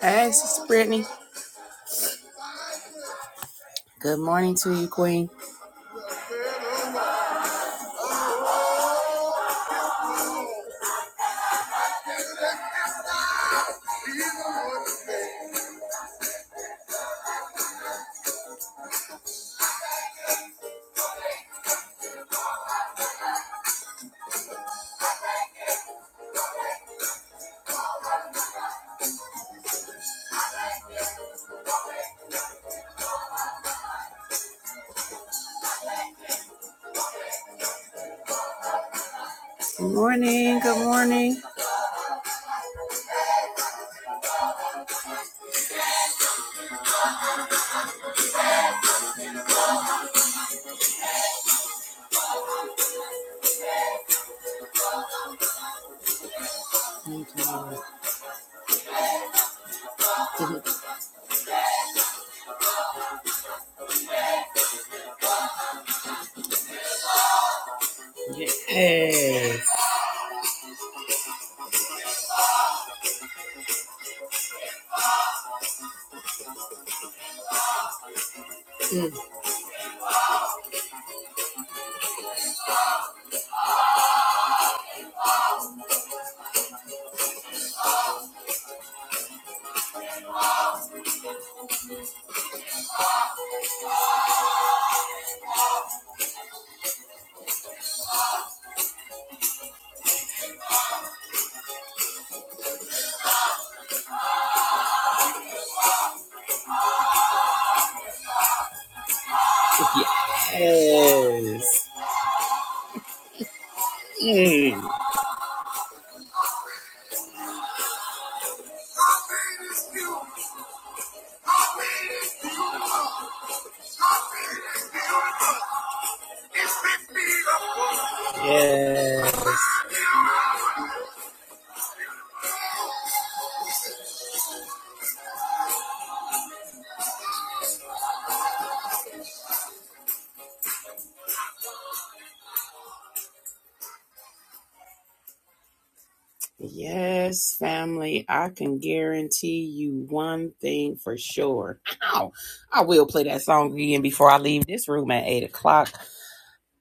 Hey, Sister Brittany. Good morning to you, Queen. Good morning. Good morning. Yes. Yes. Mm. Yes, family. I can guarantee you one thing for sure. Ow. I will play that song again before I leave this room at 8 o'clock.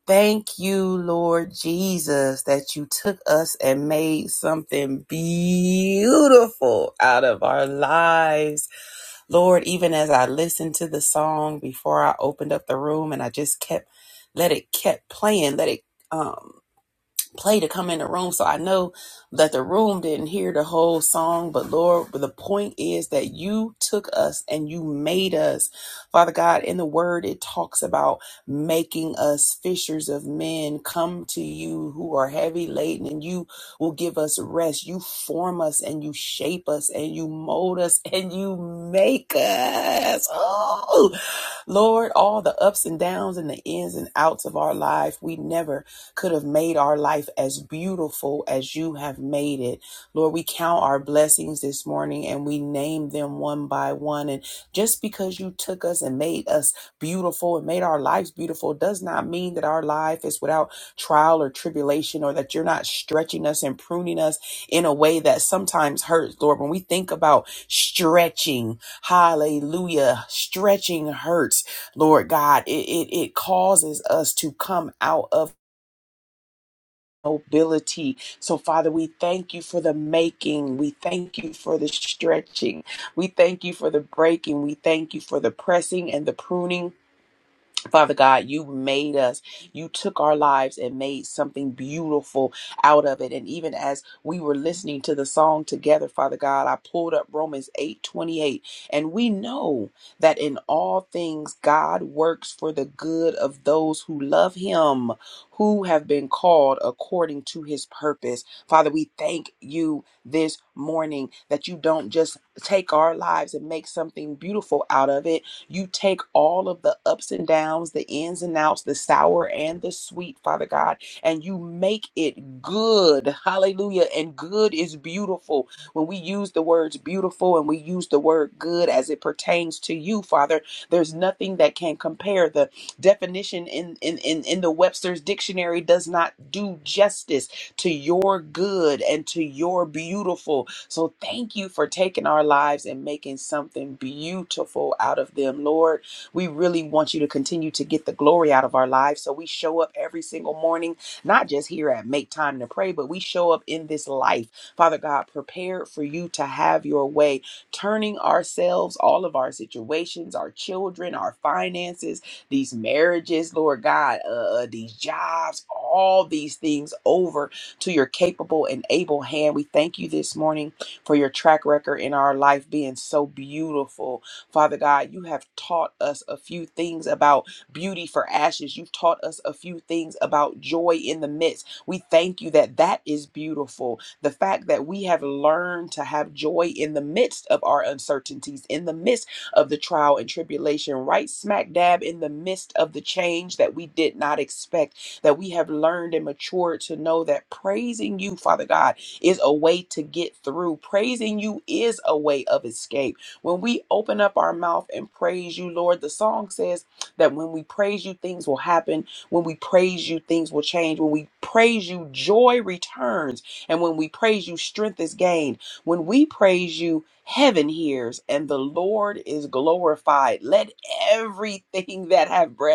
Thank you, Lord Jesus, that you took us and made something beautiful out of our lives. Lord, even as I listened to the song before I opened up the room and I just kept, let it kept playing, let it, um play to come in the room. So I know that the room didn't hear the whole song, but Lord, the point is that you took us and you made us. Father God, in the word, it talks about making us fishers of men. Come to you who are heavy laden and you will give us rest. You form us and you shape us and you mold us and you make us. Oh, Lord, all the ups and downs and the ins and outs of our life, we never could have made our life as beautiful as you have made it. Lord, we count our blessings this morning and we name them one by one. And just because you took us and made us beautiful and made our lives beautiful does not mean that our life is without trial or tribulation or that you're not stretching us and pruning us in a way that sometimes hurts, Lord. When we think about stretching, hallelujah, stretching hurts, Lord God, it, it, it causes us to come out of mobility. So, Father, we thank you for the making. We thank you for the stretching. We thank you for the breaking. We thank you for the pressing and the pruning Father God, you made us. You took our lives and made something beautiful out of it. And even as we were listening to the song together, Father God, I pulled up Romans 8 28, And we know that in all things, God works for the good of those who love Him, who have been called according to His purpose. Father, we thank you this morning that you don't just take our lives and make something beautiful out of it you take all of the ups and downs, the ins and outs, the sour and the sweet, Father God, and you make it good. Hallelujah. And good is beautiful. When we use the words beautiful and we use the word good as it pertains to you, Father, there's nothing that can compare. The definition in, in, in, in the Webster's dictionary does not do justice to your good and to your beautiful. So thank you for taking our lives and making something beautiful out of them, Lord. We really want you to continue to get the glory out of our lives. So we show up every single morning, not just here at Make Time to Pray, but we show up in this life, Father God, prepared for you to have your way, turning ourselves, all of our situations, our children, our finances, these marriages, Lord God, uh, uh, these jobs, all these things over to your capable and able hand. We thank you this morning for your track record in our life being so beautiful. Father God, you have taught us a few things about beauty for ashes. You've taught us a few things about joy in the midst. We thank you that that is beautiful. The fact that we have learned to have joy in the midst of our uncertainties, in the midst of the trial and tribulation, right smack dab in the midst of the change that we did not expect that we have learned and matured to know that praising you, Father God, is a way to get through. Praising you is a way of escape. When we open up our mouth and praise you, Lord, the song says that when we praise you, things will happen. When we praise you, things will change. When we praise you, joy returns. And when we praise you, strength is gained. When we praise you, heaven hears and the Lord is glorified. Let everything that have breath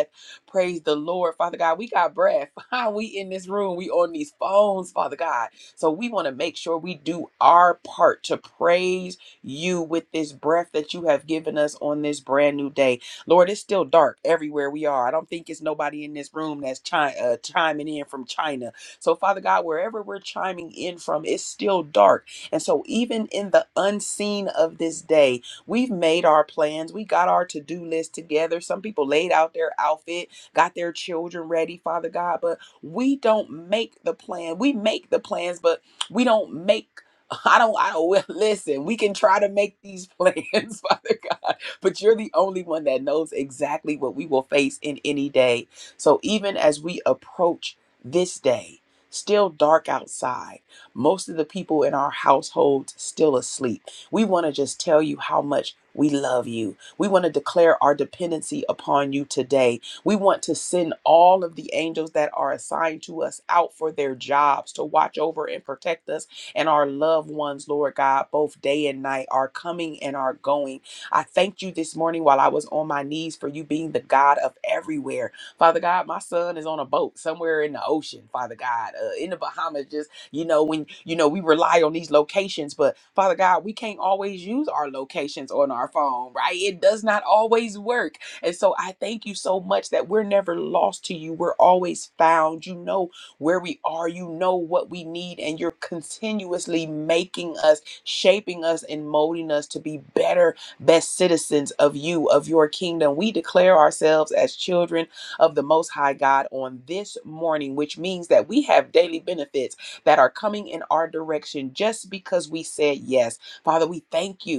Praise the Lord, Father God. We got breath. we in this room. We on these phones, Father God. So we want to make sure we do our part to praise you with this breath that you have given us on this brand new day. Lord, it's still dark everywhere we are. I don't think it's nobody in this room that's chi- uh, chiming in from China. So, Father God, wherever we're chiming in from, it's still dark. And so, even in the unseen of this day, we've made our plans. We got our to do list together. Some people laid out their outfit got their children ready, Father God. But we don't make the plan. We make the plans, but we don't make I don't I don't listen, we can try to make these plans, Father God, but you're the only one that knows exactly what we will face in any day. So even as we approach this day, still dark outside, most of the people in our households still asleep. We want to just tell you how much we love you. We want to declare our dependency upon you today we want to send all of the angels that are assigned to us out for their jobs to watch over and protect us and our loved ones, Lord God, both day and night, our coming and our going. I thank you this morning while I was on my knees for you being the God of everywhere. Father God, my son is on a boat somewhere in the ocean, Father God, uh, in the Bahamas, just, you know, when, you know, we rely on these locations, but Father God, we can't always use our locations on our phone, right? It does not always work. And so I thank you so much that we're never lost to you. We're always found. You know where we are, you know what we need, and you're continuously making us, shaping us, and molding us to be better, best citizens of you, of your kingdom. We declare ourselves as children of the Most High God on this morning, which means that we have daily benefits that are coming in our direction just because we said yes. Father, we thank you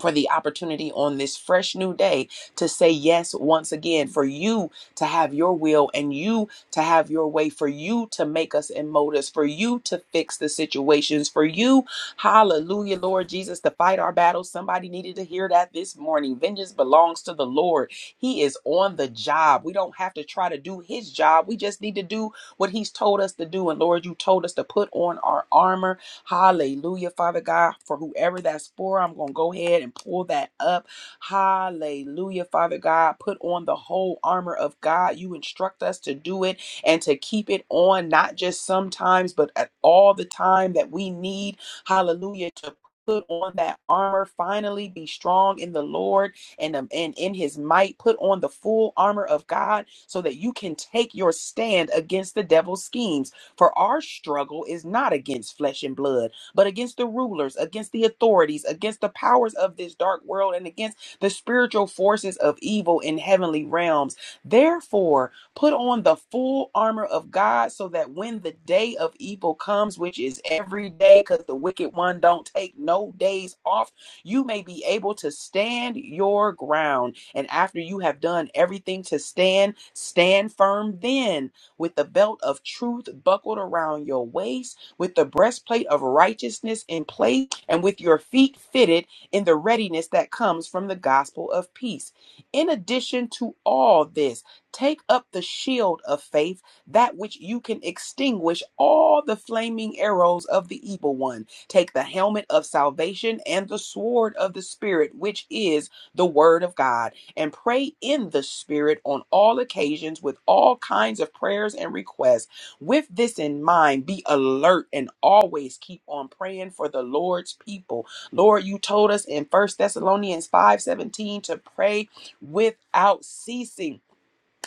for the opportunity on this fresh new day to say yes once again, for you to have your will and you to have your way, for you to make us and mold us, for you to fix the situations, for you, hallelujah, Lord Jesus, to fight our battles. Somebody needed to hear that this morning. Vengeance belongs to the Lord. He is on the job. We don't have to try to do his job. We just need to do what he's told us to do. And Lord, you told us to put on our armor Hallelujah, Father God. For whoever that's for, I'm going to go ahead and pull that up. Hallelujah, Father God. Put on the whole armor of God. You instruct us to do it and to keep it on, not just sometimes, but at all the time that we need. Hallelujah. To Put on that armor. Finally, be strong in the Lord and, um, and in his might. Put on the full armor of God so that you can take your stand against the devil's schemes. For our struggle is not against flesh and blood, but against the rulers, against the authorities, against the powers of this dark world, and against the spiritual forces of evil in heavenly realms. Therefore, put on the full armor of God so that when the day of evil comes, which is every day, because the wicked one don't take no days off, you may be able to stand your ground. And after you have done everything to stand, stand firm then with the belt of truth buckled around your waist, with the breastplate of righteousness in place, and with your feet fitted in the readiness that comes from the gospel of peace. In addition to all this, take up the shield of faith, that which you can extinguish all the flaming arrows of the evil one. Take the helmet of salvation and the sword of the Spirit, which is the word of God and pray in the Spirit on all occasions with all kinds of prayers and requests. With this in mind, be alert and always keep on praying for the Lord's people. Lord, you told us in First Thessalonians 5 17 to pray without ceasing.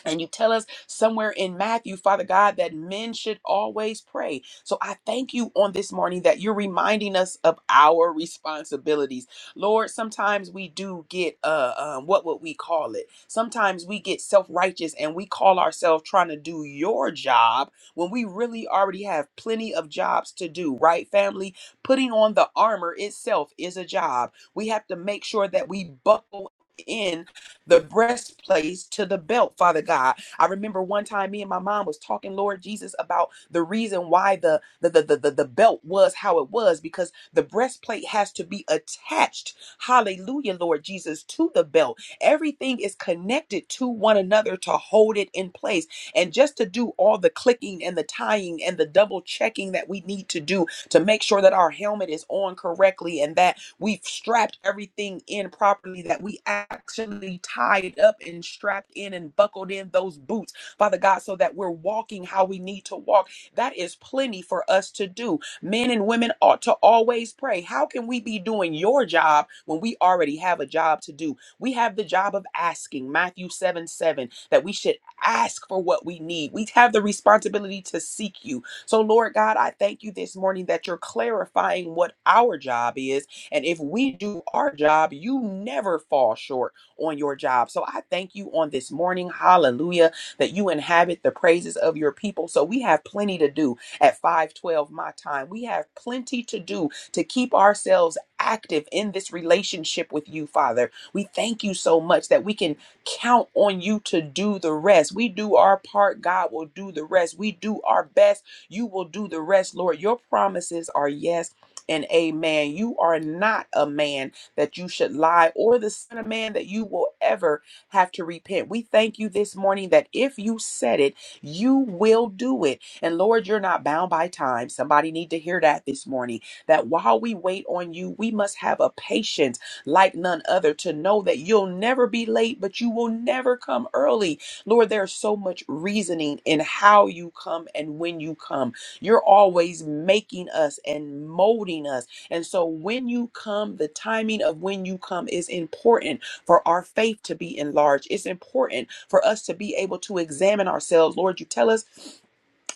And you tell us somewhere in Matthew, Father God, that men should always pray. So I thank you on this morning that you're reminding us of our responsibilities. Lord, sometimes we do get, uh, um, what would we call it? Sometimes we get self righteous and we call ourselves trying to do your job when we really already have plenty of jobs to do, right, family? Putting on the armor itself is a job. We have to make sure that we buckle in the breastplate to the belt, Father God. I remember one time me and my mom was talking, Lord Jesus, about the reason why the the the, the, the, the belt was how it was, because the breastplate has to be attached, hallelujah, Lord Jesus, to the belt. Everything is connected to one another to hold it in place. And just to do all the clicking and the tying and the double checking that we need to do to make sure that our helmet is on correctly and that We've strapped everything in properly that we actually tied up and strapped in and buckled in those boots, Father God, so that we're walking how we need to walk. That is plenty for us to do. Men and women ought to always pray. How can we be doing your job when we already have a job to do? We have the job of asking, Matthew 7 7, that we should ask for what we need. We have the responsibility to seek you. So, Lord God, I thank you this morning that you're clarifying what our job is and if we do our job, you never fall short on your job. So I thank you on this morning. Hallelujah. That you inhabit the praises of your people. So we have plenty to do at 512 my time. We have plenty to do to keep ourselves active in this relationship with you, Father. We thank you so much that we can count on you to do the rest. We do our part, God will do the rest. We do our best, you will do the rest, Lord. Your promises are yes and amen. You are not a man that you should lie, or the son of man that you will ever have to repent. We thank you this morning that if you said it, you will do it. And Lord, you're not bound by time. Somebody need to hear that this morning. That while we wait on you, we must have a patience like none other to know that you'll never be late, but you will never come early. Lord, there's so much reasoning in how you come and when you come. You're always making us and molding us. And so when you come, the timing of when you come is important for our faith to be enlarged. It's important for us to be able to examine ourselves. Lord, you tell us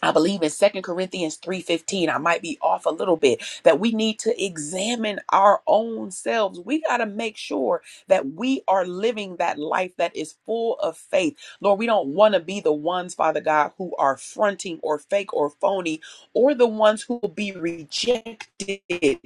I believe in Second Corinthians 3:15, I might be off a little bit, that we need to examine our own selves. We got to make sure that we are living that life that is full of faith. Lord, we don't want to be the ones, Father God, who are fronting or fake or phony or the ones who will be rejected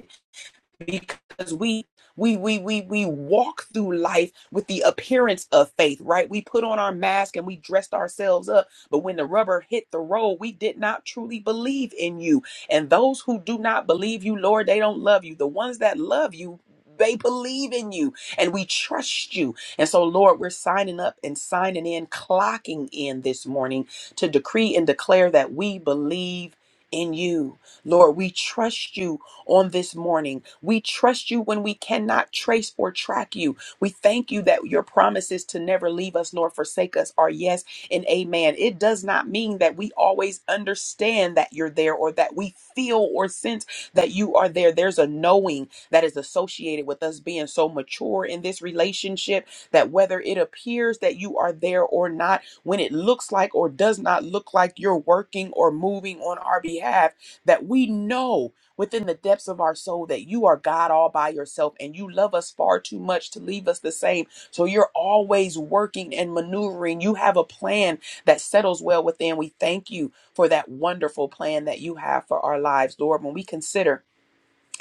because we we we we we walk through life with the appearance of faith right we put on our mask and we dressed ourselves up but when the rubber hit the road we did not truly believe in you and those who do not believe you lord they don't love you the ones that love you they believe in you and we trust you. And so, Lord, we're signing up and signing in, clocking in this morning to decree and declare that we believe in you. Lord, we trust you on this morning. We trust you when we cannot trace or track you. We thank you that your promises to never leave us nor forsake us are yes and amen. It does not mean that we always understand that you're there or that we feel or sense that you are there. There's a knowing that is associated with us being so mature in this relationship that whether it appears that you are there or not, when it looks like or does not look like you're working or moving on our behalf, that we know within the depths of our soul that you are God all by yourself and you love us far too much to leave us the same. So you're always working and maneuvering. You have a plan that settles well within. We thank you for that wonderful plan that you have for our lives, Lord. When we consider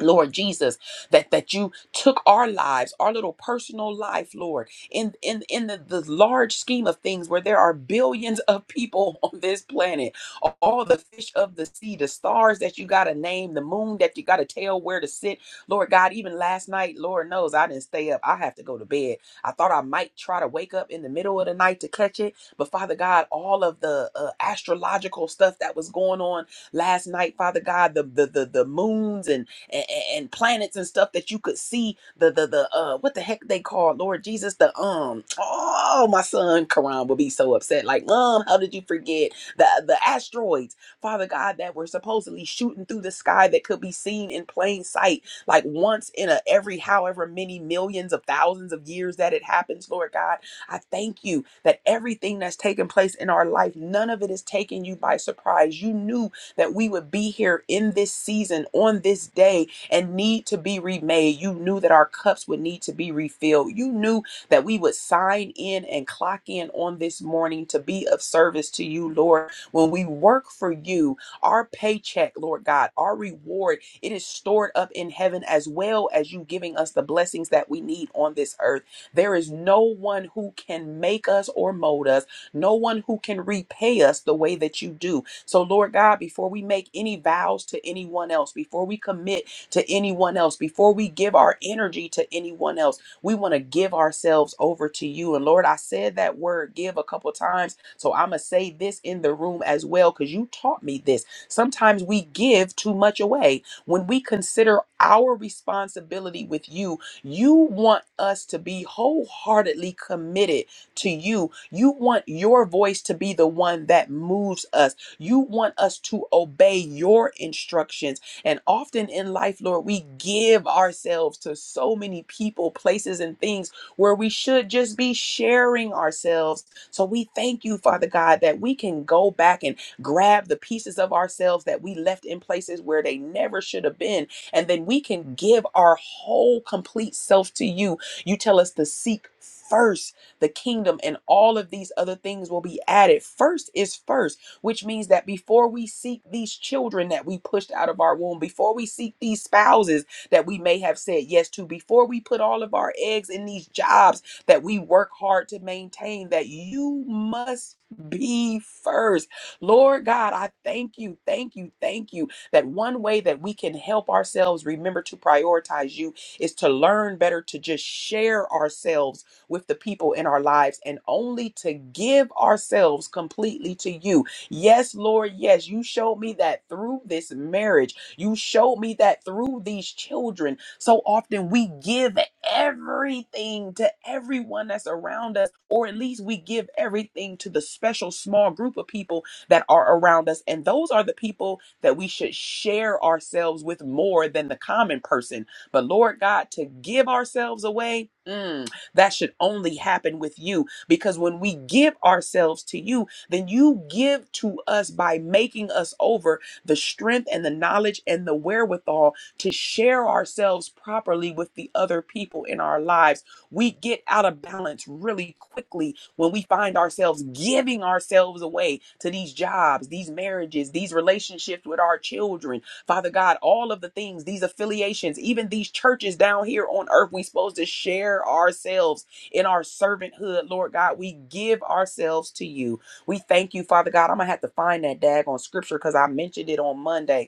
Lord Jesus, that that you took our lives, our little personal life, Lord, in in in the, the large scheme of things where there are billions of people on this planet, all the fish of the sea, the stars that you gotta name, the moon that you gotta tell where to sit. Lord God, even last night, Lord knows I didn't stay up. I have to go to bed. I thought I might try to wake up in the middle of the night to catch it, but Father God, all of the uh, astrological stuff that was going on last night, Father God, the the the, the moons and and, and planets and stuff that you could see the the the uh what the heck they call Lord Jesus the um oh my son Karan will be so upset like mom how did you forget the the asteroids Father God that were supposedly shooting through the sky that could be seen in plain sight like once in a every however many millions of thousands of years that it happens Lord God I thank you that everything that's taken place in our life none of it is taking you by surprise you knew that we would be here in this season, on this day, and need to be remade. You knew that our cups would need to be refilled. You knew that we would sign in and clock in on this morning to be of service to you, Lord. When we work for you, our paycheck, Lord God, our reward, it is stored up in heaven as well as you giving us the blessings that we need on this earth. There is no one who can make us or mold us, no one who can repay us the way that you do. So, Lord God, before we make any vows to anyone else, before we commit to anyone else, before we give our energy to anyone else, we want to give ourselves over to you. And Lord, I said that word give a couple times. So, I'm going to say this in the room as well because you taught me this. Sometimes we give too much away. When we consider our responsibility with you, you want us to be wholeheartedly committed to you. You want your voice to be the one that moves us you want us to obey your instructions. And often in life, Lord, we give ourselves to so many people, places, and things where we should just be sharing ourselves. So we thank you, Father God, that we can go back and grab the pieces of ourselves that we left in places where they never should have been. And then we can give our whole complete self to you. You tell us to seek first the kingdom and all of these other things will be added. First is first which means that before we seek these children that we pushed out of our womb, before we seek these spouses that we may have said yes to, before we put all of our eggs in these jobs that we work hard to maintain, that you must be first. Lord God, I thank you, thank you, thank you that one way that we can help ourselves remember to prioritize you is to learn better to just share ourselves with the people in our lives and only to give ourselves completely to you Yes, Lord, yes, you showed me that through this marriage. You showed me that through these children. So often we give everything to everyone that's around us, or at least we give everything to the special small group of people that are around us. And those are the people that we should share ourselves with more than the common person. But Lord God, to give ourselves away, mm, that should only happen with you because when we give ourselves to you, than you give to us by making us over the strength and the knowledge and the wherewithal to share ourselves properly with the other people in our lives. We get out of balance really quickly when we find ourselves giving ourselves away to these jobs, these marriages, these relationships with our children. Father God, all of the things, these affiliations, even these churches down here on earth, we're supposed to share ourselves in our servanthood. Lord God, we give ourselves to you. We thank you, Father God. I'm going to have to find that daggone scripture because I mentioned it on Monday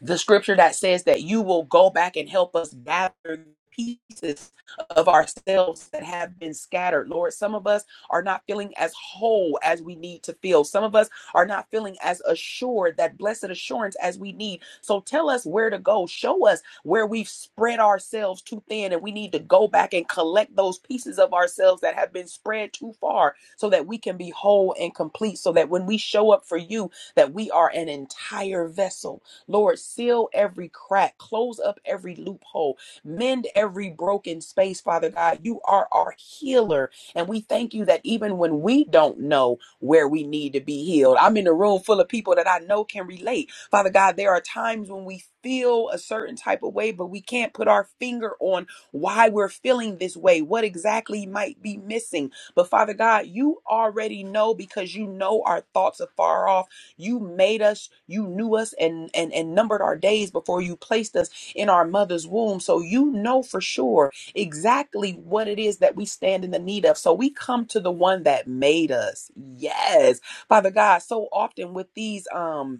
the scripture that says that you will go back and help us gather pieces of ourselves that have been scattered. Lord, some of us are not feeling as whole as we need to feel. Some of us are not feeling as assured, that blessed assurance as we need. So tell us where to go. Show us where we've spread ourselves too thin and we need to go back and collect those pieces of ourselves that have been spread too far so that we can be whole and complete. So that when we show up for you, that we are an entire vessel Lord, seal every crack, close up every loophole, mend every broken space, Father God. You are our healer. And we thank you that even when we don't know where we need to be healed, I'm in a room full of people that I know can relate. Father God, there are times when we feel a certain type of way, but we can't put our finger on why we're feeling this way, what exactly might be missing. But Father God, you already know because you know our thoughts are far off you made us, you knew us and and and numbered our days before you placed us in our mother's womb. So you know for sure exactly what it is that we stand in the need of. So we come to the one that made us. Yes. Father God, so often with these um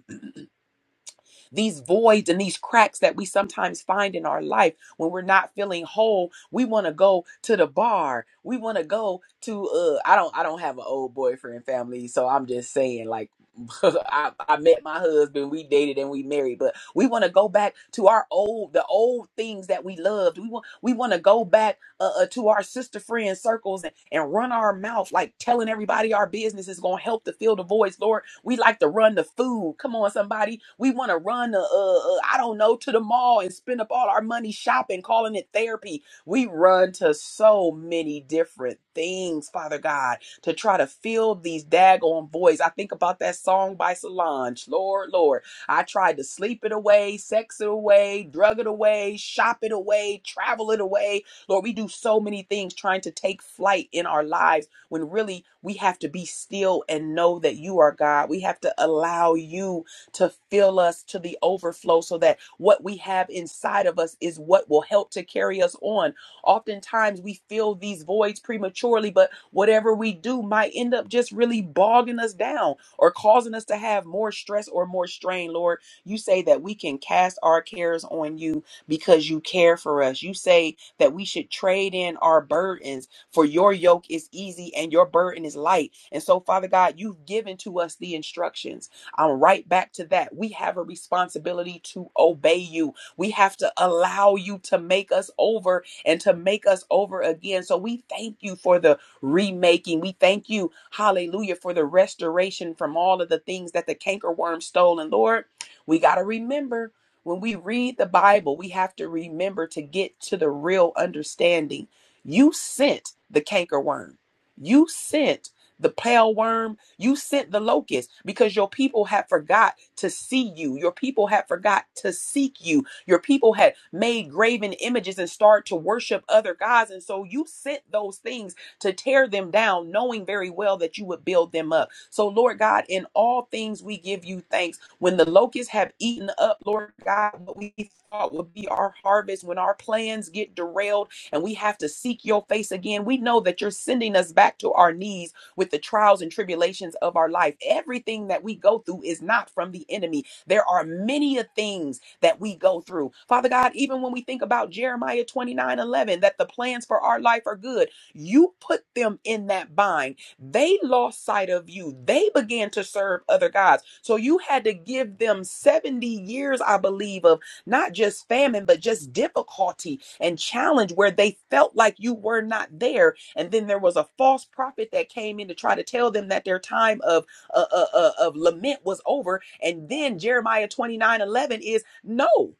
these voids and these cracks that we sometimes find in our life when we're not feeling whole we want to go to the bar we want to go to uh i don't i don't have an old boyfriend family so i'm just saying like I, I met my husband we dated and we married but we want to go back to our old the old things that we loved we want we want to go back uh, uh, to our sister friend circles and, and run our mouth like telling everybody our business is going to help to fill the voids lord we like to run to food. Come on, somebody. We want to run the, uh, uh, I don't know, to the mall and spend up all our money shopping, calling it therapy. We run to so many different things, Father God, to try to fill these daggone voids. I think about that song by Solange, Lord, Lord. I tried to sleep it away, sex it away, drug it away, shop it away, travel it away. Lord, we do so many things trying to take flight in our lives when really we have to be still and know that you are God. We have to allow you to fill us to the overflow so that what we have inside of us is what will help to carry us on. Oftentimes we fill these voids prematurely, but whatever we do might end up just really bogging us down or causing us to have more stress or more strain, Lord. You say that we can cast our cares on you because you care for us. You say that we should trade in our burdens for your yoke is easy and your burden is light. And so, Father God, you've given to us the instructions. I'm right back to that. We have a responsibility to obey you. We have to allow you to make us over and to make us over again. So we thank you for the remaking. We thank you, hallelujah, for the restoration from all of the things that the cankerworm stole. And Lord, we got to remember when we read the Bible, we have to remember to get to the real understanding you sent the canker worm. You sent the pale worm. You sent the locust because your people had forgot to see you. Your people had forgot to seek you. Your people had made graven images and started to worship other gods. And so you sent those things to tear them down, knowing very well that you would build them up. So, Lord God, in all things we give you thanks. When the locusts have eaten up, Lord God, what we thought would be our harvest, when our plans get derailed and we have to seek your face again. We know that you're sending us back to our knees with the trials and tribulations of our life. Everything that we go through is not from the enemy. There are many a things that we go through. Father God, even when we think about Jeremiah 29 11, that the plans for our life are good, you put them in that bind. They lost sight of you. They began to serve other gods. So you had to give them 70 years, I believe, of not just famine, but just difficulty and challenge where they felt like you were not there. And then there was a false prophet that came in to try to tell them that their time of uh, uh, uh, of lament was over. And then Jeremiah 29 11 is no.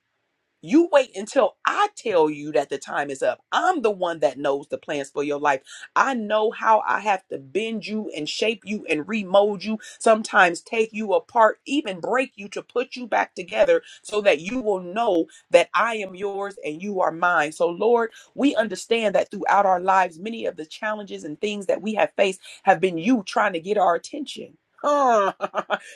You wait until I tell you that the time is up. I'm the one that knows the plans for your life. I know how I have to bend you and shape you and remold you, sometimes take you apart, even break you to put you back together so that you will know that I am yours and you are mine. So, Lord, we understand that throughout our lives, many of the challenges and things that we have faced have been you trying to get our attention.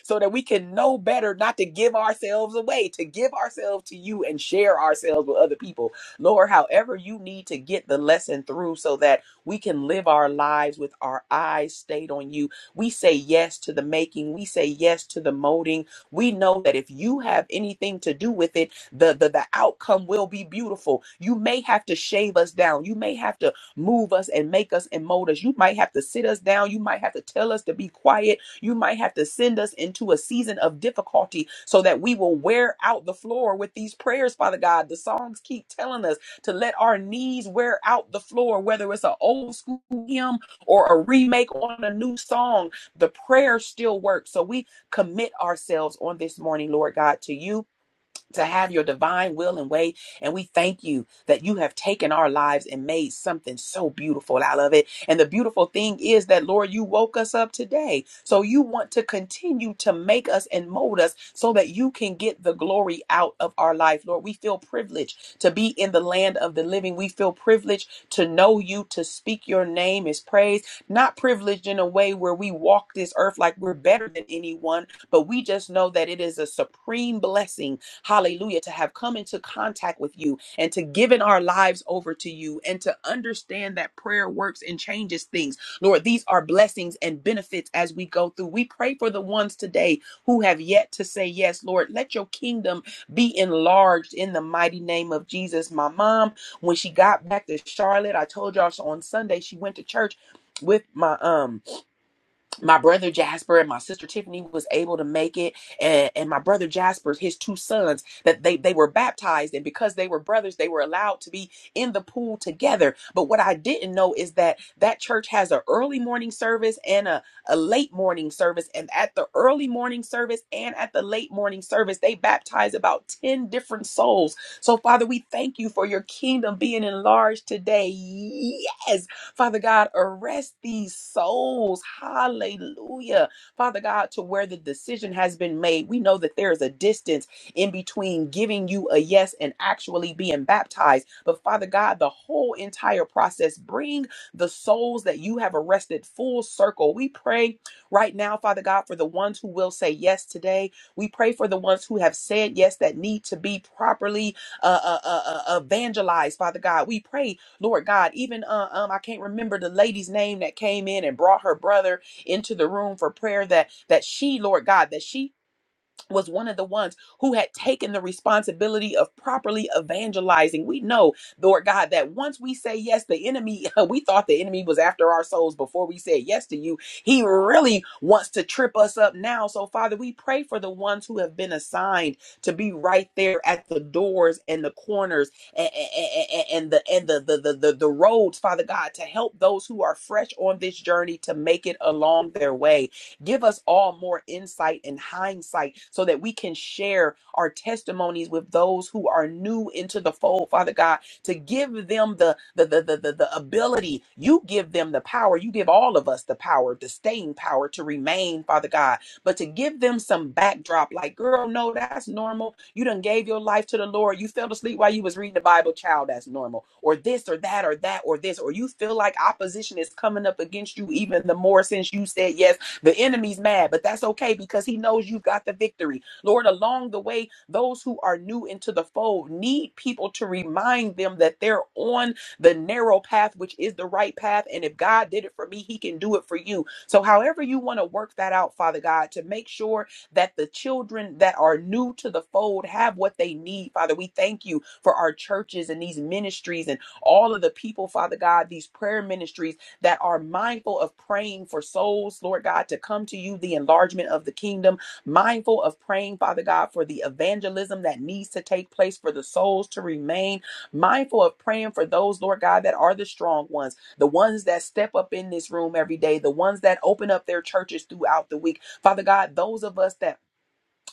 so that we can know better not to give ourselves away, to give ourselves to you and share ourselves with other people. Lord, however you need to get the lesson through so that we can live our lives with our eyes stayed on you. We say yes to the making, we say yes to the molding. We know that if you have anything to do with it, the, the, the outcome will be beautiful. You may have to shave us down, you may have to move us and make us and mold us. You might have to sit us down, you might have to tell us to be quiet you might have to send us into a season of difficulty so that we will wear out the floor with these prayers, Father God. The songs keep telling us to let our knees wear out the floor, whether it's an old school hymn or a remake on a new song. The prayer still works. So we commit ourselves on this morning, Lord God, to you to have your divine will and way. And we thank you that you have taken our lives and made something so beautiful out of it. And the beautiful thing is that, Lord, you woke us up today. So you want to continue to make us and mold us so that you can get the glory out of our life, Lord. We feel privileged to be in the land of the living. We feel privileged to know you, to speak your name is praise. Not privileged in a way where we walk this earth like we're better than anyone, but we just know that it is a supreme blessing hallelujah, to have come into contact with you and to given our lives over to you and to understand that prayer works and changes things. Lord, these are blessings and benefits as we go through. We pray for the ones today who have yet to say yes, Lord. Let your kingdom be enlarged in the mighty name of Jesus. My mom, when she got back to Charlotte, I told y'all so on Sunday she went to church with my um my brother Jasper and my sister Tiffany was able to make it, and, and my brother Jasper, his two sons, that they they were baptized, and because they were brothers, they were allowed to be in the pool together. But what I didn't know is that that church has an early morning service and a, a late morning service, and at the early morning service and at the late morning service, they baptize about ten different souls. So Father, we thank you for your kingdom being enlarged today. Yes Father God, arrest these souls. Hallelujah. Father God, to where the decision has been made. We know that there is a distance in between giving you a yes and actually being baptized. But Father God, the whole entire process, bring the souls that you have arrested full circle. We pray right now, Father God, for the ones who will say yes today. We pray for the ones who have said yes that need to be properly uh, uh, uh, uh, evangelized, Father God. We pray Lord God, even uh, um, I can't remember the lady's name that came in and brought her brother into the room for prayer. That that she, Lord God, that she was one of the ones who had taken the responsibility of properly evangelizing. We know, Lord God, that once we say yes, the enemy, we thought the enemy was after our souls before we said yes to you. He really wants to trip us up now. So, Father, we pray for the ones who have been assigned to be right there at the doors and the corners and, and the and the the, the the the roads, Father God, to help those who are fresh on this journey to make it along their way. Give us all more insight and hindsight so that we can share our testimonies with those who are new into the fold, Father God, to give them the the the the, the, the ability. You give them the power. You give all of us the power, the staying power to remain, Father God. But to give them some backdrop, like, girl, no, that's normal. You done gave your life to the Lord. You fell asleep while you was reading the Bible, child, that's normal. Or this or that or that or this. Or you feel like opposition is coming up against you even the more since you said yes the enemy's mad, but that's okay because he knows you've got the victory. Lord, along the way, those who are new into the fold need people to remind them that they're on the narrow path, which is the right path. And if God did it for me, he can do it for you. So, however, you want to work that out, Father God, to make sure that the children that are new to the fold have what they need, Father. We thank you for our churches and these ministries and all of the people, Father God, these prayer ministries that are mindful of praying for souls, Lord God, to come to you, the enlargement of the kingdom, mindful of praying, Father God, for the evangelism that needs to take place for the souls to remain, mindful of praying for those, Lord God, that are the strong ones, the ones that step up in this room every day, the ones that open up their churches throughout the week. Father God, those of us that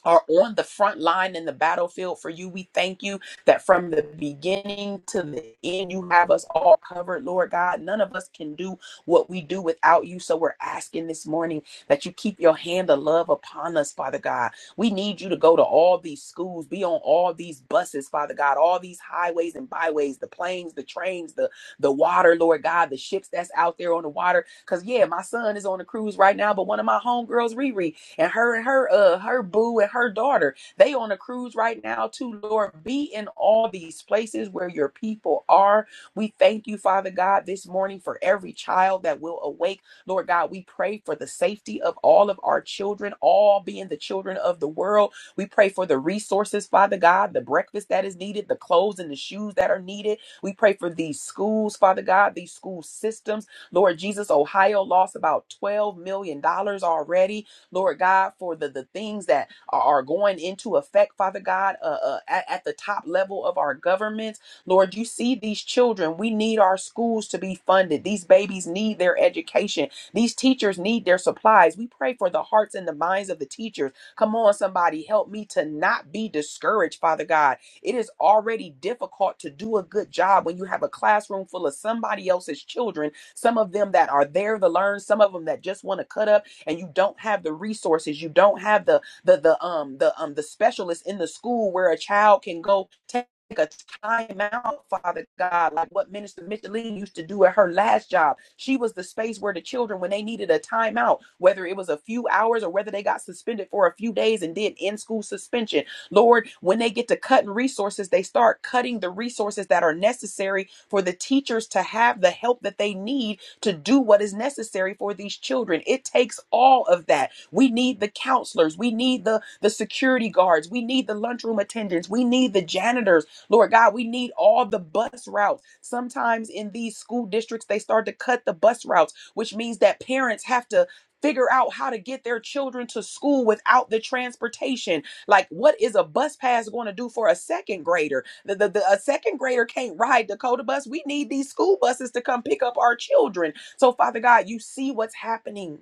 are on the front line in the battlefield for you. We thank you that from the beginning to the end, you have us all covered, Lord God. None of us can do what we do without you. So we're asking this morning that you keep your hand of love upon us, Father God. We need you to go to all these schools, be on all these buses, Father God, all these highways and byways, the planes, the trains, the, the water, Lord God, the ships that's out there on the water. Because, yeah, my son is on a cruise right now, but one of my homegirls, Riri, and her and her uh her boo and her daughter they on a cruise right now too lord be in all these places where your people are we thank you father god this morning for every child that will awake lord god we pray for the safety of all of our children all being the children of the world we pray for the resources father god the breakfast that is needed the clothes and the shoes that are needed we pray for these schools father god these school systems lord jesus ohio lost about 12 million dollars already Lord God, for the, the things that are, are going into effect, Father God, uh, uh, at, at the top level of our governments. Lord, you see these children. We need our schools to be funded. These babies need their education. These teachers need their supplies. We pray for the hearts and the minds of the teachers. Come on, somebody, help me to not be discouraged, Father God. It is already difficult to do a good job when you have a classroom full of somebody else's children, some of them that are there to learn, some of them that just want to cut up and you don't have the resources you don't have the the the um the um the specialists in the school where a child can go take a time out, Father God, like what Minister Micheline used to do at her last job. She was the space where the children, when they needed a timeout, whether it was a few hours or whether they got suspended for a few days and did in school suspension. Lord, when they get to cutting resources, they start cutting the resources that are necessary for the teachers to have the help that they need to do what is necessary for these children. It takes all of that. We need the counselors, we need the, the security guards, we need the lunchroom attendants, we need the janitors. Lord God, we need all the bus routes. Sometimes in these school districts, they start to cut the bus routes, which means that parents have to figure out how to get their children to school without the transportation. Like, what is a bus pass going to do for a second grader? The, the, the- a second grader can't ride Dakota bus. We need these school buses to come pick up our children. So, Father God, you see what's happening.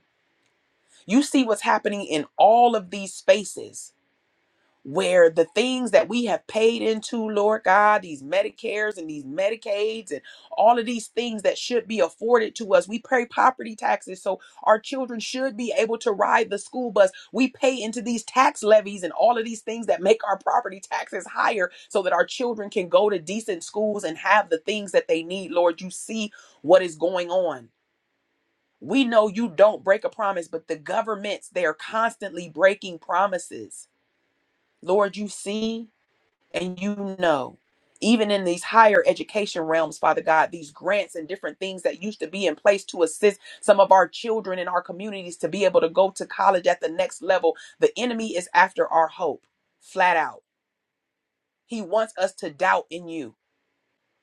You see what's happening in all of these spaces where the things that we have paid into, Lord God, these Medicares and these Medicaids and all of these things that should be afforded to us. We pay property taxes so our children should be able to ride the school bus. We pay into these tax levies and all of these things that make our property taxes higher so that our children can go to decent schools and have the things that they need, Lord. You see what is going on. We know you don't break a promise, but the governments, they are constantly breaking promises. Lord, you see and you know. Even in these higher education realms, Father God, these grants and different things that used to be in place to assist some of our children in our communities to be able to go to college at the next level, the enemy is after our hope, flat out. He wants us to doubt in you.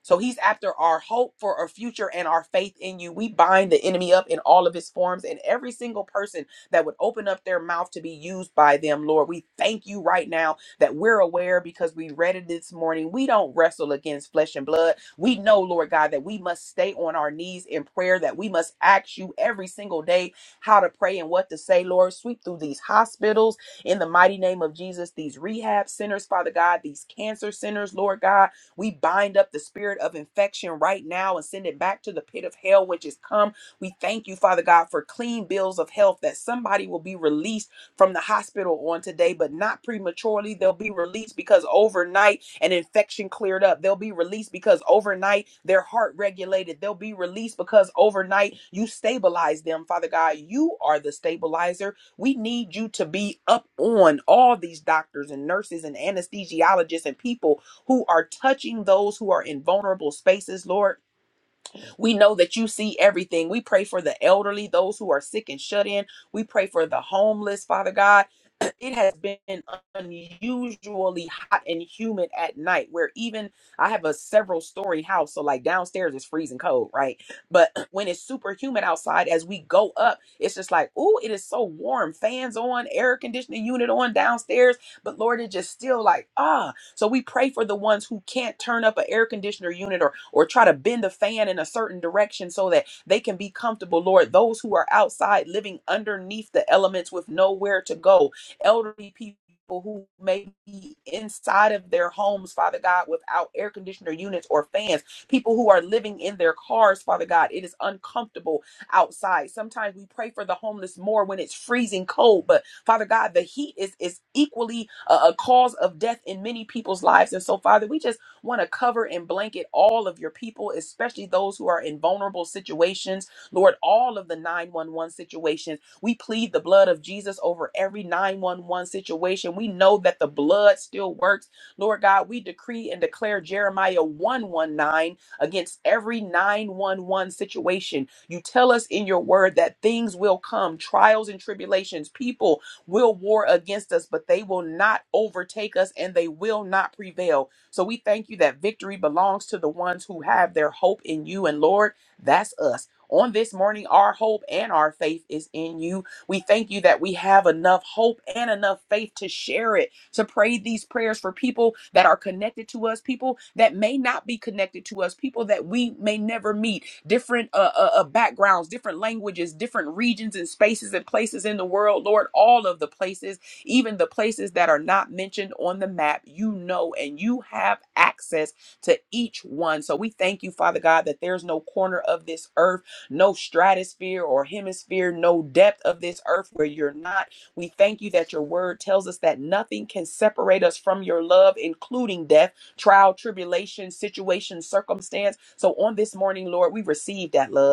So he's after our hope for our future and our faith in you. We bind the enemy up in all of his forms and every single person that would open up their mouth to be used by them, Lord. We thank you right now that we're aware because we read it this morning. We don't wrestle against flesh and blood. We know, Lord God, that we must stay on our knees in prayer, that we must ask you every single day how to pray and what to say, Lord. Sweep through these hospitals in the mighty name of Jesus, these rehab centers, Father God, these cancer centers, Lord God we bind up the spirit of infection right now and send it back to the pit of hell, which is come. We thank you, Father God, for clean bills of health that somebody will be released from the hospital on today, but not prematurely. They'll be released because overnight an infection cleared up. They'll be released because overnight their heart regulated. They'll be released because overnight you stabilize them, Father God. You are the stabilizer. We need you to be up on all these doctors and nurses and anesthesiologists and people who are touching those who are in vulnerable spaces, Lord. We know that you see everything. We pray for the elderly, those who are sick and shut in. We pray for the homeless, Father God. It has been unusually hot and humid at night, where even I have a several story house. So, like downstairs is freezing cold, right? But when it's super humid outside, as we go up, it's just like, ooh, it is so warm. Fans on, air conditioning unit on downstairs. But Lord, it just still like, ah. So we pray for the ones who can't turn up an air conditioner unit or or try to bend the fan in a certain direction so that they can be comfortable, Lord. Those who are outside living underneath the elements with nowhere to go, elderly people. Who may be inside of their homes, Father God, without air conditioner units or fans, people who are living in their cars, Father God, it is uncomfortable outside. Sometimes we pray for the homeless more when it's freezing cold, but Father God, the heat is, is equally a, a cause of death in many people's lives. And so, Father, we just want to cover and blanket all of your people, especially those who are in vulnerable situations. Lord, all of the 911 situations. We plead the blood of Jesus over every 911 situation. We know that the blood still works. Lord God, we decree and declare Jeremiah 119 against every 911 situation. You tell us in your word that things will come, trials and tribulations. People will war against us, but they will not overtake us and they will not prevail. So we thank you that victory belongs to the ones who have their hope in you. And Lord, that's us. On this morning, our hope and our faith is in you. We thank you that we have enough hope and enough faith to share it, to pray these prayers for people that are connected to us, people that may not be connected to us, people that we may never meet, different uh, uh, uh, backgrounds, different languages, different regions and spaces and places in the world, Lord, all of the places. Even the places that are not mentioned on the map, you know, and you have access to each one. So we thank you, Father God, that there's no corner of this earth, no stratosphere or hemisphere, no depth of this earth where you're not. We thank you that your word tells us that nothing can separate us from your love, including death trial, tribulation, situation, circumstance. So on this morning, Lord, we receive that love.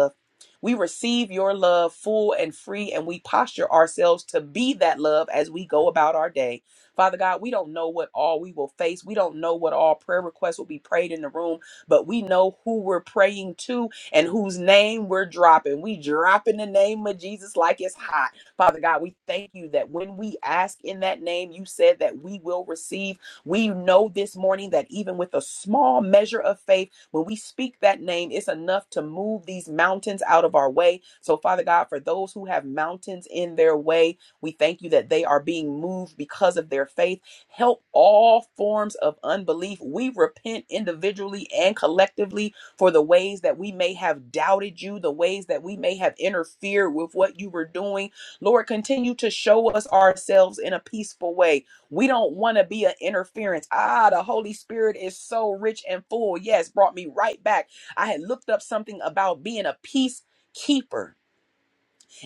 We receive your love full and free, and we posture ourselves to be that love as we go about our day. Father God, we don't know what all we will face. We don't know what all prayer requests will be prayed in the room, but we know who we're praying to and whose name we're dropping. We drop in the name of Jesus like it's hot. Father God, we thank you that when we ask in that name, you said that we will receive. We know this morning that even with a small measure of faith, when we speak that name, it's enough to move these mountains out of our way. So, Father God, for those who have mountains in their way, we thank you that they are being moved because of their faith. Help all forms of unbelief. We repent individually and collectively for the ways that we may have doubted you, the ways that we may have interfered with what you were doing. Lord, continue to show us ourselves in a peaceful way. We don't want to be an interference. Ah, the Holy Spirit is so rich and full. Yes, brought me right back. I had looked up something about being a peacekeeper.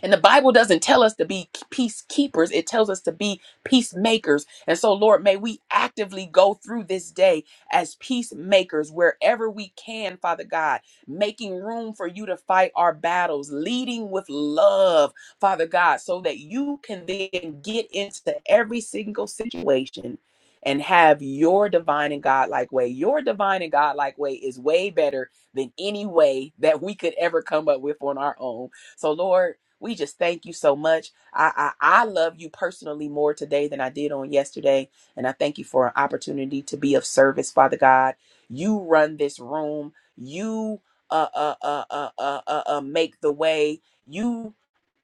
And the Bible doesn't tell us to be peacekeepers, it tells us to be peacemakers. And so, Lord, may we actively go through this day as peacemakers wherever we can, Father God, making room for you to fight our battles, leading with love, Father God, so that you can then get into every single situation. And have your divine and godlike way. Your divine and godlike way is way better than any way that we could ever come up with on our own. So, Lord, we just thank you so much. I, I, I love you personally more today than I did on yesterday. And I thank you for an opportunity to be of service, Father God. You run this room. You uh, uh, uh, uh, uh, uh, uh, make the way. You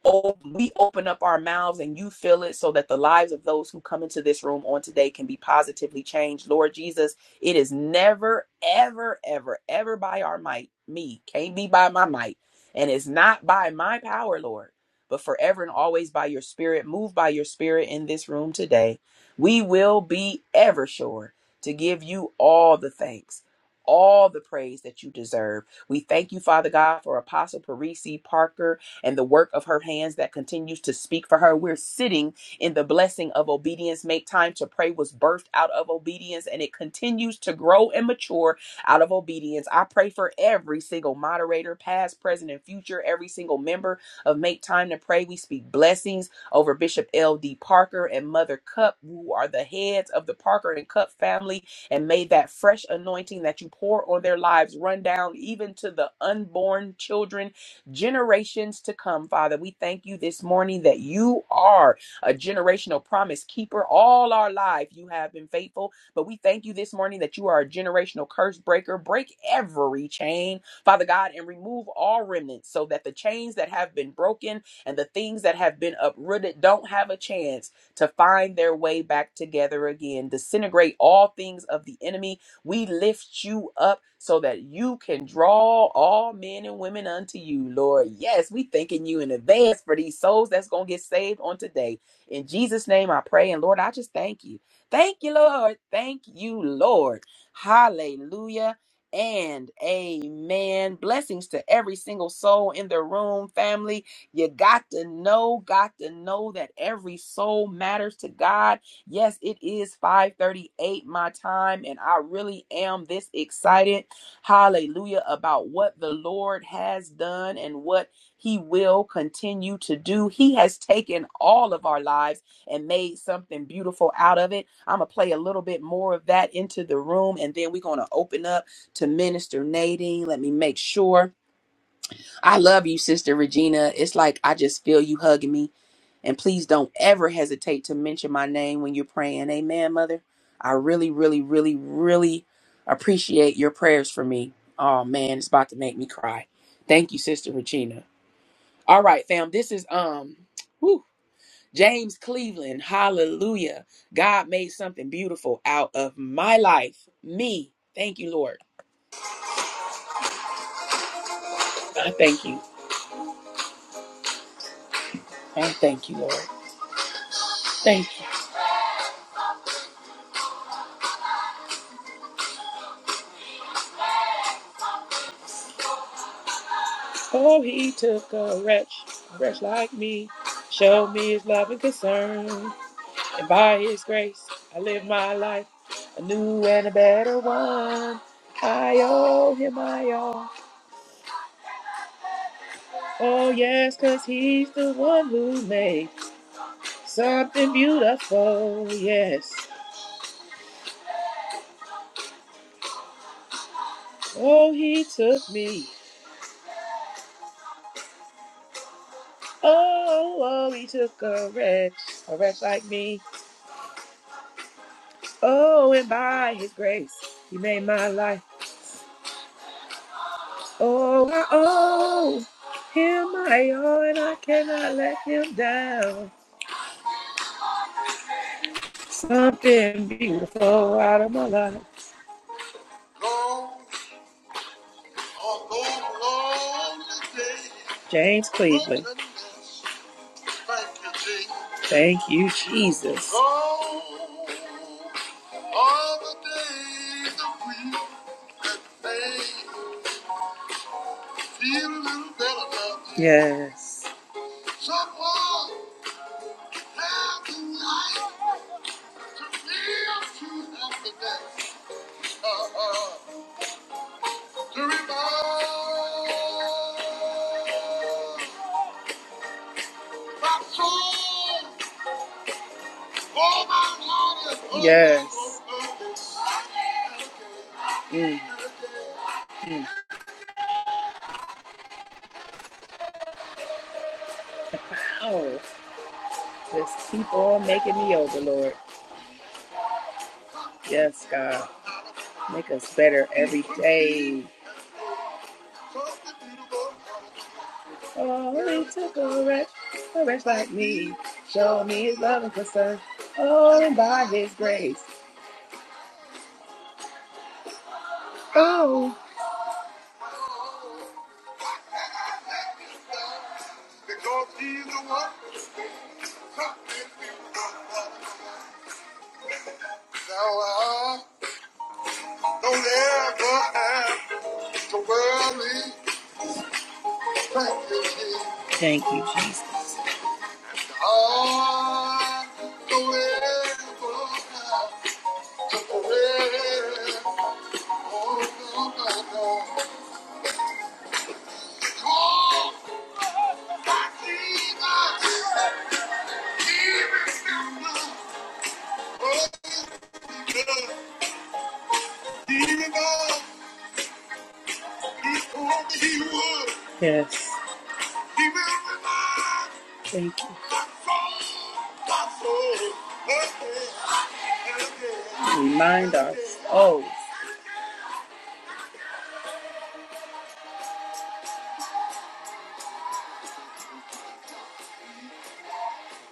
oh, we open up our mouths and you fill it so that the lives of those who come into this room on today can be positively changed. Lord Jesus, it is never, ever, ever, ever by our might, me, can't be by my might. And it's not by my power, Lord, but forever and always by your spirit, move by your spirit in this room today. We will be ever sure to give you all the thanks, all the praise that you deserve. We thank you, Father God, for Apostle Parisi Parker and the work of her hands that continues to speak for her. We're sitting in the blessing of obedience. Make time to pray was birthed out of obedience and it continues to grow and mature out of obedience. I pray for every single moderator, past, present, and future, every single member of Make Time to Pray. We speak blessings over Bishop L.D. Parker and Mother Cup, who are the heads of the Parker and Cup family. And may that fresh anointing that you pour on their lives run down even to the unborn children generations to come, Father. We thank you this morning that you are a generational promise keeper. All our life, you have been faithful. But we thank you this morning that you are a generational curse breaker. Break every chain, Father God, and remove all remnants so that the chains that have been broken and the things that have been uprooted don't have a chance to find their way back together again. Disintegrate all things of the enemy we lift you up so that you can draw all men and women unto you, Lord. Yes, we thanking you in advance for these souls that's going to get saved on today. In Jesus' name I pray. And Lord, I just thank you. Thank you, Lord. Thank you, Lord. Hallelujah and amen. Blessings to every single soul in the room, family. You got to know, got to know that every soul matters to God Yes, it is 5:38 my time and I really am this excited. Hallelujah about what the Lord has done and what he will continue to do. He has taken all of our lives and made something beautiful out of it. I'm going to play a little bit more of that into the room and then we're going to open up to Minister Nadine. Let me make sure. I love you, Sister Regina. It's like I just feel you hugging me and please don't ever hesitate to mention my name when you're praying. Amen, Mother. I really, really, really, really appreciate your prayers for me. Oh man, it's about to make me cry. Thank you, Sister Regina. All right, fam. This is um whew, James Cleveland. Hallelujah. God made something beautiful out of my life. Me. Thank you, Lord. I thank you. I thank you, Lord. Thank you. Oh, he took a wretch, a wretch like me, showed me his love and concern. And by his grace, I live my life, a new and a better one. I owe him my all. Oh, yes, 'cause he's the one who made something beautiful. Yes. Oh, he took me. Oh, oh, he took a wretch, a wretch like me. Oh, and by his grace, he made my life. Oh, I owe him I owe, and I cannot let him down. Something beautiful out of my life. Long, oh, long, long day. James Cleveland. Thank you, Jesus. Thank all the days of grief that made me feel a little better about you. Yes. Someone had to life. to live to help the day, uh, uh, to revive my soul, all my heart is Yes. Mm. Mm. Oh, just keep on making me over, Lord. Yes, God. Make us better every day. Oh, it took a wretch, a wretch like me. Show me his love and concern. Oh, and by his grace. Oh. Because he's the one who taught me to love. Now I don't ever have to worry. Thank you, Jesus. Thank you, Jesus. I don't ever have to worry. Oh, no, no, no. Oh, my Jesus. He remembers. Oh, he does. He remembers. Yes. Thank you. Remind us oh,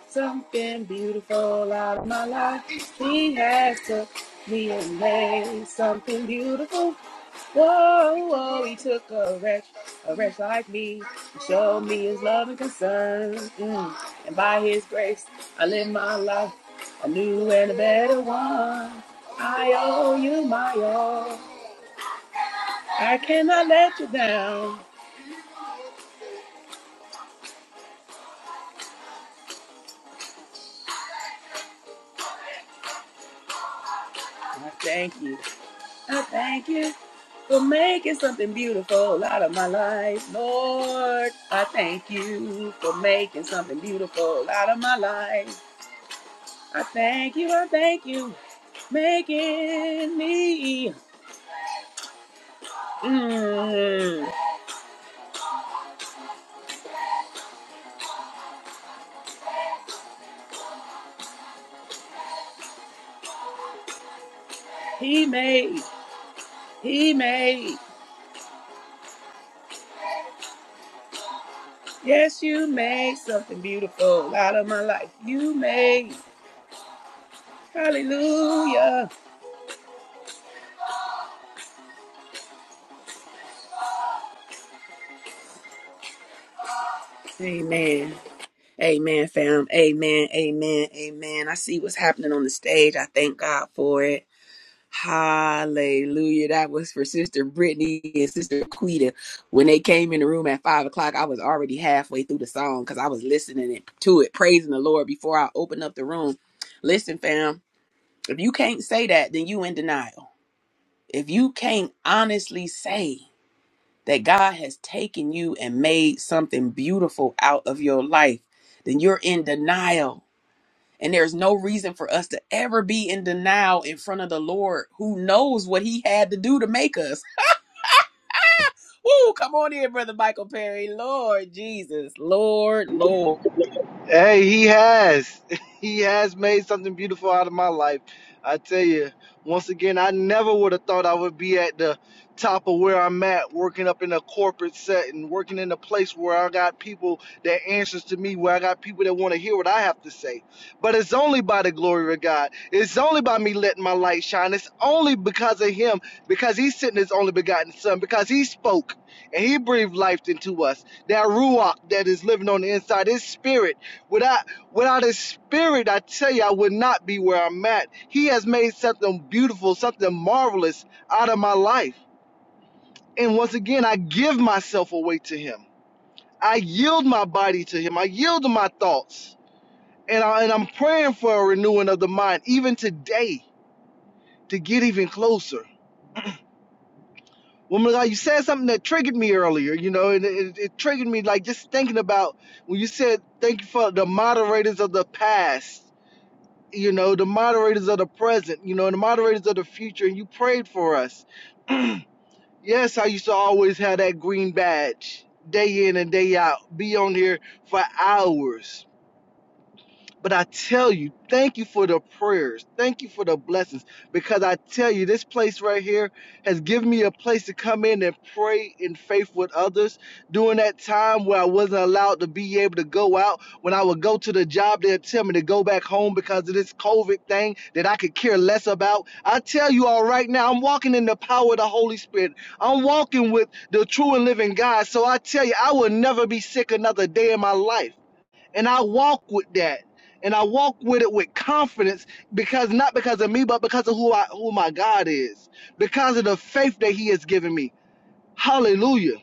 something beautiful out of my life. He has took me and made something beautiful. Whoa, whoa, he took a wretch, a wretch like me, and showed me his love and concern. Mm. And by his grace, I live my life. a new and a better one. I owe you my all. I cannot let you down. I thank you. I thank you for making something beautiful out of my life, Lord. I thank you for making something beautiful out of my life. I thank you. I thank you. Making me. Mm, he made. He made. Yes, you made something beautiful out of my life. You made. Hallelujah. Amen. Amen, fam. Amen. Amen. Amen. I see what's happening on the stage. I thank God for it. Hallelujah. That was for Sister Brittany and Sister Quita. When they came in the room at five o'clock, I was already halfway through the song because I was listening it- to it, praising the Lord before I opened up the room. Listen, fam, if you can't say that, then you in denial. If you can't honestly say that God has taken you and made something beautiful out of your life, then you're in denial. And there's no reason for us to ever be in denial in front of the Lord who knows what he had to do to make us. Woo, come on in, Brother Michael Perry. Lord Jesus, Lord, Lord. Hey, he has. He has made something beautiful out of my life. I tell you, once again, I never would have thought I would be at the top of where I'm at, working up in a corporate setting, working in a place where I got people that answers to me, where I got people that want to hear what I have to say. But it's only by the glory of God. It's only by me letting my light shine. It's only because of him, because he sent his only begotten son, because he spoke and he breathed life into us. That ruach that is living on the inside, his spirit Without without his spirit, I tell you, I would not be where I'm at. He has made something beautiful, something marvelous out of my life. And once again, I give myself away to him. I yield my body to him. I yield to my thoughts. And, I, and I'm praying for a renewing of the mind, even today, to get even closer. Woman of you said something that triggered me earlier, you know, and it, it triggered me like just thinking about when you said, thank you for the moderators of the past you know, the moderators of the present, you know, and the moderators of the future, and you prayed for us. Yes, I used to always have that green badge day in and day out, be on here for hours but I tell you, thank you for the prayers. Thank you for the blessings. Because I tell you, this place right here has given me a place to come in and pray in faith with others. During that time where I wasn't allowed to be able to go out, when I would go to the job, they'd tell me to go back home because of this COVID thing that I could care less about. I tell you all right now, I'm walking in the power of the Holy Spirit. I'm walking with the true and living God. So I tell you, I will never be sick another day in my life. And I walk with that. And I walk with it with confidence because not because of me, but because of who I who my God is. Because of the faith that He has given me. Hallelujah.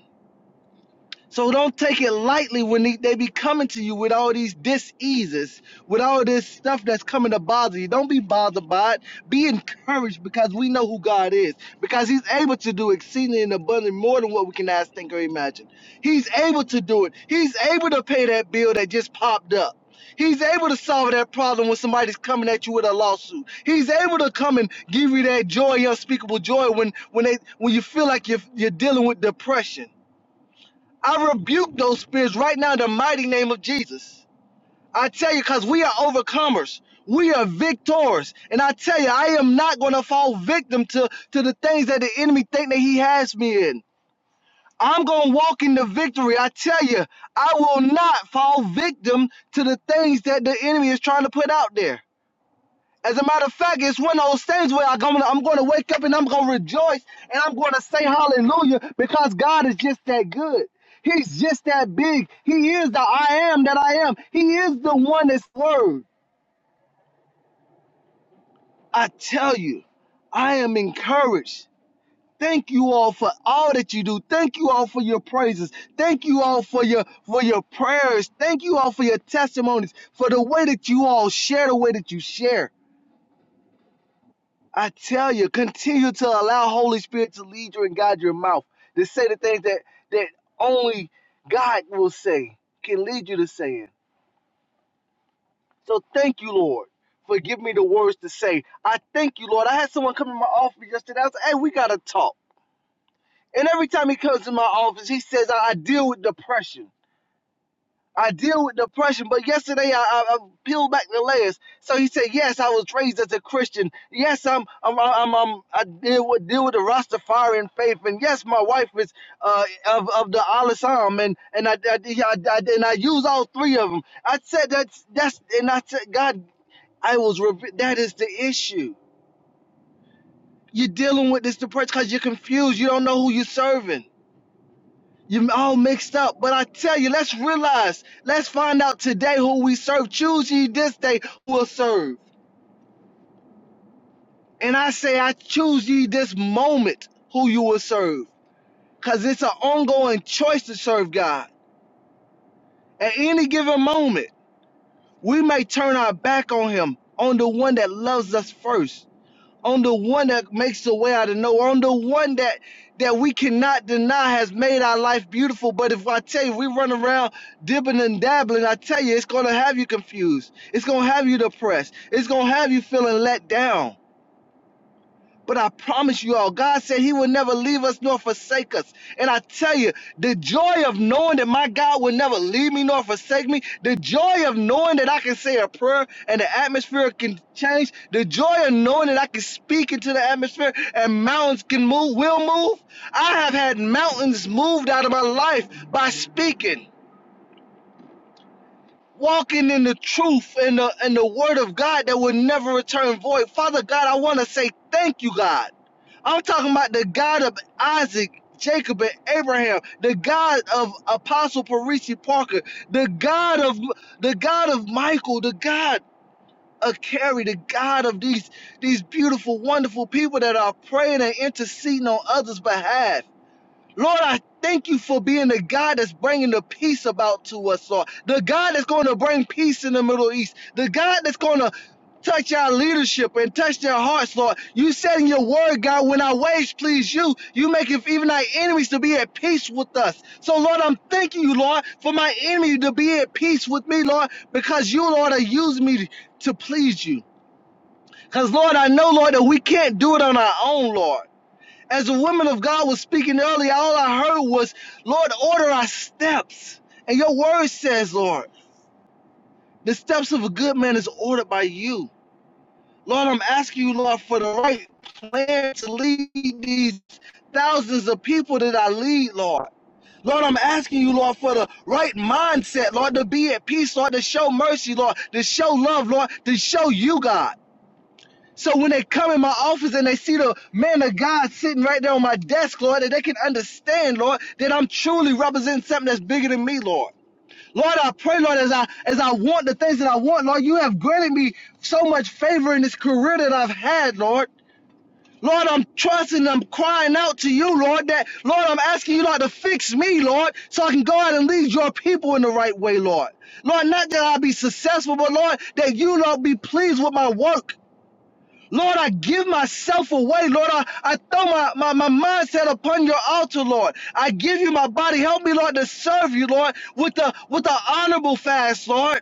So don't take it lightly when they, they be coming to you with all these diseases, with all this stuff that's coming to bother you. Don't be bothered by it. Be encouraged because we know who God is, because He's able to do exceeding and abundantly more than what we can ask, think, or imagine. He's able to do it. He's able to pay that bill that just popped up. He's able to solve that problem when somebody's coming at you with a lawsuit. He's able to come and give you that joy, unspeakable joy, when when they when you feel like you're you're dealing with depression. I rebuke those spirits right now in the mighty name of Jesus. I tell you, because we are overcomers. We are victors. And I tell you, I am not going to fall victim to, to the things that the enemy think that he has me in. I'm going to walk in the victory. I tell you, I will not fall victim to the things that the enemy is trying to put out there. As a matter of fact, it's one of those things where I'm gonna, I'm gonna wake up and I'm gonna rejoice and I'm gonna say hallelujah because God is just that good. He's just that big. He is the I am that I am. He is the one that's word. I tell you, I am encouraged. Thank you all for all that you do. Thank you all for your praises. Thank you all for your for your prayers. Thank you all for your testimonies, for the way that you all share the way that you share. I tell you, continue to allow Holy Spirit to lead you and guide your mouth to say the things that that only God will say can lead you to saying. So thank you, Lord, for giving me the words to say. I thank you, Lord. I had someone come to my office yesterday. I was like, "Hey, we gotta talk." And every time he comes to my office, he says, "I I deal with depression." I deal with depression, but yesterday I, I, I peeled back the layers. So he said, "Yes, I was raised as a Christian. Yes, I'm, I'm, I'm, I'm I deal with deal with the Rastafarian faith, and yes, my wife is uh, of of the Al Islam, and and I, I, I, I- and I use all three of them. I said that's that's, and I said, God, I was that is the issue. You're dealing with this depression because you're confused. You don't know who you're serving." you are all mixed up. But I tell you, let's realize, let's find out today who we serve. Choose ye this day who will serve. And I say, I choose ye this moment who you will serve. Because it's an ongoing choice to serve God. At any given moment, we may turn our back on Him, on the one that loves us first. on the one that makes the way out of no, on the one that that we cannot deny has made our life beautiful. But if I tell you we run around dibbing and dabbling, I tell you it's gonna have you confused. It's gonna have you depressed. It's gonna have you feeling let down. But I promise you all, God said He will never leave us nor forsake us. And I tell you, the joy of knowing that my God will never leave me nor forsake me, the joy of knowing that I can say a prayer and the atmosphere can change, the joy of knowing that I can speak into the atmosphere and mountains can move, will move. I have had mountains moved out of my life by speaking walking in the truth and the and the word of God that will never return void. Father God, I want to say thank you, God. I'm talking about the God of Isaac, Jacob, and Abraham, the God of Apostle Parisi Parker, the God of the God of Michael, the God of Carrie, the God of these these beautiful, wonderful people that are praying and interceding on others' behalf. Lord, I thank you for being the God that's bringing the peace about to us, Lord. The God that's going to bring peace in the Middle East. The God that's going to touch our leadership and touch their hearts, Lord. You said in your word, God, when our ways please you, you make it even our enemies to be at peace with us. So, Lord, I'm thanking you, Lord, for my enemy to be at peace with me, Lord, because you, Lord, are using me to please you. Because, Lord, I know, Lord, that we can't do it on our own, Lord. As the woman of God was speaking earlier, all I heard was, Lord, order our steps. And your word says, Lord, the steps of a good man is ordered by you. Lord, I'm asking you, Lord, for the right plan to lead these thousands of people that I lead, Lord. Lord, I'm asking you, Lord, for the right mindset, Lord, to be at peace, Lord, to show mercy, Lord, to show love, Lord, to show you, God. So when they come in my office and they see the man of God sitting right there on my desk, Lord, that they can understand, Lord, that I'm truly representing something that's bigger than me, Lord. Lord, I pray, Lord, as I as I want the things that I want, Lord, you have granted me so much favor in this career that I've had, Lord. Lord, I'm trusting, I'm crying out to you, Lord, that Lord, I'm asking you, Lord, to fix me, Lord, so I can go out and lead your people in the right way, Lord. Lord, not that I'll be successful, but Lord, that you, Lord, be pleased with my work. Lord, I give myself away. Lord, I, I throw my, my, my mindset upon your altar, Lord. I give you my body. Help me, Lord, to serve you, Lord, with a with an honorable fast, Lord.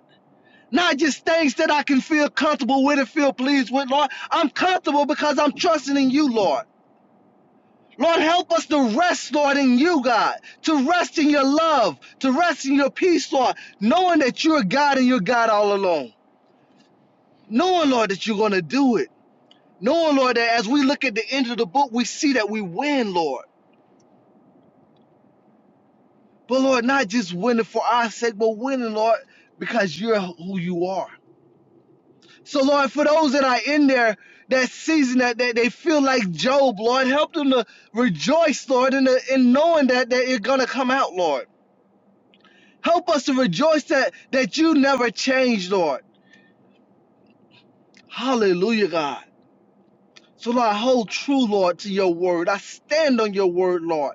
Not just things that I can feel comfortable with and feel pleased with, Lord. I'm comfortable because I'm trusting in you, Lord. Lord, help us to rest, Lord, in you, God, to rest in your love, to rest in your peace, Lord, knowing that you're God and you're God all alone. Knowing, Lord, that you're going to do it. Knowing, Lord, that as we look at the end of the book, we see that we win, Lord. But Lord, not just winning for our sake, but winning, Lord, because you're who you are. So, Lord, for those that are in there that season that, that they feel like Job, Lord, help them to rejoice, Lord, in, the, in knowing that, that it's going to come out, Lord. Help us to rejoice that, that you never change, Lord. Hallelujah, God. So, Lord, I hold true, Lord, to your word. I stand on your word, Lord.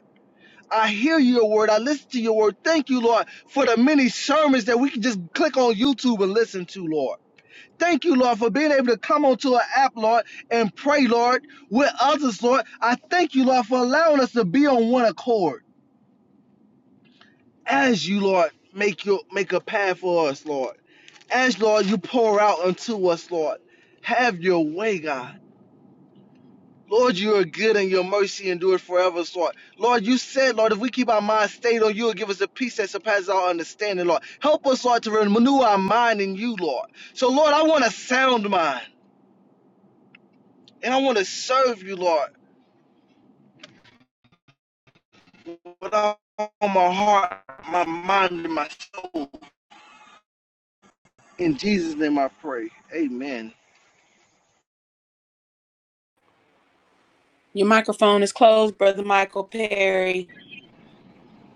I hear your word. I listen to your word. Thank you, Lord, for the many sermons that we can just click on YouTube and listen to, Lord. Thank you, Lord, for being able to come onto an app, Lord, and pray, Lord, with others, Lord. I thank you, Lord, for allowing us to be on one accord. As you, Lord, make your make a path for us, Lord. As Lord, you pour out unto us, Lord. Have your way, God. Lord, you are good and your mercy endures forever, Lord. Lord, you said, Lord, if we keep our mind stayed on you, will give us a peace that surpasses our understanding, Lord. Help us, Lord, to renew our mind in you, Lord. So, Lord, I want a sound mind and I want to serve you, Lord, with all my heart, my mind, and my soul. In Jesus' name I pray. Amen. Your microphone is closed, Brother Michael Perry.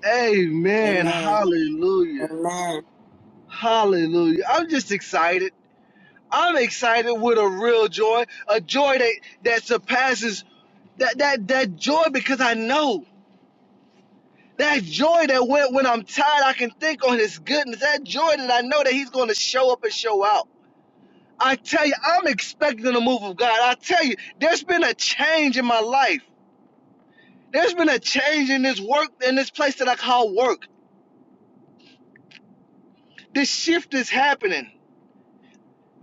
Amen. Amen. Hallelujah. Amen. Hallelujah. I'm just excited. I'm excited with a real joy, a joy that that surpasses that that that joy because I know that joy that when when I'm tired I can think on His goodness. That joy that I know that He's going to show up and show out. I tell you, I'm expecting the move of God. I tell you, there's been a change in my life. There's been a change in this work in this place that I call work. This shift is happening.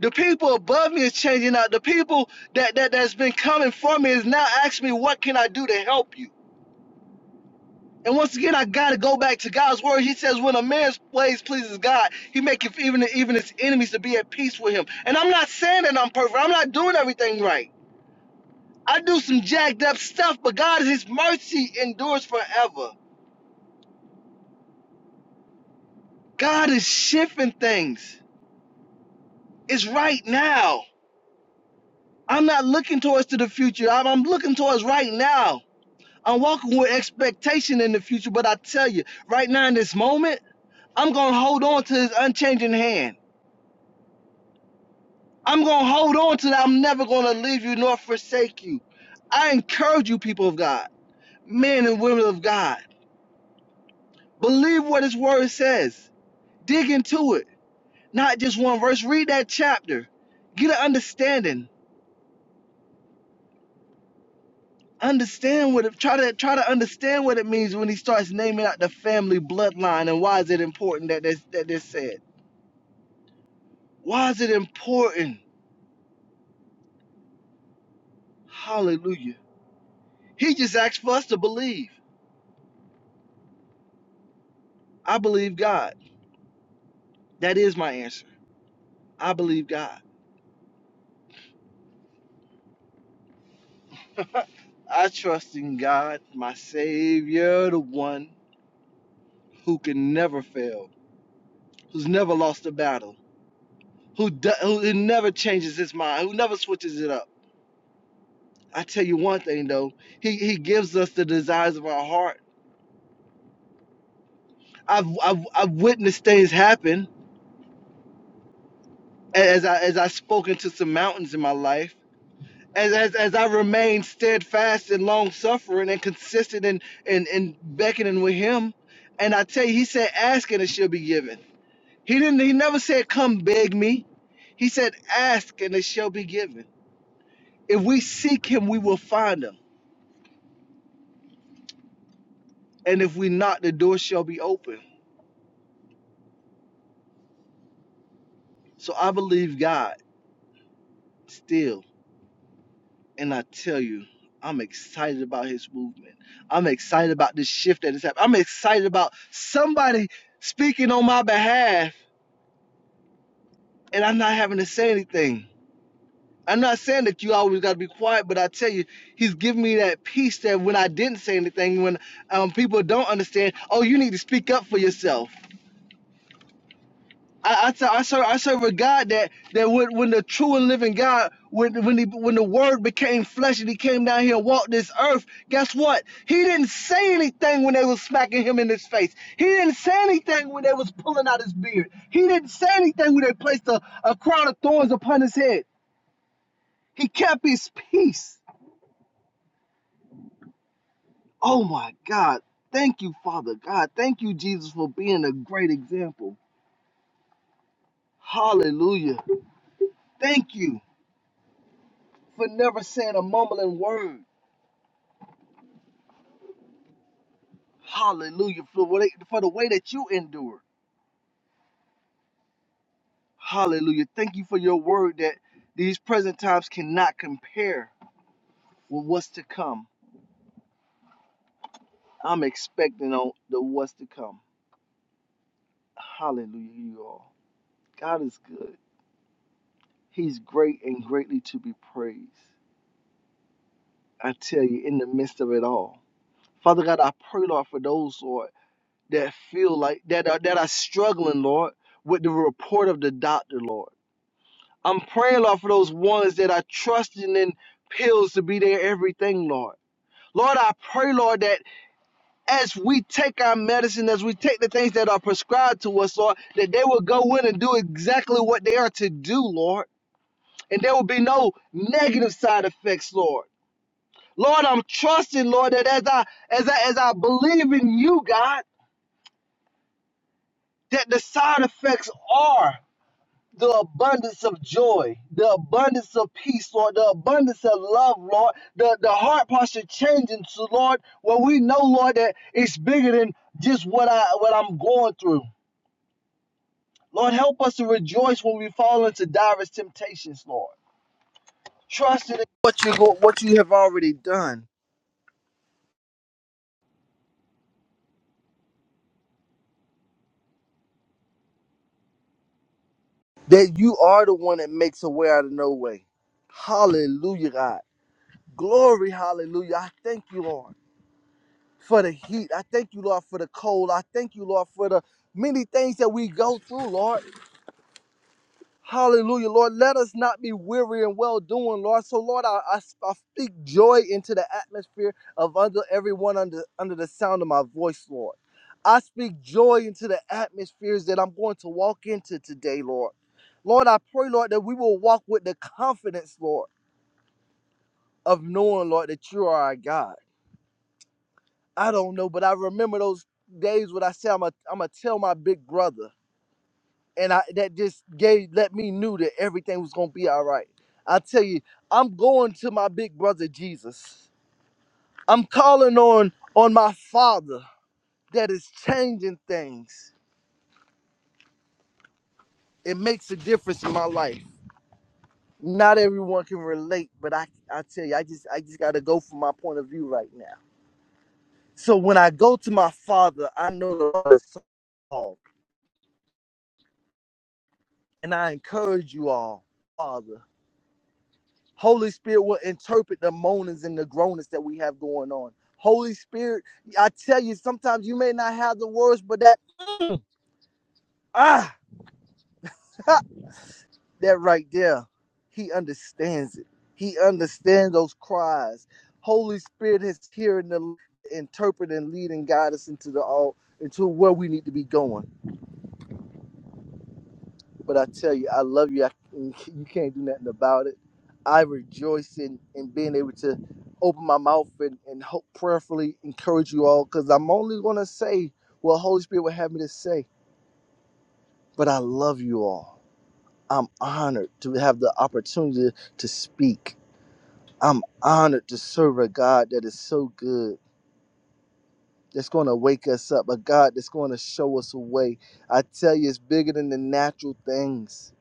The people above me is changing out. The people that, that that's been coming for me is now asking me, what can I do to help you? And once again, I gotta go back to God's word. He says, "When a man's ways pleases God, He maketh even even his enemies to be at peace with him." And I'm not saying that I'm perfect. I'm not doing everything right. I do some jacked up stuff, but God, His mercy endures forever. God is shifting things. It's right now. I'm not looking towards to the future. I'm, I'm looking towards right now. I'm walking with expectation in the future, but I tell you, right now in this moment, I'm gonna hold on to His unchanging hand. I'm going to hold on to that. I'm never going to leave you nor forsake you. I encourage you, people of God, men and women of God, believe what His Word says. Dig into it, not just one verse. Read that chapter, get an understanding. Understand what it, try to try to understand what it means when he starts naming out the family bloodline and why is it important that this that this said. Why is it important? Hallelujah. He just asked for us to believe. I believe God. That is my answer. I believe God. I trust in God, my Savior, the one who can never fail, who's never lost a battle, who, do, who never changes his mind, who never switches it up. I tell you one thing though, He, he gives us the desires of our heart. I've, I've, I've witnessed things happen as I, as I've spoken to some mountains in my life. As, as, as I remain steadfast and long suffering and consistent in, in, in beckoning with him. And I tell you, he said, asking it shall be given. He didn't. He never said, "Come beg me." He said, "Ask and it shall be given." If we seek Him, we will find Him, and if we knock, the door shall be open. So I believe God still, and I tell you, I'm excited about His movement. I'm excited about this shift that is happening. I'm excited about somebody speaking on my behalf, and I'm not having to say anything. I'm not saying that you always got to be quiet, but I tell you, he's giving me that peace that when I didn't say anything, when um, people don't understand, oh, you need to speak up for yourself. I, I, tell, I serve I serve a God that that when, when the true and living God when when he, when the Word became flesh and He came down here and walked this earth, guess what? He didn't say anything when they was smacking him in his face. He didn't say anything when they was pulling out his beard. He didn't say anything when they placed a, a crown of thorns upon his head. He kept his peace. Oh my God. Thank you, Father God. Thank you, Jesus, for being a great example. Hallelujah. Thank you for never saying a mumbling word. Hallelujah. For, what, for the way that you endured. Hallelujah. Thank you for your word that these present times cannot compare with what's to come. I'm expecting on the what's to come. Hallelujah, you all. God is good. He's great and greatly to be praised. I tell you, in the midst of it all. Father God, I pray, Lord, for those, Lord, that feel like that are that are struggling, Lord, with the report of the doctor, Lord. I'm praying, Lord, for those ones that are trusting in pills to be their everything, Lord. Lord, I pray, Lord, that as we take our medicine, as we take the things that are prescribed to us, Lord, that they will go in and do exactly what they are to do, Lord. And there will be no negative side effects, Lord. Lord, I'm trusting, Lord, that as I as I as I believe in you, God. that the side effects are the abundance of joy, the abundance of peace, Lord, the abundance of love, Lord, the, the heart posture changing to Lord, where we know, Lord, that it's bigger than just what I what I'm going through. Lord, help us to rejoice when we fall into diverse temptations, Lord. Trust in what you go, what you have already done. That you are the one that makes a way out of no way. Hallelujah, God. Glory, hallelujah. I thank you, Lord. for the heat. I thank you, Lord, for the cold. I thank you, Lord, for the many things that we go through, Lord. Hallelujah, Lord. Let us not be weary and well doing, Lord. So, Lord, I, I, I speak joy into the atmosphere of under everyone under under the sound of my voice, Lord. I speak joy into the atmospheres that I'm going to walk into today, Lord. Lord, I pray, Lord, that we will walk with the confidence, Lord, of knowing, Lord, that you are our God. I don't know, but I remember those days when I said I'm a I'm gonna tell my big brother, and I that just gave let me knew that everything was gonna be all right. I tell you, I'm going to my big brother Jesus. I'm calling on on my Father that is changing things. It makes a difference in my life. Not everyone can relate, but I I tell you, I just I just gotta go from my point of view right now. So when I go to my Father, I know the Lord is solved, and I encourage you all, Father. Holy Spirit will interpret the moanings and the groanings that we have going on. Holy Spirit, I tell you, sometimes you may not have the words, but that mm, ah, ha, that right there, He understands it. He understands those cries. Holy Spirit is here in the interpret and lead and guide us into the all into where we need to be going. But I tell you, I love you. I, you can't do nothing about it. I rejoice in, in being able to open my mouth and, and hope prayerfully encourage you all because I'm only going to say what Holy Spirit would have me to say. But I love you all. I'm honored to have the opportunity to speak. I'm honored to serve a God that is so good, that's going to wake us up, a God that's going to show us a way. I tell you, it's bigger than the natural things.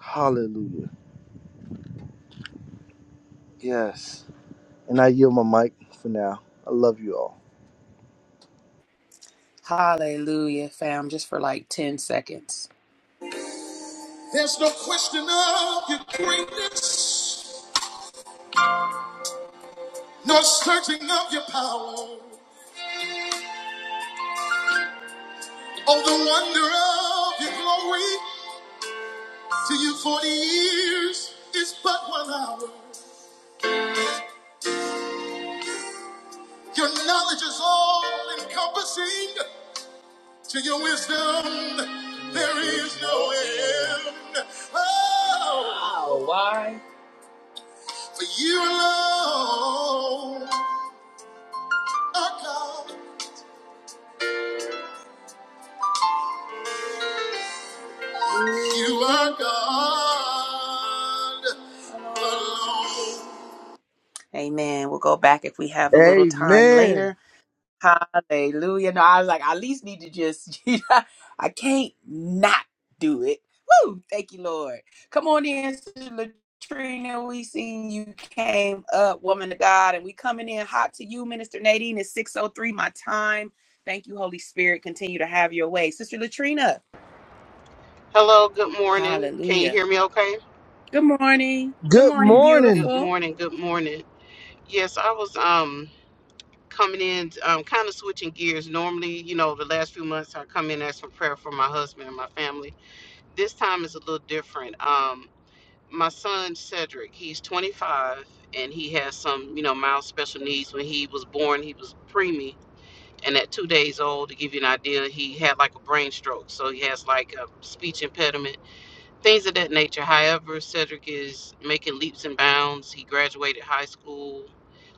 Hallelujah. Yes. And I yield my mic for now. I love you all. Hallelujah, fam, just for like 10 seconds. There's no question of your greatness. No searching of your power. Oh, the wonder of your glory. To you, 40 years is but one hour. Your knowledge is all encompassing. To your wisdom, there is no end. Oh, wow, why? For you alone are God. You are God alone. Amen. We'll go back if we have a little time Amen. later. Hallelujah. No, I was like, I at least need to just, I can't not do it. Woo! Thank you, Lord. Come on in, Sister Latrina. We seen you came up, woman of God, and we coming in hot to you, Minister Nadine. It's 6.03, my time. Thank you, Holy Spirit. Continue to have your way. Sister Latrina. Hello, good morning. Can you hear Hallelujah. me okay? Good morning. Good Good morning, morning. Good beautiful. morning, good morning. Yes, I was um coming in um kind of switching gears. Normally, you know, the last few months I come in ask for prayer for my husband and my family. This time is a little different. Um my son Cedric, he's 25 and he has some, you know, mild special needs. When he was born, he was preemie and at 2 days old, to give you an idea, he had like a brain stroke. So he has like a speech impediment things of that nature. However, Cedric is making leaps and bounds. He graduated high school,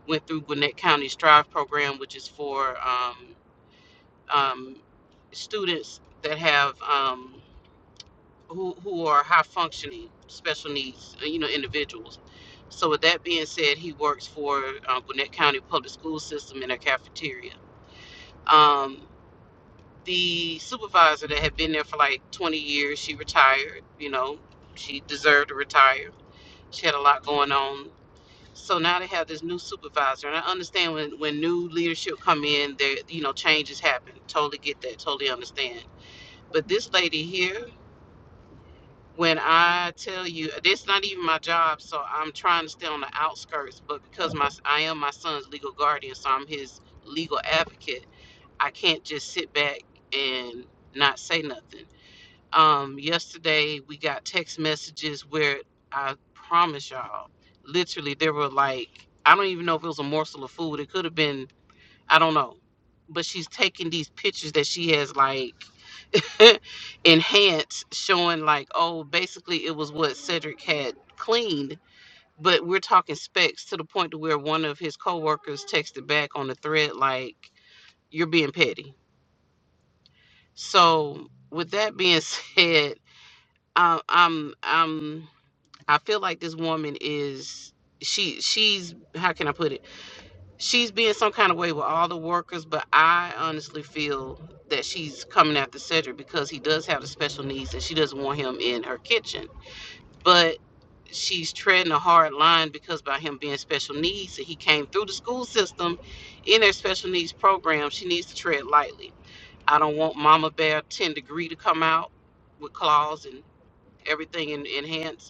went through Gwinnett County Strive program, which is for um, um, students that have um, who who are high functioning special needs, uh, you know, individuals. So, with that being said, he works for uh, Gwinnett County Public School System in a cafeteria. Um, the supervisor that had been there for like 20 years, she retired. You know, she deserved to retire She had a lot going on. So now they have this new supervisor, and I understand when when new leadership come in, there you know changes happen. Totally get that. Totally understand. But this lady here, when I tell you, this not even my job, so I'm trying to stay on the outskirts. But because my I am my son's legal guardian, so I'm his legal advocate. I can't just sit back and not say nothing. Um, yesterday we got text messages where I promise y'all, literally there were like I don't even know if it was a morsel of food. It could have been I don't know. But she's taking these pictures that she has like enhanced, showing like, oh, basically it was what Cedric had cleaned. But we're talking specs to the point to where one of his coworkers texted back on the thread like, "You're being petty." So with that being said, um, I'm I'm I feel like this woman is she she's how can I put it? She's being some kind of way with all the workers, but I honestly feel that she's coming after Cedric because he does have the special needs and she doesn't want him in her kitchen. But she's treading a hard line because by him being special needs and he came through the school system in their special needs program, she needs to tread lightly. I don't want Mama Bear 10 degree to come out with claws and everything in, in hands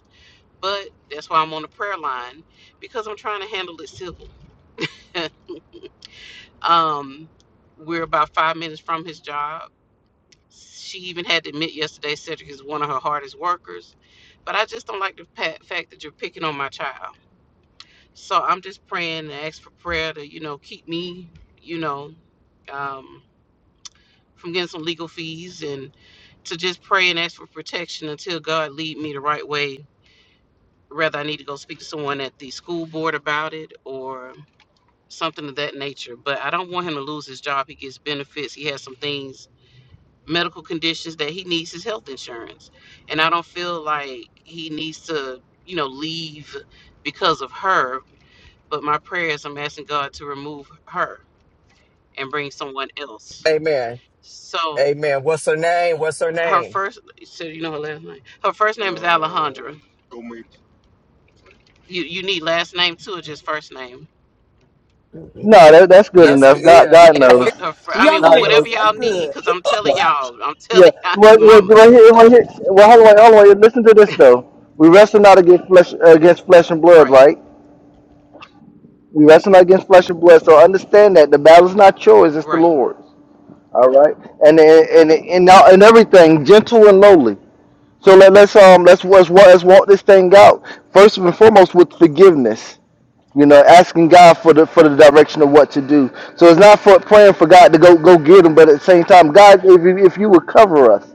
but that's why I'm on the prayer line because I'm trying to handle it civil. um, we're about five minutes from his job. She even had to admit yesterday Cedric is one of her hardest workers. But I just don't like the pa- fact that you're picking on my child. So I'm just praying and ask for prayer to, you know, keep me, you know, um, from getting some legal fees and to just pray and ask for protection until God lead me the right way. Whether I need to go speak to someone at the school board about it or something of that nature. But I don't want him to lose his job. He gets benefits. He has some things, medical conditions that he needs his health insurance. And I don't feel like he needs to, you know, leave because of her. But my prayers, I'm asking God to remove her and bring someone else. Amen. So Amen. What's her name? What's her her name? first, so you know her last name. Her first name is Alejandra. Oh, Gomez. You you need last name too, or just first name? No, that, that's good Yeah. That's good. enough. God, Yeah. God Yeah, her, knows. her fr- I You mean, on the wh- God whatever knows. list. That's y'all need, good. because I'm telling y'all, I'm Yeah. telling y'all, Well, well, mama. right here, right here. Well, hold on, hold on. Listen to this though. We wrestle not against flesh, against flesh and blood, Right, right? We wrestle not against flesh and blood. So understand that the battle is not yours; it's the right. Lord's. All right. And and and and, now, and everything, gentle and lowly. So let, let's um let's, let's wa- let's walk this thing out. First and foremost, with forgiveness. you know, asking God for the for the direction of what to do. So it's not for praying for God to go go get him, but at the same time, God, if you, if you would cover us,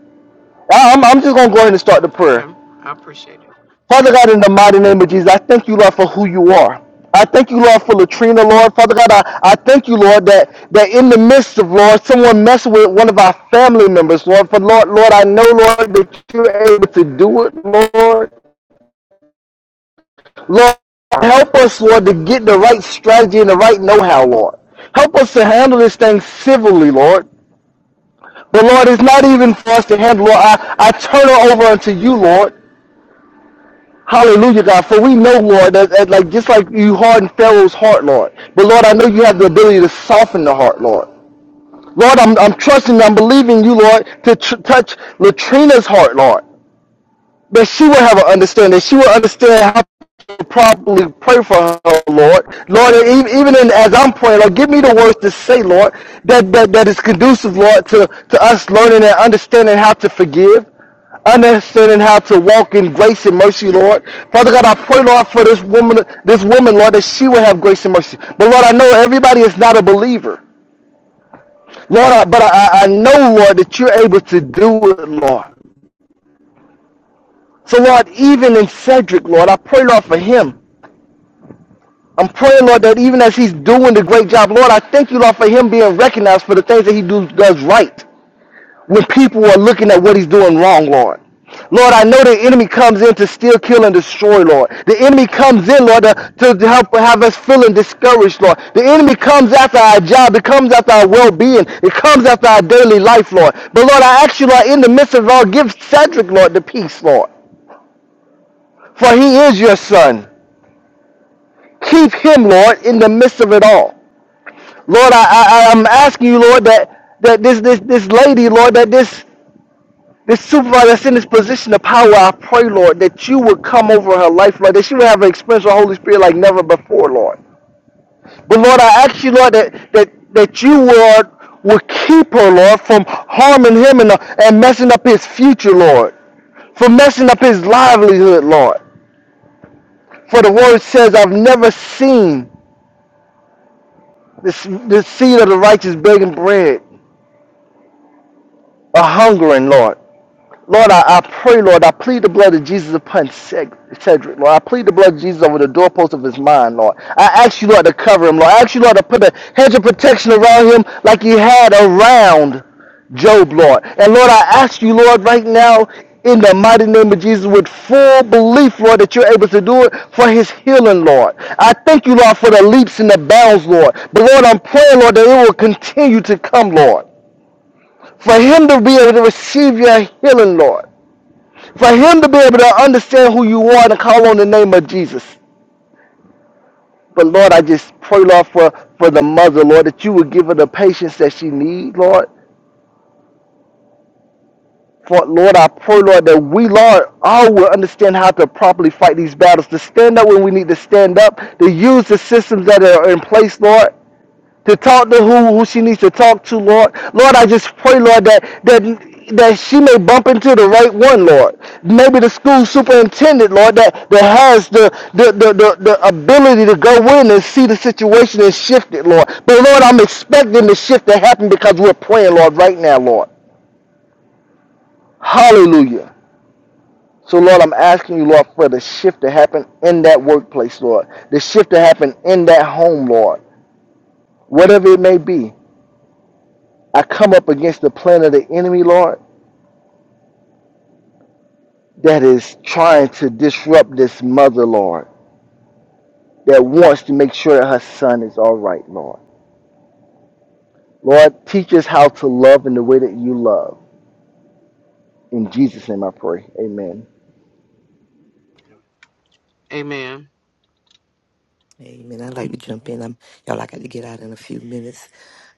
I- I'm I'm just gonna go ahead and start the Okay, prayer. I appreciate it. Father God, in the mighty name of Jesus, I thank you, Lord, for who you are. I thank you, Lord, for Latrina, Lord. Father God, I, I thank you, Lord, that, that in the midst of, Lord, someone messing with one of our family members, Lord. For, Lord, Lord, I know, Lord, that you're able to do it, Lord. Lord, help us, Lord, to get the right strategy and the right know-how, Lord. Help us to handle this thing civilly, Lord. But Lord, it's not even for us to handle, Lord. I, I turn it over unto you, Lord. Hallelujah, God. For we know, Lord, that, that like just like you hardened Pharaoh's heart, Lord. But Lord, I know you have the ability to soften the heart, Lord. Lord, I'm, I'm trusting, I'm believing you, Lord, to tr- touch Latrina's heart, Lord. that she will have an understanding. That she will understand how to properly pray for her, Lord. Lord, even, even in, as I'm praying, Lord, give me the words to say, Lord, that, that, that is conducive, Lord, to, to us learning and understanding how to forgive. Understanding how to walk in grace and mercy, Lord. Father God, I pray, Lord, for this woman, this woman, Lord, that she will have grace and mercy. But Lord, I know everybody is not a believer, Lord, I, but I I know, Lord, that you're able to do it, Lord. So, Lord, even in Cedric, Lord, I pray, Lord, for him. I'm praying, Lord, that even as he's doing the great job, Lord, I thank you, Lord, for him being recognized for the things that he do, does right when people are looking at what he's doing wrong, Lord. Lord, I know the enemy comes in to steal, kill, and destroy, Lord. The enemy comes in, Lord, to, to help have us feeling discouraged, Lord. The enemy comes after our job. It comes after our well-being. It comes after our daily life, Lord. But, Lord, I ask you, Lord, in the midst of it all, give Cedric, Lord, the peace, Lord. For he is your son. Keep him, Lord, in the midst of it all. Lord, I, I I- am asking you, Lord, that that this this this lady, Lord, that this this supervisor that's in this position of power, I pray, Lord, that you would come over her life, Lord, that she would have an experience with the Holy Spirit like never before, Lord. But Lord, I ask you, Lord, that that that you Lord would keep her, Lord, from harming him and, and messing up his future, Lord, from messing up his livelihood, Lord. For the word says, I've never seen this, the seed of the righteous begging bread. a hungering, Lord. Lord, I, I pray, Lord, I plead the blood of Jesus upon Ced- Cedric, Lord. I plead the blood of Jesus over the doorpost of his mind, Lord. I ask you, Lord, to cover him, Lord. I ask you, Lord, to put a hedge of protection around him like you had around Job, Lord. And Lord, I ask you, Lord, right now, in the mighty name of Jesus, with full belief, Lord, that you're able to do it for his healing, Lord. I thank you, Lord, for the leaps and the bounds, Lord. But Lord, I'm praying, Lord, that it will continue to come, Lord for him to be able to receive your healing, Lord. For him to be able to understand who you are and call on the name of Jesus. But Lord, I just pray, Lord, for, for the mother, Lord, that you would give her the patience that she needs, Lord. For Lord, I pray, Lord, that we, Lord, all will understand how to properly fight these battles, to stand up when we need to stand up, to use the systems that are in place, Lord, to talk to who, who she needs to talk to, Lord. Lord, I just pray, Lord, that that that she may bump into the right one, Lord. Maybe the school superintendent, Lord, that, that has the the, the, the the ability to go in and see the situation and shift it, Lord. But Lord, I'm expecting the shift to happen because we're praying, Lord, right now, Lord. Hallelujah. So, Lord, I'm asking you, Lord, for the shift to happen in that workplace, Lord. The shift to happen in that home, Lord. Whatever it may be, I come up against the plan of the enemy, Lord, that is trying to disrupt this mother, Lord, that wants to make sure that her son is all right, Lord. Lord, teach us how to love in the way that you love. In Jesus' name I pray. Amen. Amen. Amen. I'd like to jump in. I'm y'all I got to get out in a few minutes.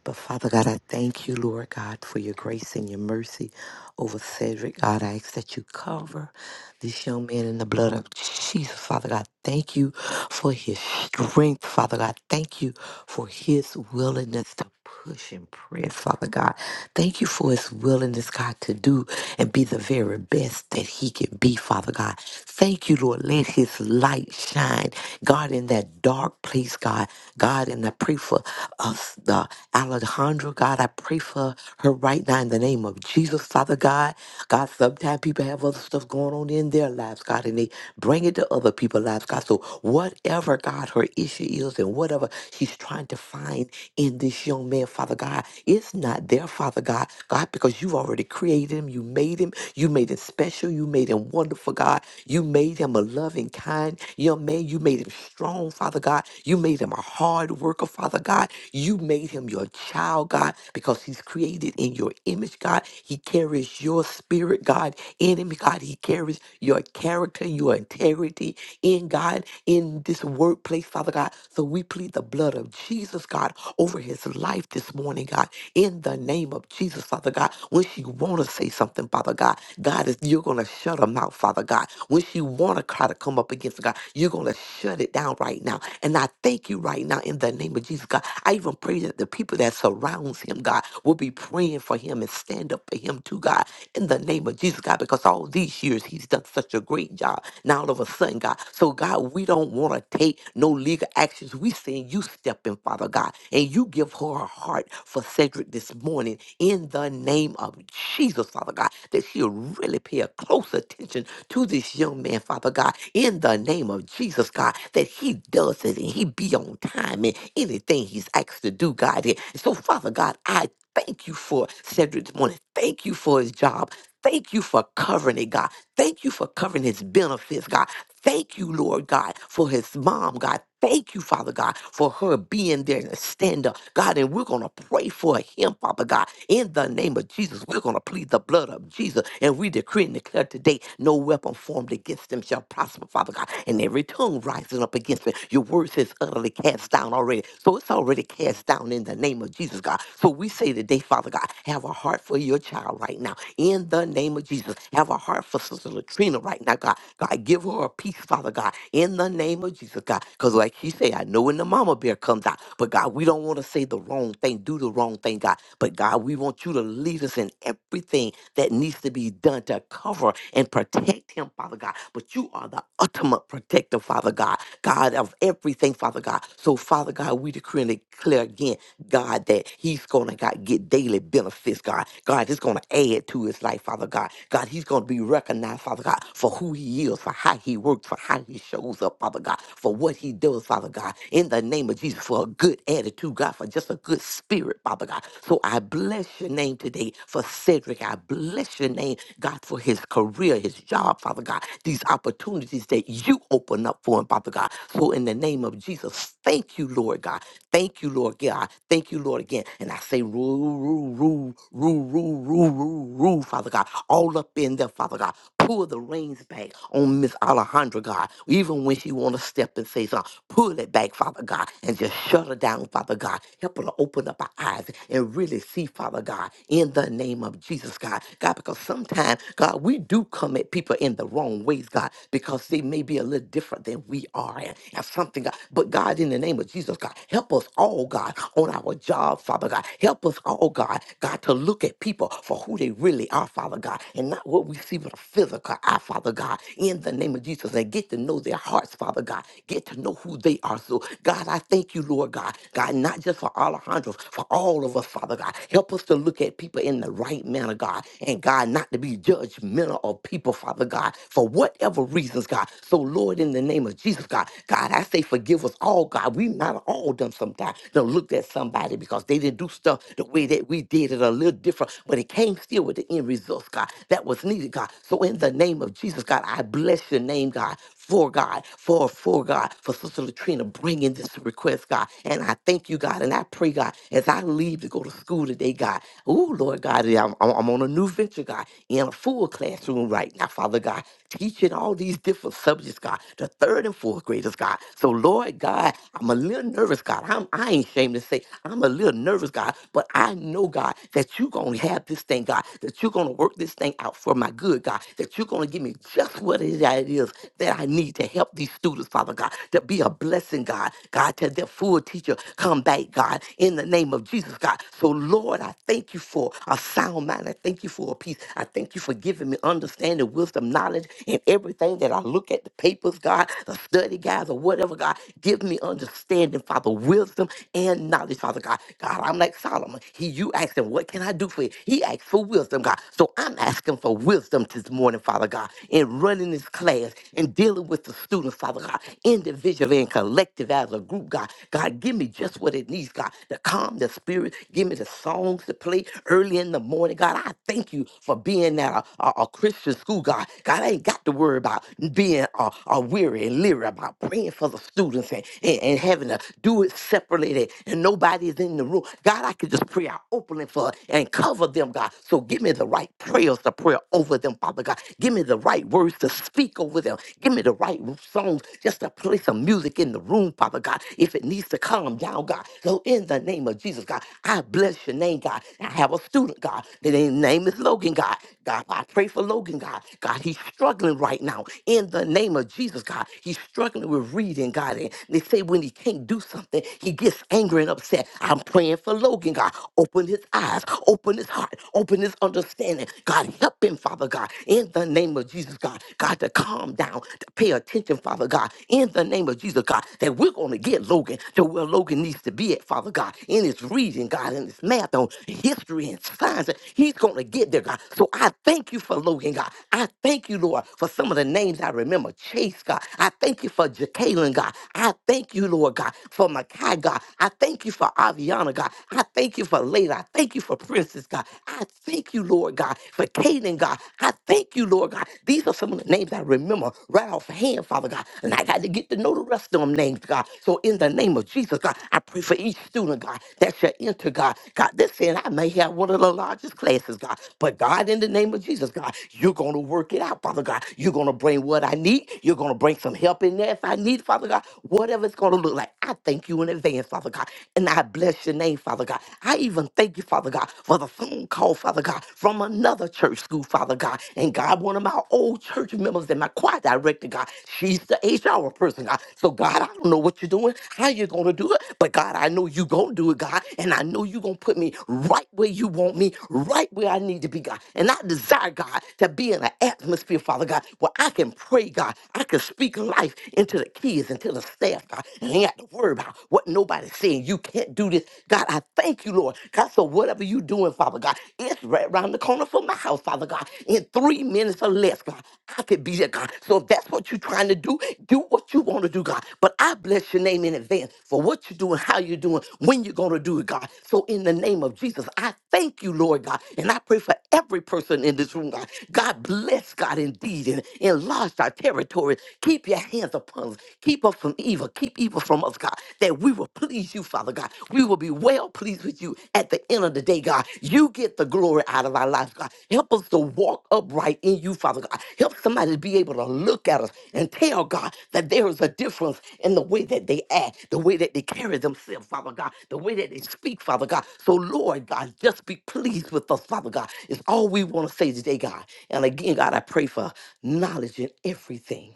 But Father God, I thank you, Lord God, for your grace and your mercy over Cedric. God, I ask that you cover this young man in the blood of Jesus. Father God, thank you for his strength. Father God, thank you for his willingness to push and press. Father God, thank you for his willingness, God, to do and be the very best that he can be. Father God, thank you, Lord. Let his light shine, God, in that dark place, God. God, and I pray for us, the Alejandra. God, I pray for her right now in the name of Jesus, Father God, God, sometimes people have other stuff going on in their lives, God, and they bring it to other people's lives, God. So whatever, God, her issue is and whatever she's trying to find in this young man, Father God, it's not there, Father God, God, because you already created him, you made him, you made him special, you made him wonderful, God. You made him a loving, kind young man. You made him strong, Father God. You made him a hard worker, Father God. You made him your child, God, because he's created in your image image, God. He carries your spirit, God, in him, God. He carries your character, your integrity in God, in this workplace, Father God. So we plead the blood of Jesus, God, over his life this morning, God, in the name of Jesus, Father God. When she wanna say something, Father God, God is you're gonna shut her mouth, Father God. When she wanna try to come up against God, you're gonna shut it down right now. And I thank you right now in the name of Jesus, God. I even pray that the people that surrounds him, God, will be praying for him and stand up for him too, God, in the name of Jesus, God, because all these years he's done such a great job. Now all of a sudden, God, so God, we don't want to take no legal actions. We saying you step in, Father God, and you give her a heart for Cedric this morning in the name of Jesus, Father God, that she'll really pay a close attention to this young man, Father God, in the name of Jesus, God, that he does it and he be on time in anything he's asked to do, God. And So, Father God, I Thank you for Cedric this morning. Thank you for his job. Thank you for covering it, God. Thank you for covering his benefits, God. Thank you, Lord God, for his mom, God. Thank you, Father God, for her being there and stand up, God. And we're going to pray for him, Father God, in the name of Jesus. We're going to plead the blood of Jesus. And we decree and declare today no weapon formed against them shall prosper, Father God. And every tongue rising up against them, your word says utterly cast down down already. So it's already cast down in the name of Jesus, God. So we say today, Father God, have a heart for your child right now. In the name of Jesus, have a heart for Sister Latrina right now, God. God, give her a peace, Father God. In the name of Jesus, God. Because like she said, I know when the mama bear comes out, but God, we don't want to say the wrong thing, do the wrong thing, God. But God, we want you to lead us in everything that needs to be done to cover and protect him, Father God. But you are the ultimate protector, Father God. God, of everything, Father God. So, Father God, we decree and declare again, God, that he's going to God, get daily benefits, God. God, it's going to add to his life, Father God. God, he's going to be recognized, Father God, for who he is, for how he works, for how he shows up, Father God, for what he does, Father God, in the name of Jesus, for a good attitude, God, for just a good spirit, Father God. So I bless your name today for Cedric. I bless your name, God, for his career, his job, Father God, these opportunities that you open up for him, Father God. God. So in the name of Jesus, thank you, Lord God. Thank you, Lord God. Thank you, Lord again. And I say, rule, rule, rule, rule, rule, rule, rule, rule, Father God. All up in there, Father God. Pull the reins back on Miss Alejandra, God. Even when she want to step and say something, pull it back, Father God, and just shut her down, Father God. Help her to open up her eyes and really see, Father God, in the name of Jesus, God. God, because sometimes, God, we do come at people in the wrong ways, God, because they may be a little different than we are and, and something, God. But God, in the name of Jesus, God, help us all, God, on our job, Father God. Help us all, God, God, to look at people for who they really are, Father God, and not what we see with a physical eye, Father God, in the name of Jesus, and get to know their hearts, Father God. Get to know who they are. So, God, I thank you, Lord God, God, not just for Alejandro, for all of us, Father God. Help us to look at people in the right manner, God, and God, not to be judgmental of people, Father God, for whatever reasons, God. So, Lord, in the name of Jesus, Jesus, God. God, I say forgive us all, God. We might have all done sometimes. Done looked at somebody because they didn't do stuff the way that we did it a little different, but it came still with the end results, God, that was needed, God. So in the name of Jesus, God, I bless your name, God, for God, for, for God, for Sister Latrina bringing this request, God. And I thank you, God, and I pray, God, as I leave to go to school today, God. Oh, Lord God, yeah, I'm, I'm I'm on a new venture, God, in a full classroom right now, Father God, teaching all these different subjects, God. The third and third and fourth graders, God. So, Lord God, I'm a little nervous, God. I'm, I ain't ashamed to say I'm a little nervous, God, but I know, God, that you're going to have this thing, God, that you're going to work this thing out for my good, God, that you're going to give me just what it is that it is that I need to help these students, Father God, to be a blessing, God, God, to their full teacher come back, God, in the name of Jesus, God. So, Lord, I thank you for a sound mind. I thank you for a peace. I thank you for giving me understanding, wisdom, knowledge, and everything that I look at the papers, God, a study guide or whatever, God. Give me understanding, Father, wisdom and knowledge, Father God. God, I'm like Solomon. He, you asked him, what can I do for you? He asked for wisdom, God. So I'm asking for wisdom this morning, Father God, in running this class and dealing with the students, Father God, individually and collective as a group, God. God, give me just what it needs, God, to calm the spirit. Give me the songs to play early in the morning, God. I thank you for being at a, a, a Christian school, God. God, I ain't got to worry about being uh, uh, weary and Lyra about praying for the students and, and, and having to do it separately and, and nobody is in the room. God, I could just pray out openly for and cover them, God. So give me the right prayers to pray over them, Father God. Give me the right words to speak over them. Give me the right songs just to play some music in the room, Father God, if it needs to calm down, God. So in the name of Jesus, God, I bless your name, God. I have a student, God. His name is Logan, God. God, I pray for Logan, God. God, he's struggling right now. In the name of Jesus, God, God. He's struggling with reading, God. And they say when he can't do something, he gets angry and upset. I'm praying for Logan, God. Open his eyes, open his heart, open his understanding. God, help him, Father God, in the name of Jesus, God. God, to calm down, to pay attention, Father God, in the name of Jesus, God, that we're going to get Logan to where Logan needs to be at, Father God, in his reading, God, in his math on history and science. He's going to get there, God. So I thank you for Logan, God. I thank you, Lord, for some of the names I remember. Chase, God. I thank you for Jacqueline, God. I thank you, Lord God, for Makai, God. I thank you for Aviana, God. I thank you for Layla. I thank you for Princess, God. I thank you, Lord God, for Caden, God. I thank you, Lord God. These are some of the names I remember right off hand, Father God. And I got to get to know the rest of them names, God. So in the name of Jesus, God, I pray for each student, God, that shall enter, God. God, this saying I may have one of the largest classes, God. But God, in the name of Jesus, God, you're going to work it out, Father God. You're going to bring what I need. You're going to bring bring some help in there if I need, Father God, whatever it's going to look like. I thank you in advance, Father God, and I bless your name, Father God. I even thank you, Father God, for the phone call, Father God, from another church school, Father God. And God, one of my old church members and my choir director, God, she's the HR person, God. So, God, I don't know what you're doing, how you're going to do it, but God, I know you're going to do it, God, and I know you're going to put me right where you want me, right where I need to be, God. And I desire, God, to be in an atmosphere, Father God, where I can pray, God. I can speak life into the kids, into the staff, God. And they got to worry about what nobody's saying. You can't do this. God, I thank you, Lord. God, so whatever you doing, Father God, it's right around the corner from my house, Father God. In three minutes or less, God, I could be there, God. So if that's what you're trying to do, do what you want to do, God. But I bless your name in advance for what you're doing, how you're doing, when you're going to do it, God. So in the name of Jesus, I thank you, Lord God. And I pray for every person in this room, God. God bless, God, indeed, and enlarge our territory Keep your hands upon us. Keep us from evil. Keep evil from us, God, that we will please you, Father God. We will be well pleased with you at the end of the day, God. You get the glory out of our lives, God. Help us to walk upright in you, Father God. Help somebody to be able to look at us and tell God that there is a difference in the way that they act, the way that they carry themselves, Father God, the way that they speak, Father God. So, Lord God, just be pleased with us, Father God. It's all we want to say today, God. And again, God, I pray for knowledge in everything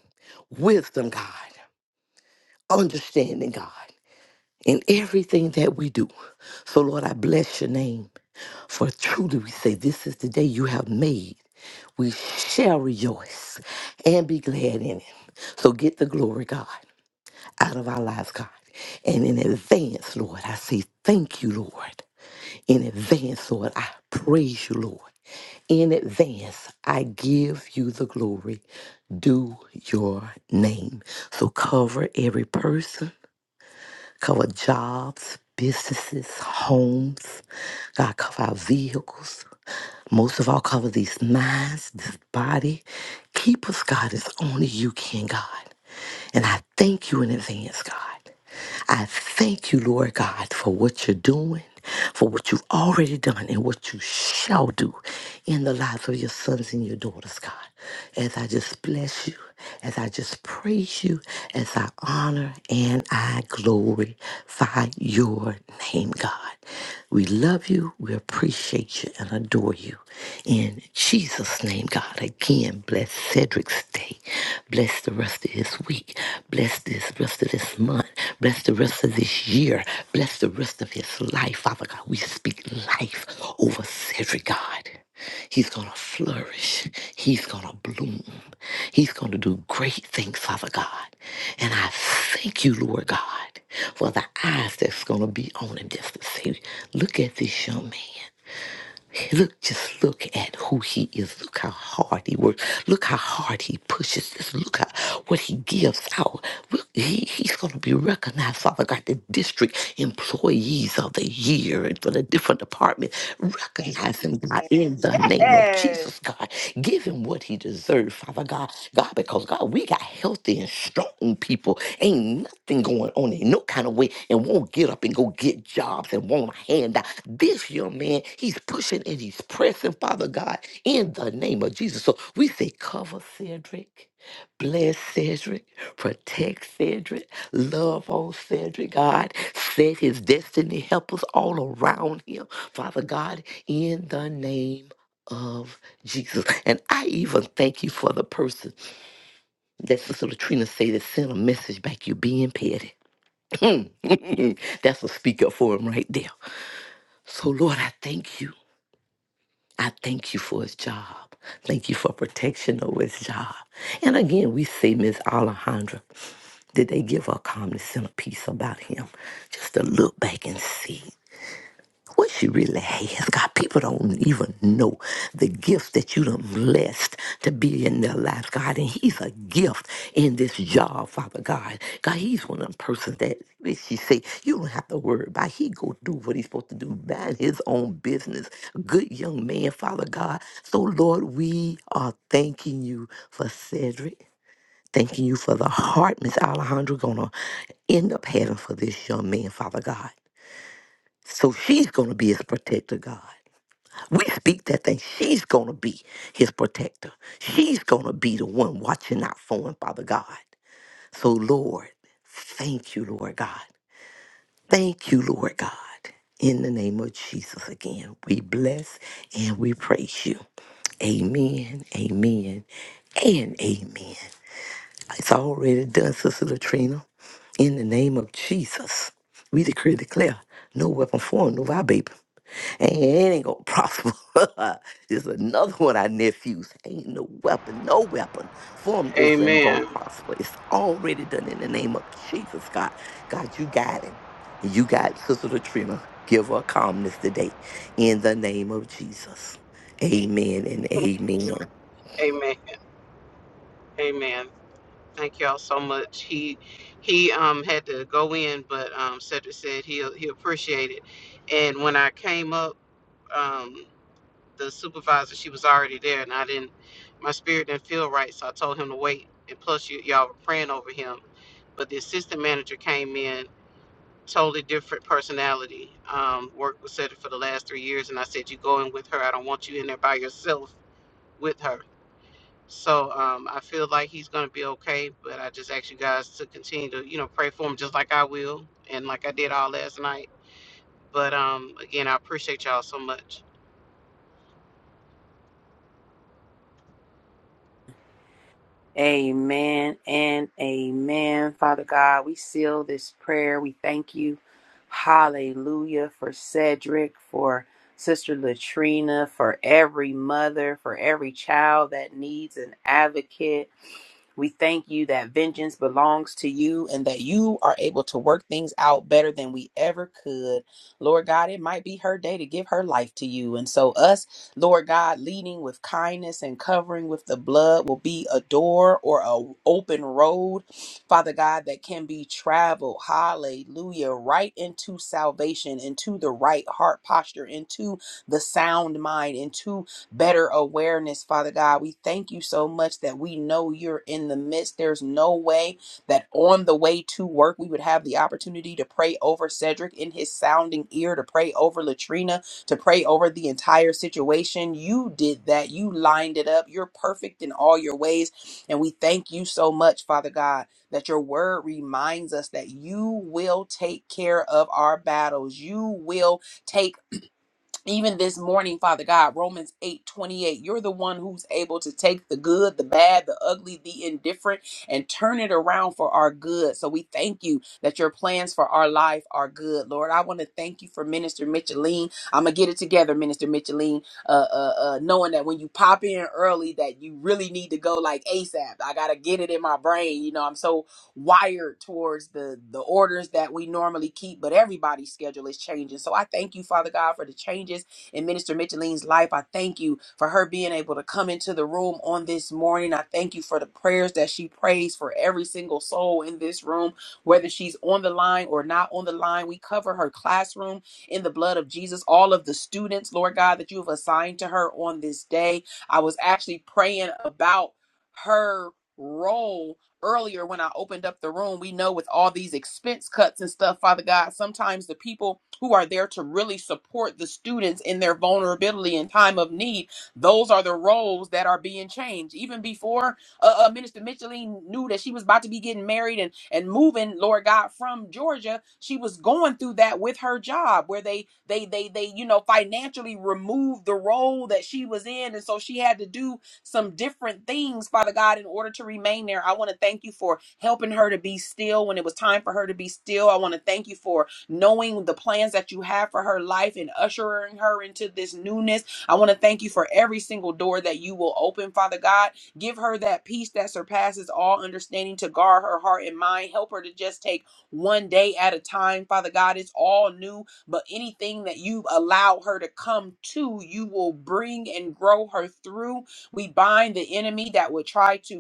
wisdom, God, understanding, God, in everything that we do. So, Lord, I bless your name. For truly we say, This is the day you have made. We shall rejoice and be glad in it. So, get the glory, God, out of our lives, God. And in advance, Lord, I say, Thank you, Lord. In advance, Lord, I praise you, Lord. In advance, I give you the glory. Do your name. So cover every person, cover jobs, businesses, homes. God, cover our vehicles. Most of all, cover these minds, this body. Keep us, God, as only you can, God. And I thank you in advance, God. I thank you, Lord God, for what you're doing, for what you've already done, and what you shall do in the lives of your sons and your daughters, God. As I just bless you, as I just praise you, as I honor and I glorify your name, God. We love you, we appreciate you, and adore you. In Jesus' name, God, again, blessed Cedric's day. Bless the rest of his week. Bless this rest of this month. Bless the rest of this year. Bless the rest of his life. Father God, we speak life over Cedric God. He's going to flourish. He's going to bloom. He's going to do great things, Father God. And I thank you, Lord God, for the eyes that's going to be on him just to say, look at this young man. Look, just look at who he is. Look how hard he works. Look how hard he pushes Just Look how what he gives out. Look, he, he's going to be recognized, Father God, the district employees of the year and for the different department. Recognize him, God, in Yes. the name of Yes. Jesus, God. Give him what he deserves, Father God. God, because God, we got healthy and strong people. Ain't nothing going on in no kind of way and won't get up and go get jobs and want a handout. This young man, he's pushing and he's pressing, Father God, in the name of Jesus. So we say, cover Cedric. Bless Cedric, protect Cedric, love on Cedric, God. Set his destiny helpers all around him, Father God, in the name of Jesus. And I even thank you for the person that Sister Latrina said that sent a message back, you being petty. That's a speaker for him right there. So, Lord, I thank you. I thank you for his job. Thank you for protection over his job. And again, we say, Miss Alejandra, did they give her a calmness and a peace about him? Just to look back and see. what she really has. God, people don't even know the gifts that you done blessed to be in their lives, God. And he's a gift in this job, Father God. God, he's one of them persons that that she say, you don't have to worry about. He go do what he's supposed to do, mind his own business. Good young man, Father God. So, Lord, we are thanking you for Cedric. Thanking you for the heart Miss Alejandra gonna end up having for this young man, Father God. So she's going to be his protector, God. We speak that thing. She's going to be his protector. She's going to be the one watching out for him, Father God. So, Lord, thank you, Lord God. Thank you, Lord God. In the name of Jesus again, we bless and we praise you. Amen, amen, and amen. It's already done, Sister Latrina. In the name of Jesus, we decree and declare no weapon formed over our baby. Hey, it ain't gonna prosper. It's another one of our nephews. Ain't no weapon, no weapon formed over him gonna Amen. prosper. It's already done in the name of Jesus, God. God, you got him. You got Sister Latrina. Give her calmness today in the name of Jesus. Amen and amen. Amen. Amen. Thank y'all so much. He he um had to go in, but um Cedric said he he appreciated it. And when I came up, um the supervisor she was already there, and I didn't my spirit didn't feel right, so I told him to wait. And plus, you y'all were praying over him, but the assistant manager came in totally different personality. Um, worked with Cedric for the last three years, and I said, "You go in with her. I don't want you in there by yourself with her." So um, I feel like he's gonna be okay, but I just ask you guys to continue to, you know, pray for him just like I will and like I did all last night. But um, again, I appreciate y'all so much. Amen and amen. Father God, we seal this prayer. We thank you. Hallelujah for Cedric, for Sister Latrina, for every mother, for every child that needs an advocate. We thank you that vengeance belongs to you and that you are able to work things out better than we ever could. Lord God, it might be her day to give her life to you. And so, us, Lord God, leading with kindness and covering with the blood will be a door or an open road, Father God, that can be traveled. Hallelujah. Right into salvation, into the right heart posture, into the sound mind, into better awareness, Father God. We thank you so much that we know you're in the midst. There's no way that on the way to work, we would have the opportunity to pray over Cedric in his sounding ear, to pray over Latrina, to pray over the entire situation. You did that. You lined it up. You're perfect in all your ways. And we thank you so much, Father God that your word reminds us that you will take care of our battles. You will take even this morning, Father God, Romans eight twenty-eight, you're the one who's able to take the good, the bad, the ugly, the indifferent, and turn it around for our good. So we thank you that your plans for our life are good. Lord, I want to thank you for Minister Micheline. I'm going to get it together, Minister Micheline, uh, uh, uh, knowing that when you pop in early, that you really need to go like ASAP. I got to get it in my brain. You know, I'm so wired towards the the orders that we normally keep, but everybody's schedule is changing. So I thank you, Father God, for the changes in Minister Micheline's life. I thank you for her being able to come into the room on this morning. I thank you for the prayers that she prays for every single soul in this room, whether she's on the line or not on the line. We cover her classroom in the blood of Jesus. All of the students, Lord God, that you have assigned to her on this day. I was actually praying about her role earlier when I opened up the room, we know with all these expense cuts and stuff, Father God, sometimes the people who are there to really support the students in their vulnerability and time of need, those are the roles that are being changed. Even before uh, uh, Minister Micheline knew that she was about to be getting married and, and moving, Lord God, from Georgia, she was going through that with her job where they, they, they, they, you know, financially removed the role that she was in. And so she had to do some different things, Father God, in order to remain there. I want to thank you for helping her to be still when it was time for her to be still. I want to thank you for knowing the plans that you have for her life and ushering her into this newness. I want to thank you for every single door that you will open, Father God. Give her that peace that surpasses all understanding to guard her heart and mind. Help her to just take one day at a time, Father God. It's all new, but anything that you allow her to come to, you will bring and grow her through. We bind the enemy that would try to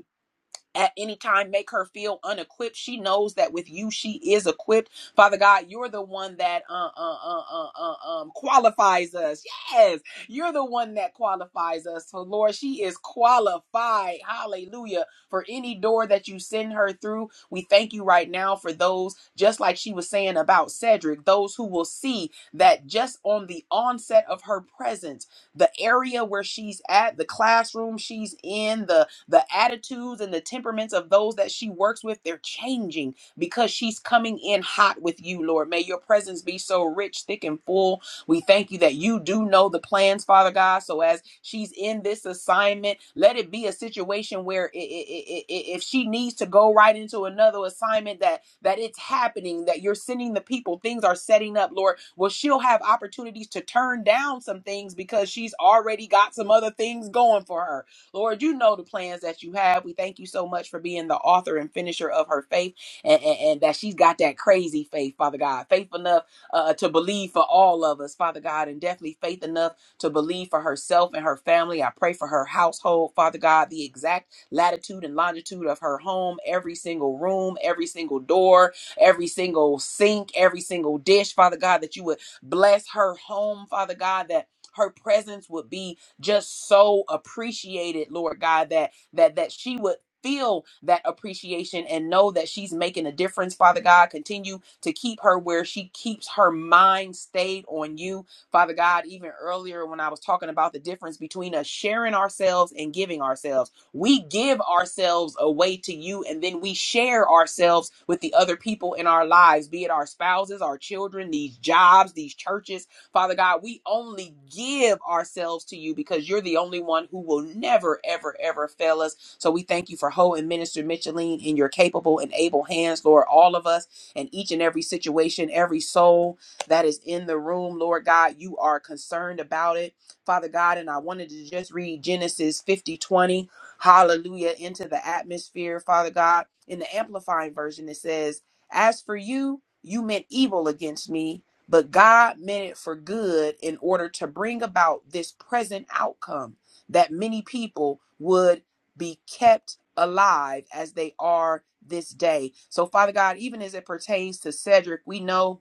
at any time make her feel unequipped. She knows that with you, she is equipped. Father God, you're the one that uh, uh, uh, uh, uh, um, qualifies us. Yes, you're the one that qualifies us. So, Lord, she is qualified. Hallelujah. For any door that you send her through, we thank you right now for those, just like she was saying about Cedric, those who will see that just on the onset of her presence, the area where she's at, the classroom she's in, the the attitudes and the temperaments of those that she works with, they're changing because she's coming in hot with you, Lord. May your presence be so rich, thick, and full. We thank you that you do know the plans, Father God. So as she's in this assignment, let it be a situation where i- i- i- i- if she needs to go right into another assignment, that that it's happening, that you're sending the people, things are setting up, Lord. Well, she'll have opportunities to turn down some things because she's already got some other things going for her. Lord, you know the plans that you have. We thank you so much for being the author and finisher of her faith and, and, and that she's got that crazy faith, Father God. Faith enough uh, to believe for all of us, Father God, and definitely faith enough to believe for herself and her family. I pray for her household, Father God, the exact latitude and longitude of her home, every single room, every single door, every single sink, every single dish, Father God, that you would bless her home, Father God, that her presence would be just so appreciated, Lord God, that that that she would feel that appreciation and know that she's making a difference father god continue to keep her where she keeps her mind stayed on you father god even earlier when i was talking about the difference between us sharing ourselves and giving ourselves we give ourselves away to you and then we share ourselves with the other people in our lives be it our spouses our children these jobs these churches Father God, we only give ourselves to you because you're the only one who will never, ever, ever fail us. So we thank you for Ho and Minister Micheline in your capable and able hands, Lord, all of us and each and every situation, every soul that is in the room, Lord God, you are concerned about it. Father God, and I wanted to just read Genesis 50:20. hallelujah, into the atmosphere, Father God. In the Amplifying Version, it says, As for you, you meant evil against me but God meant it for good in order to bring about this present outcome that many people would be kept alive as they are this day. So, Father God, even as it pertains to Cedric, we know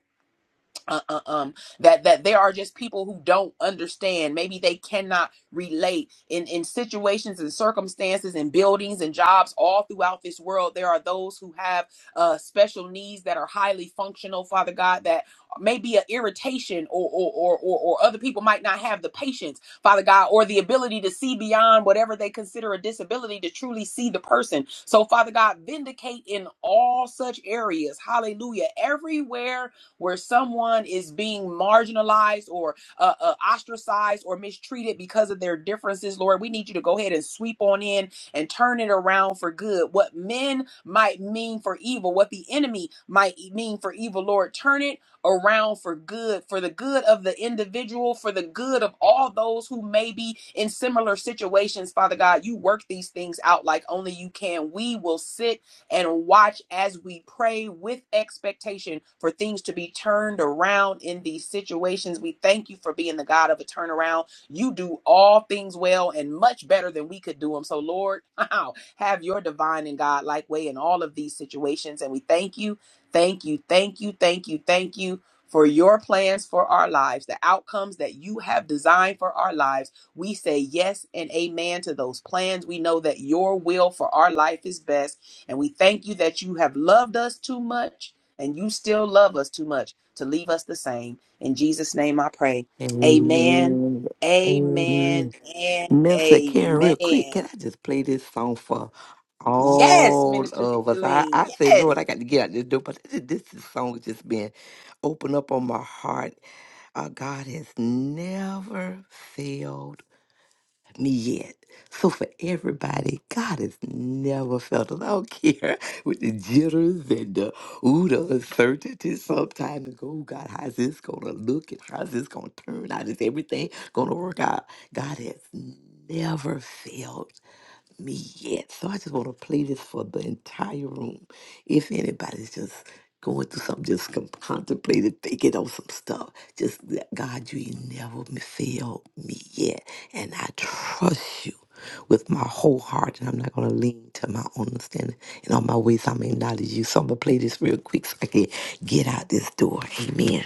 uh, uh, um that that there are just people who don't understand maybe they cannot relate in in situations and circumstances and buildings and jobs all throughout this world there are those who have uh special needs that are highly functional father god that may be an irritation or or or or, or other people might not have the patience father god or the ability to see beyond whatever they consider a disability to truly see the person so father god vindicate in all such areas hallelujah everywhere where someone is being marginalized or uh, uh, ostracized or mistreated because of their differences, Lord, we need you to go ahead and sweep on in and turn it around for good. What men might mean for evil, what the enemy might e, mean for evil, Lord, turn it around for good, for the good of the individual, for the good of all those who may be in similar situations. Father God, you work these things out like only you can. We will sit and watch as we pray with expectation for things to be turned around in these situations. We thank you for being the God of a turnaround. You do all things well and much better than we could do them. So, Lord, wow, have your divine and God-like way in all of these situations. And we thank you, thank you, thank you, thank you, thank you. For your plans for our lives, the outcomes that you have designed for our lives, we say yes and amen to those plans. We know that your will for our life is best. And we thank you that you have loved us too much and you still love us too much to leave us the same. In Jesus' name I pray. Amen. Amen. Amen. Amen. And Minister Karen, real quick, can amen. I just play this song for Yes, all Minister of us? I, Micheline. I say, Lord, Yes. I got to get out this door, but this, this is song just been opened up on my heart. Uh, God has never failed me yet. So for everybody, God has never felt it. I don't care with the jitters and the ooh, the uncertainty sometimes. And Go, "Oh, God, how's this gonna look and how's this gonna turn out? Is everything gonna work out? God has never failed me yet. So I just want to play this for the entire room. If anybody's just going through something, just con- contemplating, thinking on some stuff, just let God, you ain't never m- failed me yet. And I trust you with my whole heart. And I'm not going to lean to my own understanding. And on my ways, I'm acknowledge you. So I'm going to play this real quick so I can get out this door. Amen.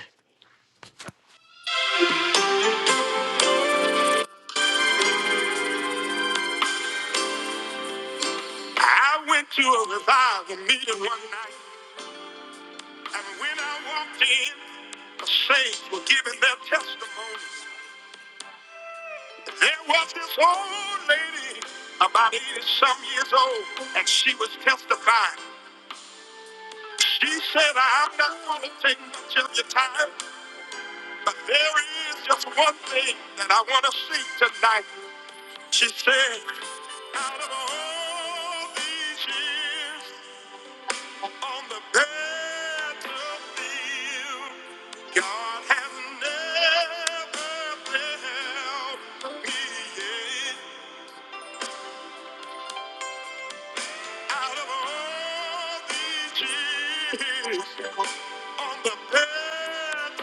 I went to a revival meeting one night. And when I walked in, the saints were giving their testimony. There was this old lady, about 80 some years old, and she was testifying. She said, I'm not going to take much of your time, but there is just one thing that I want to see tonight. She said, out of all these years, On the battlefield, God has never failed me yet. Out of all these years on the battlefield,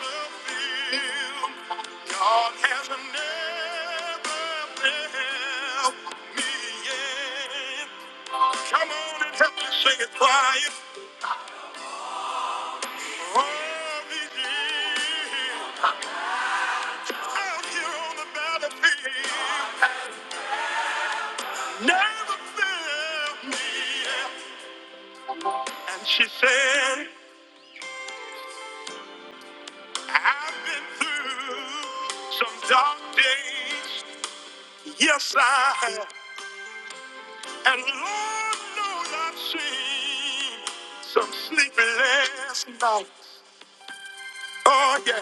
God has never failed me yet. Come on and help me sing it quiet. All these years. Out here on the battlefield, never failed me. And she said, I've been through some dark days. Yes, I have. And Lord knows I've seen some sleepless nights. Oh, yeah.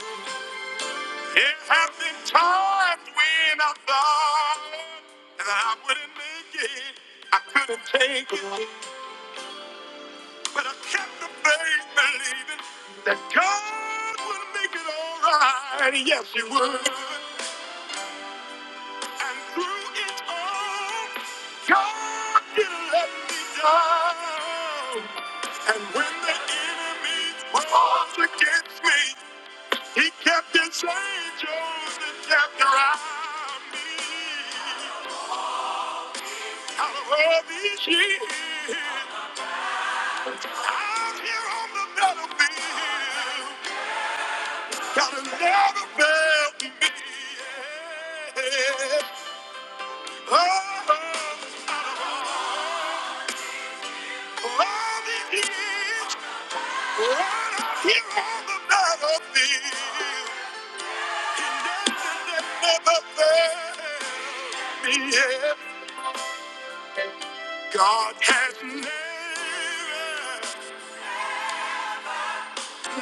There have been times when I thought that I wouldn't make it. I couldn't take it. But I kept the faith believing that God would make it all right. Yes, He would. And through it all, God didn't let me down. And when the enemy was against me, He kept His angels that kept around me. Out of all these years, out here on the battlefield. God will never fail me. Yeah. Oh, love it is right here on the battlefield. He never, never failed me. Yeah. God has never,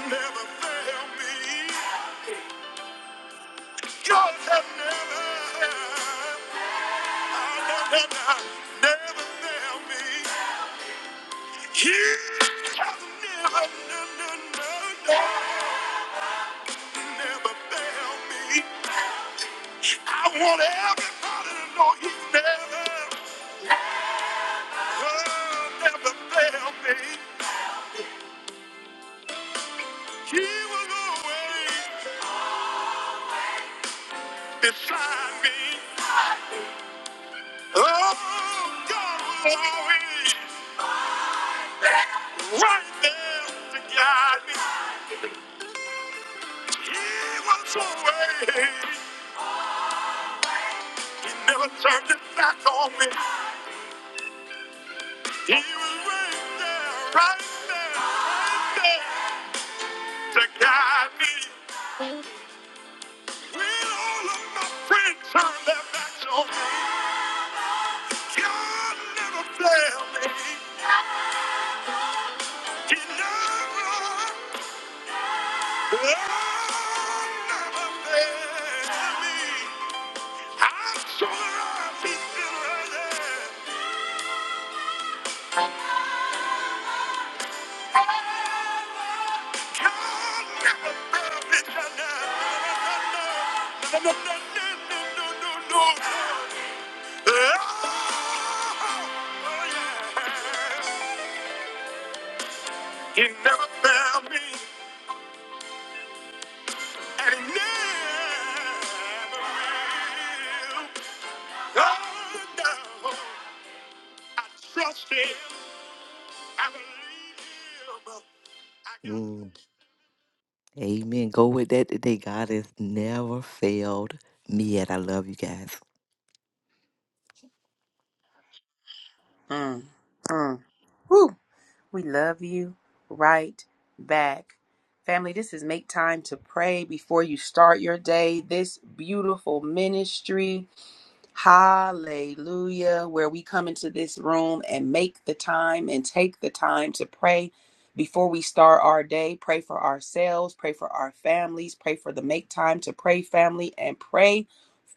never failed me. God has never, never, never failed me. He never, no, no, no, no, never failed me. I want everybody to know he never, oh, never failed me. He was always beside me. Oh, God was always right there to guide me. He was always, he never turned his back on me. He was right there, right there, right there to guide me. When all of my friends turned their backs on me, God never failed me. He never, oh, never failed me. I'm so glad he's still right there. God never failed me. No, no, no, no, no, no, no, no, no, no, no. He never found me, and he never will. Oh, no. I trust him. I believe him. I got Mm. Amen. Go with that today. God has never failed me yet. I love you guys. Mm, mm. Whew. We love you right back. Family, this is make time to pray before you start your day. This beautiful ministry. Hallelujah. Where we come into this room and make the time and take the time to pray before we start our day. Pray for ourselves, pray for our families, pray for the make time to pray family, and pray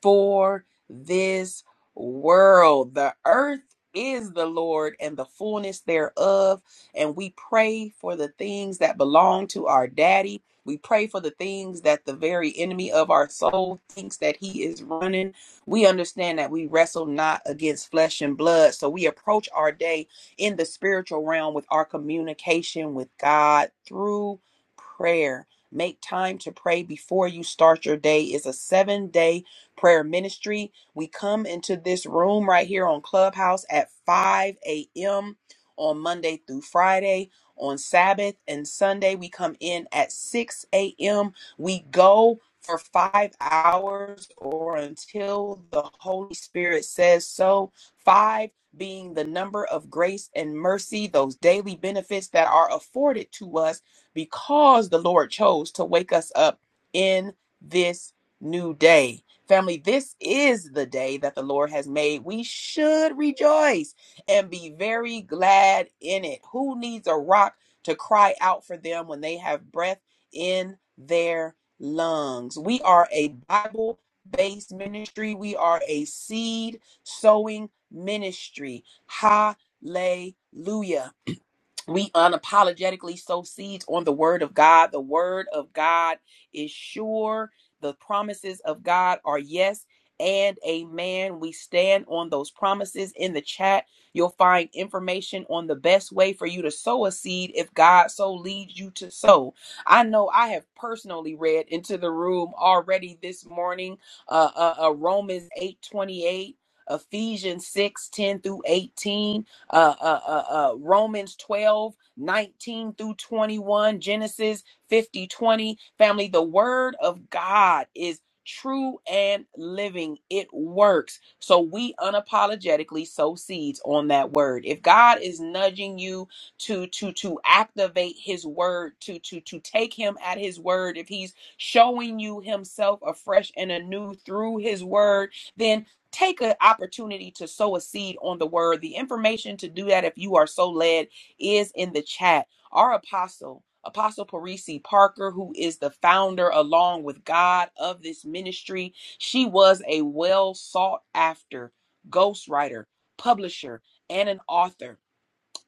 for this world. The earth is the Lord and the fullness thereof. And we pray for the things that belong to our daddy. We pray for the things that the very enemy of our soul thinks that he is running we understand that we wrestle not against flesh and blood. So we approach our day in the spiritual realm with our communication with God through prayer. Make time to pray before you start your day It's a seven day prayer ministry. We come into this room right here on Clubhouse at 5 a.m. on Monday through Friday. On Sabbath and Sunday, we come in at 6 a.m we go for five hours or until the Holy Spirit says so. Five being the number of grace and mercy, those daily benefits that are afforded to us because the Lord chose to wake us up in this new day. Family, this is the day that the Lord has made. We should rejoice and be very glad in it. Who needs a rock to cry out for them when they have breath? in their lungs. We are a Bible based ministry, we are a seed sowing ministry. Hallelujah we unapologetically sow seeds on the word of God. The word of God is sure. The promises of God are yes and amen. We stand on those promises in the chat. You'll find information on the best way for you to sow a seed if God so leads you to sow. I know I have personally read into the room already this morning uh, uh, uh, Romans 8 28, Ephesians 6 10 through 18 uh, uh, uh, uh, Romans 12 19 through 21, Genesis 50 20 Family, the word of God is true and living. It works. So we unapologetically sow seeds on that word. If God is nudging you to to to activate his word, to to to take him at his word, if he's showing you himself afresh and anew through his word, then take an opportunity to sow a seed on the word. The information to do that, if you are so led, is in the chat. Our apostle, Apostle Parisi Parker, who is the founder along with God of this ministry, she was a well sought after ghostwriter, publisher, and an author.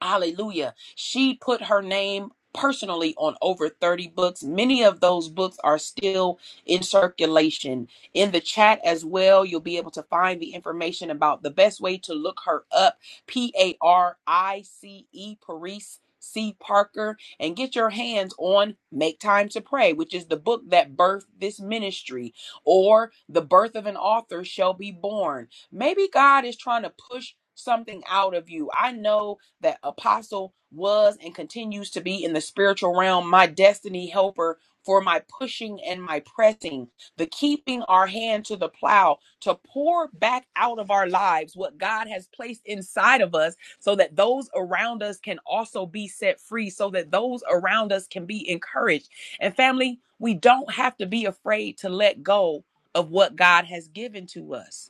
Hallelujah. She put her name personally on over 30 books. Many of those books are still in circulation. In the chat as well, you'll be able to find the information about the best way to look her up P A R I C E, Paris C. Parker, and get your hands on Make Time to Pray, which is the book that birthed this ministry, or The Birth of an Author Shall Be Born. Maybe God is trying to push something out of you. I know that Apostle was and continues to be in the spiritual realm, my destiny helper for my pushing and my pressing, the keeping our hand to the plow to pour back out of our lives what God has placed inside of us so that those around us can also be set free, so that those around us can be encouraged. And family, we don't have to be afraid to let go of what God has given to us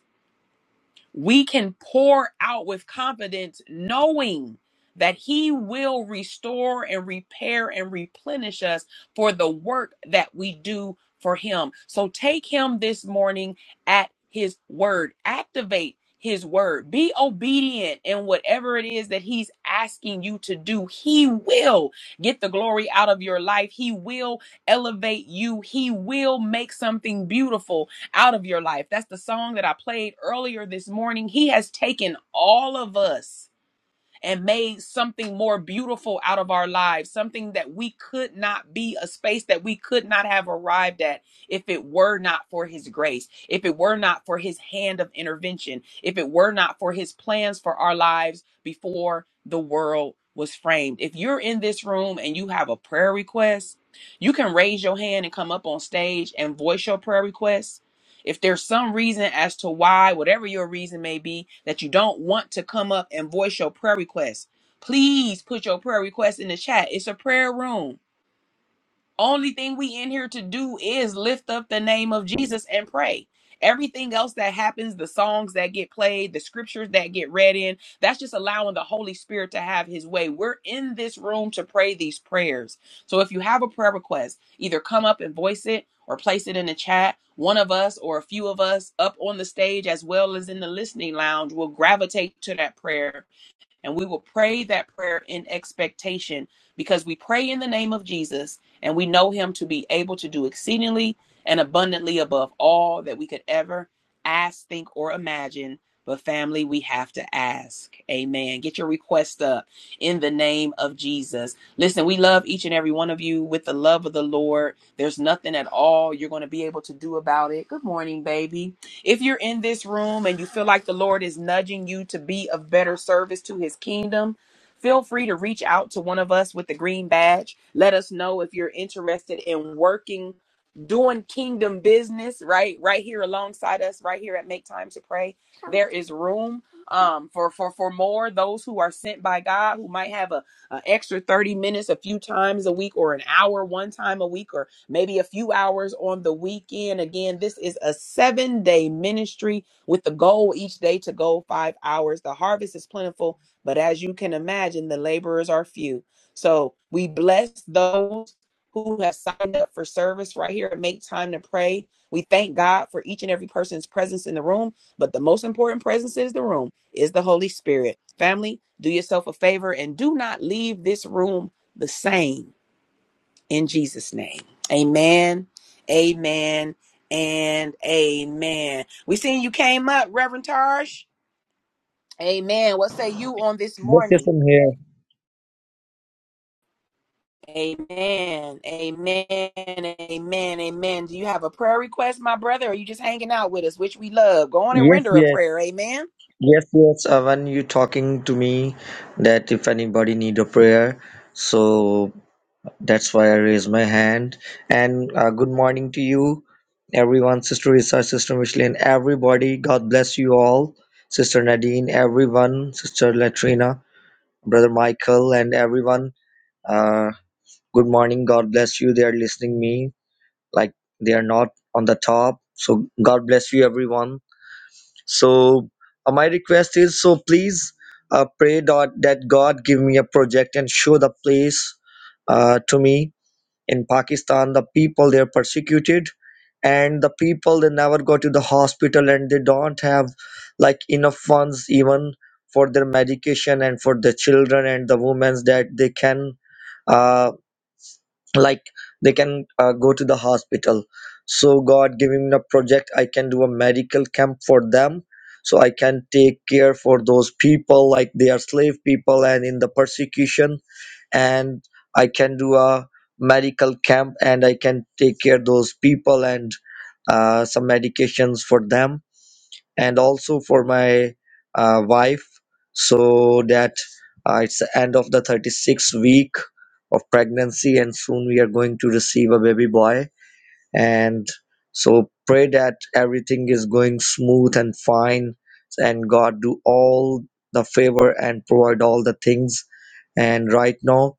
we can pour out with confidence, knowing that He will restore and repair and replenish us for the work that we do for Him. So take Him this morning at His word, activate His word, be obedient in whatever it is that He's asking you to do. He will get the glory out of your life, He will elevate you, He will make something beautiful out of your life. That's the song that I played earlier this morning. He has taken all of us and made something more beautiful out of our lives, something that we could not be, a space that we could not have arrived at if it were not for His grace, if it were not for His hand of intervention, if it were not for His plans for our lives before the world was framed. If you're in this room and you have a prayer request, you can raise your hand and come up on stage and voice your prayer request if there's some reason as to why, whatever your reason may be, that you don't want to come up and voice your prayer request, please put your prayer request in the chat. It's a prayer room. Only thing we in here to do is lift up the name of Jesus and pray. Everything else that happens, the songs that get played, the scriptures that get read in, that's just allowing the Holy Spirit to have his way. We're in this room to pray these prayers. So if you have a prayer request, either come up and voice it or place it in the chat. One of us or a few of us up on the stage as well as in the listening lounge will gravitate to that prayer and we will pray that prayer in expectation because we pray in the name of Jesus and we know him to be able to do exceedingly and abundantly above all that we could ever ask, think, or imagine. But family, we have to ask. Amen. Get your request up in the name of Jesus. Listen, we love each and every one of you with the love of the Lord. There's nothing at all you're going to be able to do about it. Good morning, baby. If you're in this room and you feel like the Lord is nudging you to be of better service to his kingdom, feel free to reach out to one of us with the green badge. Let us know if you're interested in working, doing kingdom business, right? Right here alongside us, right here at Make Time to Pray. There is room um for for for more those who are sent by God who might have a, a extra 30 minutes a few times a week or an hour one time a week or maybe a few hours on the weekend. Again, this is a seven day ministry with the goal each day to go five hours. The harvest is plentiful, but as you can imagine, the laborers are few. So we bless those who have signed up for service right here at Make Time to Pray. We thank God for each and every person's presence in the room, but the most important presence is the room is the Holy Spirit. Family, do yourself a favor and do not leave this room the same in Jesus' name. Amen. Amen. And amen. We seen you came up, Reverend Tarsh. Amen. What say you on this Yes, yes, morning? I'm here. Amen. Amen. Amen. Amen. Do you have a prayer request, my brother? Or are you just hanging out with us, which we love? Go on and Yes, render a yes, prayer. Amen. yes, yes. Uh, when you talking to me that if anybody need a prayer, so that's why I raise my hand. And uh, good morning to you, everyone, Sister Risa, Sister Micheline, everybody. God bless you all, Sister Nadine, everyone, Sister Latrina, Brother Michael, and everyone. Uh, good morning. God bless you. They are listening me like they are not on the top. So God bless you, everyone So uh, my request is so please uh, pray dot, that God give me a project and show the place uh, to me in Pakistan. The people they are persecuted, and the people they never go to the hospital and they don't have like enough funds even for their medication and for the children and the women that they can. uh, like they can uh, go to the hospital so god giving me a project i can do a medical camp for them so i can take care for those people like they are slave people and in the persecution and i can do a medical camp and i can take care those people and uh, some medications for them and also for my uh, wife so that uh, it's the end of the 36th week of pregnancy and soon we are going to receive a baby boy and so pray that everything is going smooth and fine and god do all the favor and provide all the things and right now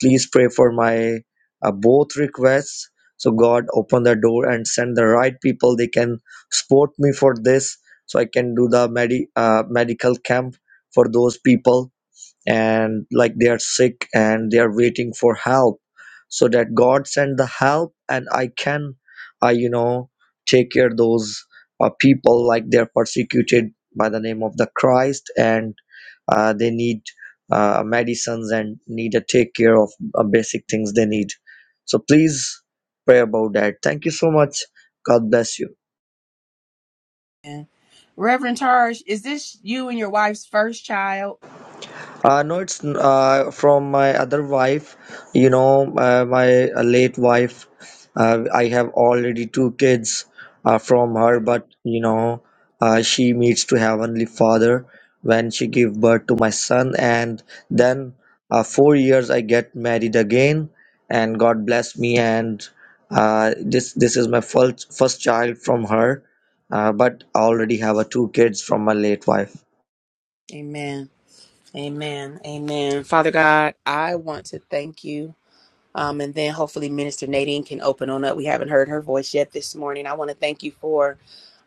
please pray for my uh, both requests so god open the door and send the right people they can support me for this so i can do the medi- uh, medical camp for those people and like they are sick and they are waiting for help so that god send the help and i can i you know take care those uh, people like they are persecuted by the name of the christ and uh, they need uh, medicines and need to take care of uh, basic things they need so please pray about that thank you so much god bless you Amen. Reverend Tarsh, is this you and your wife's first child? Uh, no, it's uh, from my other wife, you know, uh, my late wife. Uh, I have already two kids uh, from her, Okay. but you know, uh, she meets to Heavenly Father when she give birth to my son, and then uh, four years I get married again, and God bless me, and uh, this this is my first first child from her, uh, but I already have uh, two kids from my late wife. Amen. Amen. Amen. Father God, I want to thank you. Um, and then hopefully Minister Nadine can open on up. We haven't heard her voice yet this morning. I want to thank you for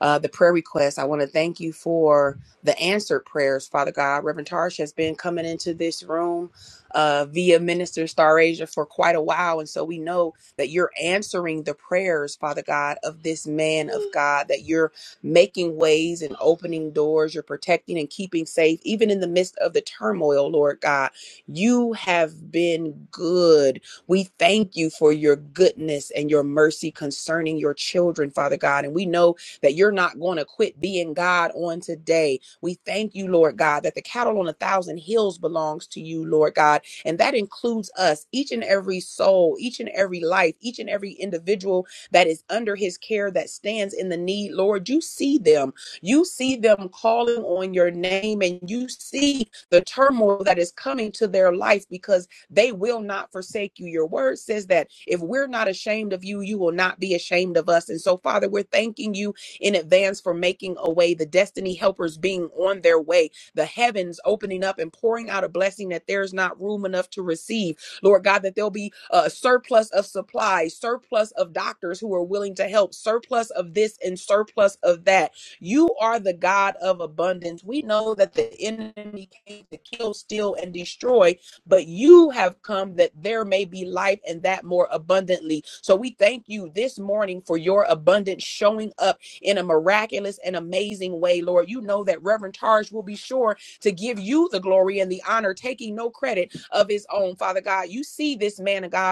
uh, the prayer requests. I want to thank you for the answered prayers, Father God. Reverend Tarsh has been coming into this room uh, via Minister Star Asia for quite a while. And so we know that you're answering the prayers, Father God, of this man of God, that you're making ways and opening doors. You're protecting and keeping safe, even in the midst of the turmoil, Lord God. You have been good we thank you for your goodness and your mercy concerning your children, Father God. And we know that you're not going to quit being God on today. We thank you, Lord God, that the cattle on a thousand hills belongs to you, Lord God. And that includes us, each and every soul, each and every life, each and every individual that is under his care that stands in the need. Lord, you see them. You see them calling on your name and you see the turmoil that is coming to their life because they will not forsake you. Your word says that if we're not ashamed of you, you will not be ashamed of us. And so, Father, we're thanking you in advance for making a way, the destiny helpers being on their way, the heavens opening up and pouring out a blessing that there's not room enough to receive. Lord God, that there'll be a surplus of supplies, surplus of doctors who are willing to help, surplus of this and surplus of that. You are the God of abundance. We know that the enemy came to kill, steal, and destroy, but you have come that there may be life and that more abundantly. So we thank you this morning for your abundance showing up in a miraculous and amazing way, Lord. You know that Reverend Targe will be sure to give you the glory and the honor, taking no credit of his own, Father God. You see this man of God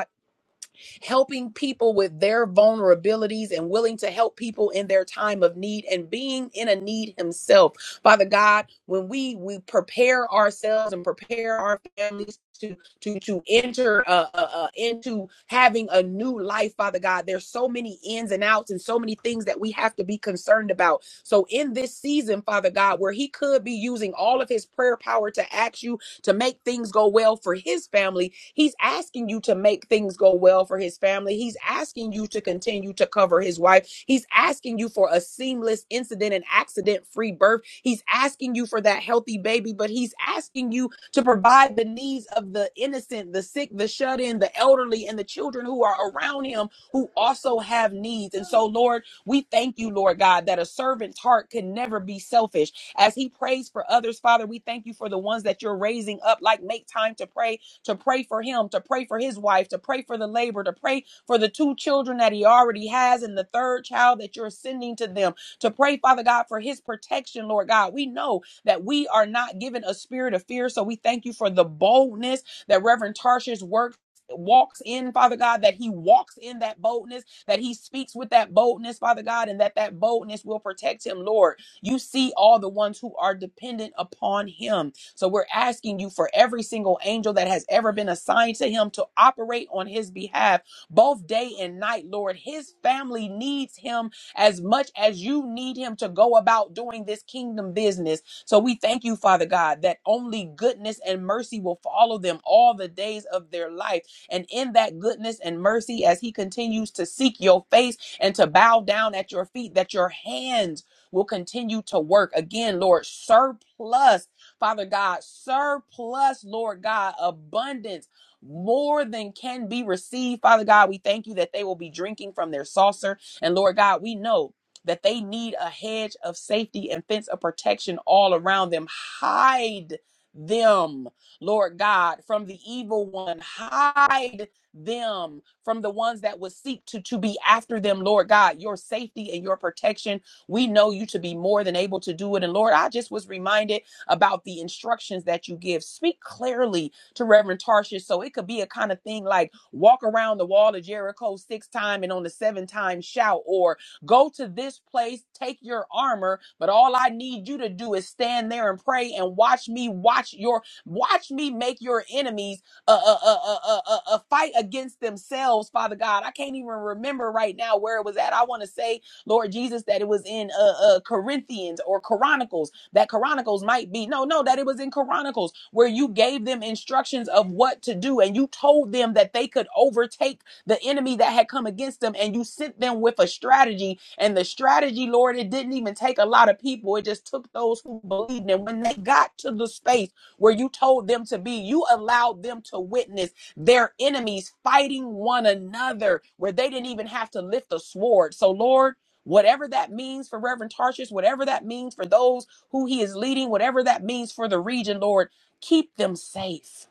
helping people with their vulnerabilities and willing to help people in their time of need and being in a need himself. Father God, when we we prepare ourselves and prepare our families to to to enter uh, uh, uh, into having a new life, Father God, there's so many ins and outs and so many things that we have to be concerned about. So in this season, Father God, where He could be using all of His prayer power to ask you to make things go well for His family, He's asking you to make things go well for his family. He's asking you to continue to cover his wife. He's asking you for a seamless incident and accident free birth. He's asking you for that healthy baby, but he's asking you to provide the needs of the innocent, the sick, the shut in, the elderly, and the children who are around him who also have needs. And so, Lord, we thank you, Lord God, that a servant's heart can never be selfish. As he prays for others, Father, we thank you for the ones that you're raising up, like make time to pray to pray for him, to pray for his wife, to pray for the labor, to pray for the two children that he already has and the third child that you're sending to them, to pray, Father God, for his protection, Lord God. We know that we are not given a spirit of fear, so we thank you for the boldness that Reverend Tarshish works. Walks in, Father God, that he walks in that boldness, that he speaks with that boldness, Father God, and that that boldness will protect him, Lord. You see all the ones who are dependent upon him. So we're asking you for every single angel that has ever been assigned to him to operate on his behalf, both day and night, Lord. His family needs him as much as you need him to go about doing this kingdom business. So we thank you, Father God, that only goodness and mercy will follow them all the days of their life. And in that goodness and mercy, as he continues to seek your face and to bow down at your feet, that your hands will continue to work. Again, Lord, surplus Father God, surplus, Lord God, abundance, more than can be received. Father God, we thank you that they will be drinking from their saucer. And Lord God, we know that they need a hedge of safety and fence of protection all around them. Hide them, Lord God, from the evil one. Hide them from the ones that would seek to, to be after them, Lord God, your safety and your protection. We know you to be more than able to do it. And Lord, I just was reminded about the instructions that you give. Speak clearly to Reverend Tarshish. So it could be a kind of thing like walk around the wall of Jericho six times and on the seven time shout, or go to this place, take your armor, but all I need you to do is stand there and pray and watch me watch your watch me make your enemies a, a, a, a, a, a fight against themselves, Father God. I can't even remember right now where it was at. I want to say, Lord Jesus, that it was in uh, uh, Corinthians or Chronicles that Chronicles might be. No, no, that it was in Chronicles where you gave them instructions of what to do and you told them that they could overtake the enemy that had come against them and you sent them with a strategy. And the strategy, Lord, it didn't even take a lot of people. It just took those who believed. And when they got to the space where you told them to be, you allowed them to witness their enemies fighting one another where they didn't even have to lift a sword. So, Lord, whatever that means for Reverend Tarshish, whatever that means for those who he is leading, whatever that means for the region, Lord. Keep them safe.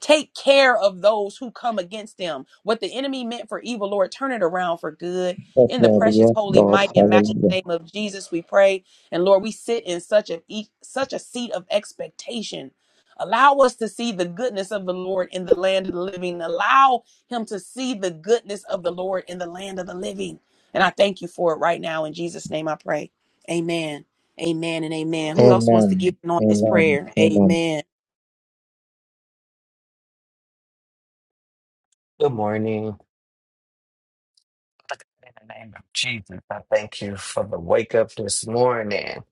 Take care of those who come against them. What the enemy meant for evil, Lord, turn it around for good. Yes, In the Lord. precious, Yes, holy, Lord. mighty, and matchless Hallelujah. name of Jesus, we pray. And Lord, we sit in such a e- such a seat of expectation. Allow us to see the goodness of the Lord in the land of the living. Allow him to see the goodness of the Lord in the land of the living. And I thank you for it right now. In Jesus' name I pray. Amen. Amen and amen. Who else wants to get Amen. in on this Amen. prayer? Amen. Amen. Good morning. In the name of Jesus, I thank you for the wake up this morning.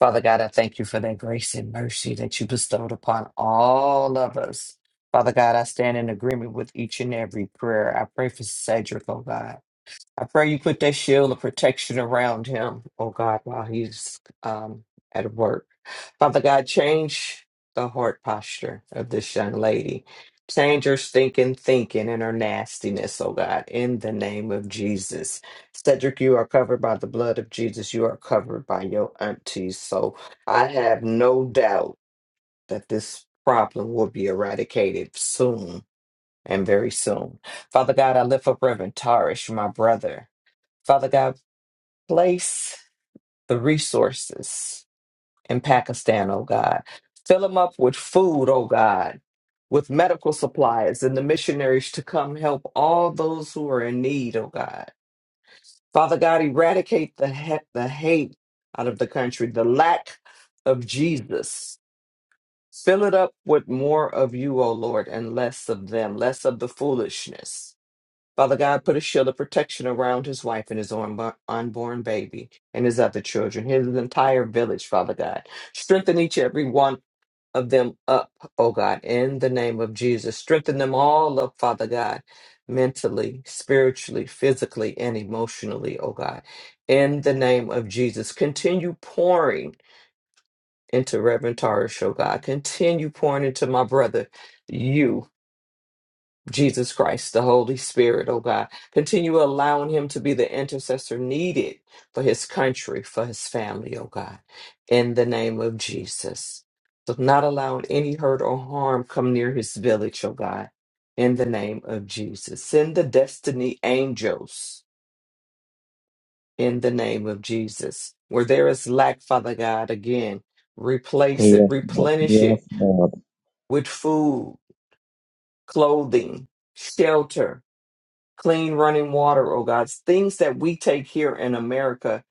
Father God, I thank you for that grace and mercy that you bestowed upon all of us. Father God, I stand in agreement with each and every prayer. I pray for Cedric, oh God. I pray you put that shield of protection around him, oh God, while he's um, at work. Father God, change the heart posture of this young lady. Change her stinking thinking and her nastiness, oh God, in the name of Jesus. Cedric, you are covered by the blood of Jesus. You are covered by your aunties. So I have no doubt that this problem will be eradicated soon and very soon. Father God, I lift up Reverend Tarish, my brother. Father God, place the resources in Pakistan, oh God. Fill them up with food, oh God, with medical supplies and the missionaries to come help all those who are in need, oh God. Father God, eradicate the, he- the hate out of the country, the lack of Jesus. Fill it up with more of you, oh Lord, and less of them, less of the foolishness. Father God, put a shield of protection around his wife and his unbo- unborn baby and his other children, his entire village, Father God. Strengthen each and every one of them up, oh God, in the name of Jesus. Strengthen them all up, Father God, mentally, spiritually, physically, and emotionally, oh God, in the name of Jesus. Continue pouring into Reverend Tarish, oh God. Continue pouring into my brother, you. Jesus Christ, the Holy Spirit, oh God. Continue allowing him to be the intercessor needed for his country, for his family, oh God, in the name of Jesus. So not allowing any hurt or harm come near his village, oh God, in the name of Jesus. Send the destiny angels in the name of Jesus. Where there is lack, Father God, again, replace it, Yes, Lord. replenish it Yes, Lord. with food, clothing, shelter, clean running water, oh God, things that we take here in America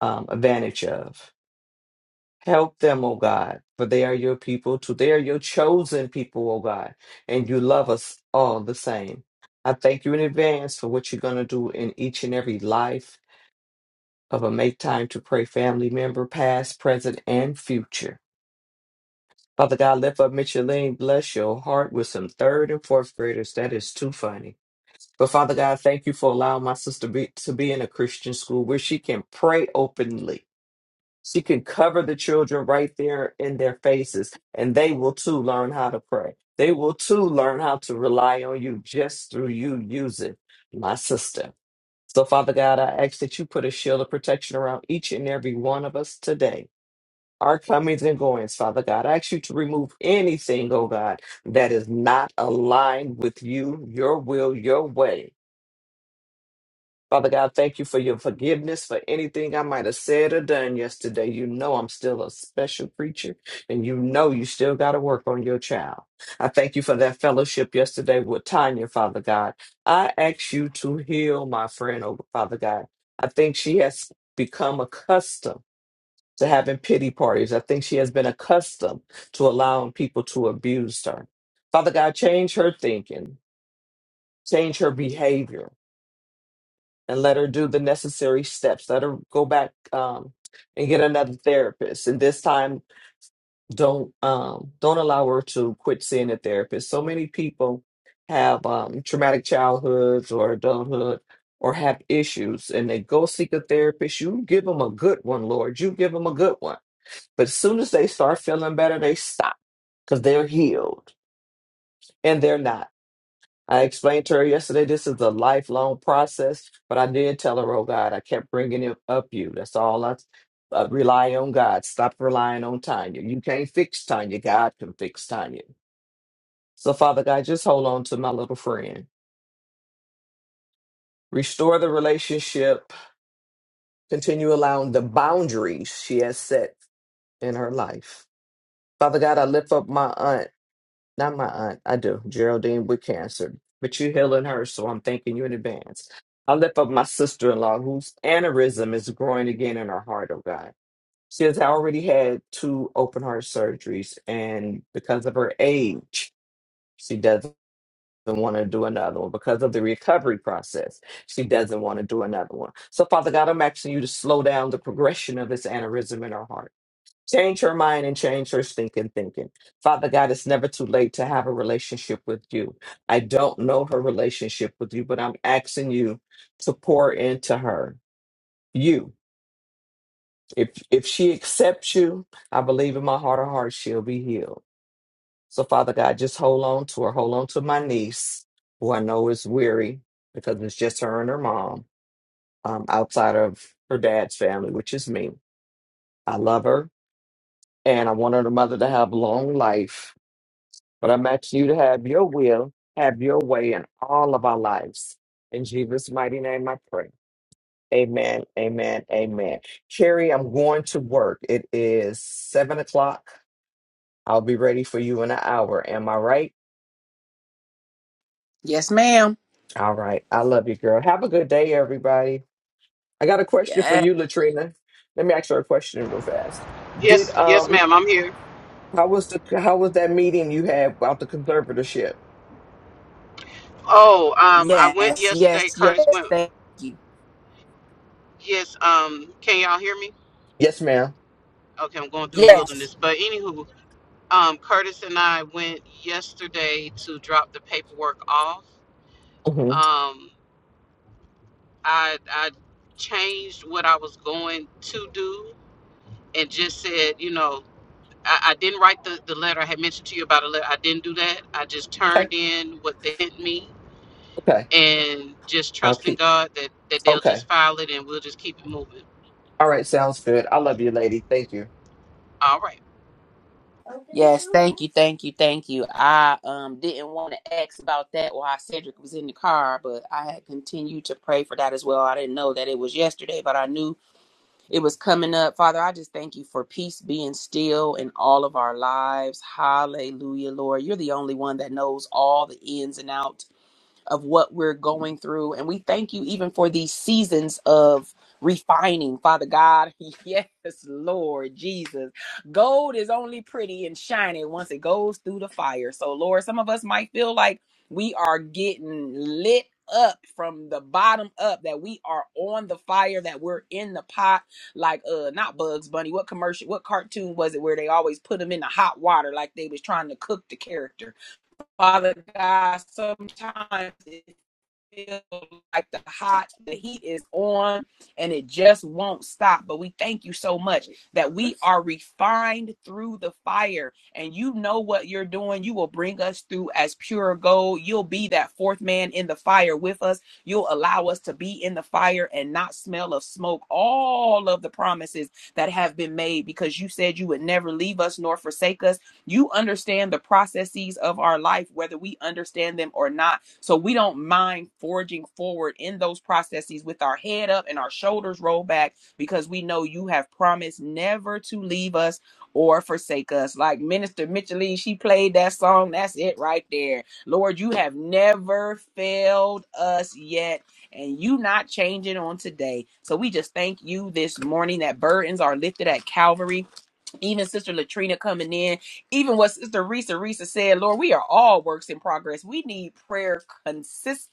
um, advantage of. Help them, oh God, for they are your people too. They are your chosen people, oh God, and you love us all the same. I thank you in advance for what you're going to do in each and every life of a Make Time to Pray family member, past, present, and future. Father God, lift up Micheline, bless your heart with some third and fourth graders. That is too funny. But Father God, thank you for allowing my sister be, to be in a Christian school where she can pray openly. She can cover the children right there in their faces, and they will too learn how to pray. They will too learn how to rely on you just through you using my sister. So, Father God, I ask that you put a shield of protection around each and every one of us today. Our comings and goings, Father God. I ask you to remove anything, oh God, that is not aligned with you, your will, your way Father God, thank you for your forgiveness for anything I might have said or done yesterday. You know I'm still a special creature, and you know you still got to work on your child. I thank you for that fellowship yesterday with Tanya, Father God. I ask you to heal my friend, oh Father God. I think she has become accustomed to having pity parties. I think she has been accustomed to allowing people to abuse her. Father God, change her thinking, change her behavior and let her do the necessary steps. Let her go back um, and get another therapist. And this time, don't um, don't allow her to quit seeing a therapist. So many people have um, traumatic childhoods or adulthood or have issues, and they go seek a therapist. You give them a good one, Lord. You give them a good one. But as soon as they start feeling better, they stop because they're healed, and they're not. I explained to her yesterday this is a lifelong process, but I did tell her, oh God, I kept bringing it up you. That's all I uh, rely on God. Stop relying on Tanya. You can't fix Tanya. God can fix Tanya. So, Father God, just hold on to my little friend. Restore the relationship. Continue allowing the boundaries she has set in her life. Father God, I lift up my aunt. Not my aunt. I do. Geraldine with cancer. But you healing her, so I'm thanking you in advance. I lift up my sister in law whose aneurysm is growing again in her heart, oh God. She has already had two open heart surgeries, and because of her age, she doesn't want to do another one. Because of the recovery process, she doesn't want to do another one. So, Father God, I'm asking you to slow down the progression of this aneurysm in her heart. Change her mind and change her stinking thinking. Father God, it's never too late to have a relationship with you. I don't know her relationship with you, but I'm asking you to pour into her. You. If if she accepts you, I believe in my heart of hearts she'll be healed. So Father God, just hold on to her. Hold on to my niece, who I know is weary because it's just her and her mom, um, outside of her dad's family, which is me. I love her and I want her mother to have long life But I'm asking you to have your will, have your way in all of our lives. In Jesus' mighty name, I pray. Amen, amen, amen. Carrie, I'm going to work. It is seven o'clock. I'll be ready for you in an hour. Am I right? Yes, ma'am. All right. I love you, girl. Have a good day, everybody. I got a question for you, Latrina. Let me ask her a question real fast. Yes, Did yes, um ma'am, I'm here. how was the how was that meeting you had about the conservatorship? Oh, um, I went Yes, yesterday. yes, Curtis yes. went. Thank you. Yes, um, can y'all hear me? Yes, madam Okay, I'm going through the Yes, wilderness. But anywho, Um, Curtis and I went yesterday to drop the paperwork off. Mm-hmm. Um, I I changed what I was going to do and just said, you know, I, I didn't write the, the letter. I had mentioned to you about a letter. I didn't do that. I just Okay, turned in what they sent me okay. and just I'll trusting keep God that, that they'll okay. just file it and we'll just keep it moving. All right, sounds good. I love you, lady. Thank you. All right. yes. Thank you, thank you, thank you. I um didn't want to ask about that while Cedric was in the car, but I had continued to pray for that as well. I didn't know that it was yesterday, but I knew it was coming up. Father, I just thank you for peace being still in all of our lives. Hallelujah, Lord. You're the only one that knows all the ins and outs of what we're going through. And we thank you even for these seasons of refining, Father God. Yes, Lord Jesus. Gold is only pretty and shiny once it goes through the fire. So, Lord, some of us might feel like we are getting lit up from the bottom up that we are on the fire that we're in the pot like uh not bugs bunny what commercial what cartoon was it where they always put them in the hot water like they was trying to cook the character Father God, sometimes it feel like the hot, the heat is on and it just won't stop. But we thank you so much that we are refined through the fire and you know what you're doing. You will bring us through as pure gold. You'll be that fourth man in the fire with us. You'll allow us to be in the fire and not smell of smoke. All of the promises that have been made because you said you would never leave us nor forsake us you understand the processes of our life, whether we understand them or not. So we don't mind forging forward in those processes with our head up and our shoulders rolled back because we know you have promised never to leave us or forsake us. Like Minister Mitchell Lee, she played that song. That's it right there. Lord, you have never failed us yet, and you not changing on today. So we just thank you this morning that burdens are lifted at Calvary even Sister Latrina coming in, even what Sister Risa Risa said, Lord, we are all works in progress. We need prayer consistently.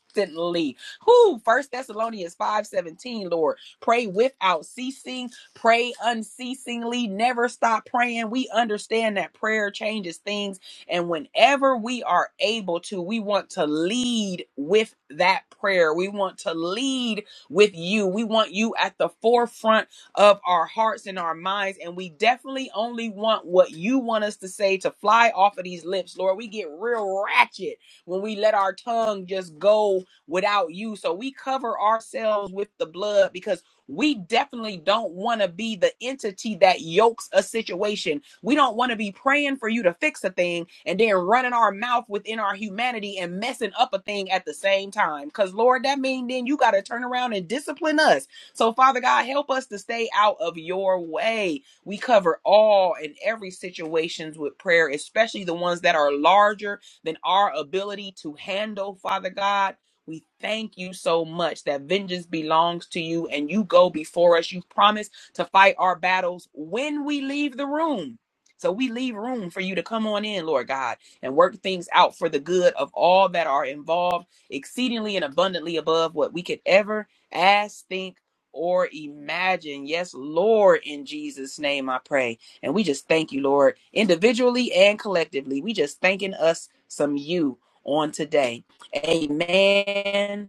Who? First Thessalonians 5:17, Lord. Pray without ceasing, pray unceasingly, never stop praying. We understand that prayer changes things. And whenever we are able to, we want to lead with that prayer. We want to lead with you. We want you at the forefront of our hearts and our minds. And we definitely only want what you want us to say to fly off of these lips, Lord. We get real ratchet when we let our tongue just go without you. So we cover ourselves with the blood because we definitely don't want to be the entity that yokes a situation. We don't want to be praying for you to fix a thing and then running our mouth within our humanity and messing up a thing at the same time. Because, Lord, that means then you got to turn around and discipline us so, Father God, help us to stay out of your way. We cover all and every situations with prayer, especially the ones that are larger than our ability to handle, Father God. We thank you so much that vengeance belongs to you and you go before us. You promise to fight our battles when we leave the room. So we leave room for you to come on in, Lord God, and work things out for the good of all that are involved, exceedingly and abundantly above what we could ever ask, think, or imagine. Yes, Lord, in Jesus' name I pray. And we just thank you, Lord, individually and collectively. We just thanking us some you on today. Amen.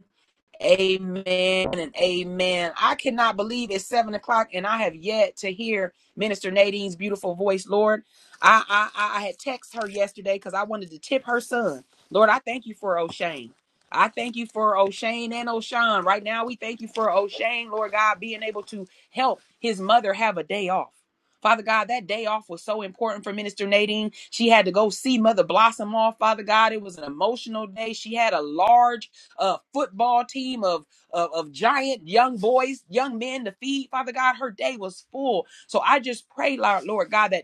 Amen and amen. I cannot believe it's seven o'clock and I have yet to hear Minister Nadine's beautiful voice, Lord. I I, I had texted her yesterday because I wanted to tip her son. Lord, I thank you for O'Shane. I thank you for O'Shane and O'Shawn. Right now, we thank you for O'Shane, Lord God, being able to help his mother have a day off. Father God, that day off was so important for Minister Nadine. She had to go see Mother Blossom off, Father God. It was an emotional day. She had a large uh, football team of, of of giant young boys, young men to feed. Father God, her day was full. So I just pray, Lord, Lord God, that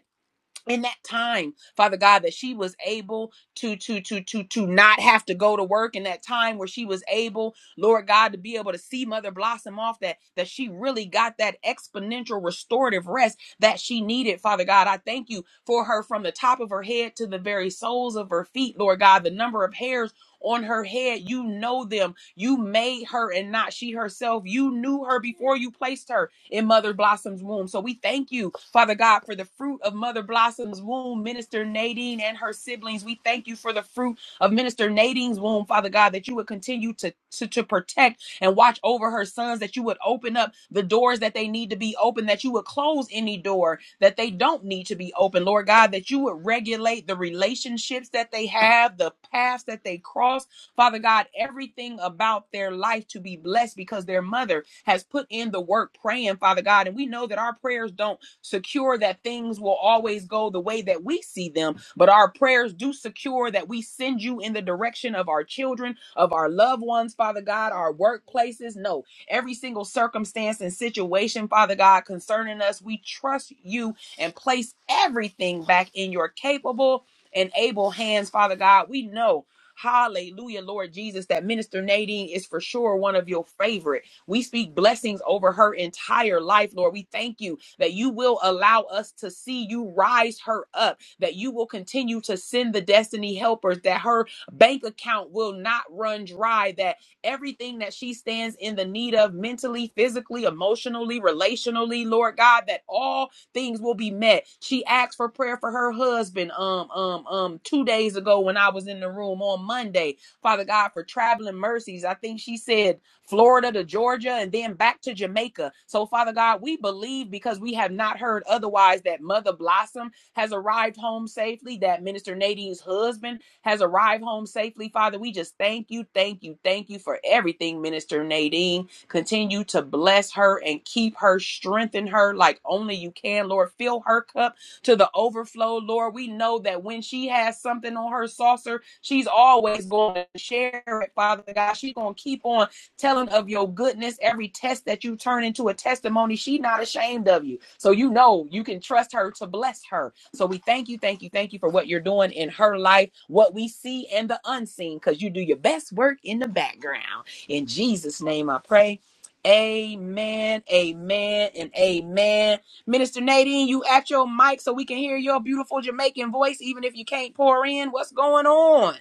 in that time father god that she was able to to to to to not have to go to work in that time where she was able lord god to be able to see mother blossom off that that she really got that exponential restorative rest that she needed father god i thank you for her from the top of her head to the very soles of her feet lord god the number of hairs on her head you know them you made her and not she herself you knew her before you placed her in mother blossom's womb so we thank you Father God, for the fruit of Mother Blossom's womb, Minister Nadine and her siblings. We thank you for the fruit of Minister Nadine's womb, Father God, that you would continue to, to, to protect and watch over her sons, that you would open up the doors that they need to be open, that you would close any door that they don't need to be open, Lord God, that you would regulate the relationships that they have, the paths that they cross, Father God, everything about their life to be blessed because their mother has put in the work praying, Father God. And we know that our prayers don't secure that things will always go the way that we see them, but our prayers do secure that we send you in the direction of our children, of our loved ones, Father God, our workplaces. No, every single circumstance and situation, Father God, concerning us, we trust you and place everything back in your capable and able hands, Father God. We know. Hallelujah, Lord Jesus, that Minister Nadine is for sure one of your favorite. We speak blessings over her entire life, Lord. We thank you that you will allow us to see you rise her up, that you will continue to send the destiny helpers, that her bank account will not run dry, that everything that she stands in the need of mentally, physically, emotionally, relationally, Lord God, that all things will be met. She asked for prayer for her husband um um um 2 days ago when I was in the room on Monday. Father God for traveling mercies. I think she said Florida to Georgia, and then back to Jamaica. So, Father God, we believe because we have not heard otherwise that Mother Blossom has arrived home safely, that Minister Nadine's husband has arrived home safely. Father, we just thank you, thank you, thank you for everything, Minister Nadine. Continue to bless her and keep her, strengthen her like only you can, Lord. Fill her cup to the overflow, Lord. We know that when she has something on her saucer, she's always going to share it, Father God. She's going to keep on telling of your goodness. Every test that you turn into a testimony, she not ashamed of you. So you know you can trust her to bless her. So we thank you, thank you, thank you for what you're doing in her life, what we see and the unseen, because you do your best work in the background. In Jesus' name I pray. Amen, amen, and amen. Minister Nadine, you at your mic so we can hear your beautiful Jamaican voice, even if you can't pour in. What's going on?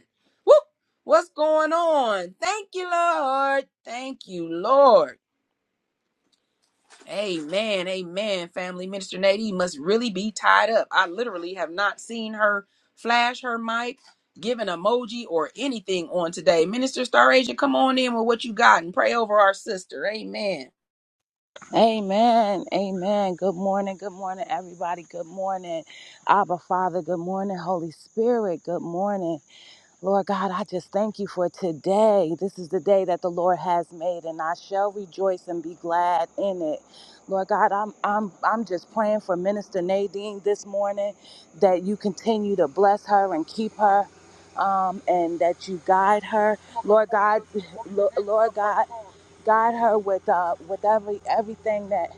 Woo! What's going on? Thank you, Lord. Thank you, Lord. Amen. Amen. Family Minister Nadine must really be tied up. I literally have not seen her flash her mic, give an emoji, or anything on today. Minister Star Asia, come on in with what you got and pray over our sister. Amen. Amen. Amen. Good morning. Good morning, everybody. Good morning. Abba Father. Good morning, Holy Spirit. Good morning. Lord God, I just thank you for today. This is the day that the Lord has made, and I shall rejoice and be glad in it. Lord God, I'm I'm I'm just praying for Minister Nadine this morning that you continue to bless her and keep her. Um, and that you guide her, Lord God, Lo- Lord God, guide her with uh, with every everything that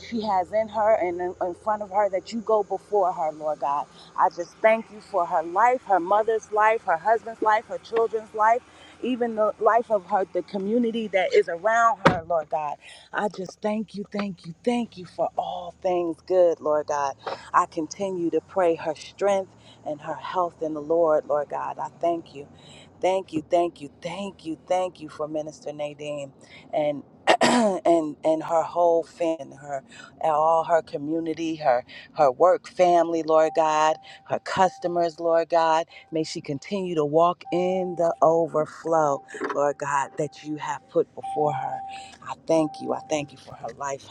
she has in her and in front of her that you go before her, Lord God. I just thank you for her life, her mother's life, her husband's life, her children's life, even the life of her, the community that is around her, Lord God. I just thank you, thank you, thank you for all things good, Lord God. I continue to pray her strength and her health in the Lord, Lord God. I thank you. Thank you, thank you, thank you, thank you for Minister Nadine. and. and and her whole family, her all her community, her her work family, Lord God, her customers, Lord God. May she continue to walk in the overflow, Lord God, that you have put before her. I thank you. I thank you for her life,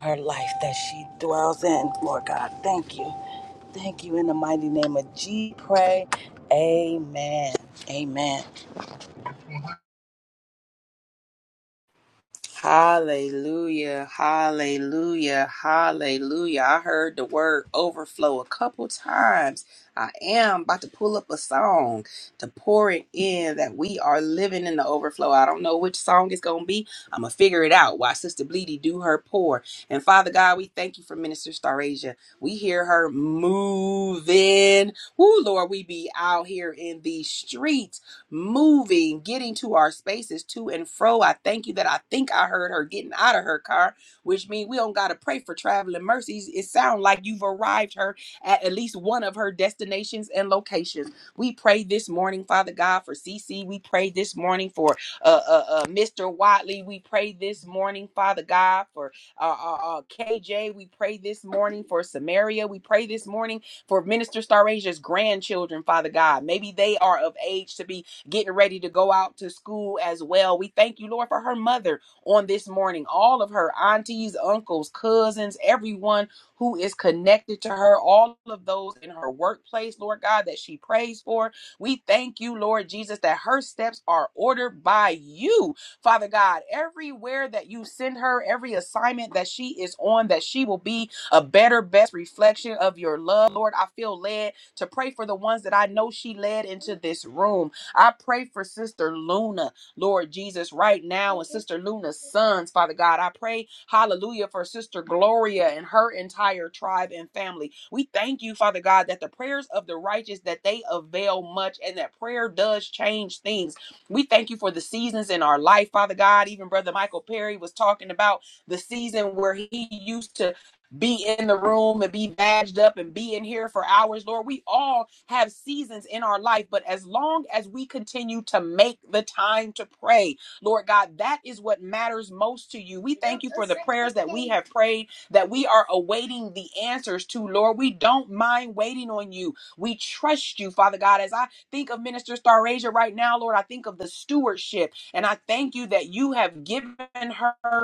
her life that she dwells in, Lord God. Thank you. Thank you in the mighty name of G. Pray. Amen. Amen. Hallelujah, hallelujah, hallelujah. I heard the word overflow a couple times. I am about to pull up a song to pour it in that we are living in the overflow. I don't know which song it's going to be. I'm going to figure it out while Sister Bleedy do her pour. And Father God, we thank you for Minister Starasia. We hear her moving. Woo, Lord, we be out here in these streets moving, getting to our spaces to and fro. I thank you that I think I heard her getting out of her car, which means we don't gotta pray for traveling mercies. It sounds like you've arrived her at at least one of her destinations and locations. We pray this morning, Father God, for C. C. We pray this morning for uh, uh, uh, Mr. Watley. We pray this morning, Father God, for uh, uh, uh, KJ. We pray this morning for Samaria. We pray this morning for Minister Starasia's grandchildren, Father God. Maybe they are of age to be getting ready to go out to school as well. We thank you, Lord, for her mother on this morning, all of her aunties, uncles, cousins, everyone who is connected to her, all of those in her workplace, Lord God, that she prays for. We thank you, Lord Jesus, that her steps are ordered by you, Father God. Everywhere that you send her, every assignment that she is on, that she will be a better, best reflection of your love, Lord. I feel led to pray for the ones that I know she led into this room. I pray for Sister Luna, Lord Jesus, right now, and Sister Luna's sons, Father God. I pray, hallelujah, for Sister Gloria and her entire tribe and family. We thank you, Father God, that the prayers of the righteous, that they avail much and that prayer does change things. We thank you for the seasons in our life, Father God. Even Brother Michael Perry was talking about the season where he used to be in the room and be badged up and be in here for hours, Lord. We all have seasons in our life, but as long as we continue to make the time to pray, Lord God, that is what matters most to you. We thank you for the prayers that we have prayed, that we are awaiting the answers to, Lord. We don't mind waiting on you. We trust you, Father God. As I think of Minister Starasia right now, Lord, I think of the stewardship, and I thank you that you have given her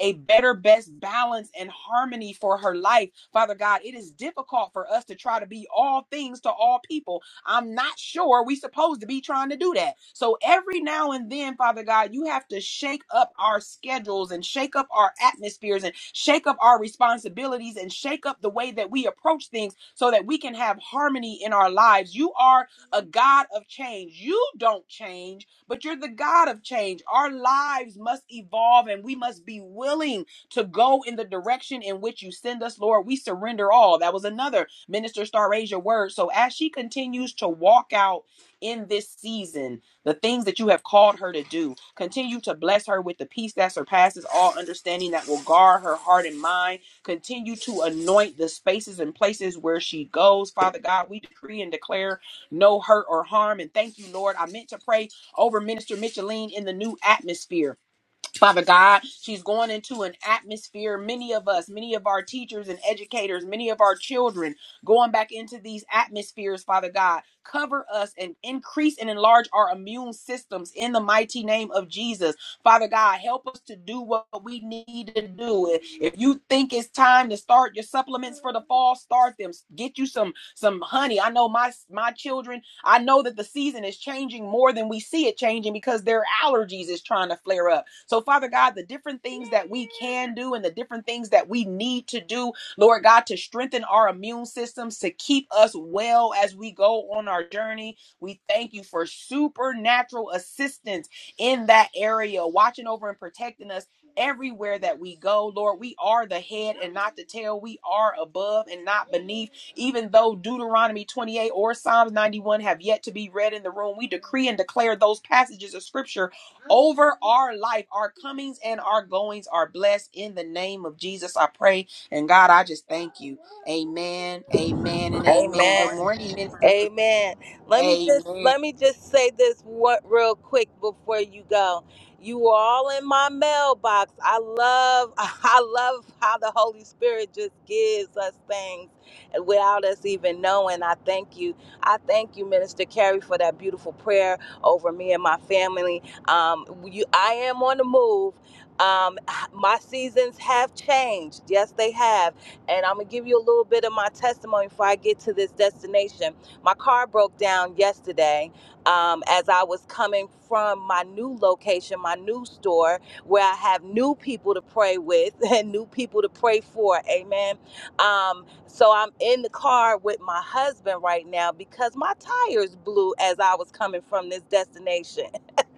a better, best balance and harmony for her life. Father God, it is difficult for us to try to be all things to all people. I'm not sure we supposed to be trying to do that. So every now and then, Father God, you have to shake up our schedules and shake up our atmospheres and shake up our responsibilities and shake up the way that we approach things so that we can have harmony in our lives. You are a God of change. You don't change but you're the God of change. Our lives must evolve and we must be willing to go in the direction in which you send us, Lord. We surrender all. That was another Minister Star Asia word. So as she continues to walk out in this season, the things that you have called her to do, continue to bless her with the peace that surpasses all understanding that will guard her heart and mind. Continue to anoint the spaces and places where she goes. Father God, we decree and declare no hurt or harm. And thank you, Lord. I meant to pray over Minister Micheline in the new atmosphere. Father God, she's going into an atmosphere. Many of us, many of our teachers and educators, many of our children going back into these atmospheres, Father God. Cover us and increase and enlarge our immune systems in the mighty name of Jesus. Father God, help us to do what we need to do. If you think it's time to start your supplements for the fall, start them. Get you some some honey. I know my my children I know that the season is changing more than we see it changing because their allergies is trying to flare up. So, Father God, the different things that we can do and the different things that we need to do, Lord God, to strengthen our immune systems, to keep us well as we go on our journey, we thank you for supernatural assistance in that area, watching over and protecting us everywhere that we go. Lord, we are the head and not the tail. We are above and not beneath. Even though Deuteronomy 28 or Psalms 91 have yet to be read in the room, we decree and declare those passages of scripture over our life. Our comings and our goings are blessed in the name of Jesus. I pray. And God, I just thank you. Amen. Amen and amen. Good Amen. morning, Minister. Amen. Let me just Amen. let me just say this one real quick before you go. You are all in my mailbox. I love I love how the Holy Spirit just gives us things without us even knowing. I thank you. I thank you, Minister Carey, for that beautiful prayer over me and my family. Um, you, I am on the move. Um, my seasons have changed. Yes, they have. And I'm gonna give you a little bit of my testimony before I get to this destination my car broke down yesterday um, as I was coming from my new location, my new store, where I have new people to pray with and new people to pray for. Amen. Um, so I'm in the car with my husband right now because my tires blew as I was coming from this destination.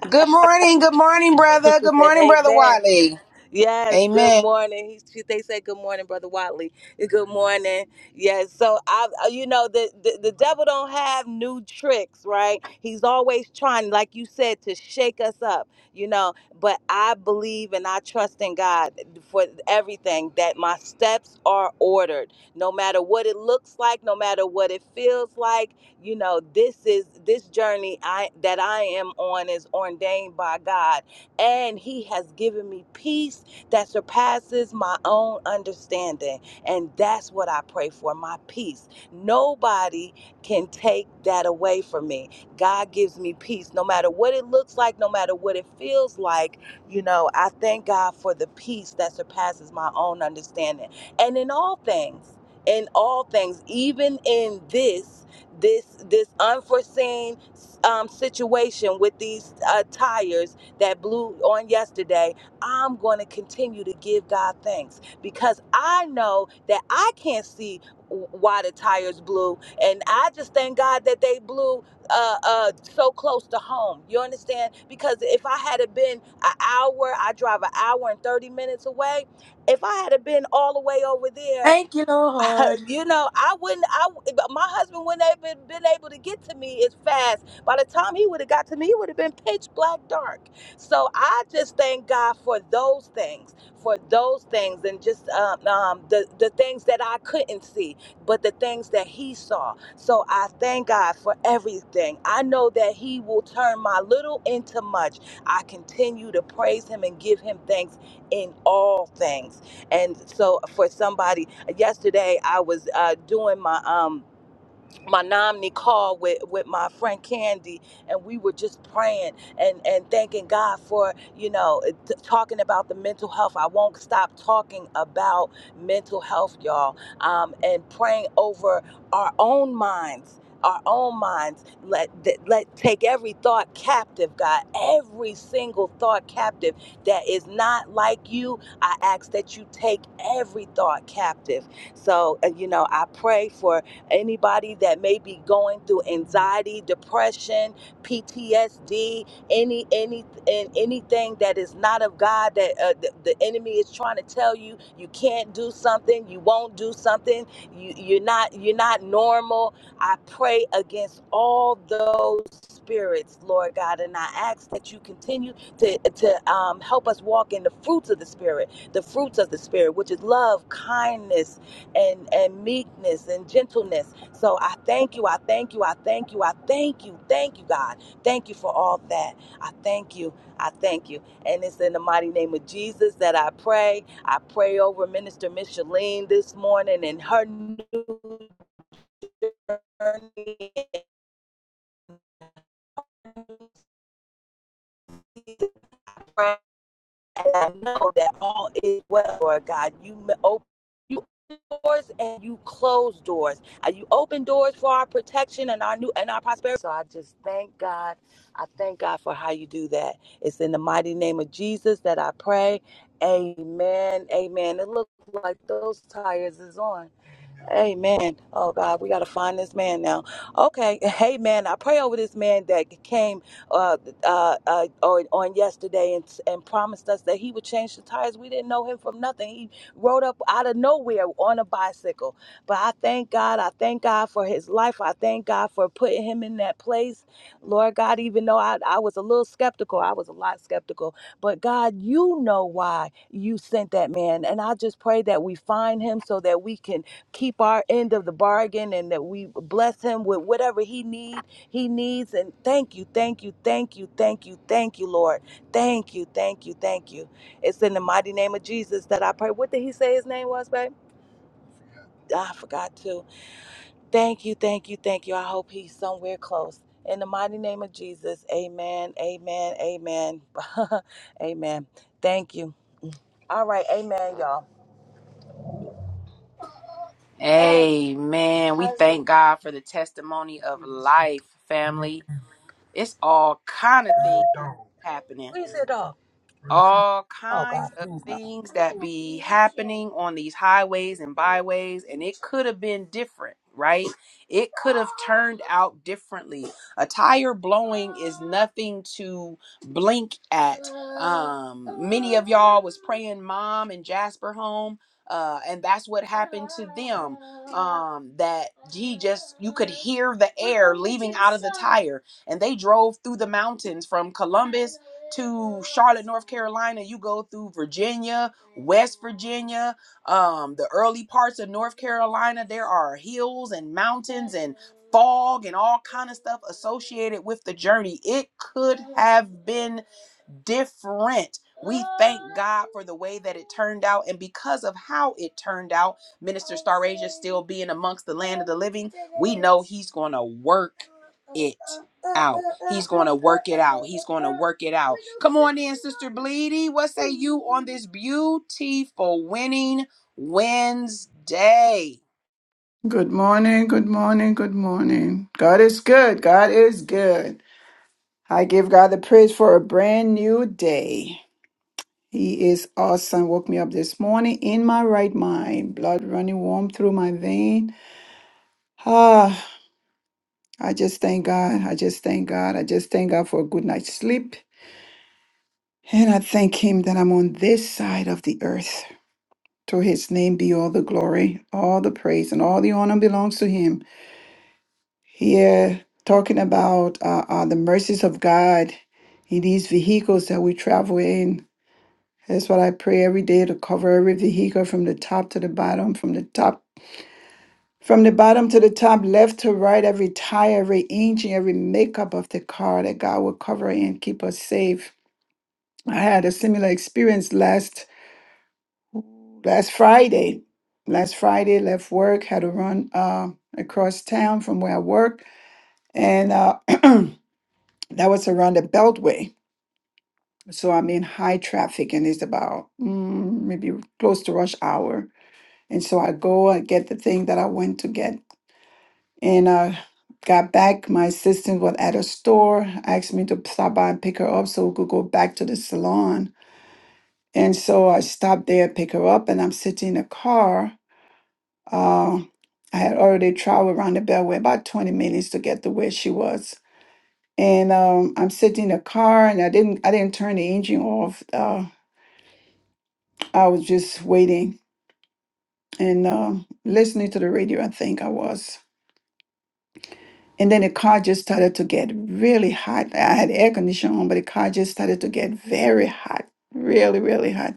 Good morning. Good morning, brother. Good morning, brother Amen. Wiley. Yes, good Amen. morning. He, she- they said good morning, brother Watley. Good morning. Yes. So I, uh, you know, the, the the devil don't have new tricks, right? He's always trying, like you said, to shake us up, you know. But I believe and I trust in God for everything. That my steps are ordered, no matter what it looks like, no matter what it feels like. You know, this is this journey I that I am on is ordained by God and he has given me peace that surpasses my own understanding. And that's what I pray for my peace. Nobody can take that away from me. God gives me peace no matter what it looks like, no matter what it feels like. You know, I thank God for the peace that surpasses my own understanding. And in all things, in all things, even in this, this this unforeseen um, situation with these uh, tires that blew on yesterday, I'm going to continue to give God thanks because I know that I can't see why the tires blew and i just thank god that they blew uh uh so close to home you understand because if i had have been an hour i drive an hour and 30 minutes away if i had have been all the way over there Thank you, Lord. you know, I wouldn't. I I but my husband wouldn't have been, been able to get to me as fast. By the time he would have got to me, it would have been pitch black dark. So I just thank God for those things, for those things, and just um, um, the the things that I couldn't see, but the things that He saw. So I thank God for everything. I know that He will turn my little into much. I continue to praise Him and give Him thanks in all things. And so for somebody, yesterday I was uh, doing my um, my nominee call with, with my friend Candy, and we were just praying and, and thanking God for, you know, t- talking about the mental health. I won't stop talking about mental health, y'all, um, and praying over our own minds. Our own minds let that- let take every thought captive, God. Every single thought captive that is not like you. I ask that you take every thought captive. So uh, you know, I pray for anybody that may be going through anxiety, depression, PTSD, any any and anything that is not of God that uh, the, the enemy is trying to tell you you can't do something, you won't do something, you you're not you're not normal. I pray against all those spirits, Lord God, and I ask that you continue to to um, help us walk in the fruits of the spirit, the fruits of the spirit, which is love, kindness and and meekness and gentleness. So I thank you. I thank you. I thank you. I thank you. Thank you, God. Thank you for all that. I thank you. I thank you. And it's in the mighty name of Jesus that I pray. I pray over Minister Micheline this morning and her. And I know that all is well, Lord God. You open you doors and you close doors. Uh, You open doors for our protection and our new and our prosperity. So I just thank God. I thank God for how you do that. It's in the mighty name of Jesus that I pray. Amen. Amen. It looks like those tires is on. Amen. Oh God, we gotta find this man now. Okay. Hey man, I pray over this man that came uh, uh, uh, on, on yesterday and and promised us that he would change the tires. We didn't know him from nothing. He rode up out of nowhere on a bicycle. But I thank God. I thank God for his life. I thank God for putting him in that place. Lord God, even though I, I was a little skeptical, I was a lot skeptical. But God, you know why you sent that man, and I just pray that we find him so that we can keep our end of the bargain and that we bless him with whatever he need he needs and thank you thank you thank you thank you thank you lord thank you thank you thank you it's in the mighty name of jesus that i pray what did he say his name was babe Ah, i forgot to thank you thank you thank you i hope he's somewhere close in the mighty name of jesus amen amen amen amen thank you all right amen y'all Amen. We thank God for the testimony of life, Real family. It's all kind of things dog. happening. you see dog all oh god kinds of please no things that be happening on these highways and byways and it could have been different right it could have turned out differently a tire blowing is nothing to blink at um many of y'all was praying mom and jasper home uh, and that's what happened to them um that he just you could hear the air leaving out of the tire and they drove through the mountains from columbus to Charlotte, North Carolina, you go through Virginia, West Virginia, um, the early parts of North Carolina. There are hills and mountains and fog and all kind of stuff associated with the journey. It could have been different. We thank God for the way that it turned out. And because of how it turned out, Minister Starasia still being amongst the land of the living, we know he's going to work it out. He's going to work it out. He's going to work it out. Come on in, Sister Bleedy. What say you on this beautiful winning Wednesday? Good morning, good morning, good morning. God is good. God is good. I give God the praise for a brand new day. He is awesome. Woke me up this morning in my right mind, blood running warm through my vein. Ah, I just thank God. I just thank God. I just thank God for a good night's sleep. And I thank Him that I'm on this side of the earth. To His name be all the glory, all the praise, and all the honor belongs to Him. Here, talking about uh, uh, the mercies of God in these vehicles that we travel in. That's what I pray every day to cover every vehicle from the top to the bottom, from the top, from the bottom to the top, left to right, every tire, every engine, every makeup of the car that God will cover and keep us safe. I had a similar experience last last Friday. Last Friday, left work, had to run uh, across town from where I work, and uh, That was around the Beltway. So I'm in high traffic and it's about mm, maybe close to rush hour. And so I go, I get the thing that I went to get. And uh, got back. My assistant was at a store, asked me to stop by and pick her up so we could go back to the salon. And so I stopped there, pick her up, and I'm sitting in the car. Uh, I had already traveled around the Beltway about 20 minutes to get to where she was. And um, I'm sitting in the car, and I didn't I didn't turn the engine off. uh, I was just waiting and uh, listening to the radio, I think I was. And then the car just started to get really hot. I had air conditioning on, but the car just started to get very hot, really, really hot.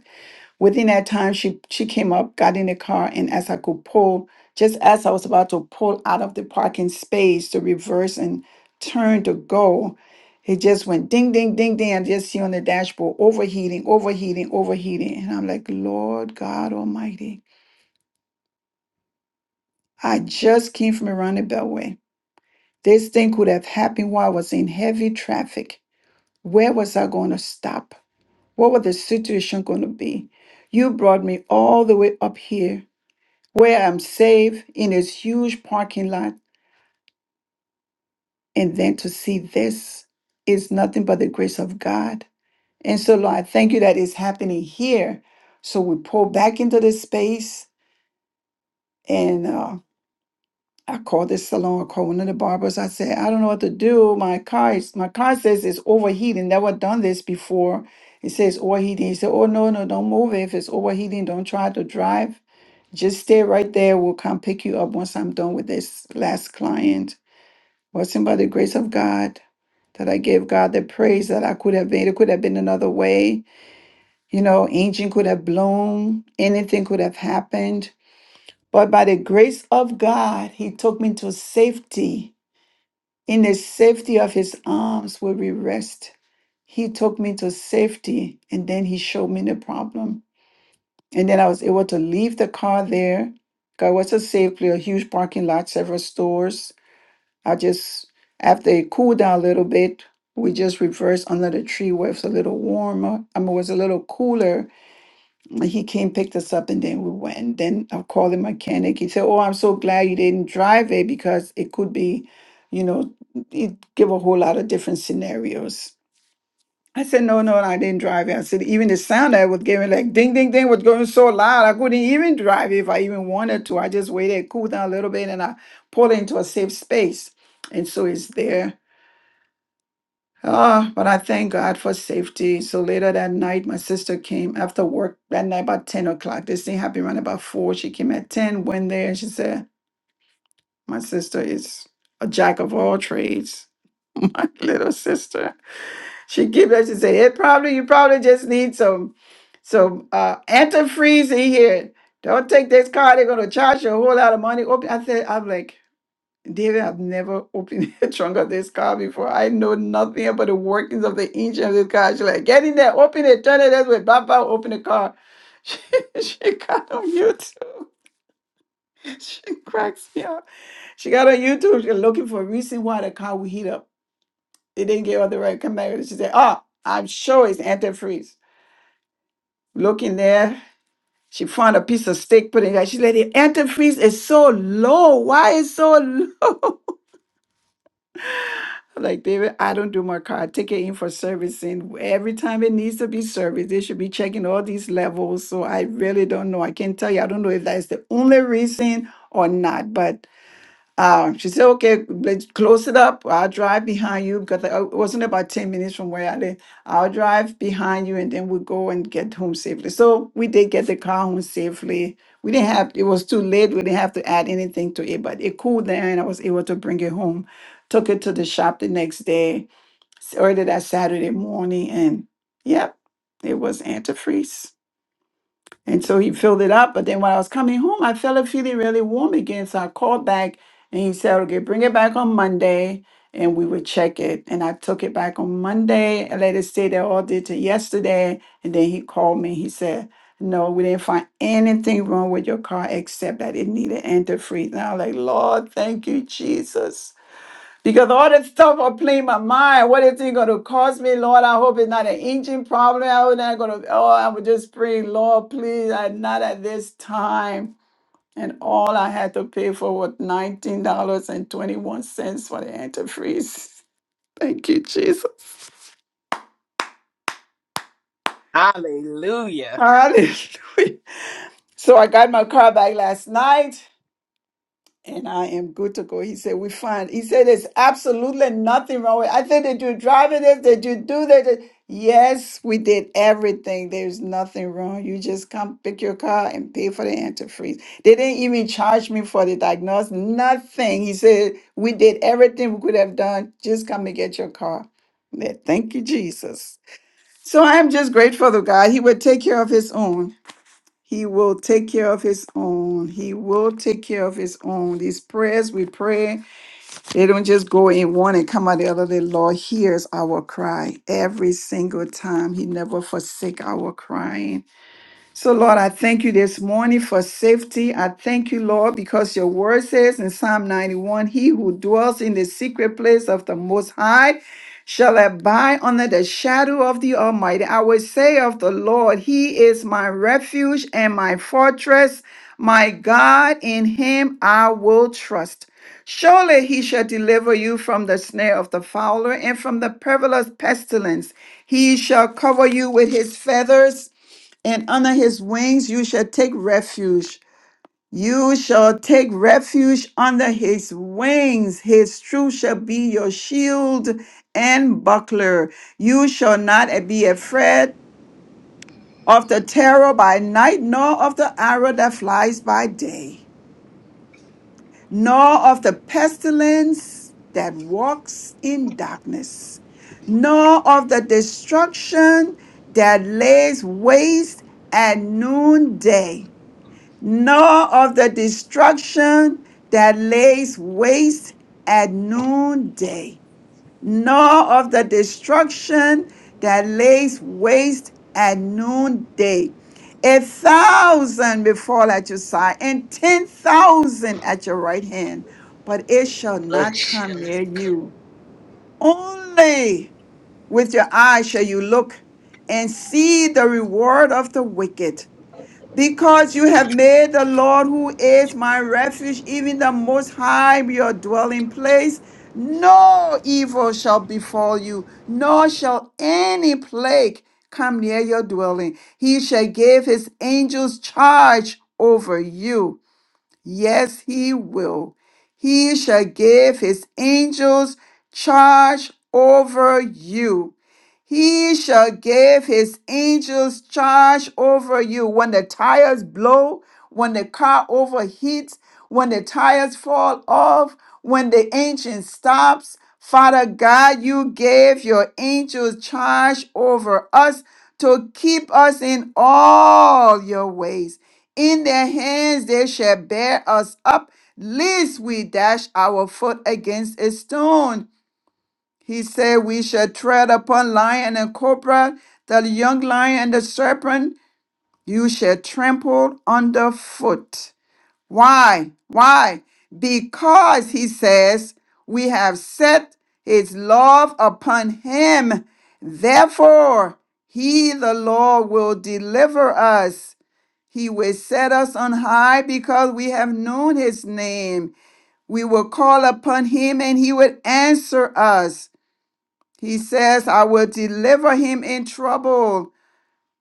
Within that time, she she came up, got in the car, and as I could pull, just as I was about to pull out of the parking space to reverse and turn to go, it just went ding, ding, ding, ding. I just see on the dashboard overheating, overheating, overheating, and I'm like, Lord God Almighty. I just came from around the Beltway. This thing could have happened while I was in heavy traffic. Where was I going to stop? What was the situation going to be? You brought me all the way up here where I'm safe in this huge parking lot. And then to see this is nothing but the grace of God. And so, Lord, I thank you that it's happening here. So we pull back into this space and. uh, I called this salon, I called one of the barbers. I said, I don't know what to do. My car is my car says it's overheating. Never done this before. It says overheating. He said, Oh no, no, don't move it. If it's overheating, don't try to drive. Just stay right there. We'll come pick you up once I'm done with this last client. Wasn't by the grace of God that I gave God the praise that I could have made. It could have been another way. You know, engine could have blown, anything could have happened. But by the grace of God, he took me to safety in the safety of his arms will we rest. He took me to safety and then he showed me the problem. And then I was able to leave the car there. God was a safe place, a huge parking lot, several stores. I just, after it cooled down a little bit, we just reversed under the tree where it was a little warmer. I mean, it was a little cooler like, He came, picked us up, and then we went. Then I called the mechanic. He said, "Oh, I'm so glad you didn't drive it because it could be, you know, it give a whole lot of different scenarios." I said, "No, no, I didn't drive it." I said, "Even the sound I was giving, like ding, ding, ding, was going so loud, I couldn't even drive it if I even wanted to. I just waited, cooled down a little bit, and I pulled into a safe space, and so it's there." Ah, but I thank God for safety. So later that night, my sister came after work that night about 10 o'clock. This thing happened around about 4. She came at 10, went there, and she said, My sister is a jack of all trades. My little sister. She gave that, she said, It probably, you probably just need some some uh antifreeze in here. Don't take this car, they're gonna charge you a whole lot of money. Oh, I said, I'm like, David had never opened the trunk of this car before. I know nothing about the workings of the engine of this car. She's like, get in there, open it, turn it this way, bam, bam, open the car. She, she got on YouTube. She cracks me up. She got on YouTube. She's looking for a reason why the car would heat up. They didn't give her the right command. She said, oh, I'm sure it's antifreeze. Looking there, she found a piece of steak, put it in there. She said, the antifreeze is so low. Why is so low? I'm Like David, I don't do my car. I take it in for servicing. Every time it needs to be serviced, they should be checking all these levels. So I really don't know. I can't tell you. I don't know if that's the only reason or not, but uh, she said, okay, let's close it up. I'll drive behind you because I- it wasn't about 10 minutes from where I live. I'll drive behind you and then we'll go and get home safely. So we did get the car home safely. We didn't have, it was too late. We didn't have to add anything to it, but it cooled down and I was able to bring it home. Took it to the shop the next day, s- early that Saturday morning. And yep, it was antifreeze. And so he filled it up. But then when I was coming home, I felt it feeling really warm again. So I called back and he said, okay, bring it back on Monday and we would check it. And I took it back on Monday I let it stay there all day till yesterday. And then he called me. He said, no, we didn't find anything wrong with your car except that it needed antifreeze. And I was like, Lord, thank you, Jesus. Because all this stuff will play my mind. What is it going to cost me, Lord? I hope it's not an engine problem. I hope not going to. Oh, I would just pray, Lord, please, I, not at this time. And all I had to pay for was nineteen dollars and twenty-one cents for the antifreeze. Thank you, Jesus. Hallelujah. Hallelujah. So I got my car back last night. and I am good to go. He said, we find, he said, there's absolutely nothing wrong with it. I said, did you drive it? Did you do that? Yes, we did everything. There's nothing wrong. You just come pick your car and pay for the antifreeze. They didn't even charge me for the diagnosis, nothing. He said, we did everything we could have done. Just come and get your car. Yeah, Thank you, Jesus. So I am just grateful to God. He will take care of his own. He will take care of his own. He will take care of his own. These prayers we pray, they don't just go in one and come out the other. The Lord hears our cry every single time. He never forsake our crying. So, Lord, I thank you this morning for safety. I thank you, Lord, because your word says in Psalm 91 He who dwells in the secret place of the Most High shall abide under the shadow of the Almighty. I will say of the Lord, He is my refuge and my fortress, my God, in Him I will trust. Surely he shall deliver you from the snare of the fowler and from the perilous pestilence. He shall cover you with his feathers and under his wings you shall take refuge. You shall take refuge under his wings. His truth shall be your shield and buckler. You shall not be afraid of the terror by night, nor of the arrow that flies by day, nor of the pestilence that walks in darkness, nor of the destruction that lays waste at noonday. nor of the destruction that lays waste at noonday, nor of the destruction that lays waste at noonday. A thousand may fall at your side, and ten thousand at your right hand, but it shall not come near you. Only with your eyes shall you look and see the reward of the wicked because you have made the Lord, who is my refuge, even the Most High, your dwelling place, no evil shall befall you, nor shall any plague come near your dwelling. He shall give his angels charge over you Yes, he will. He shall give his angels charge over you. He shall give his angels charge over you. When the tires blow, when the car overheats, when the tires fall off, when the engine stops, Father God, you gave your angels charge over us to keep us in all your ways. In their hands they shall bear us up, lest we dash our foot against a stone. He said, We shall tread upon lion and cobra, the young lion and the serpent, you shall trample underfoot. Why? Why? Because, he says, we have set his love upon him. Therefore, he, the Lord, will deliver us. He will set us on high because we have known his name. We will call upon him and he will answer us. He says, I will deliver him in trouble.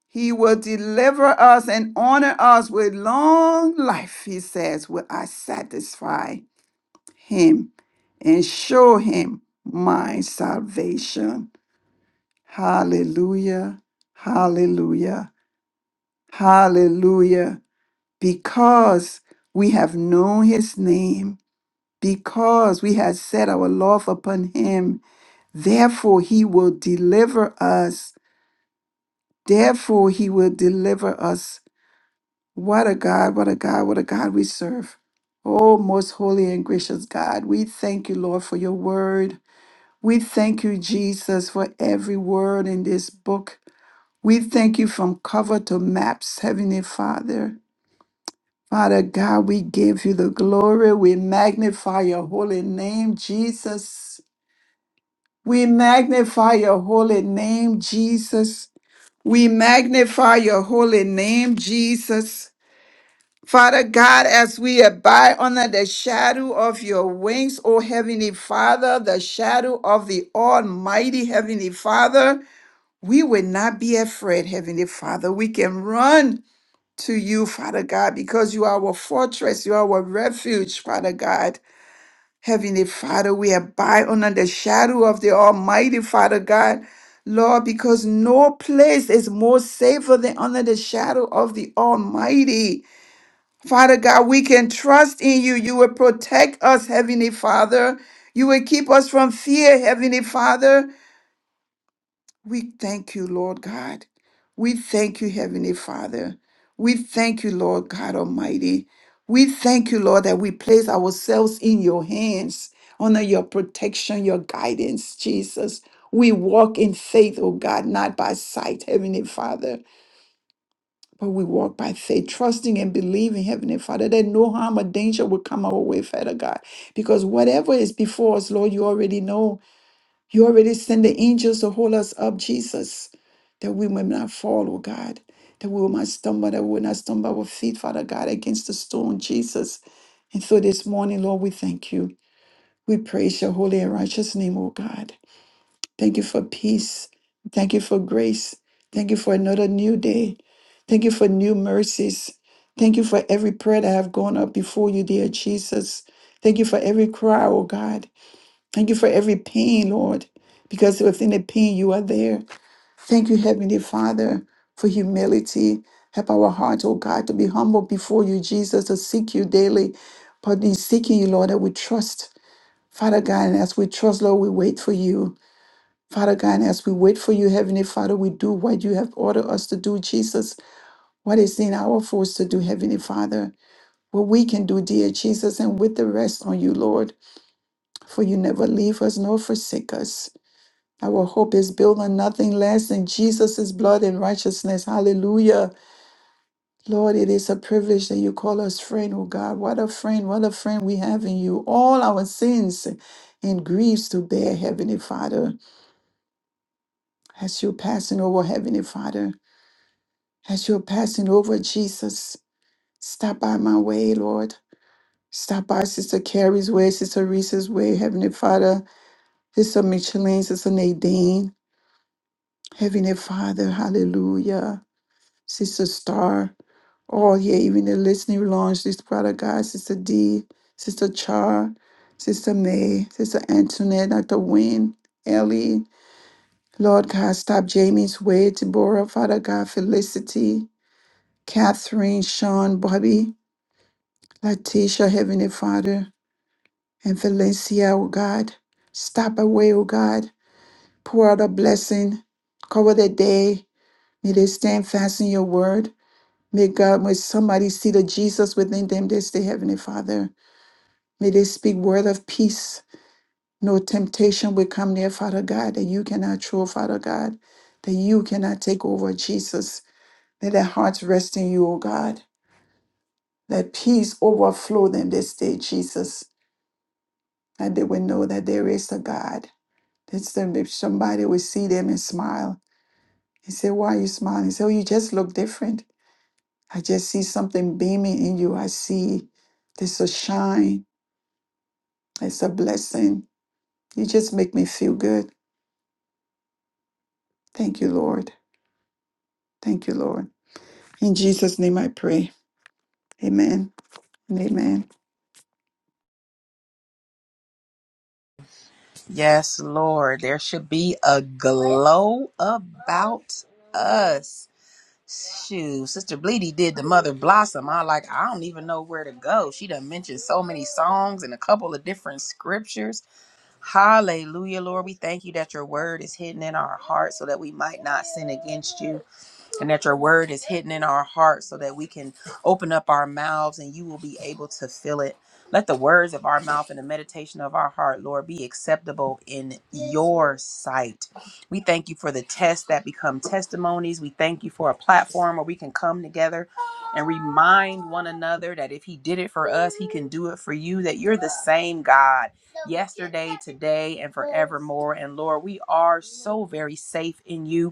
He will deliver us and honor us with long life. He says, Will I satisfy him and show him my salvation? Hallelujah. Hallelujah. Hallelujah. because we have known his name, because we have set our love upon him, therefore he will deliver us. Therefore he will deliver us. What a God, what a God, what a God we serve. Oh, most holy and gracious God, we thank you, Lord, for your word. We thank you, Jesus, for every word in this book. We thank you from cover to maps, Heavenly Father. Father God, we give you the glory. We magnify your holy name, Jesus. We magnify your holy name, Jesus. We magnify your holy name, Jesus. Father God, as we abide under the shadow of your wings, O Heavenly Father, the shadow of the Almighty Heavenly Father, we will not be afraid, Heavenly Father. We can run to you, Father God, because you are our fortress, you are our refuge, Father God. Heavenly Father, we abide under the shadow of the Almighty, Father God. Lord, because no place is more safer than under the shadow of the Almighty. Father God, we can trust in you. You will protect us, Heavenly Father. You will keep us from fear, Heavenly Father. We thank you, Lord God. We thank you, Heavenly Father. We thank you, Lord God Almighty. We thank you, Lord, that we place ourselves in your hands under your protection, your guidance, Jesus. We walk in faith, oh God, not by sight, Heavenly Father, but we walk by faith, trusting and believing, Heavenly Father, that no harm or danger will come our way, Father God. Because whatever is before us, Lord, you already know. You already send the angels to hold us up, Jesus, that we may not fall, oh God, that we will not stumble, that we will not stumble our feet, Father God, against the stone, Jesus. And so this morning, Lord, we thank you. We praise your holy and righteous name, oh God. Thank you for peace. Thank you for grace. Thank you for another new day. Thank you for new mercies. Thank you for every prayer that have gone up before you, dear Jesus. Thank you for every cry, oh God. Thank you for every pain, Lord, because within the pain, you are there. Thank you, Heavenly Father, for humility. Help our hearts, oh God, to be humble before you, Jesus, to seek you daily. But in seeking you, Lord, that we trust, Father God, and as we trust, Lord, we wait for you. Father God, and as we wait for you, Heavenly Father, we do what you have ordered us to do, Jesus. What is in our force to do, Heavenly Father? What we can do, dear Jesus, and with the rest on you, Lord, for you never leave us nor forsake us. Our hope is built on nothing less than Jesus' blood and righteousness. Hallelujah. Lord, it is a privilege that you call us friend, oh God. What a friend, what a friend we have in you. All our sins and griefs to bear, Heavenly Father. As you're passing over, Heavenly Father, as you're passing over, Jesus, stop by my way, Lord. Stop by Sister Carrie's way, Sister Reese's way, Heavenly Father, Sister Micheline, Sister Nadine, Heavenly Father, hallelujah. Sister Star. Oh, yeah, even the listening lounge, this product guy, Sister D, Sister Char, Sister May, Sister Antoinette, Dr. Wynne, Ellie, Lord God, stop Jamie's way, Deborah, Father God, Felicity, Catherine, Sean, Bobby, Letitia, Heavenly Father, and Valencia, oh God. Stop away, oh God. Pour out a blessing. Cover the day. May they stand fast in your word. May God, may somebody see the Jesus within them this day, Heavenly Father. May they speak word of peace. No temptation will come near, Father God, that you cannot throw, Father God, that you cannot take over, Jesus. Let their hearts rest in you, O God. Let peace overflow them this day, Jesus, and they will know that there is a God. That's them, if somebody will see them and smile and say, Why are you smiling? Say, Oh, you just look different. I just see something beaming in you. I see there's a shine, it's a blessing. You just make me feel good. Thank you, Lord. Thank you, Lord. In Jesus' name I pray. Amen and amen. Yes, Lord, there should be a glow about us. Shoot, Sister Bleedy did the Mother Blossom. I like, I don't even know where to go. She done mentioned so many songs and a couple of different scriptures. Hallelujah, Lord. We thank you that your word is hidden in our hearts so that we might not sin against you and that your word is hidden in our hearts so that we can open up our mouths and you will be able to fill it. Let the words of our mouth and the meditation of our heart, Lord, be acceptable in your sight. We thank you for the tests that become testimonies. We thank you for a platform where we can come together and remind one another that if He did it for us, He can do it for you, that you're the same God yesterday, today, and forevermore. And Lord, we are so very safe in you.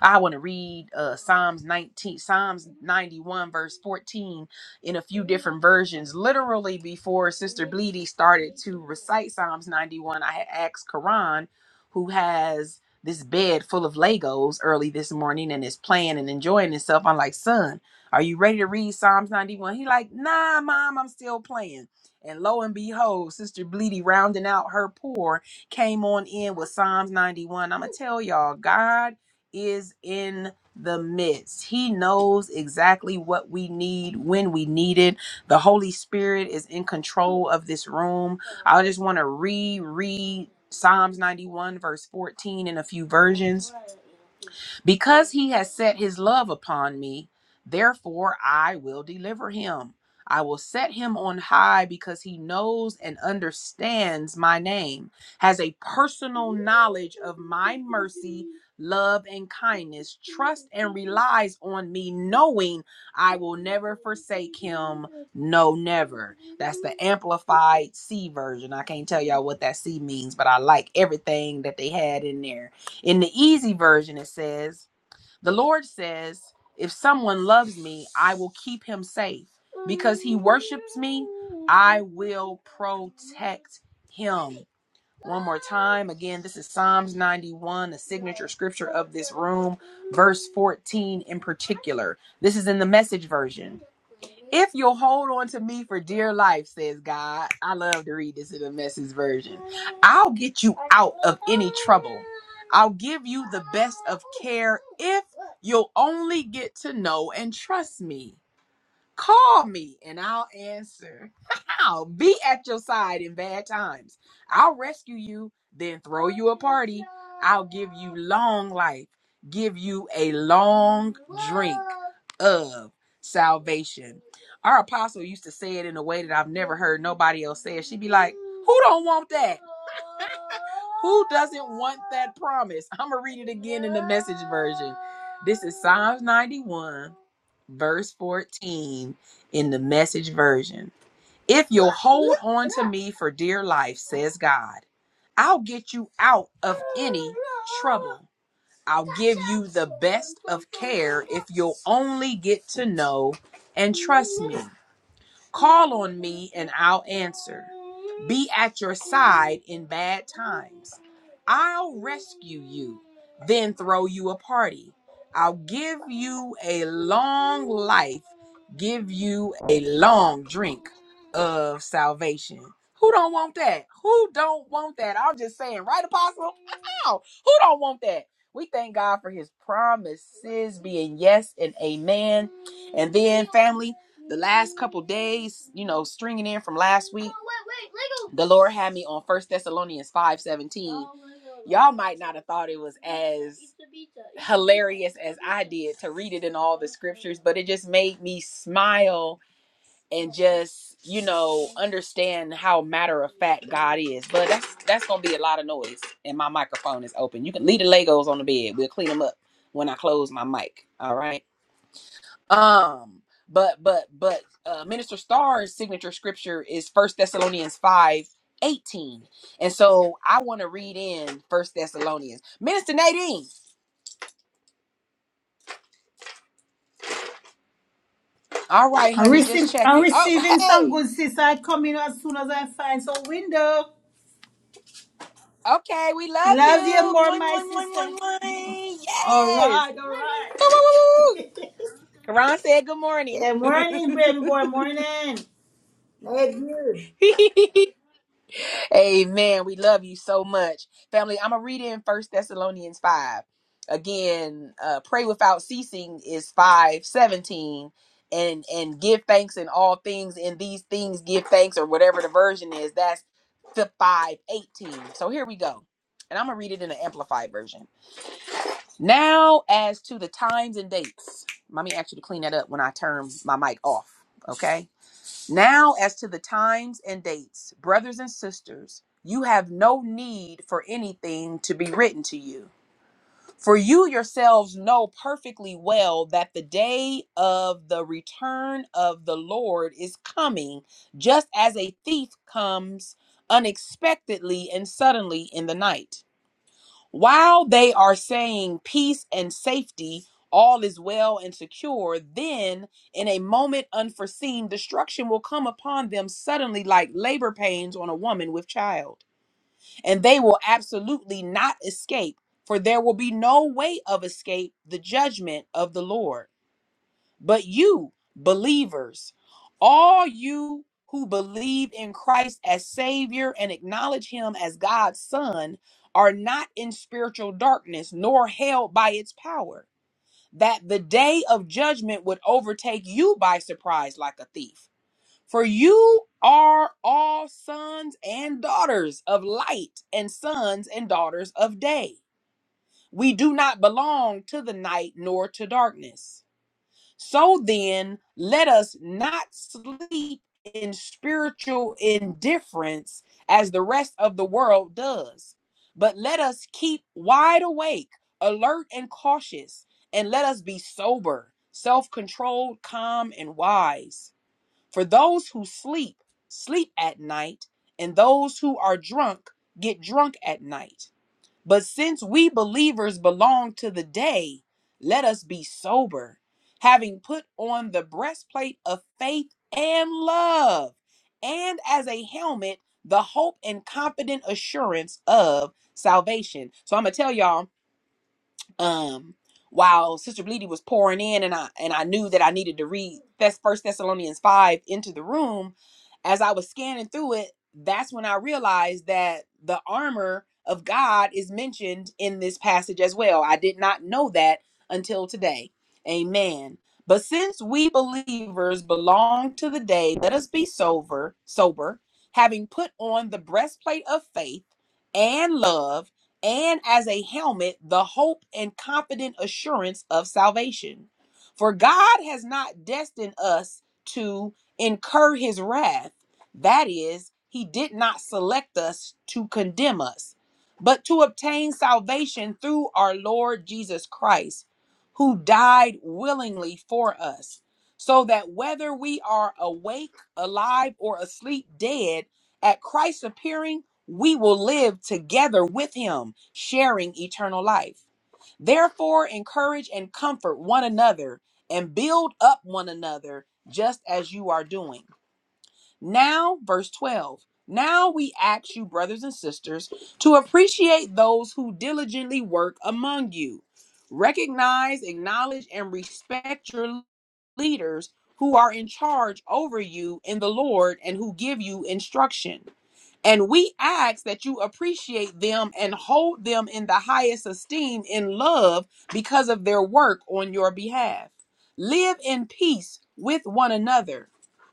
I want to read uh, Psalms 19, Psalms 91, verse 14 in a few different versions. Literally, before Sister Bleedy started to recite Psalms 91, I had asked Karan, who has this bed full of Legos early this morning and is playing and enjoying himself. I'm like, son, are you ready to read Psalms 91? He like, nah, mom, I'm still playing. And lo and behold, Sister Bleedy rounding out her pour came on in with Psalms 91. I'm going to tell y'all, God is in the midst. He knows exactly what we need when we need it. The Holy Spirit is in control of this room. I just want to reread Psalms 91, verse 14, in a few versions. Because he has set his love upon me, therefore I will deliver him. I will set him on high because he knows and understands my name, has a personal knowledge of my mercy, love, and kindness, trust and relies on me, knowing I will never forsake him. No, never. That's the amplified C version. I can't tell y'all what that C means, but I like everything that they had in there. In the easy version, it says, The Lord says, If someone loves me, I will keep him safe. Because he worships me, I will protect him. One more time. Again, this is Psalms 91, the signature scripture of this room, verse 14 in particular. This is in the message version. If you'll hold on to me for dear life, says God, I love to read this in the message version. I'll get you out of any trouble. I'll give you the best of care if you'll only get to know and trust me. Call me and I'll answer. I'll be at your side in bad times. I'll rescue you, then throw you a party. I'll give you long life, give you a long drink of salvation. Our apostle used to say it in a way that I've never heard nobody else say it. She'd be like, Who don't want that? Who doesn't want that promise? I'm going to read it again in the message version. This is Psalms 91 verse 14 in the message version. If you'll hold on to me for dear life, says God, I'll get you out of any trouble. I'll give you the best of care if you'll only get to know and trust me. Call on me and I'll answer. Be at your side in bad times. I'll rescue you, then throw you a party. I'll give you a long life, give you a long drink of salvation. Who don't want that? Who don't want that? I'm just saying, right, Apostle? Wow. Who don't want that? We thank God for his promises being yes and amen. And then, family, the last couple days, you know, stringing in from last week, the Lord had me on First Thessalonians five seventeen. Y'all might not have thought it was as hilarious as I did to read it in all the scriptures, but it just made me smile and just you know understand how matter of fact God is. But that's that's gonna be a lot of noise, and my microphone is open. You can leave the Legos on the bed. We'll clean them up when I close my mic. All right. Um, but but but uh, Minister Starr's signature scripture is First Thessalonians five eighteen, and so I want to read in First Thessalonians. Minister Nadine, all right, I'm, honey, just receive, I'm checking. Oh, receiving some hey, good sister. I come in as soon as I find some window. okay, we love Love you you. more, Mwah, my mwah, mwah, sister. mwah, mwah. All Yes. right, all Woo, right. woo, woo, woo. Karan said good morning. yeah, morning, baby boy, morning. Hey, you. Amen. We love you so much. Family, I'm going to read in First Thessalonians 5. Again, uh, pray without ceasing is 517. And and give thanks in all things, In these things give thanks, or whatever the version is. That's the 518. So here we go. And I'm gonna read it in the amplified version. Now, as to the times and dates, mommy asked you to clean that up when I turn my mic off. Okay. Now, as to the times and dates, brothers and sisters, you have no need for anything to be written to you. For you yourselves know perfectly well that the day of the return of the Lord is coming, just as a thief comes unexpectedly and suddenly in the night. While they are saying peace and safety, all is well and secure, then in a moment unforeseen, destruction will come upon them suddenly like labor pains on a woman with child. And they will absolutely not escape, for there will be no way of escape the judgment of the Lord. But you, believers, all you who believe in Christ as Savior and acknowledge Him as God's Son, are not in spiritual darkness nor held by its power, that the day of judgment would overtake you by surprise like a thief. For you are all sons and daughters of light and sons and daughters of day. We do not belong to the night nor to darkness. So then, let us not sleep in spiritual indifference as the rest of the world does, but let us keep wide awake, alert, and cautious, and let us be sober, self controlled, calm, and wise. For those who sleep, sleep at night, and those who are drunk, get drunk at night. But since we believers belong to the day, let us be sober, having put on the breastplate of faith and love, and as a helmet, the hope and confident assurance of salvation. So I'm going to tell y'all um while sister bleedy was pouring in and i and i knew that i needed to read first thessalonians 5 into the room as i was scanning through it that's when i realized that the armor of god is mentioned in this passage as well i did not know that until today amen but since we believers belong to the day let us be sober sober having put on the breastplate of faith and love and as a helmet the hope and confident assurance of salvation. For God has not destined us to incur his wrath. That is, he did not select us to condemn us, but to obtain salvation through our Lord Jesus Christ, who died willingly for us, so that whether we are awake, alive, or asleep, dead, at Christ's appearing, we will live together with him, sharing eternal life. Therefore, encourage and comfort one another and build up one another just as you are doing. Now, verse 12. Now we ask you, brothers and sisters, to appreciate those who diligently work among you. Recognize, acknowledge, and respect your leaders who are in charge over you in the Lord and who give you instruction. And we ask that you appreciate them and hold them in the highest esteem in love because of their work on your behalf. Live in peace with one another.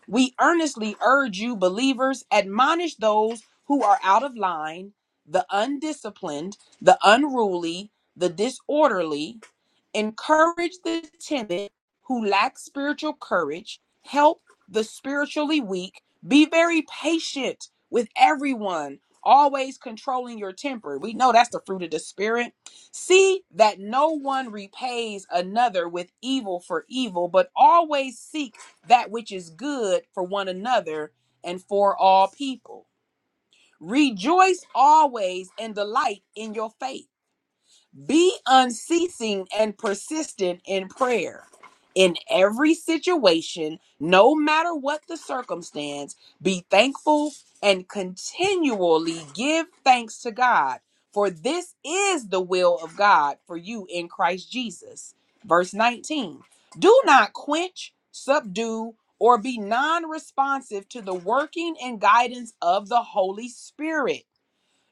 We earnestly urge you, believers, admonish those who are out of line, the undisciplined, the unruly, the disorderly encourage the timid who lack spiritual courage, help the spiritually weak, be very patient with everyone, always controlling your temper. We know that's the fruit of the spirit. See that no one repays another with evil for evil, but always seek that which is good for one another and for all people. Rejoice always and delight in your faith be unceasing and persistent in prayer. In every situation, no matter what the circumstance, be thankful and continually give thanks to God, for this is the will of God for you in Christ Jesus. Verse 19 Do not quench, subdue, or be non responsive to the working and guidance of the Holy Spirit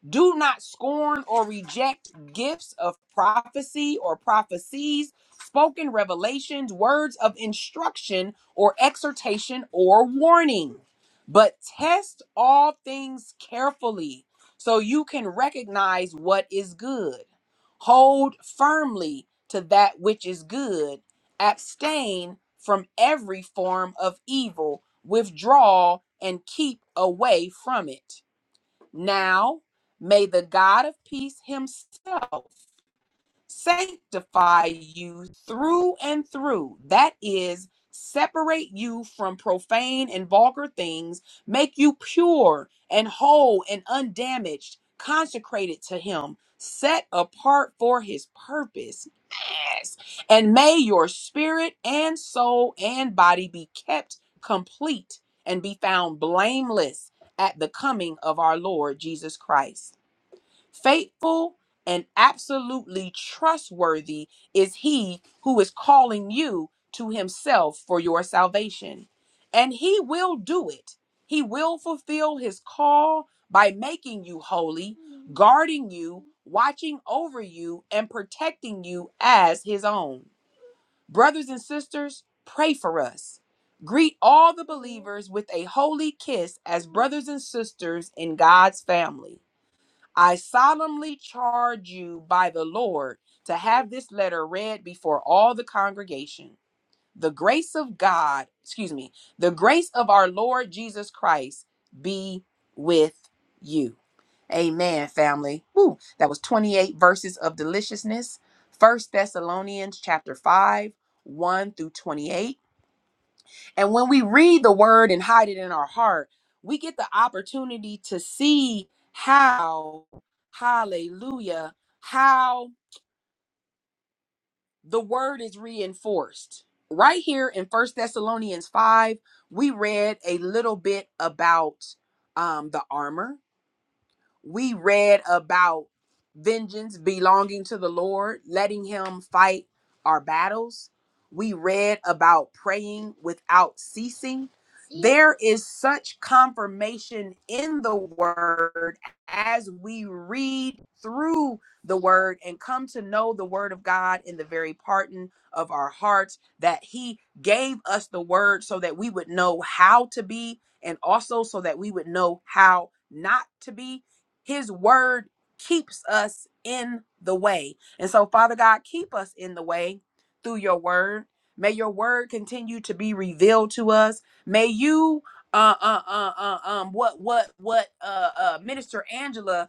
do not scorn or reject gifts of prophecy or prophecies, spoken revelations, words of instruction or exhortation or warning, but test all things carefully so you can recognize what is good. Hold firmly to that which is good, abstain from every form of evil, withdraw and keep away from it. Now may the God of peace himself sanctify you through and through. That is, separate you from profane and vulgar things, make you pure and whole and undamaged, consecrated to him, set apart for his purpose ask. And may your spirit and soul and body be kept complete and be found blameless at the coming of our Lord Jesus Christ. Faithful and absolutely trustworthy is he who is calling you to himself for your salvation. And he will do it. He will fulfill his call by making you holy guarding you, watching over you, and protecting you as his own. Brothers and sisters, pray for us. Greet all the believers with a holy kiss as brothers and sisters in God's family. I solemnly charge you by the Lord to have this letter read before all the congregation the grace of God, excuse me, the grace of our Lord Jesus Christ be with you. Amen, family. Woo. That was 28 verses of deliciousness. First Thessalonians chapter 5, 1 through 28. And when we read the word and hide it in our heart, we get the opportunity to see how, hallelujah, how the word is reinforced. Right here in First Thessalonians 5, we read a little bit about um, the armor we read about vengeance belonging to the Lord, letting Him fight our battles. We read about praying without ceasing. There is such confirmation in the word as we read through the word and come to know the word of God in the very pardon of our hearts that He gave us the word so that we would know how to be and also so that we would know how not to be his word keeps us in the way. And so, Father God, keep us in the way through your word. May your word continue to be revealed to us. May you uh uh uh, uh um what what what uh uh Minister Angela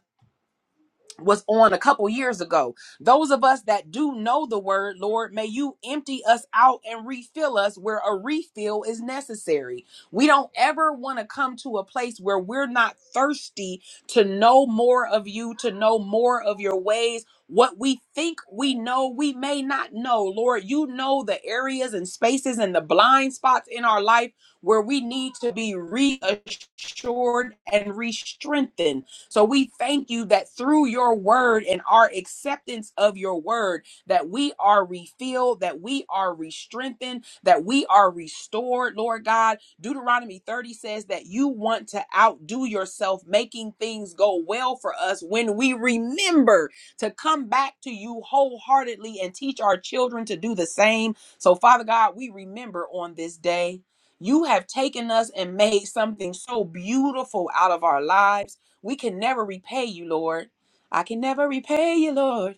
was on a couple years ago. Those of us that do know the word, Lord, may you empty us out and refill us where a refill is necessary. We don't ever want to come to a place where we're not thirsty to know more of you, to know more of your ways. What we think we know, we may not know. Lord, you know the areas and spaces and the blind spots in our life where we need to be reassured and re strengthened so we thank you that through your word and our acceptance of your word, that we are refilled, that we are re-strengthened, that we are restored, Lord God. Deuteronomy 30 says that you want to outdo yourself, making things go well for us when we remember to come back to you wholeheartedly and teach our children to do the same. So, Father God, we remember on this day. You have taken us and made something so beautiful out of our lives. We can never repay you, Lord. I can never repay you, Lord,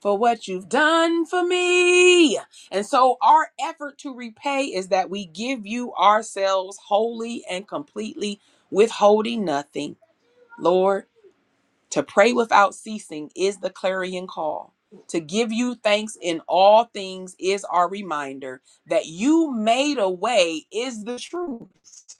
for what you've done for me. And so, our effort to repay is that we give you ourselves wholly and completely, withholding nothing, Lord. To pray without ceasing is the clarion call. To give you thanks in all things is our reminder that you made a way is the truth.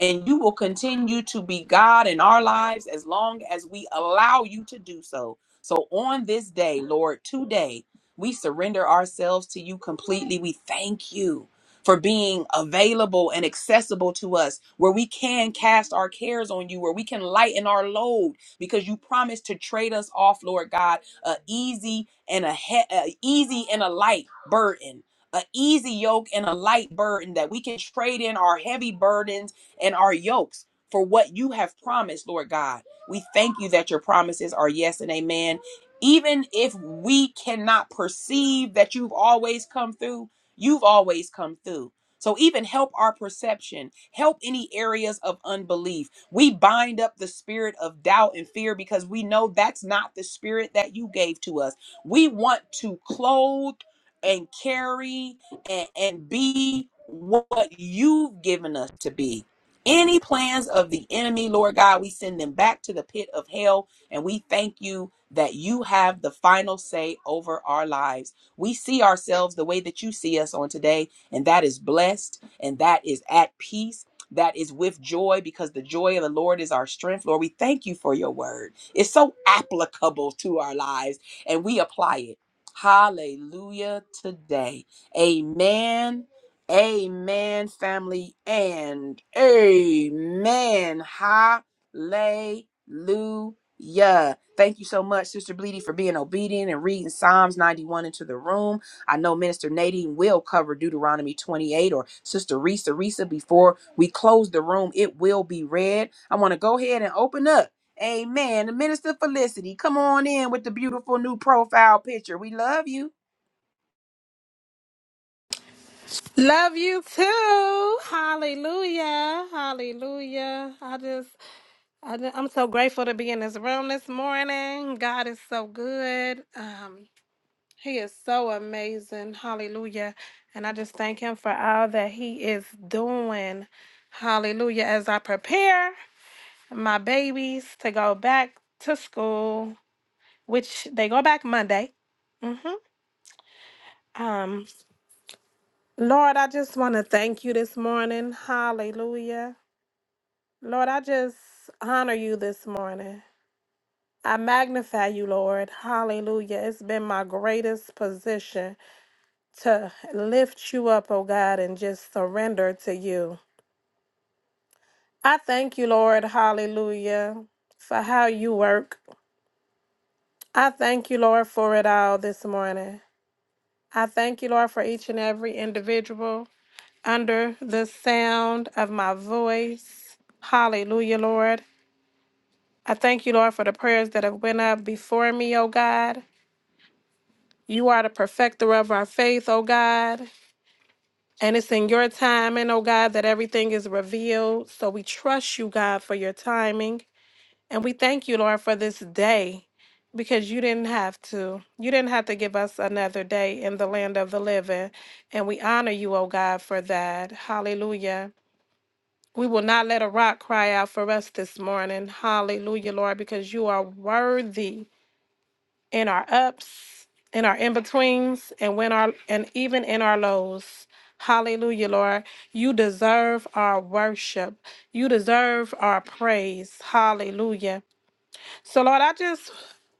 And you will continue to be God in our lives as long as we allow you to do so. So on this day, Lord, today, we surrender ourselves to you completely. We thank you for being available and accessible to us, where we can cast our cares on you, where we can lighten our load because you promised to trade us off, Lord God, a easy and a, he- a easy and a light burden. A easy yoke and a light burden that we can trade in our heavy burdens and our yokes for what you have promised, Lord God. We thank you that your promises are yes and amen. Even if we cannot perceive that you've always come through, you've always come through. So even help our perception, help any areas of unbelief we bind up the spirit of doubt and fear because we know that's not the spirit that you gave to us. We want to clothe and carry and, and be what you've given us to be. Any plans of the enemy, Lord God, we send them back to the pit of hell and we thank you that you have the final say over our lives. We see ourselves the way that you see us on today, and that is blessed and that is at peace that is with joy because the joy of the Lord is our strength. Lord, we thank you for your word. It's so applicable to our lives and we apply it. Hallelujah today. Amen. Amen, family, and amen. Hallelujah. Thank you so much, Sister Bleedy, for being obedient and reading Psalms 91 into the room. I know Minister Nadine will cover Deuteronomy 28 or Sister Risa Risa before we close the room. It will be read. I want to go ahead and open up. Amen. The Minister Felicity, come on in with the beautiful new profile picture. We love you. Love you too. Hallelujah. Hallelujah. I just, I, ju- I'm so grateful to be in this room this morning. God is so good. Um, he is so amazing. Hallelujah. And I just thank him for all that he is doing. Hallelujah. As I prepare my babies to go back to school, which they go back Monday. hmm Um, Lord, I just want to thank you this morning. Hallelujah. Lord, I just honor you this morning. I magnify you, Lord. Hallelujah. It's been my greatest position to lift you up, oh God, and just surrender to you. I thank you, Lord. Hallelujah. For how you work. I thank you, Lord, for it all this morning. I thank you, Lord, for each and every individual under the sound of my voice. Hallelujah, Lord. I thank you, Lord, for the prayers that have went up before me, oh God. You are the perfecter of our faith, O God. And it's in your timing, O God, that everything is revealed. So we trust you, God, for your timing. And we thank you, Lord, for this day because you didn't have to. You didn't have to give us another day in the land of the living. And we honor you, O God, for that. Hallelujah. We will not let a rock cry out for us this morning. Hallelujah, Lord, because you are worthy in our ups, in our in betweens, and when our and even in our lows. Hallelujah, Lord. You deserve our worship. You deserve our praise. Hallelujah. So, Lord, I just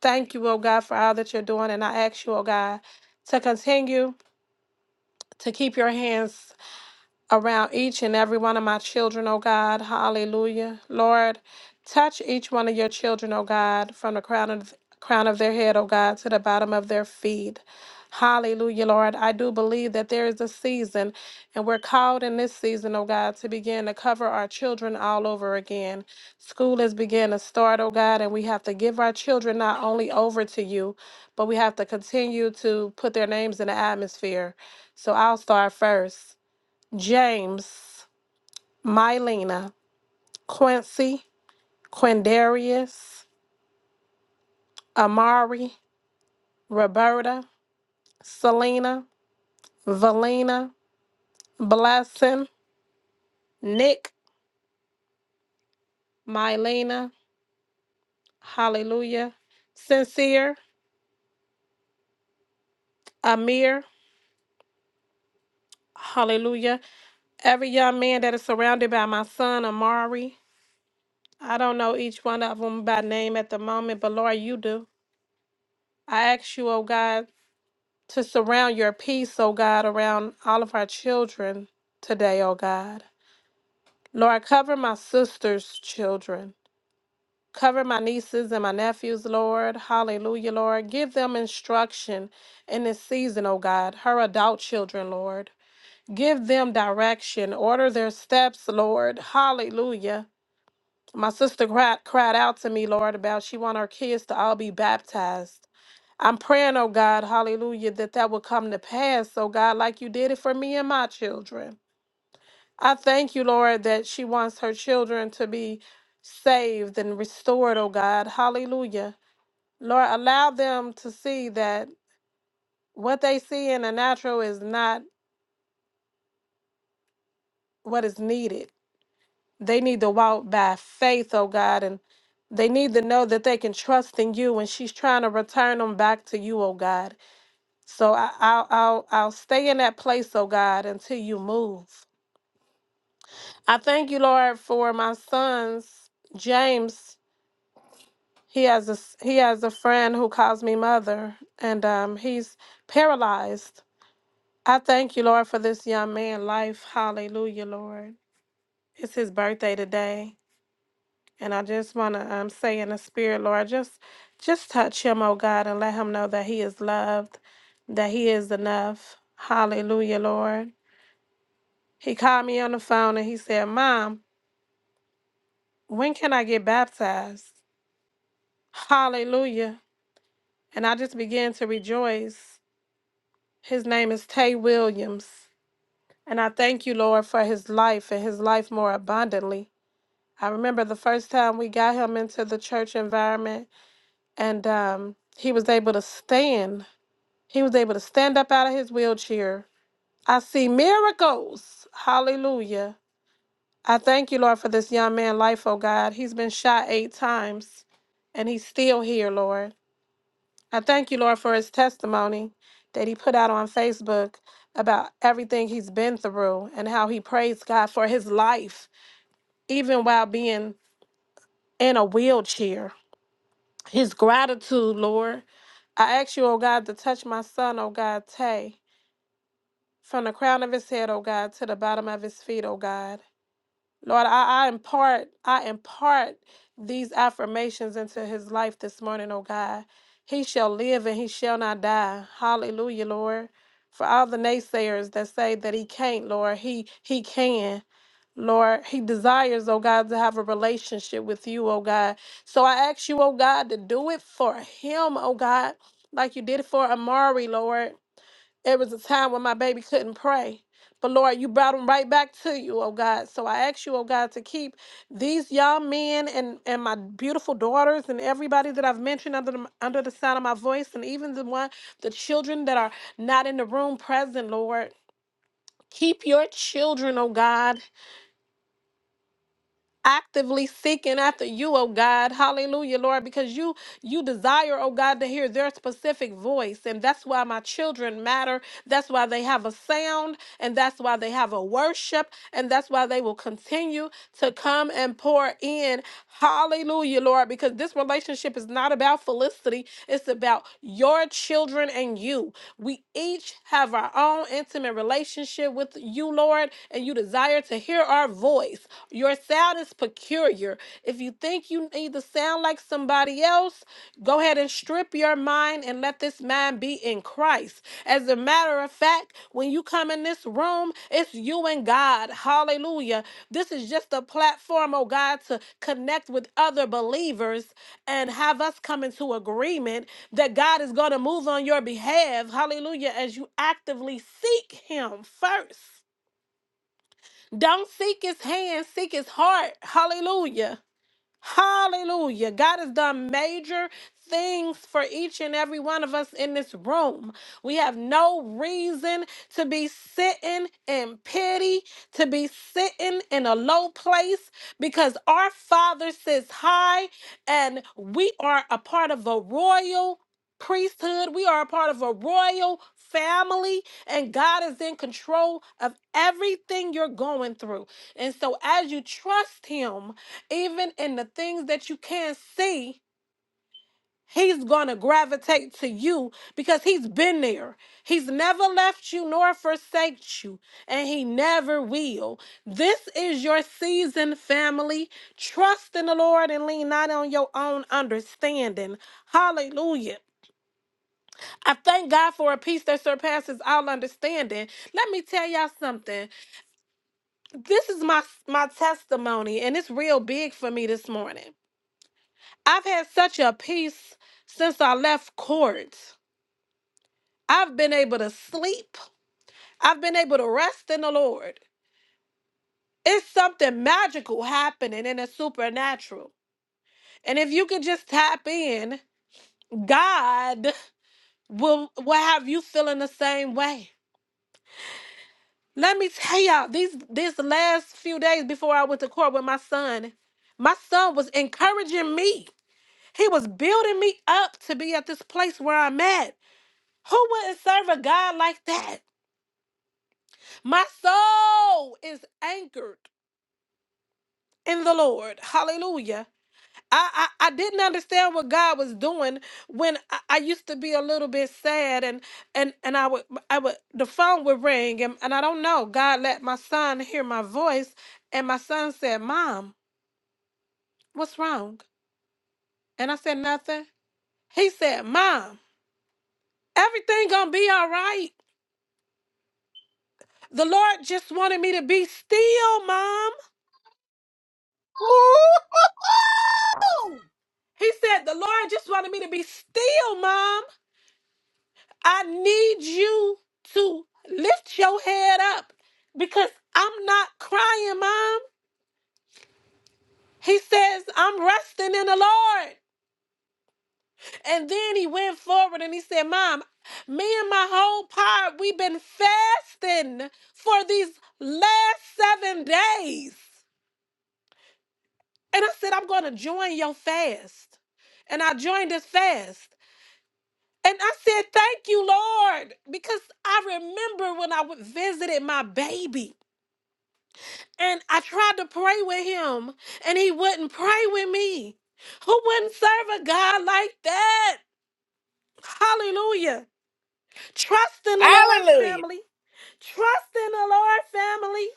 thank you, oh God, for all that you're doing. And I ask you, oh God, to continue to keep your hands around each and every one of my children, oh God. Hallelujah. Lord, touch each one of your children, oh God, from the crown of crown of their head, oh God, to the bottom of their feet. Hallelujah, Lord. I do believe that there is a season, and we're called in this season, oh God, to begin to cover our children all over again. School is beginning to start, oh God, and we have to give our children not only over to you, but we have to continue to put their names in the atmosphere. So I'll start first. James, Mylena, Quincy, Quindarius, Amari, Roberta, Selena, Valina, Blessing, Nick, Mylena, Hallelujah, Sincere, Amir, Hallelujah. Every young man that is surrounded by my son, Amari. I don't know each one of them by name at the moment, but Lord, you do. I ask you, oh God. to surround your peace, O God, around all of our children today, O God. Lord, cover my sister's children. Cover my nieces and my nephews, Lord. Hallelujah, Lord. Give them instruction in this season, O God. Her adult children, Lord. Give them direction. Order their steps, Lord. Hallelujah. My sister cried, cried out to me, Lord, about she want her kids to all be baptized. I'm praying, oh God, hallelujah, that that will come to pass, oh God, like you did it for me and my children. I thank you, Lord, that she wants her children to be saved and restored, oh God, hallelujah. Lord, allow them to see that what they see in the natural is not what is needed. They need to walk by faith, oh God, and they need to know that they can trust in you when she's trying to return them back to you, oh God. So I, I'll, I'll, I'll stay in that place, oh God, until you move. I thank you, Lord, for my sons. James, he has a s- he has a friend who calls me mother, and um, he's paralyzed. I thank you, Lord, for this young man' life. Hallelujah, Lord. It's his birthday today, and I just want to um, say in the spirit, Lord, just just touch him, oh God, and let him know that he is loved, that he is enough. Hallelujah, Lord. He called me on the phone and he said, Mom, when can I get baptized? Hallelujah. And I just began to rejoice. His name is Tay Williams. And I thank you, Lord, for his life and his life more abundantly. I remember the first time we got him into the church environment and um, he was able to stand. He was able to stand up out of his wheelchair. I see miracles. Hallelujah. I thank you, Lord, for this young man's life, oh God. He's been shot eight times and he's still here, Lord. I thank you, Lord, for his testimony that he put out on Facebook about everything he's been through and how he praised God for his life, even while being in a wheelchair. His gratitude, Lord. I ask you, oh God, to touch my son, oh God, Tay, from the crown of his head, oh God, to the bottom of his feet, oh God. Lord, I, I impart, I impart these affirmations into his life this morning, oh God. He shall live and he shall not die. Hallelujah, Lord. For all the naysayers that say that he can't, Lord, he he can. Lord, he desires, oh God, to have a relationship with you, oh God. So I ask you, oh God, to do it for him, oh God, like you did it for Amari, Lord. There was a time when my baby couldn't pray. But Lord, you brought him right back to you, oh God. So I ask you, oh God, to keep these young men and, and my beautiful daughters and everybody that I've mentioned under the, under the sound of my voice and even the one the children that are not in the room present, Lord. Keep your children, oh God actively seeking after you, oh God. Hallelujah, Lord, because you you desire, oh God, to hear their specific voice. And that's why my children matter. That's why they have a sound, and that's why they have a worship, and that's why they will continue to come and pour in. Hallelujah, Lord, because this relationship is not about felicity, it's about your children and you. We each have our own intimate relationship with you, Lord, and you desire to hear our voice. Your sound is peculiar. If you think you need to sound like somebody else, go ahead and strip your mind and let this mind be in Christ. As a matter of fact, when you come in this room, it's you and God. Hallelujah. This is just a platform, oh God, to connect with other believers and have us come into agreement that God is going to move on your behalf. Hallelujah. As you actively seek Him first. Don't seek his hand, seek his heart. Hallelujah. Hallelujah. God has done major things for each and every one of us in this room. We have no reason to be sitting in pity, to be sitting in a low place, because our Father sits high and we are a part of a royal priesthood. We are a part of a royal family, and God is in control of everything you're going through. And so, as you trust Him, even in the things that you can't see, he's going to gravitate to you because he's been there. He's never left you nor forsaked you, and he never will. This is your season, family. Trust in the Lord and lean not on your own understanding. Hallelujah. I thank God for a peace that surpasses all understanding. Let me tell y'all something. This is my my testimony and it's real big for me this morning. I've had such a peace since I left court. I've been able to sleep. I've been able to rest in the Lord. It's something magical happening in the supernatural. And if you can just tap in, God will, will have you feeling the same way. Let me tell y'all, these this last few days before I went to court with my son, my son was encouraging me. He was building me up to be at this place where I'm at. Who wouldn't serve a God like that? My soul is anchored in the Lord. Hallelujah. I, I, I didn't understand what God was doing when I, I used to be a little bit sad and and and I would I would the phone would ring and, and I don't know. God let my son hear my voice and my son said, Mom, what's wrong? And I said, Nothing. He said, Mom, everything gonna be all right. The Lord just wanted me to be still, Mom. Woo! He said, The Lord just wanted me to be still, Mom. I need you to lift your head up because I'm not crying, Mom. He says, I'm resting in the Lord. And then he went forward and he said, Mom, me and my whole pod, we've been fasting for these last seven days. And I said, I'm going to join your fast. And I joined his fast. And I said, Thank you, Lord, because I remember when I w- visited my baby. And I tried to pray with him, and he wouldn't pray with me. Who wouldn't serve a God like that? Hallelujah. Trust in the Lord, Hallelujah. family. Trust in the Lord, family.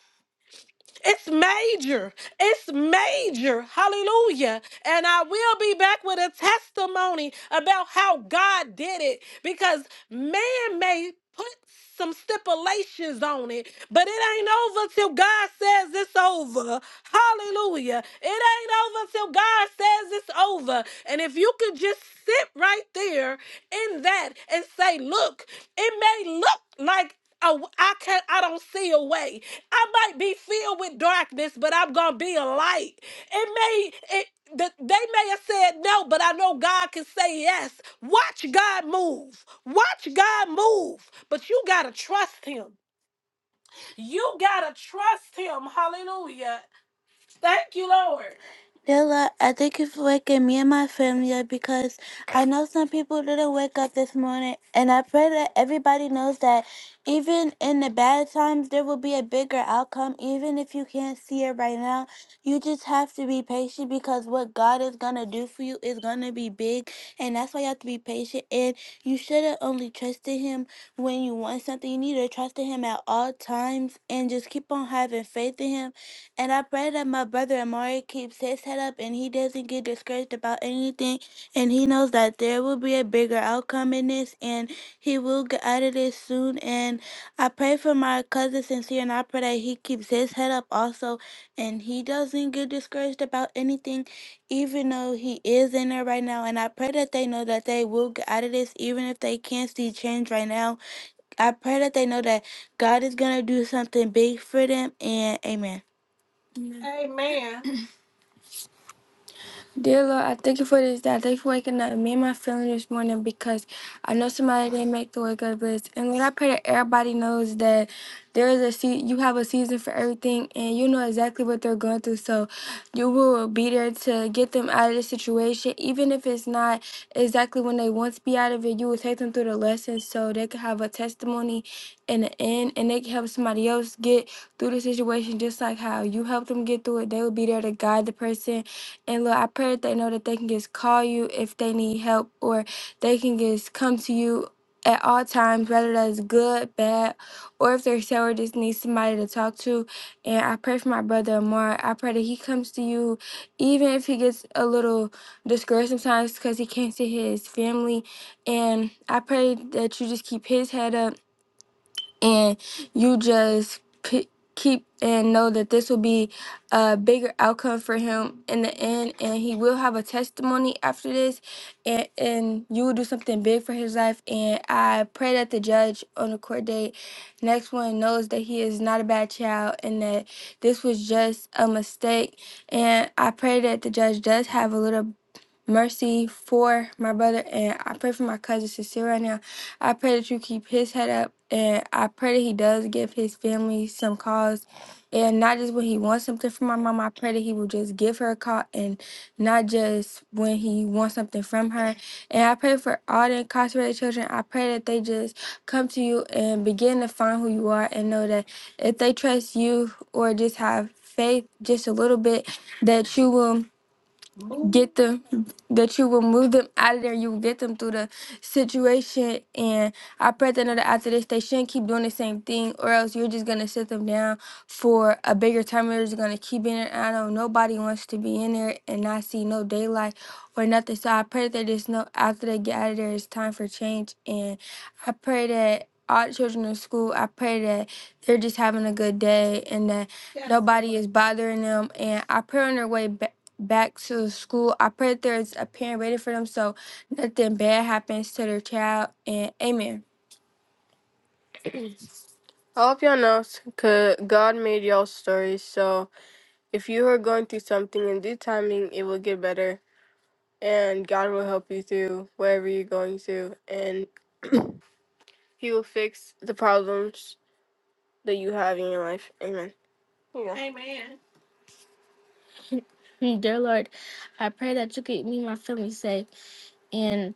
It's major. It's major. Hallelujah. And I will be back with a testimony about how God did it because man may put some stipulations on it, but it ain't over till God says it's over. Hallelujah. It ain't over till God says it's over. And if you could just sit right there in that and say, look, it may look like a, I can't I don't see a way. I might be filled with darkness, but I'm gonna be a light. It may it the, they may have said no, but I know God can say yes. Watch God move. Watch God move. But you gotta trust him. You gotta trust him. Hallelujah. Thank you, Lord. Dear Lord, I thank you for waking me and my family up because I know some people didn't wake up this morning, and I pray that everybody knows that even in the bad times, there will be a bigger outcome. Even if you can't see it right now, you just have to be patient because what God is going to do for you is going to be big, and that's why you have to be patient. And you shouldn't only trust in Him when you want something, you need to trust in Him at all times and just keep on having faith in Him and I pray that my brother Amari keeps his head up and he doesn't get discouraged about anything. And he knows that there will be a bigger outcome in this and he will get out of this soon. And I pray for my cousin Sincere and I pray that he keeps his head up also and he doesn't get discouraged about anything, even though he is in there right now. And I pray that they know that they will get out of this, even if they can't see change right now. I pray that they know that God is going to do something big for them. And amen. Dear Lord, I thank you for this day. I thank you for waking up me and my family this morning because I know somebody didn't make the wake up list. And Lord, I pray that everybody knows that there is a se- you have a season for everything and you know exactly what they're going through. So you will be there to get them out of the situation, even if it's not exactly when they want to be out of it. You will take them through the lessons so they can have a testimony in the end and they can help somebody else get through the situation just like how you helped them get through it. They will be there to guide the person and Lord, I pray that they know that they can just call you if they need help or they can just come to you at all times, whether that's good, bad, or if they're sour, just need somebody to talk to. And I pray for my brother Amar. I pray that he comes to you, even if he gets a little discouraged sometimes because he can't see his family. And I pray that you just keep his head up and you just p- keep and know that this will be a bigger outcome for him in the end and he will have a testimony after this and and you will do something big for his life and i pray that the judge on the court date next one knows that he is not a bad child and that this was just a mistake and i pray that the judge does have a little mercy for my brother and I pray for my cousin Cecile right now. I pray that you keep his head up and I pray that he does give his family some calls and not just when he wants something from my mom. I pray that he will just give her a call and not just when he wants something from her. And I pray for all the incarcerated children. I pray that they just come to you and begin to find who you are and know that if they trust you or just have faith just a little bit that you will get them that you will move them out of there you will get them through the situation and i pray that another after this they shouldn't keep doing the same thing or else you're just gonna sit them down for a bigger time they're just gonna keep in there i know nobody wants to be in there and not see no daylight or nothing so i pray that there's no after they get out of there it's time for change and i pray that all the children in school i pray that they're just having a good day and that Yes. nobody is bothering them and i pray on their way back back to school. I pray that there's a parent ready for them so nothing bad happens to their child. And amen. All of y'all know c- God made y'all stories, so if you are going through something in due timing, it will get better, and God will help you through whatever you're going through, and He will fix the problems that you have in your life. Amen. Here you go. Amen. Dear Lord, I pray that you keep me and my family safe. and.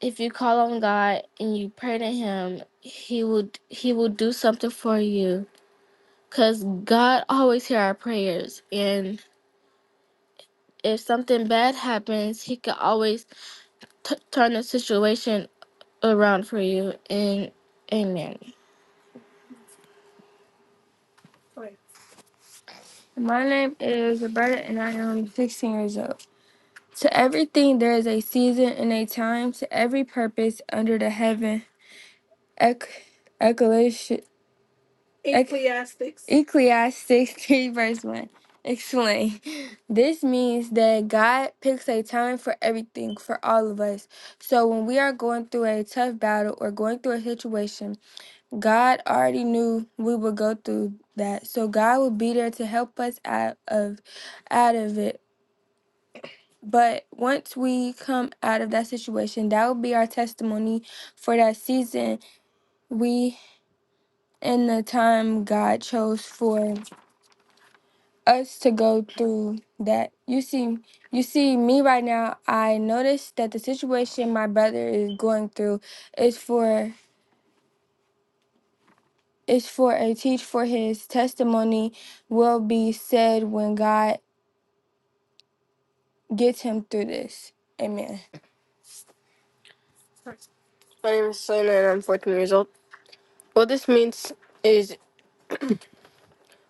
if you call on God and you pray to him, he will he will do something for you cuz God always hear our prayers and if something bad happens, always t- turn the situation around and amen. My name is Roberta and I am 16 years old. To everything there is a season and a time to every purpose under the heaven. Ec- Ec- Ecclesiastics. Ecclesiastes 3, verse 1. Explain. This means that God picks a time for everything for all of us. So when we are going through a tough battle or going through a situation, God already knew we would go through that. So God will be there to help us out of out of it. But once we come out of that situation, that will be our testimony for that season we and the time God chose for. us to go through that. You see, you see me right now. I notice that the situation my brother is going through is for is for a teach for his testimony will be said when God gets him through this. Amen. My name is Selena and I'm 14 years old. What this means is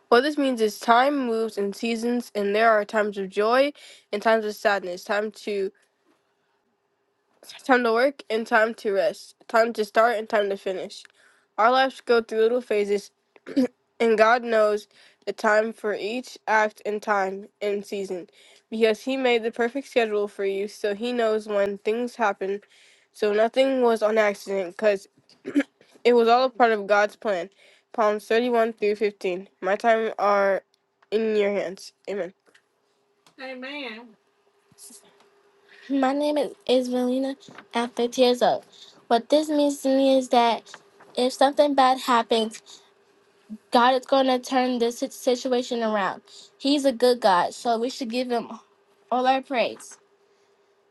what this means is time moves in seasons and there are times of joy and times of sadness. Time to time to work and time to rest, time to start and time to finish. Our lives go through little phases, and God knows the time for each act and time and season because He made the perfect schedule for you, so He knows when things happen. So nothing was on accident because it was all a part of God's plan. Psalms 31 through 15. My time are in your hands. Amen. My name is Isvelina. I'm 50 years old. What this means to me is that if something bad happens, God is going to turn this sit- situation around. He's a good God, so we should give him all our praise.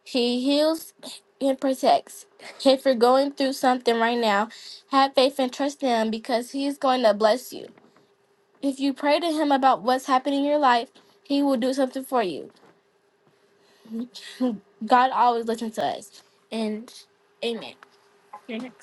He heals and protects. If you're going through something right now, have faith and trust him because he is going to bless you. If you pray to him about what's happening in your life, he will do something for you. God always listens to us. And amen. You're next.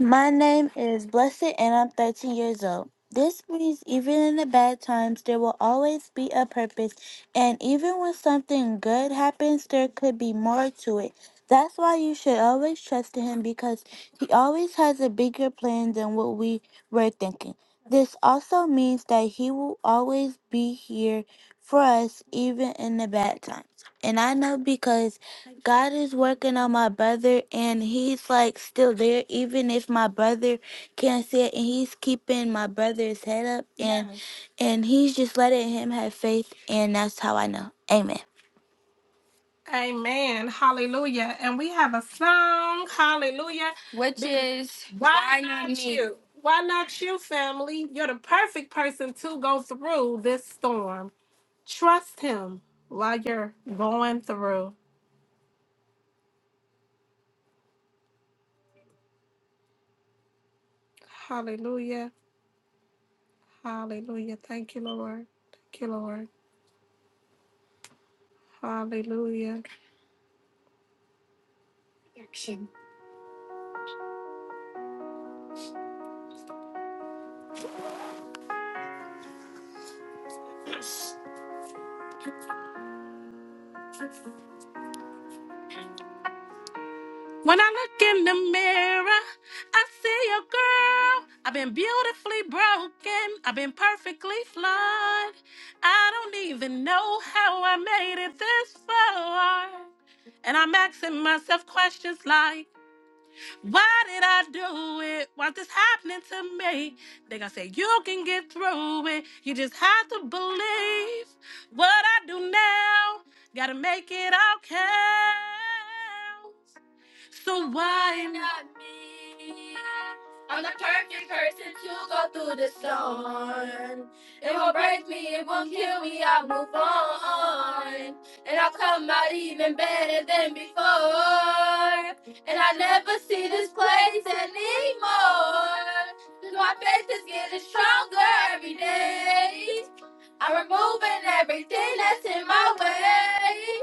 My name is Blessed and I'm 13 years old. This means even in the bad times, there will always be a purpose, and even when something good happens, there could be more to it. That's why you should always trust in Him because He always has a bigger plan than what we were thinking. This also means that He will always be here for us, even in the bad times. And I know because God is working on my brother and he's like still there even if my brother can't see it and he's keeping my brother's head up and Yes. and he's just letting him have faith and that's how I know. Amen. Amen. Hallelujah. And we have a song. Hallelujah. Which is Why, Why Not Not Me? You? Why Not You, family? You're the perfect person to go through this storm. Trust Him while you're going through. Hallelujah. Hallelujah. Thank you, Lord. Thank you, Lord. Hallelujah. When I look in the mirror, I see a girl. I've been beautifully broken. I've been perfectly flawed. I don't even know how I made it this far. And I'm asking myself questions like, Why did I do it? Why this happening to me? They gonna say you can get through it. You just have to believe what I do now. Gotta make it all count. So why not? on. It won't break me, it won't kill me, I'll move on. And I'll come out even better than before. And I will never see this place anymore. 'Cause my faith is getting stronger every day. I'm removing everything that's in my way.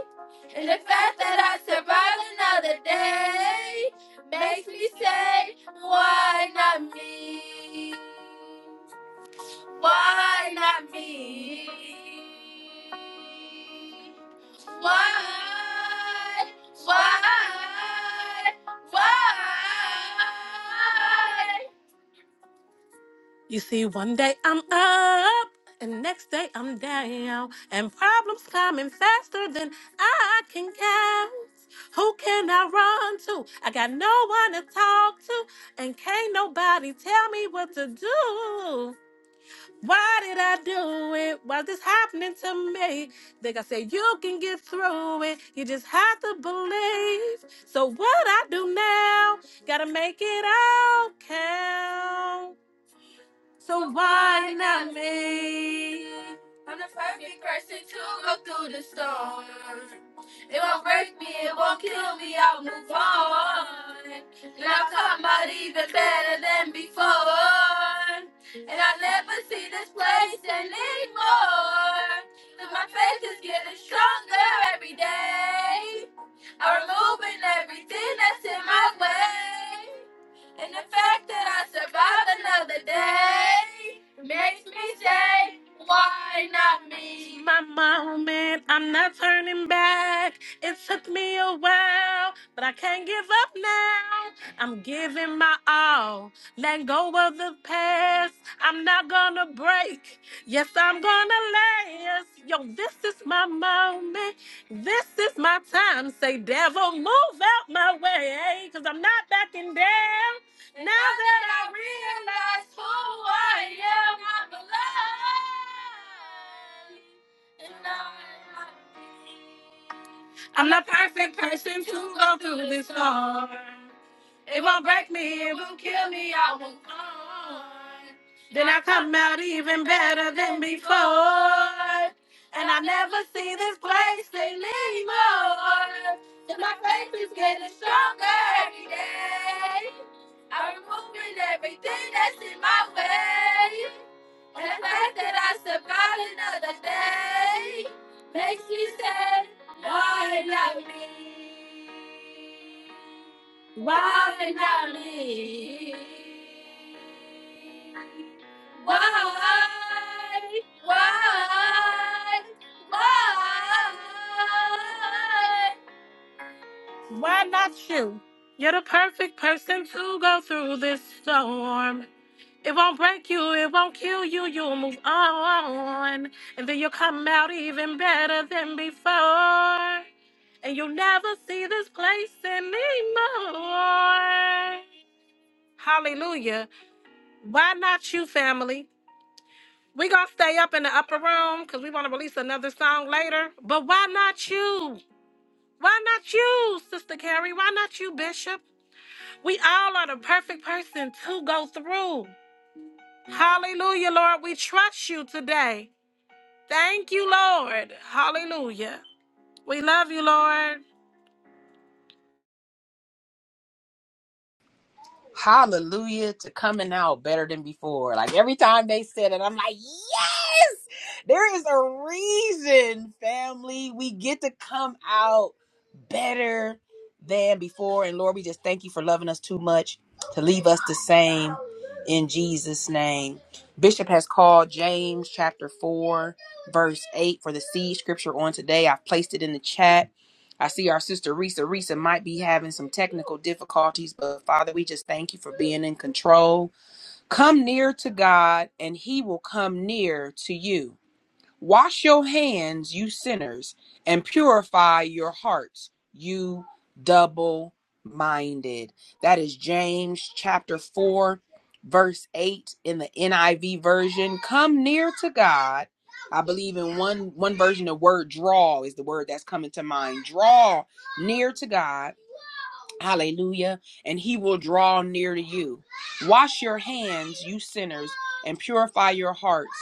And the fact that I survived another day makes me say, why not me? Why not me? Why? Why? Why? You see, one day I'm up, and next day I'm down, and problems coming faster than I can count. Who can I run to? I got no one to talk to, and can't nobody tell me what to do. Why did I do it? Why's this happening to me? Think I said you can get through it. You just have to believe. So what I do now, gotta make it all count. So why not me? I'm the perfect person to go through the storm. It won't break me, it won't kill me, I'll move on. And I'll come out even better than before. And I'll never see this place anymore. And my faith is getting stronger every day. I'm removing everything that's in my way. And the fact that I survived another day makes me say, why not me? My moment, I'm not turning back. It took me a while, but I can't give up now. I'm giving my all. Let go of the past. I'm not gonna break. Yes, I'm gonna last. Yo, this is my moment. This is my time. Say, devil, move out my way, because I'm not backing down. Now that I realize who I am, I'm alive. And I'm happy. I'm the perfect person to go through this storm. It won't break me, it won't kill me, I won't on. Then I come out even better than before. And I never see this place anymore. And my faith is getting stronger every day. I'm removing everything that's in my way. And the fact that I survived another day makes me say, why not me? Why not me? Why? Why? Why? Why not you? You're the perfect person to go through this storm. It won't break you, it won't kill you, you'll move on. And then you'll come out even better than before. And you'll never see this place anymore. Hallelujah. Why not you, family? we going to stay up in the upper room because we want to release another song later. But why not you? Why not you, Sister Carrie? Why not you, Bishop? We all are the perfect person to go through. Hallelujah, Lord. We trust you today. Thank you, Lord. Hallelujah. We love you, Lord. hallelujah to coming out better than before. Like every time they said it, I'm like, yes, there is a reason, family. We get to come out better than before. And Lord, we just thank you for loving us too much to leave us the same in Jesus' name. Bishop has called James chapter 4, verse 8 for the seed scripture on today. I've placed it in the chat. I see our sister Risa. Risa might be having some technical difficulties, but Father, we just thank you for being in control. Come near to God, and He will come near to you. Wash your hands, you sinners, and purify your hearts, you double minded. That is James chapter 4, verse 8 in the NIV version. Come near to God. I believe in one one version the word draw is the word that's coming to mind. Draw near to God Hallelujah. And he will draw near to you. Wash your hands, you sinners, and purify your hearts,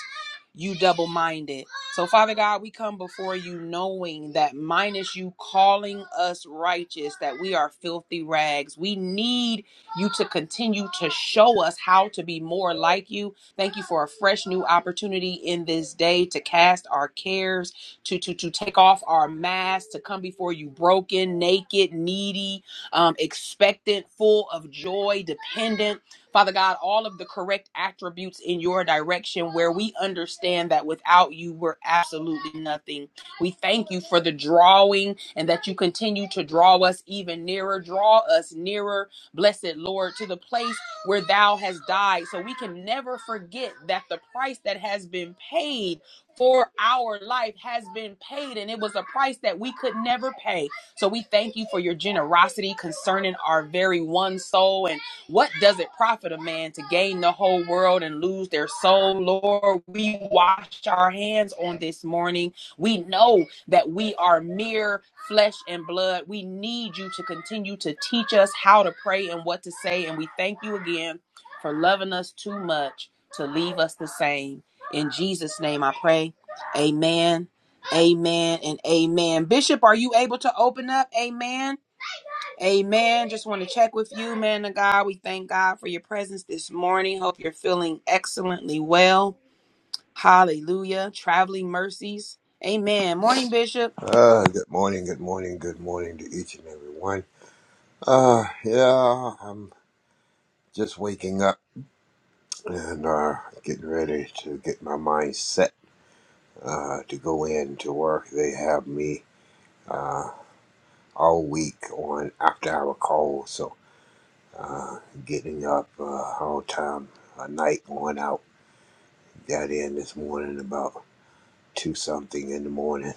you double minded. So, Father God, we come before you knowing that minus you calling us righteous, that we are filthy rags. We need you to continue to show us how to be more like you. Thank you for a fresh new opportunity in this day to cast our cares, to, to, to take off our masks, to come before you broken, naked, needy um, expectant, full of joy, dependent. Father God, all of the correct attributes in your direction where we understand that without you, we're absolutely nothing. We thank you for the drawing and that you continue to draw us even nearer. Draw us nearer, blessed Lord, to the place where thou hast died. So we can never forget that the price that has been paid for our life has been paid, and it was a price that we could never pay. So we thank you for your generosity concerning our very one soul. And what does it profit a man to gain the whole world and lose their soul? Lord, we wash our hands on this morning. We know that we are mere flesh and blood. We need you to continue to teach us how to pray and what to say. And we thank you again for loving us too much to leave us the same. In Jesus' name I pray. Amen Amen and amen. Bishop, are you able to open up? Amen. Amen. Just want to check with you, man of God. We thank God for your presence this morning. Hope you're feeling excellently well. Hallelujah. Traveling mercies. Amen. Morning, Bishop. Uh, good morning, good morning, good morning to each and every one. Uh, yeah, I'm just waking up and uh, getting ready to get my mind set uh, to go in to work. They have me uh, all week on after hour calls, so uh, getting up uh, all time, a night going out. Got in this morning about two something in the morning,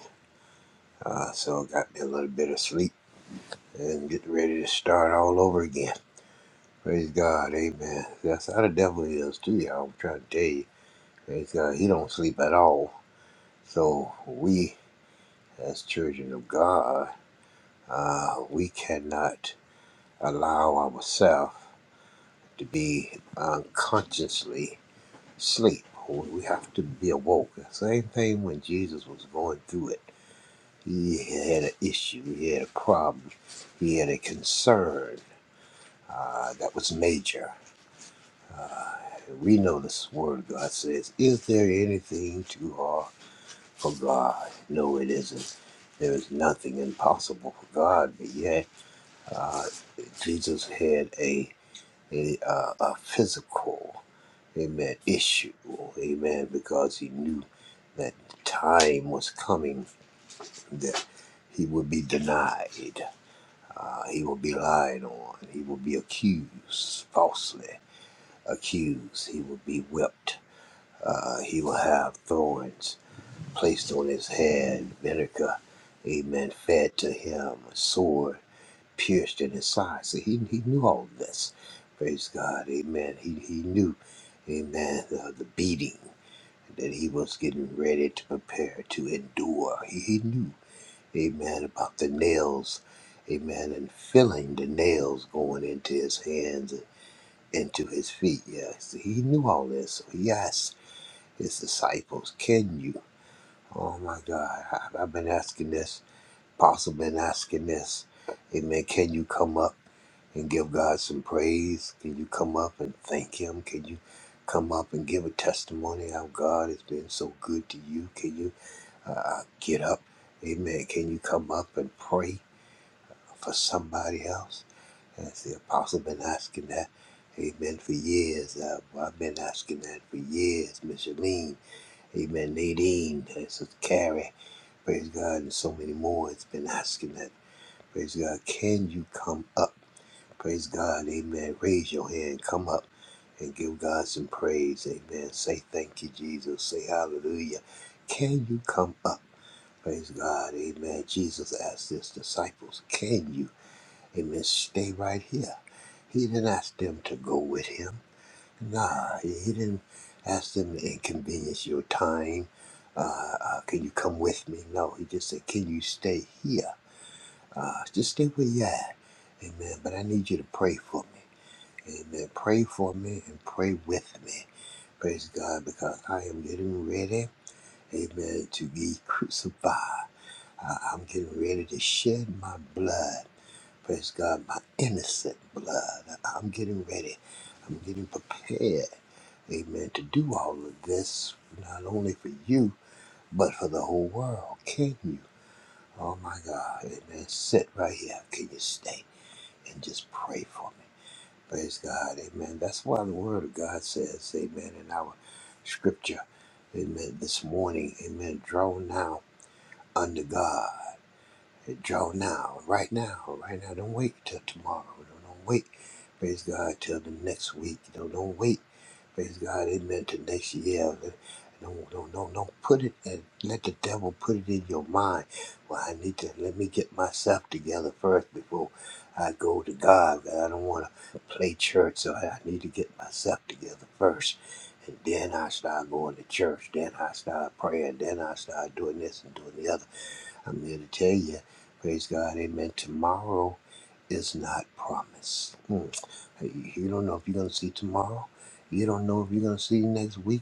uh, so got me a little bit of sleep and get ready to start all over again. Praise God, amen. That's how the devil is too, y'all. I'm trying to tell you. Praise God, he don't sleep at all. So we, as children of God, uh, we cannot allow ourselves to be unconsciously sleep. We have to be awoke. The same thing when Jesus was going through it. He had an issue. He had a problem. He had a concern uh, that was major We know this word of God says, Is there anything too hard for God? No, it isn't. There is nothing impossible for God, but yet uh, Jesus had a, a, uh, a physical, amen, issue, amen, because he knew that time was coming that he would be denied, uh, he would be lied on, he would be accused, falsely accused, he would be whipped Uh, he will have thorns placed on his head, vinegar, amen, fed to him, a sword pierced in his side. So he, he knew all of this. Praise God, amen. He, he knew, amen, the, the beating that he was getting ready to prepare to endure. He, he knew, amen, about the nails, amen, and feeling the nails going into his hands and into his feet. Yes, he knew all this. So he asked his disciples, Can you? Oh my God, I, I've been asking this. Apostle been asking this. Amen. Can you come up and give God some praise? Can you come up and thank Him? Can you come up and give a testimony how God has been so good to you? Can you uh, uh, get up? Amen. Can you come up and pray for somebody else? As the apostle been asking that. Amen. For years, uh, well, I've been asking that for years. Micheline, Amen. Nadine, this is Carrie. Praise God, and so many more has been asking that. Praise God, can you come up? Praise God, amen. Raise your hand, come up and give God some praise, amen. Say thank you, Jesus. Say hallelujah. Can you come up? Praise God, amen. Jesus asked his disciples, can you, amen, stay right here? He didn't ask them to go with him. Nah, he he didn't ask them to inconvenience your time. Uh, uh, can you come with me? No, he just said, can you stay here? Uh, just stay where you at. Amen. But I need you to pray for me. Amen. Pray for me and pray with me. Praise God, because I am getting ready. Amen. To be crucified. I- I'm getting ready to shed my blood. Praise God, my innocent blood. I- I'm getting ready. I'm getting prepared. Amen. To do all of this, not only for you, but for the whole world. Can you? Oh my God. Amen. Sit right here. Can you stay and just pray for me? Praise God. Amen. That's why the Word of God says, Amen, in our scripture. Amen. This morning, Amen. Draw now unto God. Draw now, right now, right now. Don't wait till tomorrow. Don't, don't wait. Praise God till the next week. Don't, don't wait. Praise God. Amen. To next year. Don't, don't, don't, don't put it and let the devil put it in your mind. Well, I need to let me get myself together first before I go to God. I don't want to play church, so I need to get myself together first. And then I start going to church. Then I start praying. Then I start doing this and doing the other. I'm here to tell you, praise God, amen. Tomorrow is not promised. Mm. You don't know if you're going to see tomorrow. You don't know if you're going to see next week.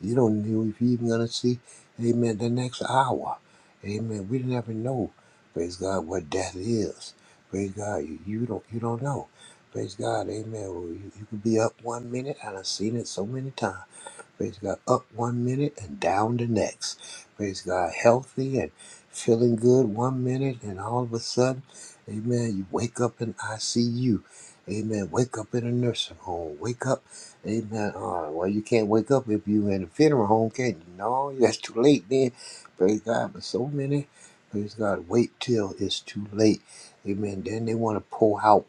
You don't know if you're even going to see, amen, the next hour. Amen. We never know, praise God, what death is. Praise God. You, you don't you don't know. Praise God. Amen. Well, you, you could be up one minute, and I've seen it so many times. Praise God. Up one minute and down the next. Praise God. Healthy and feeling good one minute, and all of a sudden, amen, you wake up in ICU. Amen. Wake up in a nursing home. Wake up. Amen. Uh, well, you can't wake up if you in a funeral home, can you? No, that's too late then. Praise God. But so many, praise God, wait till it's too late. Amen. Then they want to pull out.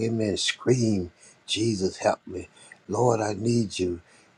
Amen. Scream, Jesus, help me. Lord, I need you.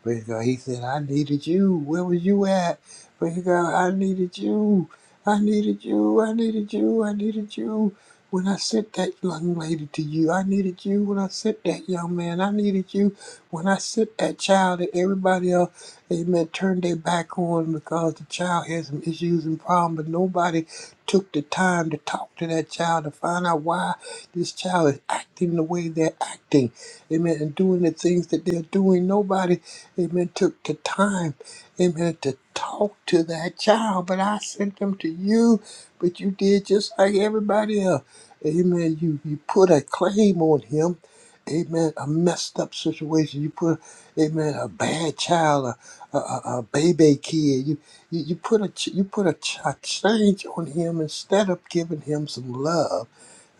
Praise God. He said, I needed you. Where was you at? Praise God. I needed you. I needed you. I needed you. I needed you. When I sent that young lady to you, I needed you. When I sent that young man, I needed you. When I sent that child that everybody else, amen, turned their back on because the child had some issues and problems, but nobody took the time to talk to that child to find out why this child is acting the way they're acting. Amen. And doing the things that they're doing. Nobody Amen. Took the time, amen, to talk to that child. But I sent them to you, but you did just like everybody else. Amen. You you put a claim on him. Amen. A messed up situation. You put, amen, a bad child, a, a, a a baby kid. You, you you put a ch- you put a, ch- a change on him instead of giving him some love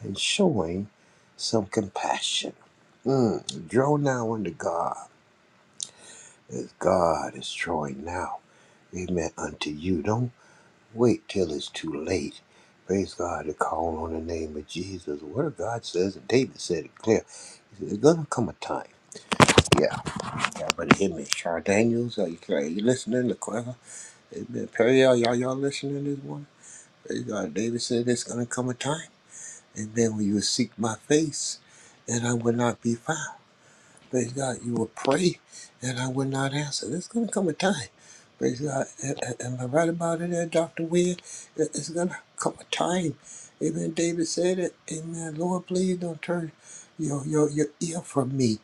and showing some compassion. Mm. Draw now unto God as God is drawing now, amen, unto you. Don't wait till it's too late. Praise God to call on the name of Jesus. The word of God says, and David said it clear, he said, there's going to come a time. Yeah, y'all hear me. Char Daniels, are you, clear? are you listening? The choir? Amen. Perry, you y'all y'all listening this morning? Praise God. David said, there's going to come a time. Amen. When you will seek my face, and I will not be found. Praise God. You will pray and I will not answer. There's going to come a time. Praise God. A- a- Am I right about it there, Dr. Weir? It- It's going to come a time. Amen. David said it. Amen. Lord, please don't turn your, your, your ear from me.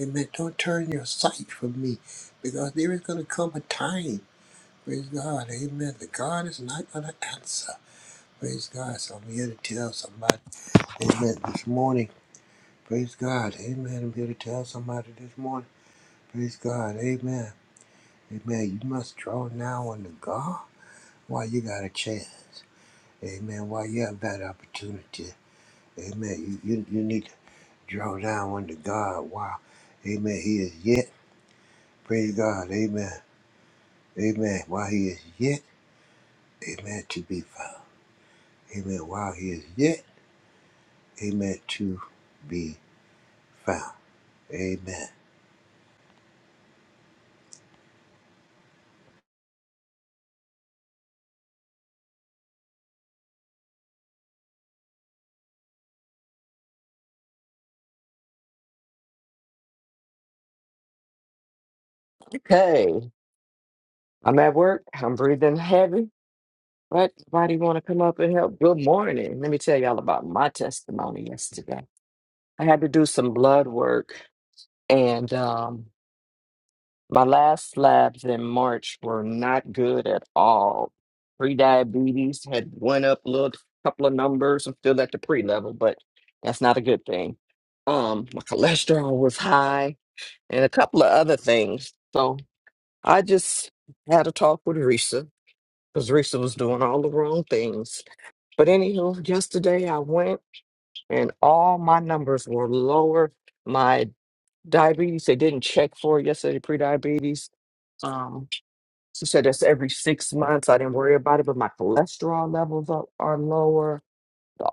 Amen. Don't turn your sight from me because there is going to come a time. Praise God. Amen. The God is not going to answer. Praise God. So I'm here to tell somebody. Amen. This morning. Praise God. Amen. I'm here to tell somebody this morning. Praise God. Amen. Amen. You must draw now unto God while you got a chance. Amen. While you have that opportunity. Amen. You, you, you need to draw down unto God while, amen, he is yet. Praise God. Amen. Amen. While he is yet, amen, to be found. Amen. While he is yet, amen, to be found. Amen. Okay, I'm at work. I'm breathing heavy. But somebody want to come up and help? Good morning. Let me tell y'all about my testimony yesterday. I had to do some blood work, and um, my last labs in March were not good at all. Pre-diabetes had went up a little, couple of numbers. I'm still at the pre-level, but that's not a good thing. Um, my cholesterol was high, and a couple of other things. So. I just had a talk with Risa because Risa was doing all the wrong things. But anywho, yesterday I went and all my numbers were lower. My diabetes, they didn't check for it yesterday, pre-diabetes. Um, she said that's every six months. I didn't worry about it, but my cholesterol levels are, are lower.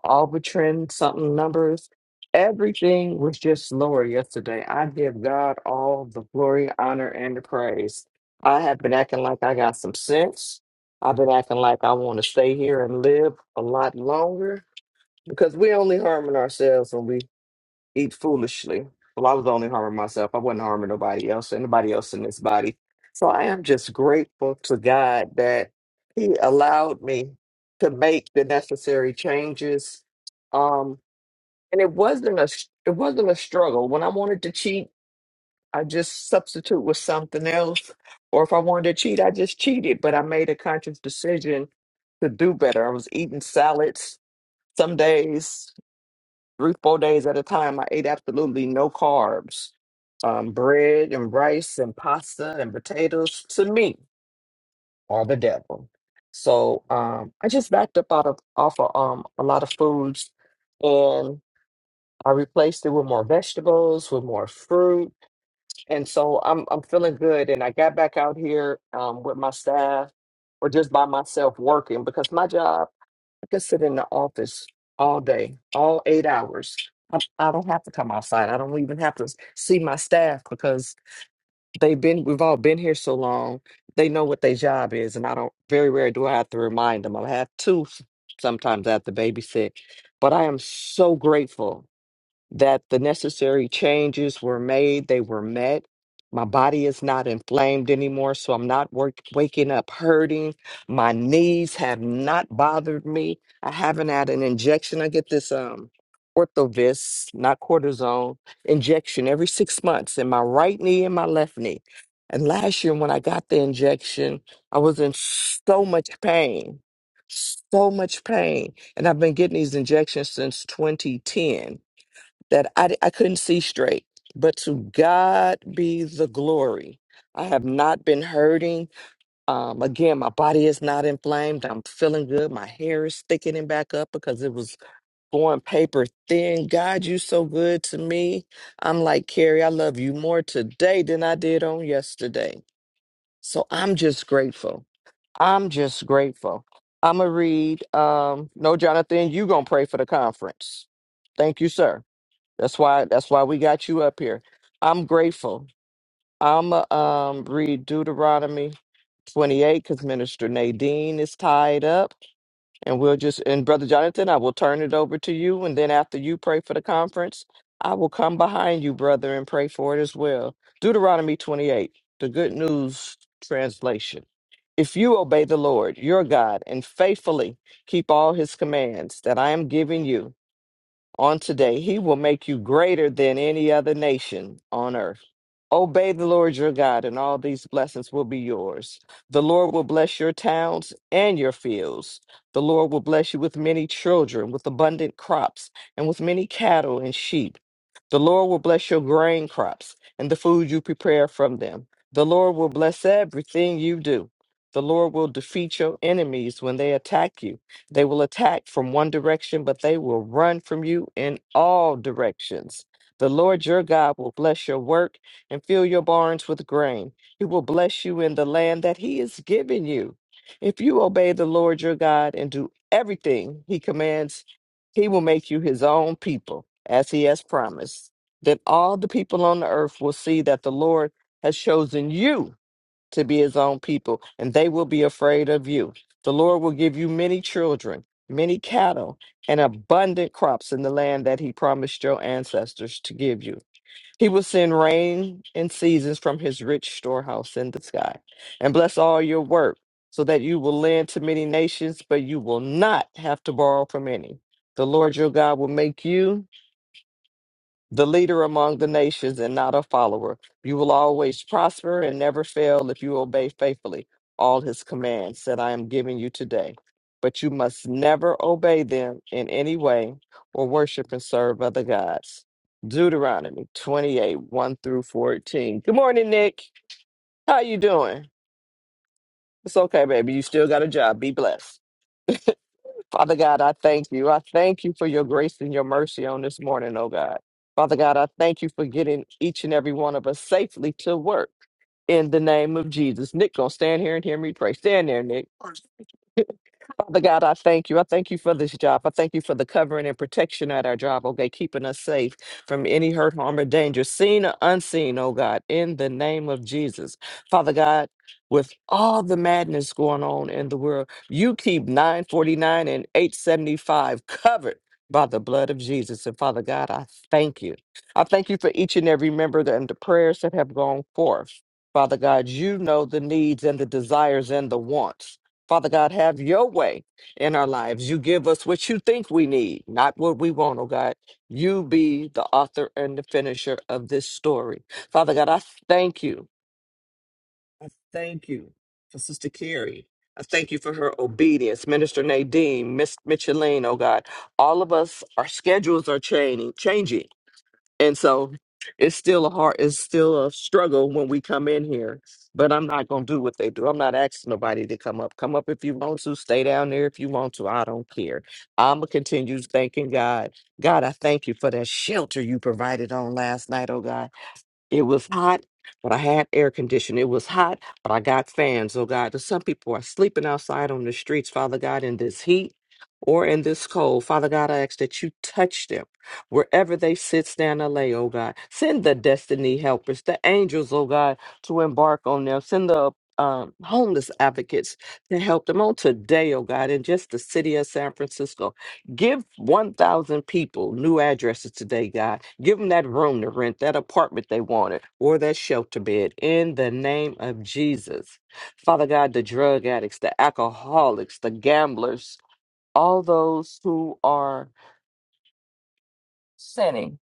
Albatrin, something numbers. Everything was just lower yesterday. I give God all the glory, honor, and the praise. I have been acting like I got some sense. I've been acting like I want to stay here and live a lot longer because we only harming ourselves when we eat foolishly. Well, I was only harming myself. I wasn't harming nobody else, anybody else in this body. So I am just grateful to God that He allowed me to make the necessary changes. Um, and it wasn't a it wasn't a struggle. When I wanted to cheat, I just substitute with something else. Or if I wanted to cheat, I just cheated. But I made a conscious decision to do better. I was eating salads some days three, four days at a time, I ate absolutely no carbs. Um, bread and rice and pasta and potatoes to me are the devil. So um, I just backed up out of off of um, a lot of foods, and I replaced it with more vegetables, with more fruit, and so I'm I'm feeling good. And I got back out here um, with my staff, or just by myself working because my job. I could sit in the office all day, all eight hours. I, I don't have to come outside. I don't even have to see my staff because they've been, we've all been here so long. They know what their job is, and I don't, very rarely do I have to remind them. I have to sometimes I have to babysit, but I am so grateful that the necessary changes were made, they were met. My body is not inflamed anymore, so I'm not work- waking up hurting. My knees have not bothered me. I haven't had an injection. I get this um orthovis, not cortisone, injection every six months in my right knee and my left knee. And last year when I got the injection, I was in so much pain. So much pain. And I've been getting these injections since 2010 that I, I couldn't see straight. But to God be the glory. I have not been hurting. Um, again, my body is not inflamed. I'm feeling good. My hair is thickening back up because it was going paper thin. God, you so good to me. I'm like, Carrie, I love you more today than I did on yesterday. So I'm just grateful. I'm just grateful. I'm going to read. Um, no, Jonathan, you going to pray for the conference. Thank you, sir. That's why that's why we got you up here. I'm grateful. I'm uh, um read Deuteronomy 28 because Minister Nadine is tied up, and we'll just and Brother Jonathan, I will turn it over to you, and then after you pray for the conference, I will come behind you, brother, and pray for it as well. Deuteronomy 28, the Good News translation. If you obey the Lord your God and faithfully keep all his commands that I am giving you on today. He will make you greater than any other nation on earth. Obey the Lord your God, and all these blessings will be yours. The Lord will bless your towns and your fields. The Lord will bless you with many children, with abundant crops, and with many cattle and sheep. The Lord will bless your grain crops and the food you prepare from them. The Lord will bless everything you do. The Lord will defeat your enemies when they attack you. They will attack from one direction, but they will run from you in all directions. The Lord your God will bless your work and fill your barns with grain. He will bless you in the land that he is giving you. If you obey the Lord your God and do everything he commands, he will make you his own people, as he has promised. Then all the people on the earth will see that the Lord has chosen you to be his own people, and they will be afraid of you. The Lord will give you many children, many cattle, and abundant crops in the land that he promised your ancestors to give you. He will send rain in seasons from his rich storehouse in the sky and bless all your work so that you will lend to many nations, but you will not have to borrow from any. The Lord your God will make you the leader among the nations and not a follower. You will always prosper and never fail if you obey faithfully all his commands that I am giving you today. But you must never obey them in any way or worship and serve other gods. Deuteronomy 28, 1 through 14. Good morning, Nick. How you doing? It's okay, baby. You still got a job. Be blessed. Father God, I thank you. I thank you for your grace and your mercy on this morning, oh God. Father God, I thank you for getting each and every one of us safely to work in the name of Jesus. Nick, gonna stand here and hear me pray. Stand there, Nick. Father God, I thank you. I thank you for this job. I thank you for the covering and protection at our job, okay, keeping us safe from any hurt, harm, or danger, seen or unseen, oh God, in the name of Jesus. Father God, with all the madness going on in the world, you keep 949 and 875 covered. By the blood of Jesus. And Father God, I thank you. I thank you for each and every member that- and the prayers that have gone forth. Father God, you know the needs and the desires and the wants. Father God, have your way in our lives. You give us what you think we need, not what we want, oh God. You be the author and the finisher of this story. Father God, I thank you. I thank you for Sister Carrie. I thank you for her obedience. Minister Nadine, Miss Micheline, oh God. All of us, our schedules are changing, changing. And so it's still a hard, it's still a struggle when we come in here. But I'm not gonna do what they do. I'm not asking nobody to come up. Come up if you want to. Stay down there if you want to. I don't care. I'm gonna continue thanking God. God, I thank you for that shelter you provided on last night, oh God. It was hot, but I had air conditioning. It was hot, but I got fans. Oh God, there's some people are sleeping outside on the streets, Father God, in this heat or in this cold. Father God, I ask that you touch them wherever they sit, stand, or lay, oh God. Send the destiny helpers, the angels, oh God, to embark on them. Send the um, homeless advocates to help them on today, oh God, in just the city of San Francisco. Give 1,000 people new addresses today, God. Give them that room to rent, that apartment they wanted, or that shelter bed in the name of Jesus. Father God, the drug addicts, the alcoholics, the gamblers, all those who are sinning,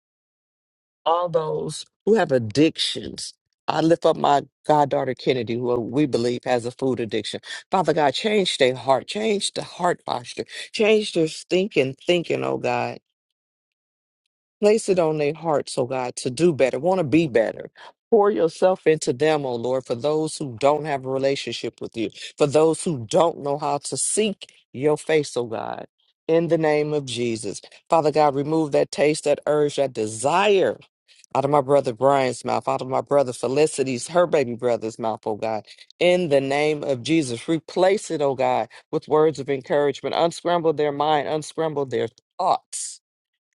all those who have addictions. I lift up my goddaughter Kennedy, who we believe has a food addiction. Father God, change their heart, change the heart posture, change their thinking, thinking, oh God Place it on their hearts, oh God, to do better, want to be better. Pour yourself into them, oh Lord, for those who don't have a relationship with you, for those who don't know how to seek your face, oh God. In the name of Jesus. Father God, remove that taste, that urge, that desire out of my brother Brian's mouth, out of my brother Felicity's, her baby brother's mouth, oh God. In the name of Jesus, replace it, oh God, with words of encouragement. Unscramble their mind, unscramble their thoughts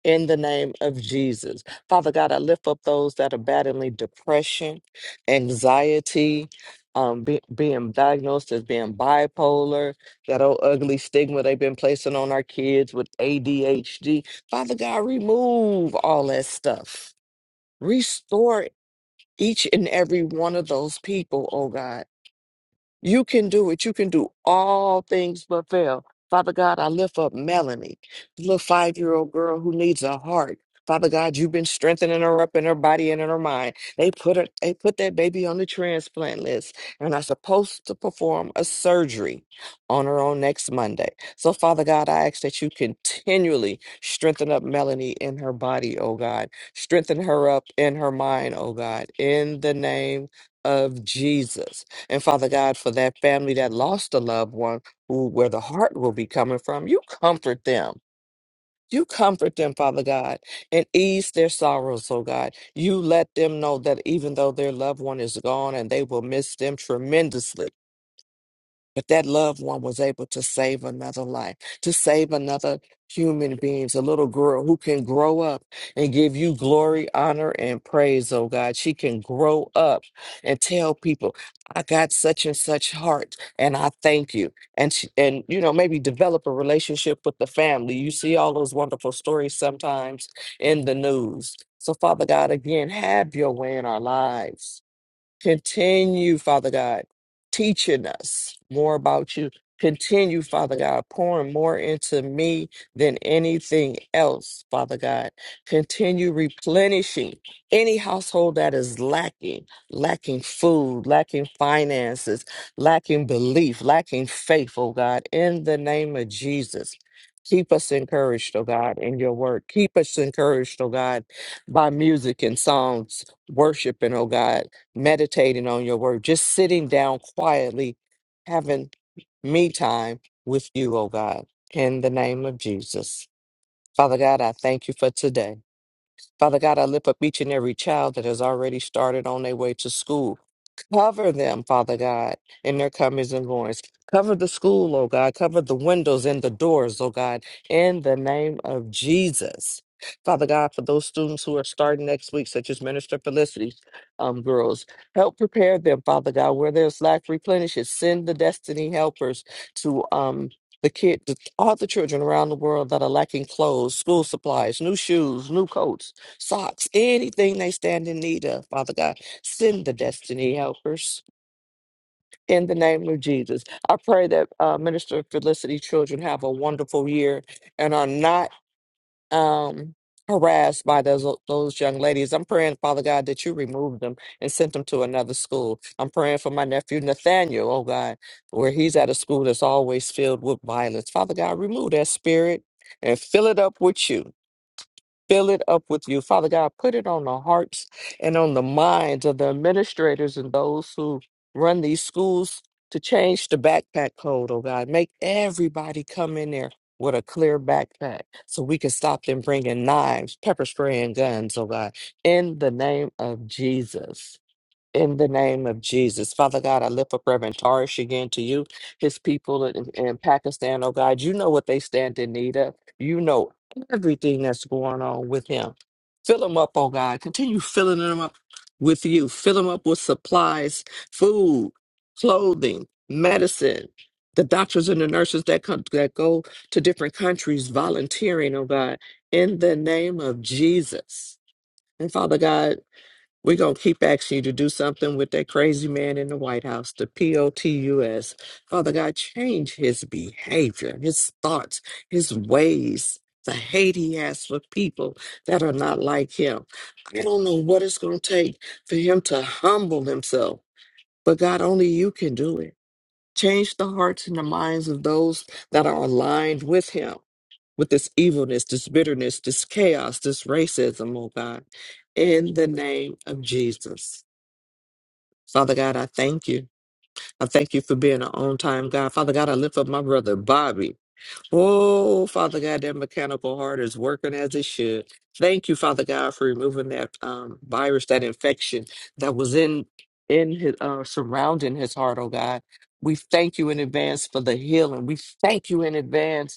in the name of Jesus. Father God, I lift up those that are battling depression, anxiety, um, be- being diagnosed as being bipolar, that old ugly stigma they've been placing on our kids with ADHD. Father God, remove all that stuff. Restore each and every one of those people, oh God. You can do it. You can do all things but fail. Father God, I lift up Melanie, the little five year old girl who needs a heart. Father God, you've been strengthening her up in her body and in her mind. They put her, they put that baby on the transplant list and are supposed to perform a surgery on her on next Monday. So, Father God, I ask that you continually strengthen up Melanie in her body, oh God. Strengthen her up in her mind, oh God, in the name of Jesus. And Father God, for that family that lost a loved one, who where the heart will be coming from, you comfort them. You comfort them, Father God, and ease their sorrows, oh God. You let them know that even though their loved one is gone and they will miss them tremendously but that loved one was able to save another life, to save another human beings, a little girl who can grow up and give you glory, honor, and praise, oh God. She can grow up and tell people, I got such and such heart, and I thank you. And she, and you know, maybe develop a relationship with the family. You see all those wonderful stories sometimes in the news. So Father God, again, have your way in our lives. Continue, Father God, teaching us more about you. Continue, Father God, pouring more into me than anything else, Father God. Continue replenishing any household that is lacking, lacking food, lacking finances, lacking belief, lacking faith, oh God, in the name of Jesus. Keep us encouraged, oh God, in your word. Keep us encouraged, oh God, by music and songs, worshiping, oh God meditating on your word, just sitting down quietly, having me time with you, oh God, in the name of Jesus. Father God, I thank you for today. Father God, I lift up each and every child that has already started on their way to school. Cover them, Father God, in their comings and goings. Cover the school, oh God. Cover the windows and the doors, oh God, in the name of Jesus. Father God, for those students who are starting next week, such as Minister Felicity, um, girls, help prepare them, Father God, where there's lack, replenish it. Send the destiny helpers to um, the kid, to all the children around the world that are lacking clothes, school supplies, new shoes, new coats socks, anything they stand in need of, Father God. Send the destiny helpers in the name of Jesus. I pray that uh, Minister Felicity children have a wonderful year and are not um, harassed by those those young ladies. I'm praying, Father God, that you remove them and send them to another school. I'm praying for my nephew Nathaniel, oh God, where he's at a school that's always filled with violence. Father God, remove that spirit and fill it up with you fill it up with you. Father God, put it on the hearts and on the minds of the administrators and those who run these schools to change the backpack code, oh God. Make everybody come in there with a clear backpack so we can stop them bringing knives, pepper spray, and guns, oh God. In the name of Jesus. In the name of Jesus, Father God, I lift up Reverend Tarish again to you, his people in, in Pakistan, oh God. You know what they stand in need of. You know everything that's going on with him. Fill him up, oh God. Continue filling him up with you. Fill him up with supplies, food, clothing, medicine. The doctors and the nurses that come that go to different countries volunteering, oh God, in the name of Jesus. And Father God, we're going to keep asking you to do something with that crazy man in the White House, the POTUS. Father God, change his behavior, his thoughts, his ways, the hate he has for people that are not like him. I don't know what it's going to take for him to humble himself, but God, only you can do it. Change the hearts and the minds of those that are aligned with him, with this evilness, this bitterness, this chaos, this racism, oh God, in the name of Jesus. Father God, I thank you. I thank you for being an on time God. Father God, I lift up my brother Bobby. Oh, Father God, that mechanical heart is working as it should. Thank you, Father God, for removing that um, virus, that infection that was in in his uh, surrounding his heart. Oh God, we thank you in advance for the healing. We thank you in advance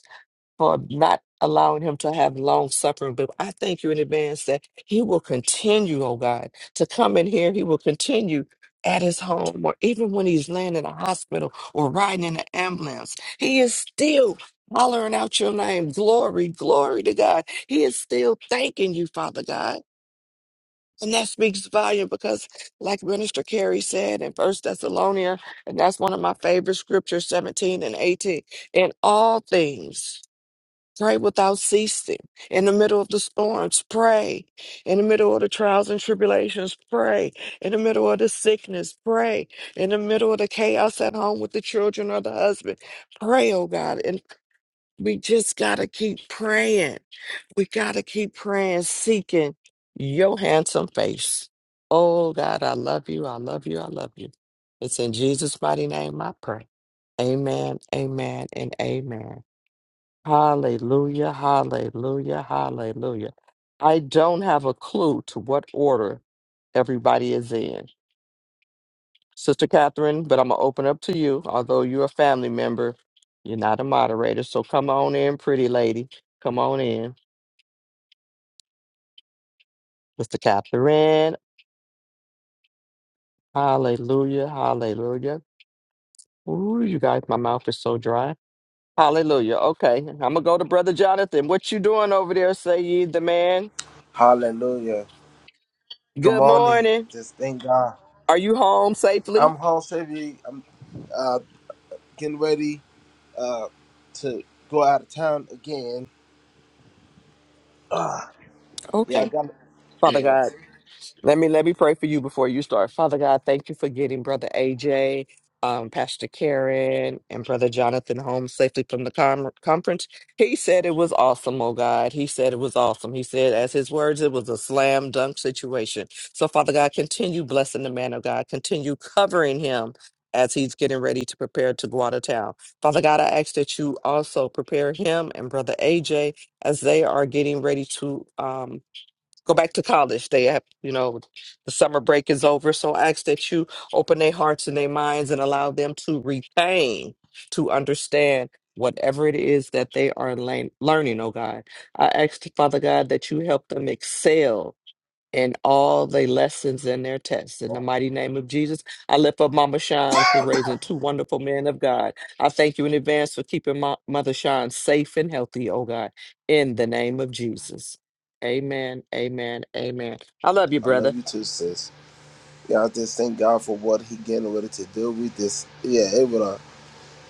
for not allowing him to have long suffering. But I thank you in advance that he will continue, oh God, to come in here. He will continue at his home or even when he's laying in a hospital or riding in an ambulance. He is still hollering out your name. Glory, glory to God. He is still thanking you, Father God. And that speaks volume because, like Minister Carey said in First Thessalonians, and that's one of my favorite scriptures, 17 and 18, in all things. Pray without ceasing. In the middle of the storms, pray. In the middle of the trials and tribulations, pray. In the middle of the sickness, pray. In the middle of the chaos at home with the children or the husband, pray, oh God. And we just got to keep praying. We got to keep praying, seeking your handsome face. Oh God, I love you. I love you. I love you. It's in Jesus' mighty name I pray. Amen, amen, and amen. Hallelujah, hallelujah, hallelujah. I don't have a clue to what order everybody is in. Sister Catherine, but I'm going to open up to you. Although you're a family member, you're not a moderator. So come on in, pretty lady. Come on in. Sister Catherine, hallelujah, hallelujah. Ooh, you guys, my mouth is so dry. Hallelujah. Okay, I'm going to go to Brother Jonathan. What you doing over there, say ye the man? Hallelujah. Good Good morning. morning. Just thank God. Are you home safely? I'm home safely. I'm uh, getting ready uh, to go out of town again. Yeah, I Okay. got. Father Yeah, God, let me let me pray for you before you start. Father God, thank you for getting Brother AJ, um, Pastor Karen, and Brother Jonathan home safely from the com- conference. He said it was awesome, oh God. He said it was awesome. He said, as his words, it was a slam dunk situation. So, Father God, continue blessing the man of God. Continue covering him as he's getting ready to prepare to go out of town. Father God, I ask that you also prepare him and Brother AJ as they are getting ready to um, go back to college. They have, you know, the summer break is over. So I ask that you open their hearts and their minds and allow them to retain, to understand whatever it is that they are learn- learning, oh God. I ask, Father God, that you help them excel and all the lessons in their tests. In the mighty name of Jesus, I lift up Mama Sean for raising two wonderful men of God. I thank you in advance for keeping my mother Sean safe and healthy, oh God, in the name of Jesus. Amen, amen, amen. I love you, I love brother. you too, sis. Yeah, I just thank God for what He getting ready to do with this. Yeah, it was a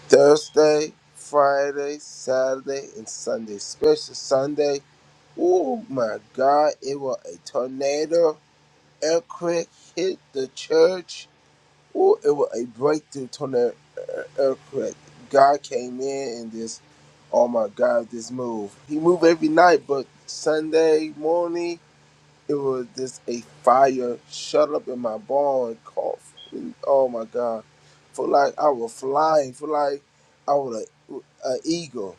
Thursday, Friday, Saturday, and Sunday. Special Sunday. Oh my God! It was a tornado, earthquake hit the church. Ooh, it was a breakthrough tornado earthquake. God came in and this, oh my God, this move. He moved every night, but Sunday morning it was just a fire shut up in my barn cough. Oh my God, for like I was flying, for like I was an eagle,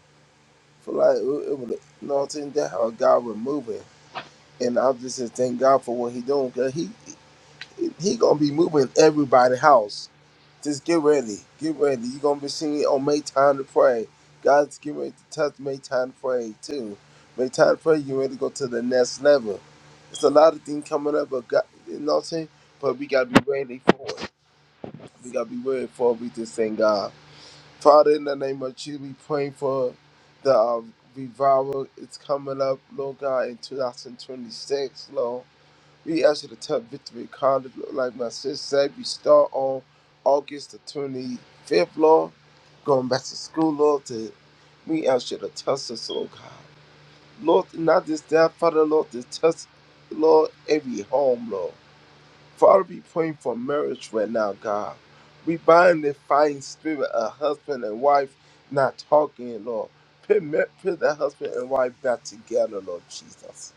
for like it it was, you know what I'm saying? That how God was moving, and I just said thank God for what He doing, cause He He He gonna be moving everybody's house just get ready. Get ready. You're gonna be singing on Make Time to Pray. God's getting ready to touch Make Time to Pray too. Make Time to Pray, you ready to go to the next level. It's a lot of things coming up, but God, you know what I'm saying? But we gotta be ready for it. We gotta be ready for it. We just thank God. Father, in the name of Jesus, we praying for the um, revival. It's coming up, Lord God, in 2026, Lord. We ask you to touch Victory College, Lord, like my sister said, we start on August the 25th, Lord, going back to school, Lord. To, we ask you to touch us, Lord God. Lord, not just that, Father, Lord, to touch, Lord, every home, Lord. Father, we praying for marriage right now, God. We bind the fighting spirit of husband and wife not talking, Lord. Put, ma- put the husband and wife back together, Lord Jesus.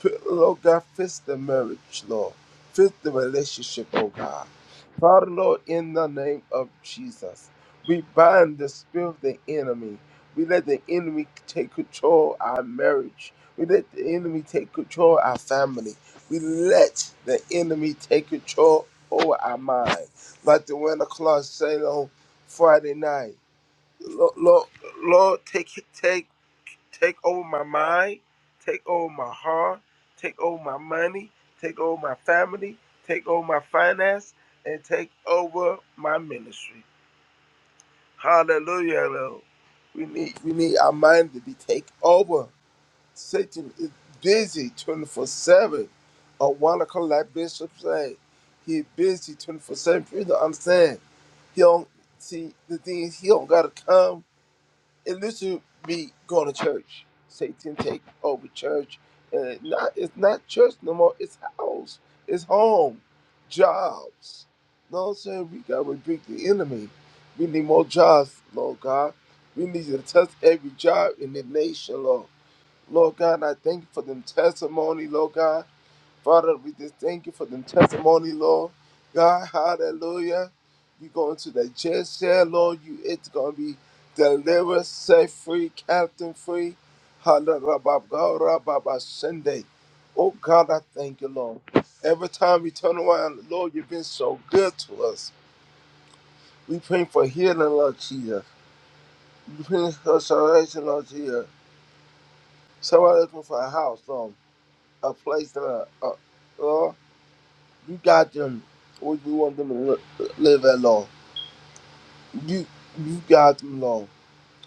Put, Lord God, fix the marriage, Lord. Fix the relationship, oh God. Father, Lord, in the name of Jesus, we bind the spirit of the enemy. We let the enemy take control of our marriage. We let the enemy take control of our family. We let the enemy take control over our mind. Like the Winter Claus said on Friday night. Lord, Lord, Lord, take take take over my mind, take over my heart, take over my money, take over my family, take over my finance, and take over my ministry. Hallelujah, Lord. We need we need our mind to be taken over Satan is busy 24 7. A wonderful like Bishop said, he busy 24 7. Please understand. He don't see the thing is he don't gotta come and listen to me going to church. Satan take over church. And it not it's not church no more, it's house, it's home, jobs. You I'm saying? We gotta rebuke the enemy. We need more jobs, Lord God. We need you to touch every job in the nation, Lord. Lord God, I thank you for them testimony, Lord God. Father, we just thank you for them testimony, Lord. God, hallelujah. You going to the jail cell, Lord. You it's gonna be delivered, set free, captain free. Hallelujah. Sunday. Oh God, I thank you, Lord. Every time we turn around, Lord, you've been so good to us. We pray for healing, Lord Jesus. We pray for salvation, Lord Jesus. Somebody looking for a house, Lord. a place that uh, uh, uh, you got them what we want them to li- live at, Lord. You you got them, Lord.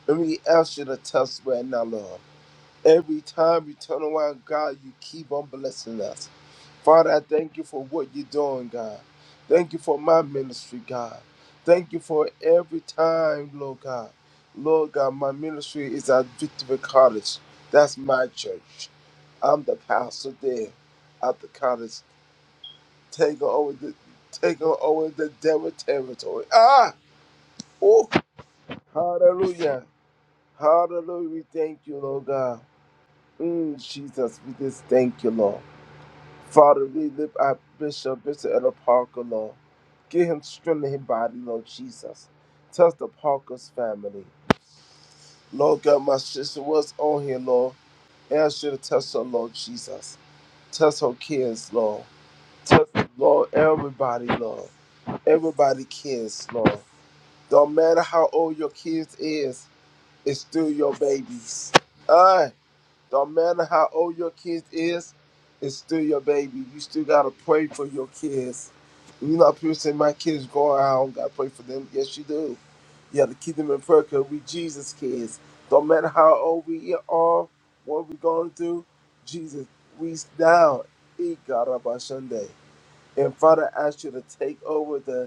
And we ask you to test right now, Lord. Every time we turn around, God, you keep on blessing us. Father, I thank you for what you're doing, God. Thank you for my ministry, God. Thank you for every time, Lord God. Lord God, my ministry is at Victory College. That's my church. I'm the pastor there at the college. Take over the take over the devil territory. Ah! Oh hallelujah. Hallelujah. We thank you, Lord God. Mm, Jesus, we just thank you, Lord. Father, we lift our bishop, Bishop Ella Parker, Lord. Give him strength in his body, Lord Jesus. Touch the Parker's family. Lord God, my sister was on here, Lord. And I should have touched her, Lord Jesus. Touch her kids, Lord. Touch, Lord, everybody, Lord. Everybody kids, Lord. Don't matter how old your kids is, it's still your babies. Alright. Don't matter how old your kids is, it's still your baby. You still gotta pray for your kids. You know, people say my kids going out, I don't gotta pray for them. Yes, you do. You have to keep them in prayer because we Jesus kids. Don't matter how old we are, what we gonna do, Jesus, we down. E God of our Sunday. And Father, I ask you to take over the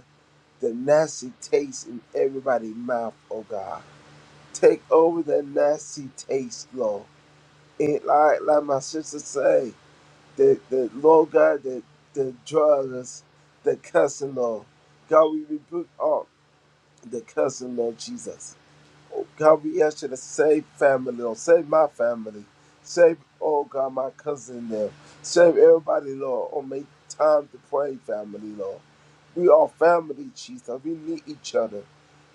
the nasty taste in everybody's mouth, oh God. Take over the nasty taste, Lord. It like like my sister say, the the Lord God, the the drugs, the cussing, Lord. God, we rebuke all the cussing, Lord Jesus. Oh God, we ask you to save family, Lord. Save my family. Save, oh God, my cousin there. Save everybody, Lord. Oh, make time to pray, family, Lord. We are family, Jesus. We need each other.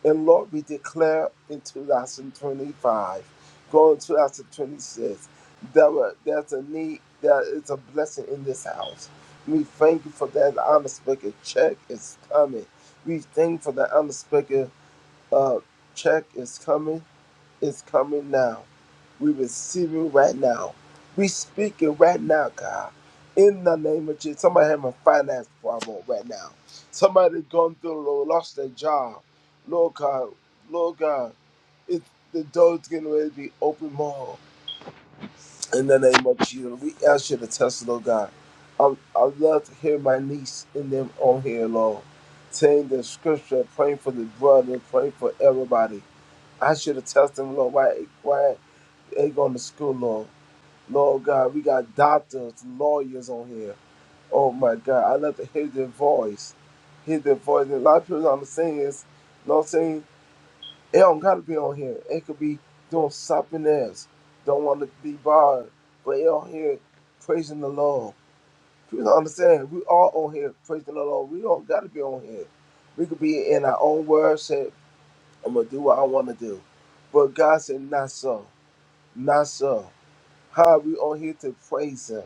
And Lord, we declare in 2025, going 2026, that we- there's a need, there is a blessing in this house. We thank you for that unexpected check is coming. We thank you for that unexpected uh, check is coming is coming now. We receive it right now. We speak it right now, God. In the name of Jesus. Somebody having a finance problem right now. Somebody gone through Lord, lost their job. Lord God, Lord God, it, the door's getting ready to be open more. In the name of Jesus. We ask you to test, Lord God. I I love to hear my niece and them on here, Lord, saying the scripture, praying for the brother, praying for everybody. I should have tested them, Lord, why, why? Ain't going to school long. Lord God, we got doctors, lawyers on here. Oh my God, I love to hear their voice. Hear their voice. And a lot of people I'm saying is, you know what I'm saying? It don't gotta be on here. It could be doing something else. Don't want to be bothered. But it on here praising the Lord. People don't understand. We all on here praising the Lord. We don't gotta be on here. We could be in our own words, say, I'm gonna do what I wanna do. But God said, not so. Not so. Hi, we on here to praise Him.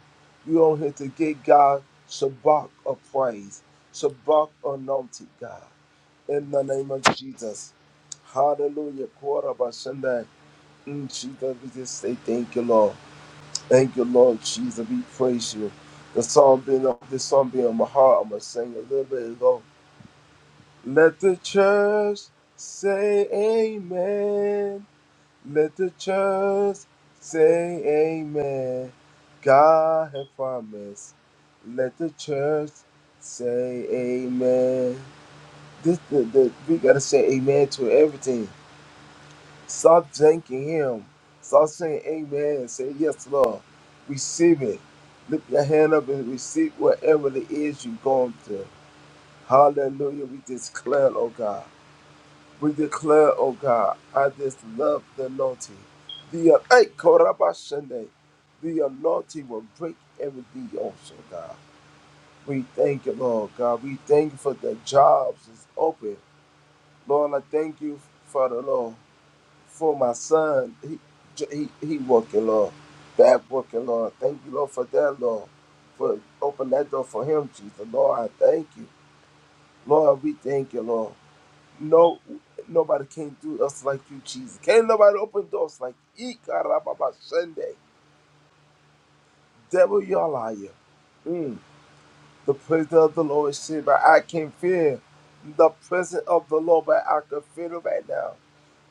We on here to give God Shabbat of praise, Shabbat anointed God. In the name of Jesus. Hallelujah. Quarter by Sunday. Mm, Jesus, we just say thank you, Lord. Thank you, Lord Jesus. We praise you. The song being on this song being on my heart. I'm gonna sing a little bit ago. Let the church say amen. Let the church say amen. God has promised. Let the church say amen. This, the, the, we gotta say amen to everything. Stop thanking Him. Stop saying amen and say yes, Lord. Receive it. Lift your hand up and receive whatever it is you're going through. Hallelujah. We declare, oh God. We declare, oh God, I just love the anointing. The uh, hey, Korabashande, the anointing will break every also, God. We thank you, Lord God. We thank you for the jobs is open. Lord, I thank you for the Lord, for my son. He he, he working, Lord. That working, Lord. Thank you, Lord, for that, Lord. For open that door for him, Jesus. Lord, I thank you. Lord, we thank you, Lord. No, nobody can do us like you, Jesus. Can't nobody open doors like Ikarababa Sunday. Devil, you're a liar. Mm. The presence of the Lord is here, but I can fear the presence of the Lord, but I can feel it right now.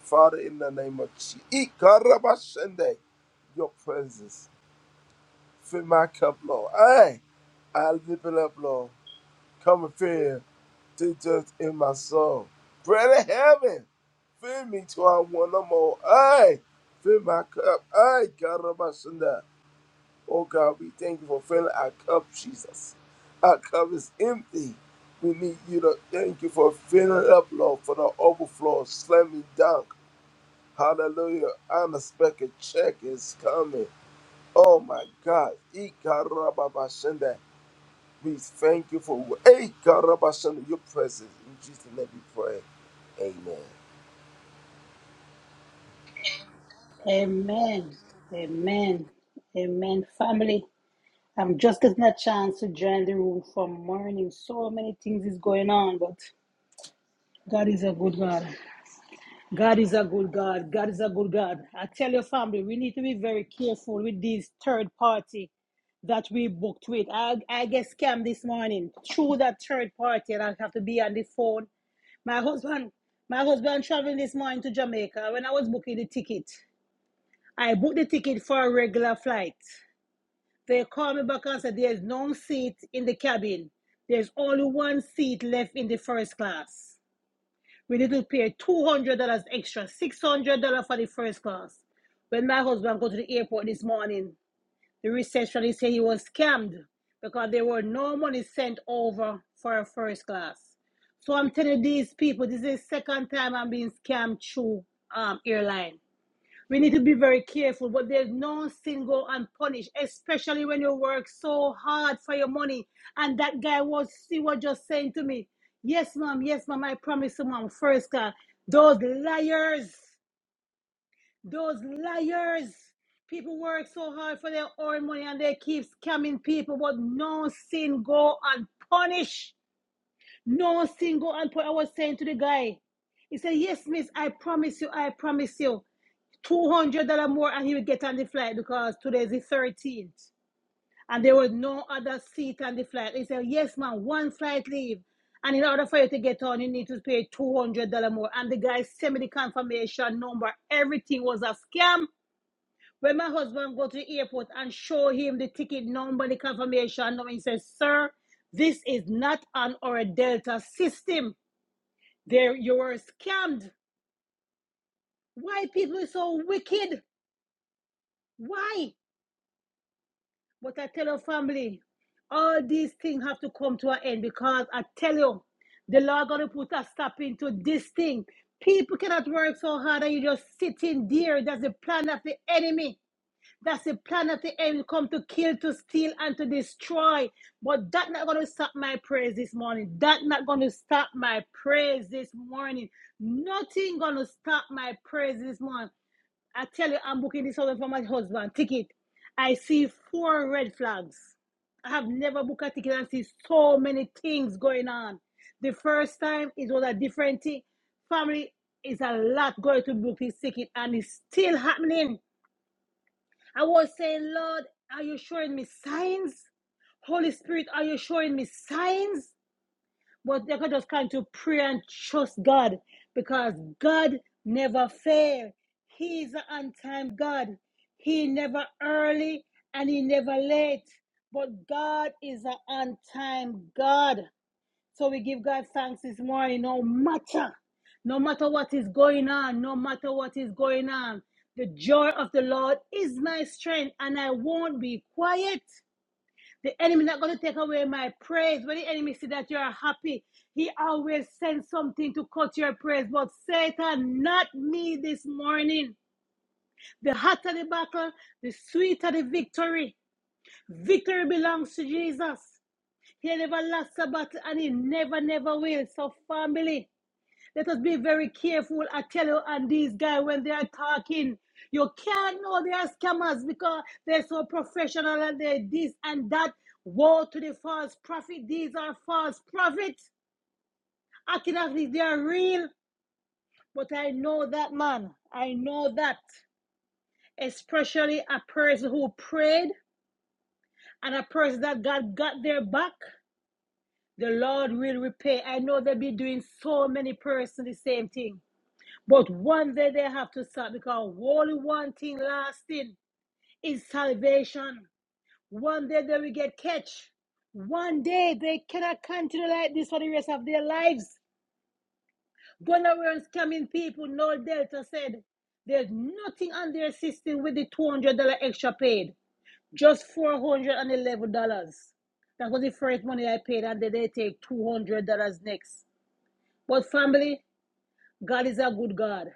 Father, in the name of Jesus, Ikarababa Sunday, your presence. Fill my cup, Lord. Hey, I lift it up, Lord. Come and fill. teachers in my soul. Pray to heaven. Fill me till I want no more. I fill my cup. I God of my Sunday. Oh God, we thank you for filling our cup, Jesus. Our cup is empty. We need you to thank you for filling it up, Lord, for the overflow, slamming dunk. Hallelujah. Unexpected check is coming. Oh my God. E God of my Sunday. We thank you for hey, God, Rabbi Shanda, your presence. In Jesus' name we pray. Amen. Amen. Amen. Amen. Family, I'm just getting a chance to join the room from morning. So many things is going on, but God is a good God. God is a good God. God is a good God. I tell your family, we need to be very careful with these third party that we booked with. I, I get scammed this morning through that third party, and I have to be on the phone. My husband, my husband traveling this morning to Jamaica. When I was booking the ticket, I booked the ticket for a regular flight. They called me back and said there's no seat in the cabin. There's only one seat left in the first class. We need to pay two hundred dollars extra, six hundred dollars for the first class. When my husband go to the airport this morning, the receptionist said he was scammed because there were no money sent over for a first class. So I'm telling these people, this is the second time I'm being scammed through um airline. We need to be very careful, but there's no sin go unpunished, especially when you work so hard for your money. And that guy was he was just saying to me, Yes, mom, yes, mom, I promise you, mom, first God. Those liars, those liars. People work so hard for their own money and they keep scamming people, but no sin go unpunished. No sin go unpunished. I was saying to the guy, he said, Yes, miss, I promise you, I promise you. $200 more and he would get on the flight because today's the 13th and there was no other seat on the flight. He said, Yes, ma'am, one flight leave. And in order for you to get on, you need to pay $200 more. And the guy sent me the confirmation number. Everything was a scam. When my husband go to the airport and show him the ticket number, the confirmation number, he says, Sir, this is not on our Delta system. There you were scammed. Why people are so wicked? Why? But I tell your family, all these things have to come to an end because I tell you, the Lord gonna put a stop into this thing. People cannot work so hard and you just sitting there. That's the plan of the enemy. That's the plan of the enemy come to kill, to steal, and to destroy. But that not gonna stop my praise this morning. That not gonna stop my praise this morning. Nothing gonna stop my praise this morning. I tell you, I'm booking this hotel for my husband. Ticket. I see four red flags. I have never booked a ticket and see so many things going on. The first time it was a different thing. Family is a lot going to book this ticket and it's still happening. I was saying, Lord, are you showing me signs? Holy Spirit, are you showing me signs? But they could just continue to pray and trust God because God never fails. He is an on-time God. He never early and he never late. But God is an on-time God. So we give God thanks this morning, no matter, no matter what is going on, no matter what is going on. The joy of the Lord is my strength, and I won't be quiet. The enemy not going to take away my praise. When the enemy see that you are happy, he always sends something to cut your praise. But Satan, not me this morning. The hotter the battle, the sweeter the victory. Victory belongs to Jesus. He never lost a battle and he never, never will. So family, let us be very careful. I tell you, and these guys, when they are talking, you can't know they are scammers because they're so professional and they this and that. Woe to the false prophet. These are false prophets. Acting as if they are real. But I know that man. I know that. Especially a person who prayed and a person that God got their back. The Lord will repay. I know they will be doing so many persons the same thing. But one day they have to stop because only one thing lasting is salvation. One day they will get catch. One day they cannot continue like this for the rest of their lives. Gonorrhea is coming people, no Delta said. There's nothing on their system with the $200 extra paid. Just $411. That was the first money I paid, and then they take $200 next. But family, God is a good God.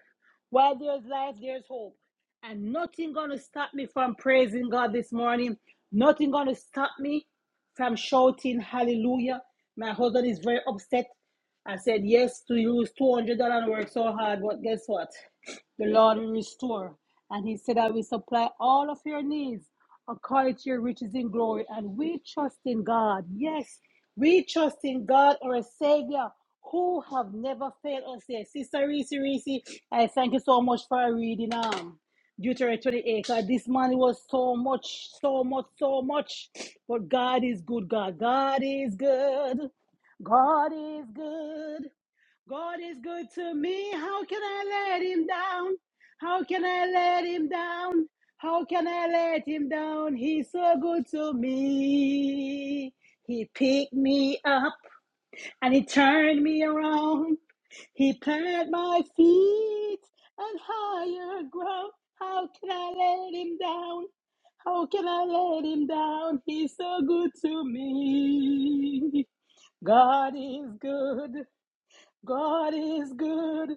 While there's life, there's hope. And nothing gonna stop me from praising God this morning. Nothing gonna stop me from shouting hallelujah. My husband is very upset. I said yes to use two hundred dollars and work so hard, but guess what? The Lord will restore. And he said, I will supply all of your needs according to your riches in glory. And we trust in God. Yes, we trust in God, our Savior, who have never failed us yet. Sister Reese, Reese, I thank you so much for reading um, Deuteronomy 28. God, this man was so much, so much, so much. But God is good, God. God is good. God is good. God is good to me. How can I let him down? How can I let him down? How can I let him down? He's so good to me. He picked me up and he turned me around. He planted my feet on higher ground. How can I let him down? How can I let him down? He's so good to me. God is good. God is good.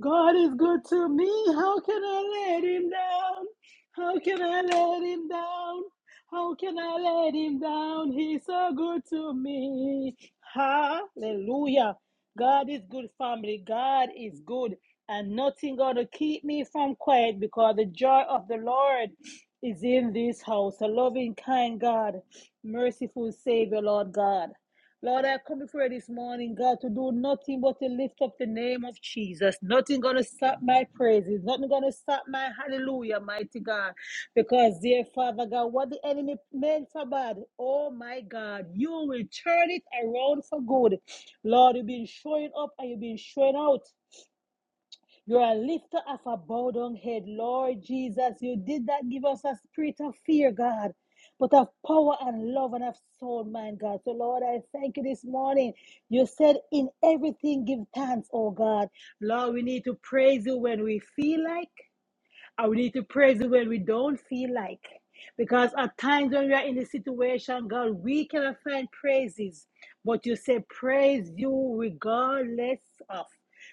God is good to me. How can I let him down? How can I let him down? How can I let him down? He's so good to me. Hallelujah. God is good, family. God is good. And nothing gonna keep me from quiet because the joy of the Lord is in this house. A loving, kind God, merciful Savior, Lord God. Lord, I come before you this morning, God, to do nothing but to lift up the name of Jesus. Nothing gonna stop my praises. Nothing gonna stop my hallelujah, mighty God. Because, dear Father God, what the enemy meant for bad, oh my God, you will turn it around for good. Lord, you've been showing up and you've been showing out. You're a lifter of a bowed down head, Lord Jesus. You did that give us a spirit of fear, God, but of power and love and of soul, man, God. So, Lord, I thank you this morning. You said, In everything, give thanks, oh God. Lord, we need to praise you when we feel like. And we need to praise Him when we don't feel like. Because at times when we are in the situation, God, we cannot find praises. But you say, praise you regardless of.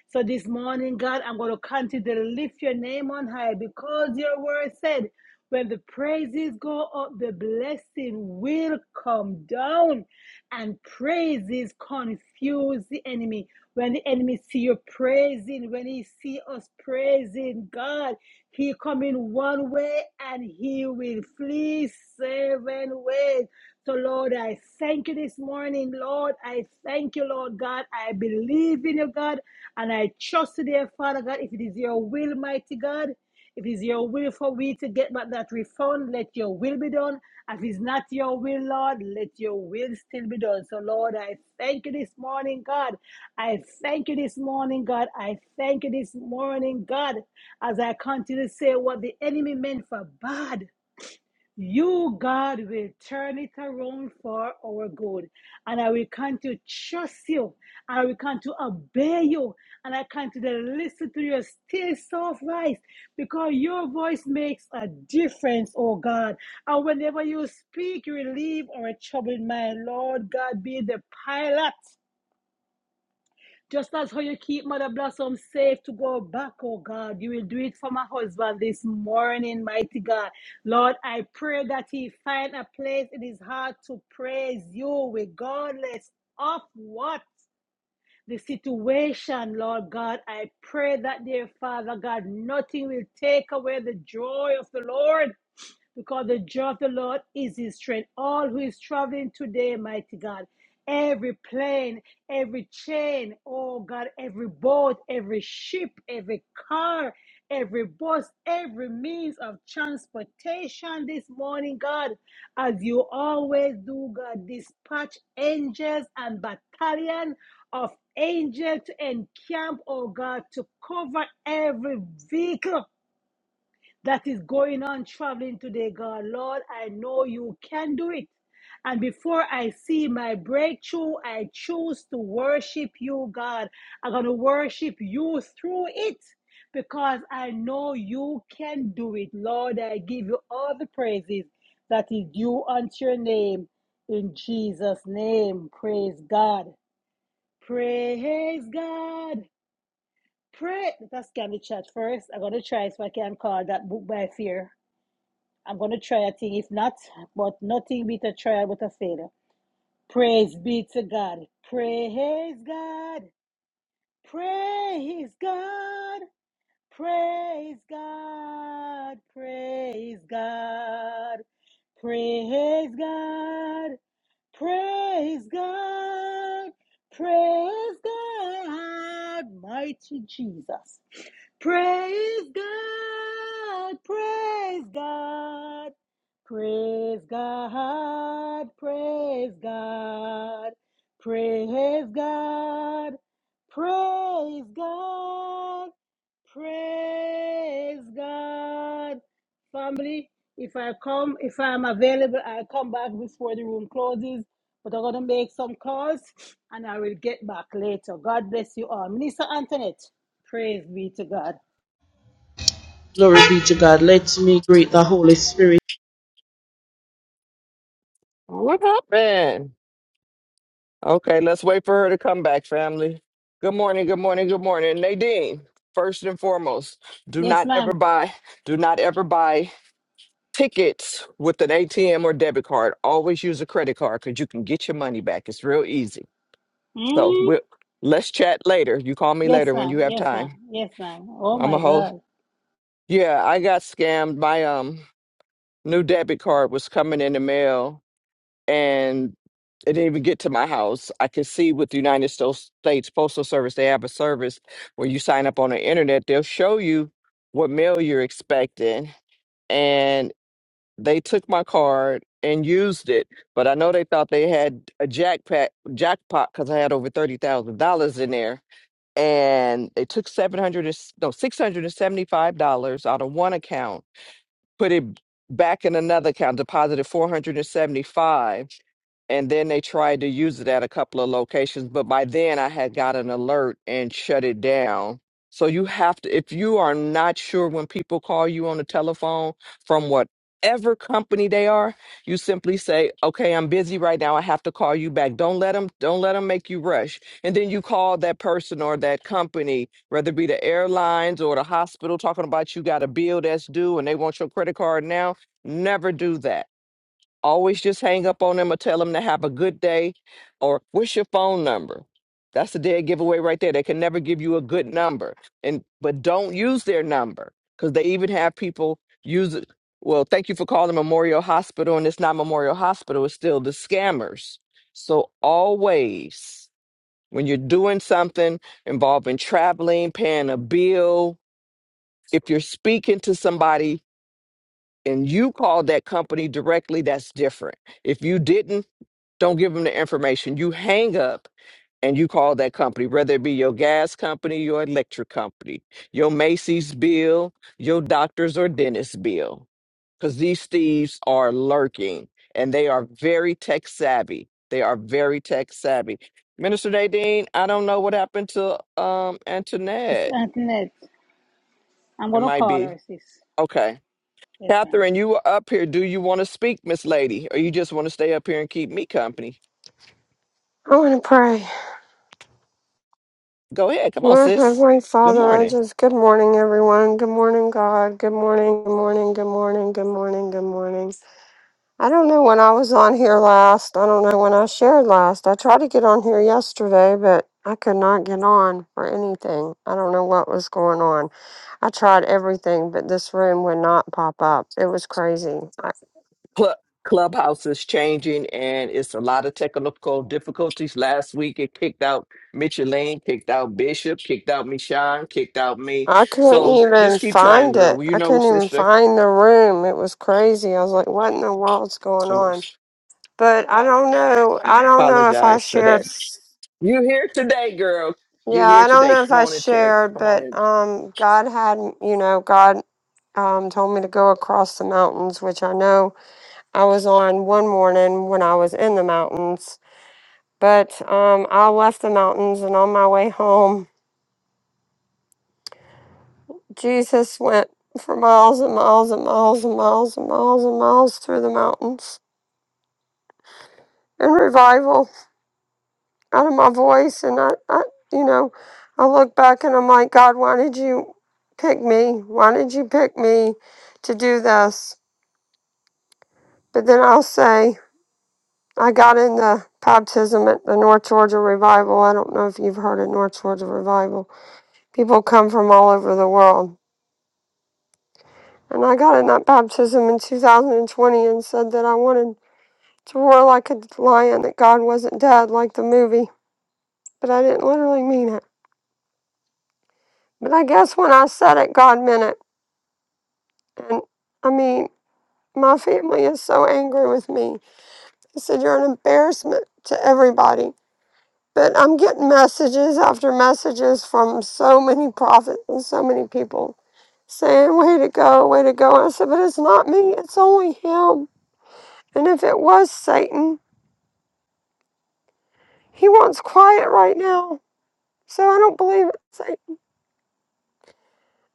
So this morning, God, I'm going to continue to lift your name on high because your word said. When the praises go up, the blessing will come down, and praises confuse the enemy. When the enemy see you praising, when he see us praising God, he come in one way and he will flee seven ways. So, Lord, I thank you this morning, Lord. I thank you, Lord God. I believe in you, God, and I trust you, dear Father God. If it is your will, mighty God, if it's your will for we to get back that refund, let your will be done. If it's not your will, Lord, let your will still be done. So, Lord, I thank you this morning, God. I thank you this morning, God. I thank you this morning, God, as I continue to say what the enemy meant for bad. You, God, will turn it around for our good. And I will come to trust you. And I will come to obey you. And I come to listen to your still soft voice because your voice makes a difference, oh God. And whenever you speak, you relieve our troubled mind. Lord God, be the pilot. Just as how you keep Mother Blossom safe to go back, oh God, you will do it for my husband this morning, mighty God. Lord, I pray that he find a place in his heart to praise you regardless of what the situation, Lord God. I pray that, dear Father God, nothing will take away the joy of the Lord because the joy of the Lord is his strength. All who is traveling today, mighty God, every plane, every chain, oh God, every boat, every ship, every car, every bus, every means of transportation this morning, God, as you always do, God, dispatch angels and battalion of angels to encamp, oh God, to cover every vehicle that is going on traveling today, God. Lord, I know you can do it. And before I see my breakthrough, I choose to worship you, God. I'm going to worship you through it because I know you can do it. Lord, I give you all the praises that is due unto your name. In Jesus' name, praise God. Praise God. Pray. Let's scan the chat first. I'm going to try so I can call that book by fear. I'm going to try a thing. If not, but nothing beat a trial but a failure. Praise be to God. Praise God. Praise God. Praise God. Praise God. Praise God. Praise God. Praise God. Mighty Jesus. Praise God, praise God, praise God, praise God, praise God, praise God, praise God. Family, if I come, if I'm available, I'll come back before the room closes. But I'm going to make some calls and I will get back later. God bless you all. Minister Antoinette, praise be to God. Glory be to God. Let me greet the Holy Spirit. What happened? Okay, let's wait for her to come back, family. Good morning, good morning, good morning. Nadine, first and foremost, do Yes, not ever ma'am. buy, do not ever buy. Tickets with an ATM or debit card. Always use a credit card because you can get your money back. It's real easy. So Mm? we'll, let's chat later. You call me Yes, later when you ma'am. have Yes, ma'am. time. Yes, ma'am. Oh I'm a my whole. God. Yeah, I got scammed. My um new debit card was coming in the mail and it didn't even get to my house. I could see with the United Sto- States Postal Service, they have a service where you sign up on the internet. They'll show you what mail you're expecting. and. They took my card and used it, but I know they thought they had a jackpot jackpot because I had over thirty thousand dollars in there, and they took seven hundred and s- no six hundred and seventy five dollars out of one account, put it back in another account, deposited four hundred and seventy five and then they tried to use it at a couple of locations but by then i had got an alert and shut it down so you have to if you are not sure when people call you on the telephone from whatever company they are you simply say okay i'm busy right now i have to call you back don't let them don't let them make you rush and then you call that person or that company whether it be the airlines or the hospital talking about you got a bill that's due and they want your credit card now never do that always just hang up on them or tell them to have a good day or what's your phone number that's a dead giveaway right there they can never give you a good number and but don't use their number because they even have people use it well thank you for calling memorial hospital and it's not memorial hospital it's still the scammers so always when you're doing something involving traveling paying a bill if you're speaking to somebody and you called that company directly that's different if you didn't don't give them the information. You hang up and you call that company, whether it be your gas company, your electric company, your Macy's bill, your doctor's or dentist bill, because these thieves are lurking and they are very tech savvy. They are very tech savvy. Minister Nadine, I don't know what happened to um This Antoinette. Antoinette. I'm It gonna might call her, be sis. okay. Yes, ma'am. Catherine, you were up here. Do you want to speak, Miss Lady, or you just want to stay up here and keep me company? I want to pray. Go ahead. Come on, Lord, sis. Heavenly Good Father, I morning. just, good morning, everyone. Good morning, God. Good morning, good morning, good morning, good morning, good morning. I don't know when I was on here last. I don't know when I shared last. I tried to get on here yesterday, but I could not get on for anything. I don't know what was going on. I tried everything, but this room would not pop up. It was crazy. I, Club, Clubhouse is changing and it's a lot of technical difficulties. Last week it kicked out Mitchell Lane, kicked out Bishop, kicked out Michon, kicked out me. I couldn't So even just keep trying, find girl. it. Well, you I know, couldn't even sister, find the room. It was crazy. I was like, what in the world's going I on? but I don't know. I don't know if I apologize for shared. that. You're here today, girl. You're Yeah, here I don't today. know if Come I on in, Tara. shared, Come on but in. um, God had, you know, God um, told me to go across the mountains, which I know I was on one morning when I was in the mountains. But um, I left the mountains, and on my way home, Jesus went for miles and miles and miles and miles and miles and miles through the mountains in revival. out of my voice and I, I you know i look back and i'm like god why did you pick me why did you pick me to do this but then i'll say i got in the baptism at the north georgia revival i don't know if you've heard of north georgia revival people come from all over the world and i got in that baptism in 2020 and said that i wanted to roar like a lion that god wasn't dead like the movie but i didn't literally mean it but i guess when i said it god meant it And I mean, my family is so angry with me. They said, You're an embarrassment to everybody. But I'm getting messages after messages from so many prophets and so many people saying, Way to go, way to go. And I said, But it's not me, it's only him. And if it was Satan, he wants quiet right now. So I don't believe it's Satan.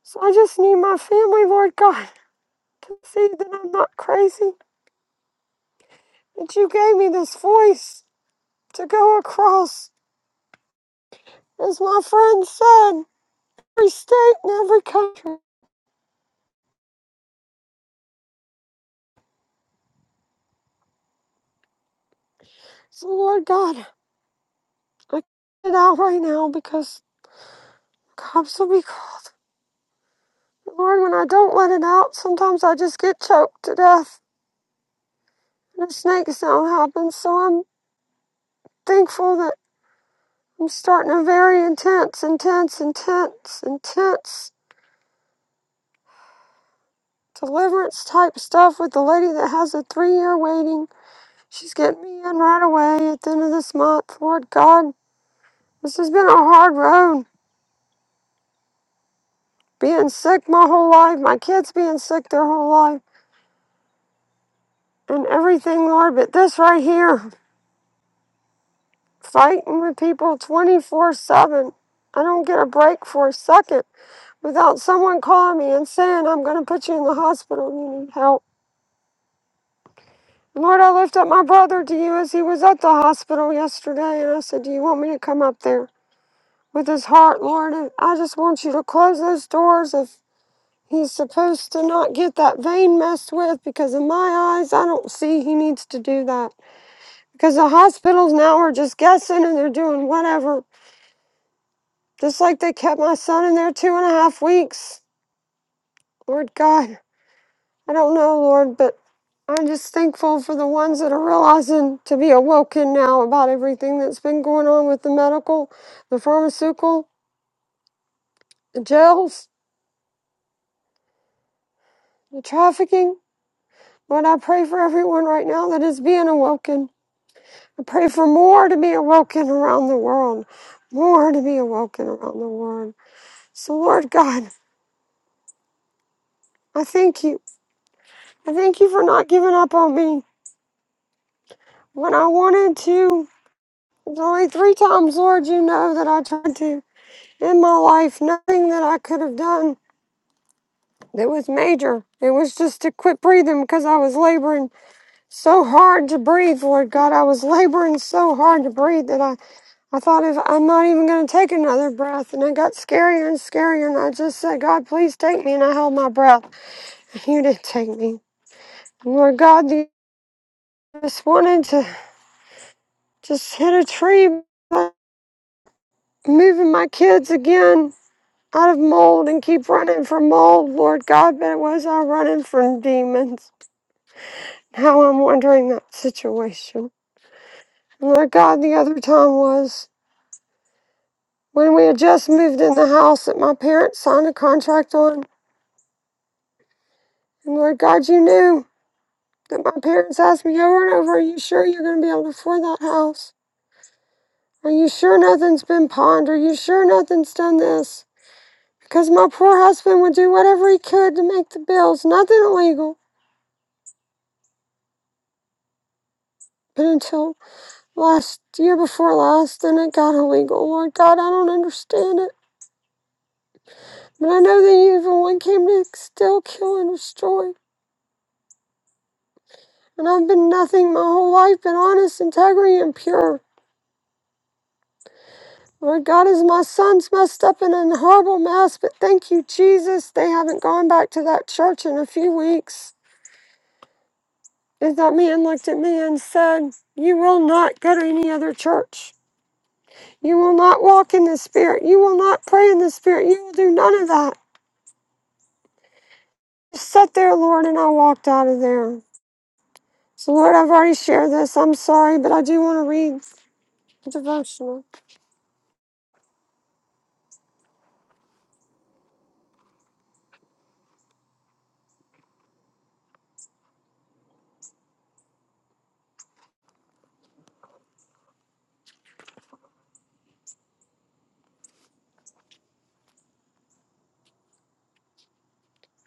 So I just need my family, Lord God, to see that I'm not crazy, that you gave me this voice to go across As my friend said, every state and every country. So, Lord God, I get it out right now because cops will be. cr- Lord, when I don't let it out, sometimes I just get choked to death. And a snake sound happens. So I'm thankful that I'm starting a very intense, intense, intense, intense deliverance type stuff with the lady that has a three year waiting. She's getting me in right away at the end of this month. Lord God, this has been a hard road. being sick my whole life, my kids being sick their whole life, and everything, Lord. But this right here, fighting with people 24 7. I don't get a break for a second without someone calling me and saying, I'm going to put you in the hospital. You need help. Lord, I lift up my brother to you as he was at the hospital yesterday, and I said, Do you want me to come up there with his heart, Lord? And I just want you to close those doors if He's supposed to not get that vein messed with because, in my eyes, I don't see he needs to do that. Because the hospitals now are just guessing and they're doing whatever. Just like they kept my son in there two and a half weeks. Lord God, I don't know, Lord, but I'm just thankful for the ones that are realizing to be awoken now about everything that's been going on with the medical, the pharmaceutical, the jails, the trafficking. Lord, I pray for everyone right now that is being awoken. I pray for more to be awoken around the world, more to be awoken around the world. So, Lord God, I thank you. I thank you for not giving up on me when I wanted to. It's only three times, Lord, you know that I tried to in my life. Nothing that I could have done that was major. It was just to quit breathing because I was laboring so hard to breathe, Lord God. I was laboring so hard to breathe that I I thought if I'm not even going to take another breath, and it got scarier and scarier, and I just said, God, please take me, and I held my breath. And you didn't take me. Lord God, you just wanted to just hit a tree, moving my kids again out of mold and keep running from mold, Lord God, but it was all running from demons. Now I'm wondering that situation. And Lord God, the other time was when we had just moved in the house that my parents signed a contract on. And Lord God, you knew. that my parents asked me over and over, Are you sure you're going to be able to afford that house? Are you sure nothing's been pawned? Are you sure nothing's done this? Because my poor husband would do whatever he could to make the bills, nothing illegal. But until last year before last, then it got illegal. Lord God, I don't understand it. But I know the evil one came to still kill and destroy. And I've been nothing my whole life but honest, integrity, and pure. Lord God, as my son's messed up in a horrible mess, but thank you, Jesus, they haven't gone back to that church in a few weeks. And that man looked at me and said, You will not go to any other church. You will not walk in the Spirit. You will not pray in the Spirit. You will do none of that. Just sat there, Lord, and I walked out of there. So, Lord, I've already shared this. I'm sorry, but I do want to read the devotional.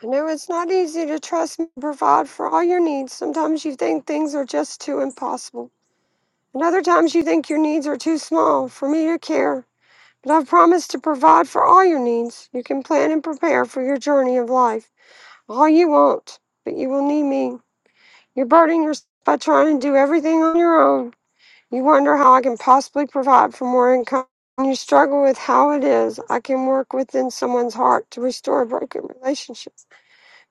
I know it's not easy to trust and provide for all your needs. Sometimes you think things are just too impossible. And other times you think your needs are too small for me to care. But I've promised to provide for all your needs. You can plan and prepare for your journey of life all you want, but you will need me. You're burdening yourself by trying to do everything on your own. You wonder how I can possibly provide for more income. And you struggle with how it is I can work within someone's heart to restore a broken relationship.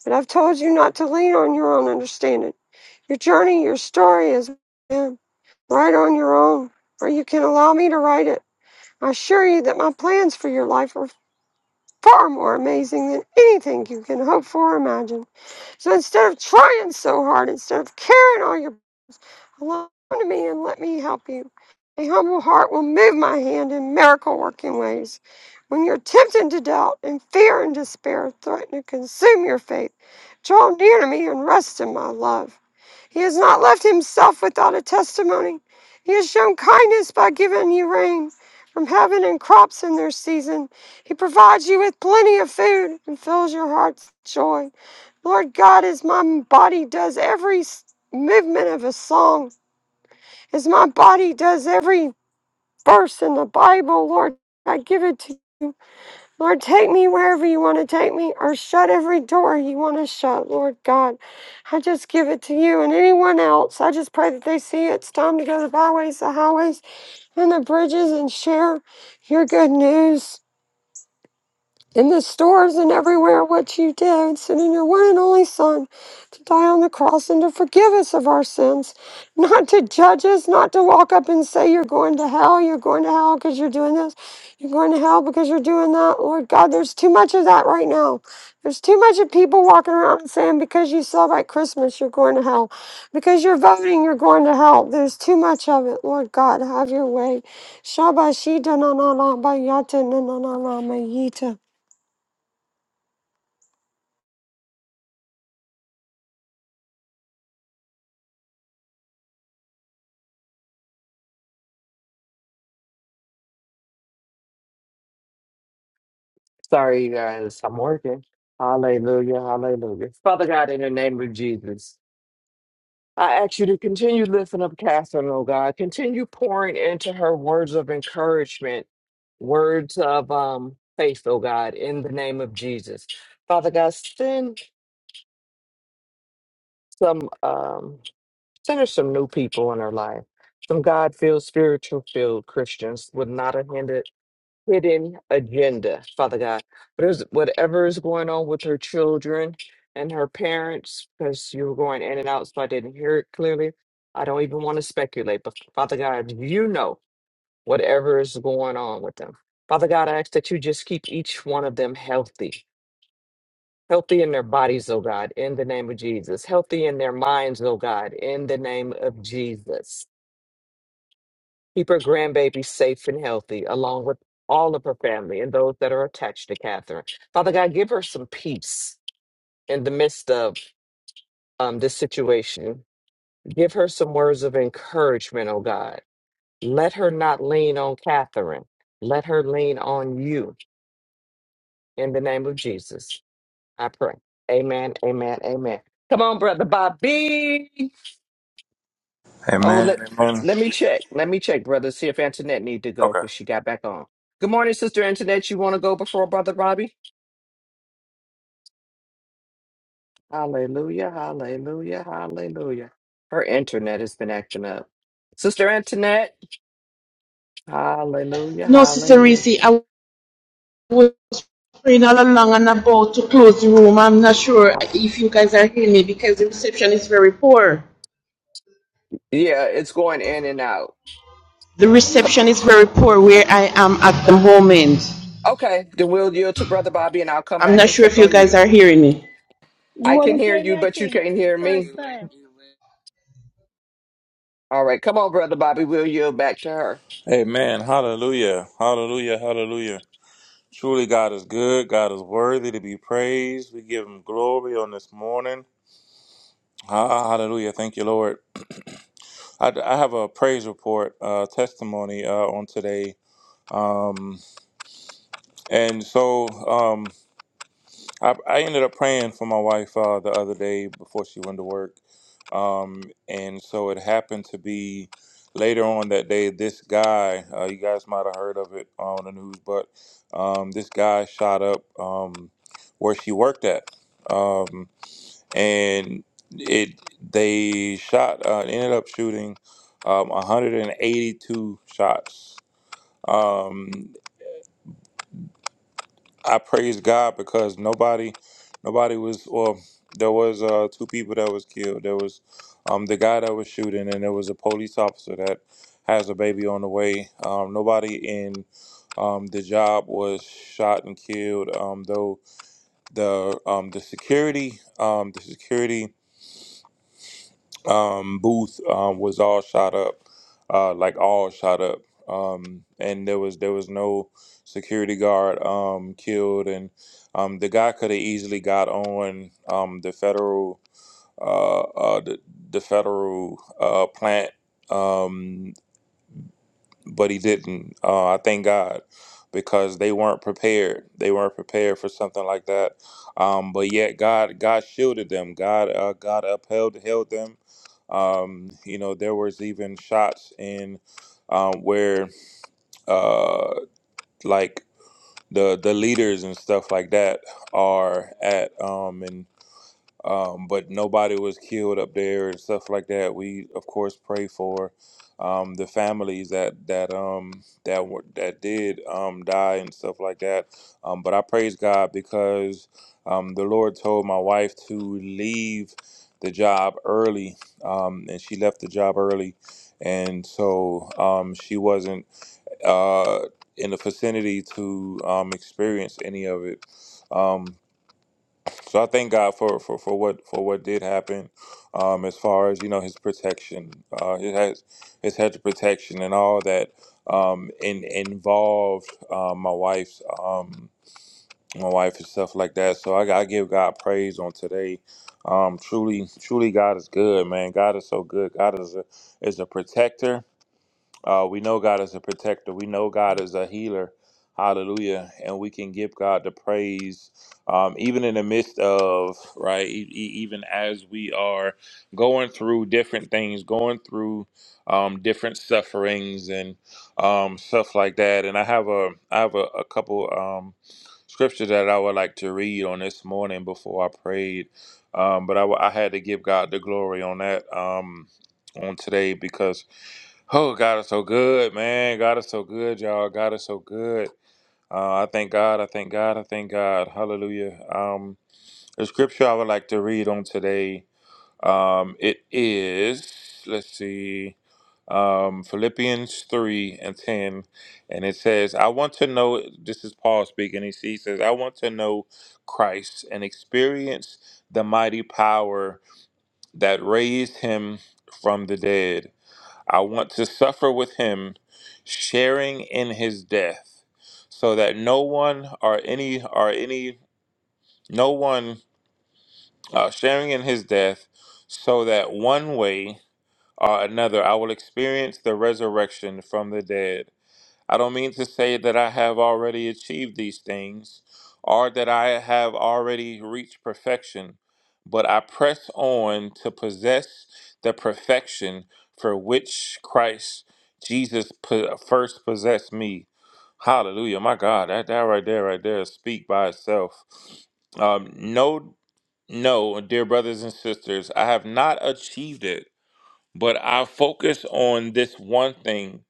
But I've told you not to lean on your own understanding. Your journey, your story is. yeah, Write on your own, or you can allow me to write it. I assure you that my plans for your life are far more amazing than anything you can hope for or imagine. So instead of trying so hard, instead of carrying all your along to me and let me help you. A humble heart will move my hand in miracle working ways. When you're tempted to doubt and fear and despair threaten to consume your faith, draw near to me and rest in my love. He has not left himself without a testimony. He has shown kindness by giving you rain from heaven and crops in their season. He provides you with plenty of food and fills your heart's joy. Lord God, as my body does every movement of a song, as my body does every verse in the Bible, Lord, I give it to you. Lord, take me wherever you want to take me, or shut every door you want to shut, Lord God. I just give it to you and anyone else. I just pray that they see it's time to go to the byways, the highways, and the bridges and share your good news in the stores and everywhere what you did, sending your one and only Son to die on the cross and to forgive us of our sins, not to judge us, not to walk up and say, You're going to hell, you're going to hell because you're doing this, you're going to hell because you're doing that. Lord God, there's too much of that right now. There's too much of people walking around and saying, Because you celebrate Christmas, you're going to hell. Because you're voting, you're going to hell. There's too much of it. Lord God, have your way. Shabashita na na na ba yata na na na na ma yita. Sorry, you guys. I'm working. Hallelujah. Hallelujah. Father God, in the name of Jesus. I ask you to continue lifting up Catherine, oh God. Continue pouring into her words of encouragement, words of um, faith, oh God, in the name of Jesus. Father God, send some um, send her some new people in her life. Some God filled, spiritual filled Christians with not a hindered hidden agenda, Father God. There's whatever is going on with her children and her parents, because you were going in and out, so I didn't hear it clearly. I don't even want to speculate, but Father God, you know whatever is going on with them. Father God, I ask that you just keep each one of them healthy. Healthy in their bodies, oh God, in the name of Jesus. Healthy in their minds, oh God, in the name of Jesus. Keep her grandbaby safe and healthy, along with all of her family and those that are attached to Catherine. Father God, give her some peace in the midst of um, this situation. Give her some words of encouragement, oh God. Let her not lean on Catherine. Let her lean on you in the name of Jesus. I pray. Amen, amen, amen. Come on, Brother Bobby. Oh, Amen. let Amen. let me check. Let me check, brother. See if Antoinette need to go Okay. because she got back on. Good morning, sister Antoinette. You want to go before brother Robbie? Hallelujah, hallelujah, hallelujah. Her internet has been acting up. Sister Antoinette. Hallelujah, No, Sister hallelujah. Reese, I was praying all along and about to close the room. I'm not sure if you guys are hearing me because the reception is very poor. Yeah, it's going in and out. The So- reception is very poor where I am at the moment. Okay, then we'll yield to brother Bobby, and I'll come I'm back not and sure if check you on guys you. are hearing me. You I can wasn't hear hearing you, your but you thing can't hear first me. time. All right, come on, brother Bobby. We'll yield back to her. Amen. Hallelujah. Hallelujah. Hallelujah. Truly, God is good. God is worthy to be praised. We give Him glory on this morning. Ah, hallelujah. Thank you, Lord. I, I have a praise report, uh, testimony uh, on today. Um, and so, um, I, I ended up praying for my wife uh, the other day before she went to work. Um, and so it happened to be later on that day, this guy, uh, you guys might have heard of it on the news, but um, this guy shot up um, where she worked at. Um, and it they shot, uh, ended up shooting um, 182 shots. Um, I praise God because nobody, nobody was. Well, there was uh, two people that was killed. There was um, the guy that was shooting, and there was a police officer that has a baby on the way. Um, nobody in um, the job was shot and killed. Um, though the um, the security, um, the security um, booth um, was all shot up, uh, like all shot up, um, and there was there was no security guard um, killed, and um, the guy could have easily got on um, the federal uh, uh, the, the federal uh, plant. Um, but he didn't. Uh, I thank God because they weren't prepared. They weren't prepared for something like that. Um, but yet God, God shielded them. God, uh, God upheld, held them. Um, you know, there was even shots in um, where uh, like the the leaders and stuff like that are at. Um, um, but nobody was killed up there and stuff like that. We of course pray for um, the families that that um, that were, that did um, die and stuff like that. Um, but I praise God because um, the Lord told my wife to leave the job early, um, and she left the job early, and so um, she wasn't uh, in the vicinity to um, experience any of it. Um, so I thank God for, for, for what for what did happen, um, as far as you know His protection, uh, it has His hedge of protection and all that, um, in, involved um, my wife's um, my wife and stuff like that. So I, got- I give God praise on today. Um, truly, truly, God is good, man. God is so good. God is a is a protector. Uh, we know God is a protector. We know God is a healer. Hallelujah. And we can give God the praise, um, even in the midst of, right, e- e- even as we are going through different things, going through um, different sufferings and um, stuff like that. And I have a, I have a, a couple um, scriptures that I would like to read on this morning before I prayed. Um, but I, w- I had to give God the glory on that um, on today because Oh, God is so good, man. God is so good, y'all. God is so good. Uh, I thank God. I thank God. I thank God. Hallelujah. Um, the scripture I would like to read on today, um, it is, let's see, um, Philippians 3 and 10. And it says, I want to know, this is Paul speaking. He he says, I want to know Christ and experience the mighty power that raised him from the dead. I want to suffer with him, sharing in his death, so that no one or any or any no one uh, sharing in his death, so that one way or another I will experience the resurrection from the dead. I don't mean to say that I have already achieved these things or that I have already reached perfection, but I press on to possess the perfection for which Christ Jesus po- first possessed me. Hallelujah. My God, that, that right there, right there, speak by itself. Um, no, no, dear brothers and sisters, I have not achieved it but I focus on this one thing,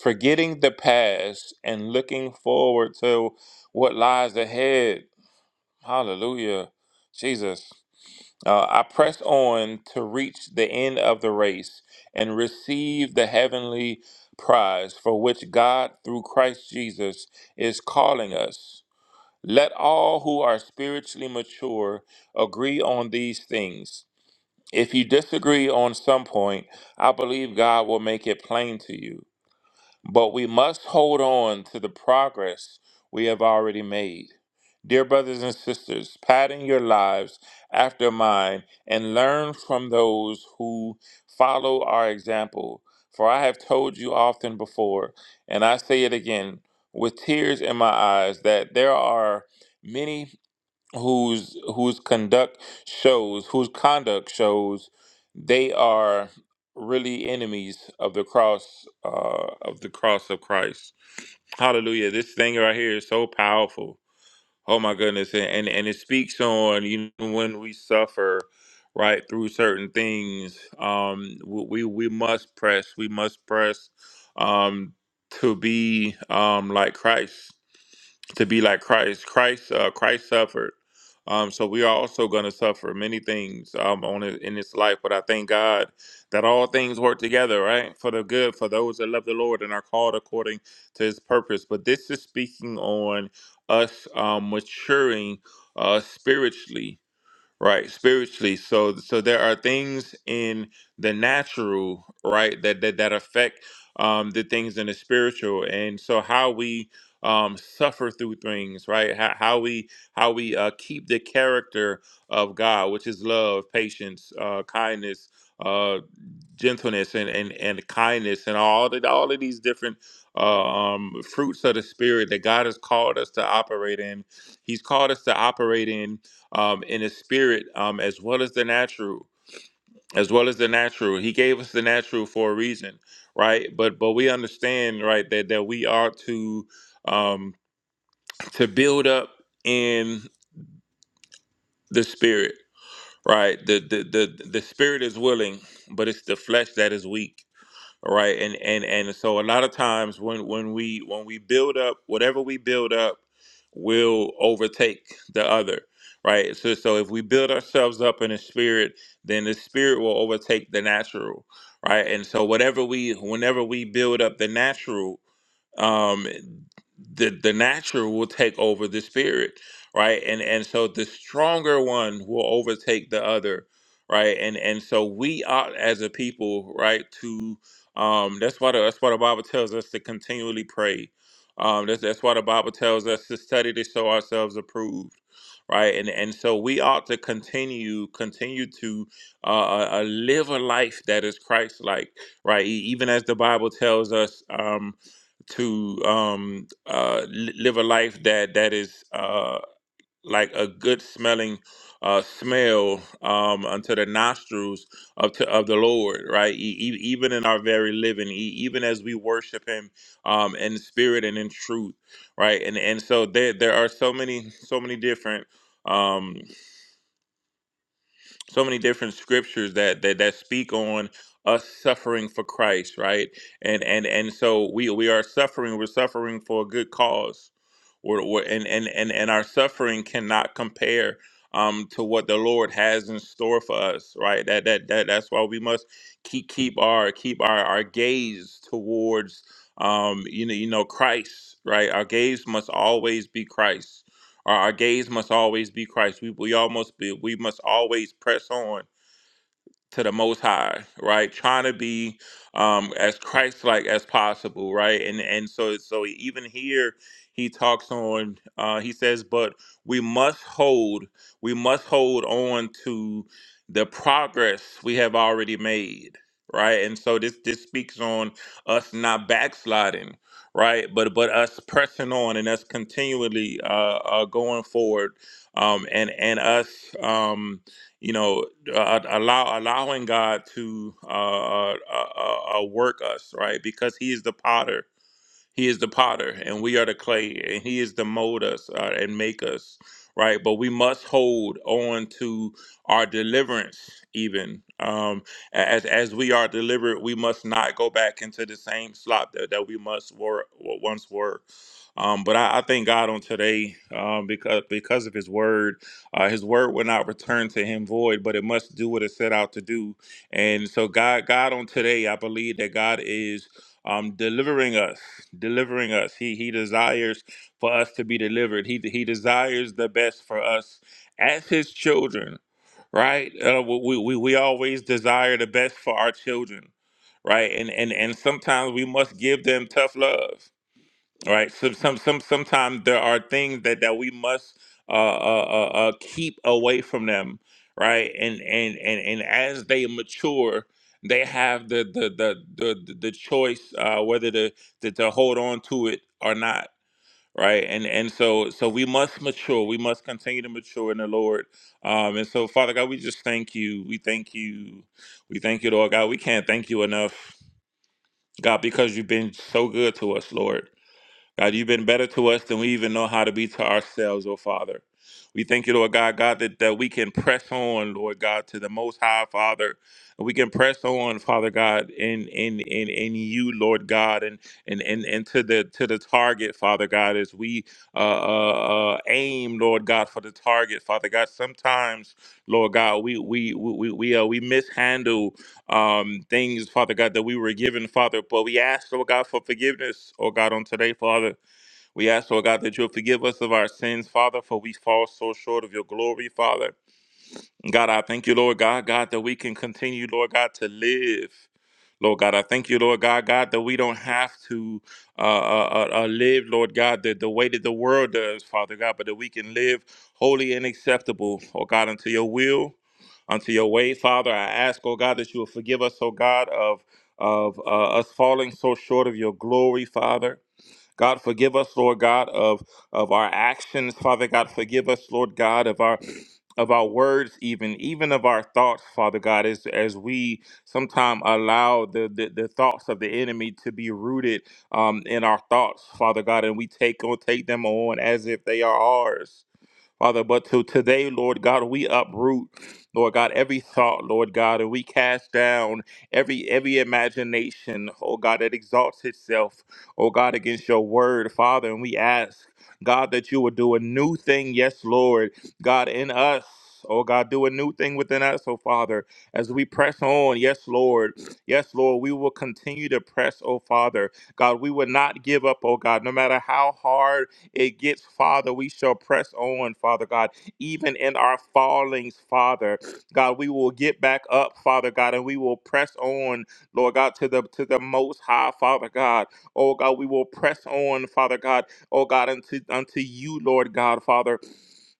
forgetting the past and looking forward to what lies ahead. Hallelujah. Jesus. Uh, I press on to reach the end of the race and receive the heavenly prize for which God, through Christ Jesus, is calling us. Let all who are spiritually mature agree on these things. If you disagree on some point, I believe God will make it plain to you. But we must hold on to the progress we have already made. Dear brothers and sisters, pattern your lives after mine and learn from those who follow our example. For I have told you often before, and I say it again with tears in my eyes, that there are many whose whose conduct shows whose conduct shows they are really enemies of the cross uh, of the cross of Christ. Hallelujah! This thing right here is so powerful. Oh my goodness! And and, and it speaks on you know, when we suffer right through certain things. Um, we we we must press. We must press um, to be um, like Christ to be like Christ. Christ, uh, Christ suffered. Um, so we are also going to suffer many things um, on it- in this life, but I thank God that all things work together, right, for the good for those that love the Lord and are called according to His purpose. But this is speaking on us um, maturing uh, spiritually right spiritually so so there are things in the natural right that that, that affect um the things in the spiritual and so how we um suffer through things right how, how we how we uh keep the character of god which is love patience uh kindness uh, gentleness and, and, and kindness and all the, all of these different uh, um, fruits of the spirit that God has called us to operate in. He's called us to operate in um, in the spirit um, as well as the natural. As well as the natural, he gave us the natural for a reason, right? But but we understand, right, that that we are to um, to build up in the spirit, right? The the the the spirit is willing, but it's the flesh that is weak All right. And and and so a lot of times when when we when we build up whatever we build up will overtake the other. Right. So so if we build ourselves up in the spirit, then the spirit will overtake the natural. Right. And so whatever we whenever we build up the natural um the the natural will take over the spirit right and and so the stronger one will overtake the other right and and so we ought as a people right to um that's why the, that's why the bible tells us to continually pray um that's, that's why the bible tells us to study to show ourselves approved right and and so we ought to continue continue to uh, uh uh, live a life that is christ like right E- even as the bible tells us um to um, uh, li- live a life that that is uh, like a good smelling uh, smell um, unto the nostrils of to, of the Lord, right? E- e- even in our very living, e- even as we worship Him um, in spirit and in truth, right? And and so there there are so many so many different. Um, so many different scriptures that that that speak on us suffering for Christ, right? And and and so we we are suffering. We're suffering for a good cause. We're, we're and and and and our suffering cannot compare um to what the Lord has in store for us, right? That that that that's why we must keep keep our keep our our gaze towards um you know you know Christ, right? Our gaze must always be Christ our, our gaze must always be Christ. We, we all must be, we must always press on to the most high right trying to be um as christ-like as possible right and and so so even here he talks on uh he says but we must hold we must hold on to the progress we have already made right and so this this speaks on us not backsliding right but but us pressing on and us continually uh, uh going forward um and and us um you know uh, allow allowing God to uh, uh, uh, uh, uh, work us, right? Because He is the Potter, he is the potter, and we are the clay, and He is to mold us uh, and make us, right? But we must hold on to our deliverance, even um, as as we are delivered. We must not go back into the same slop that, that we must were once were. Um, but I, I thank God on today um, because because of His word. Uh, his word will not return to Him void, but it must do what it set out to do. And so, God, God on today, I believe that God is um, delivering us delivering us. He he desires for us to be delivered. He he desires the best for us as his children, right? Uh, we, we we always desire the best for our children, right? And and and sometimes we must give them tough love all right. So some some sometimes there are things that that we must uh, uh, uh, uh, keep away from them, right? And and and and as they mature, they have the the the the, the the choice uh, whether to, to to hold on to it or not, right? And and so so we must mature. We must continue to mature in the Lord. Um, and so Father God, we just thank you. We thank you. We thank you, Lord God. We can't thank you enough, God, because you've been so good to us, Lord. God, you've been better to us than we even know how to be to ourselves, oh Father. We thank you, Lord God, God, that, that we can press on, Lord God, to the most high, Father. And we can press on, Father God, in in in in you, Lord God, and and and, and to the to the target, Father God, as we uh, uh, uh aim, Lord God, for the target, Father God. Sometimes, Lord God, we we we we we, uh, we mishandle um, things, Father God, that we were given, Father. But we ask, Lord God, for forgiveness, oh God, on today, Father. We ask, Lord God, that you'll forgive us of our sins, Father, for we fall so short of your glory, Father. God, I thank you, Lord God, God, that we can continue, Lord God, to live. Lord God, I thank you, Lord God, God, that we don't have to uh, uh, uh, uh, live, Lord God, the, the way that the world does, Father God, but that we can live holy and acceptable, oh God, unto your will, unto your way, Father. I ask, oh God, that you will forgive us, oh God, of of uh, us falling so short of your glory, Father. God, forgive us, Lord God, of, of our actions. Father God, forgive us, Lord God, of our of our words even even of our thoughts father god as as we sometimes allow the, the the thoughts of the enemy to be rooted um in our thoughts father god and we take on take them on as if they are ours Father, but to today, Lord God, we uproot, Lord God, every thought, Lord God, and we cast down every every imagination, oh God, that exalts itself, oh God, against your word, Father, and we ask, God, that you would do a new thing, yes, Lord, God, in us. Oh God, do a new thing within us, oh Father, as we press on. Yes, Lord. Yes, Lord, we will continue to press, oh Father. God, we will not give up, oh God, no matter how hard it gets, Father, we shall press on, Father God, even in our fallings, Father. God, we will get back up, Father God, and we will press on, Lord God, to the to the most high, Father God. Oh God, we will press on, Father God, oh God, unto unto you, Lord God, Father.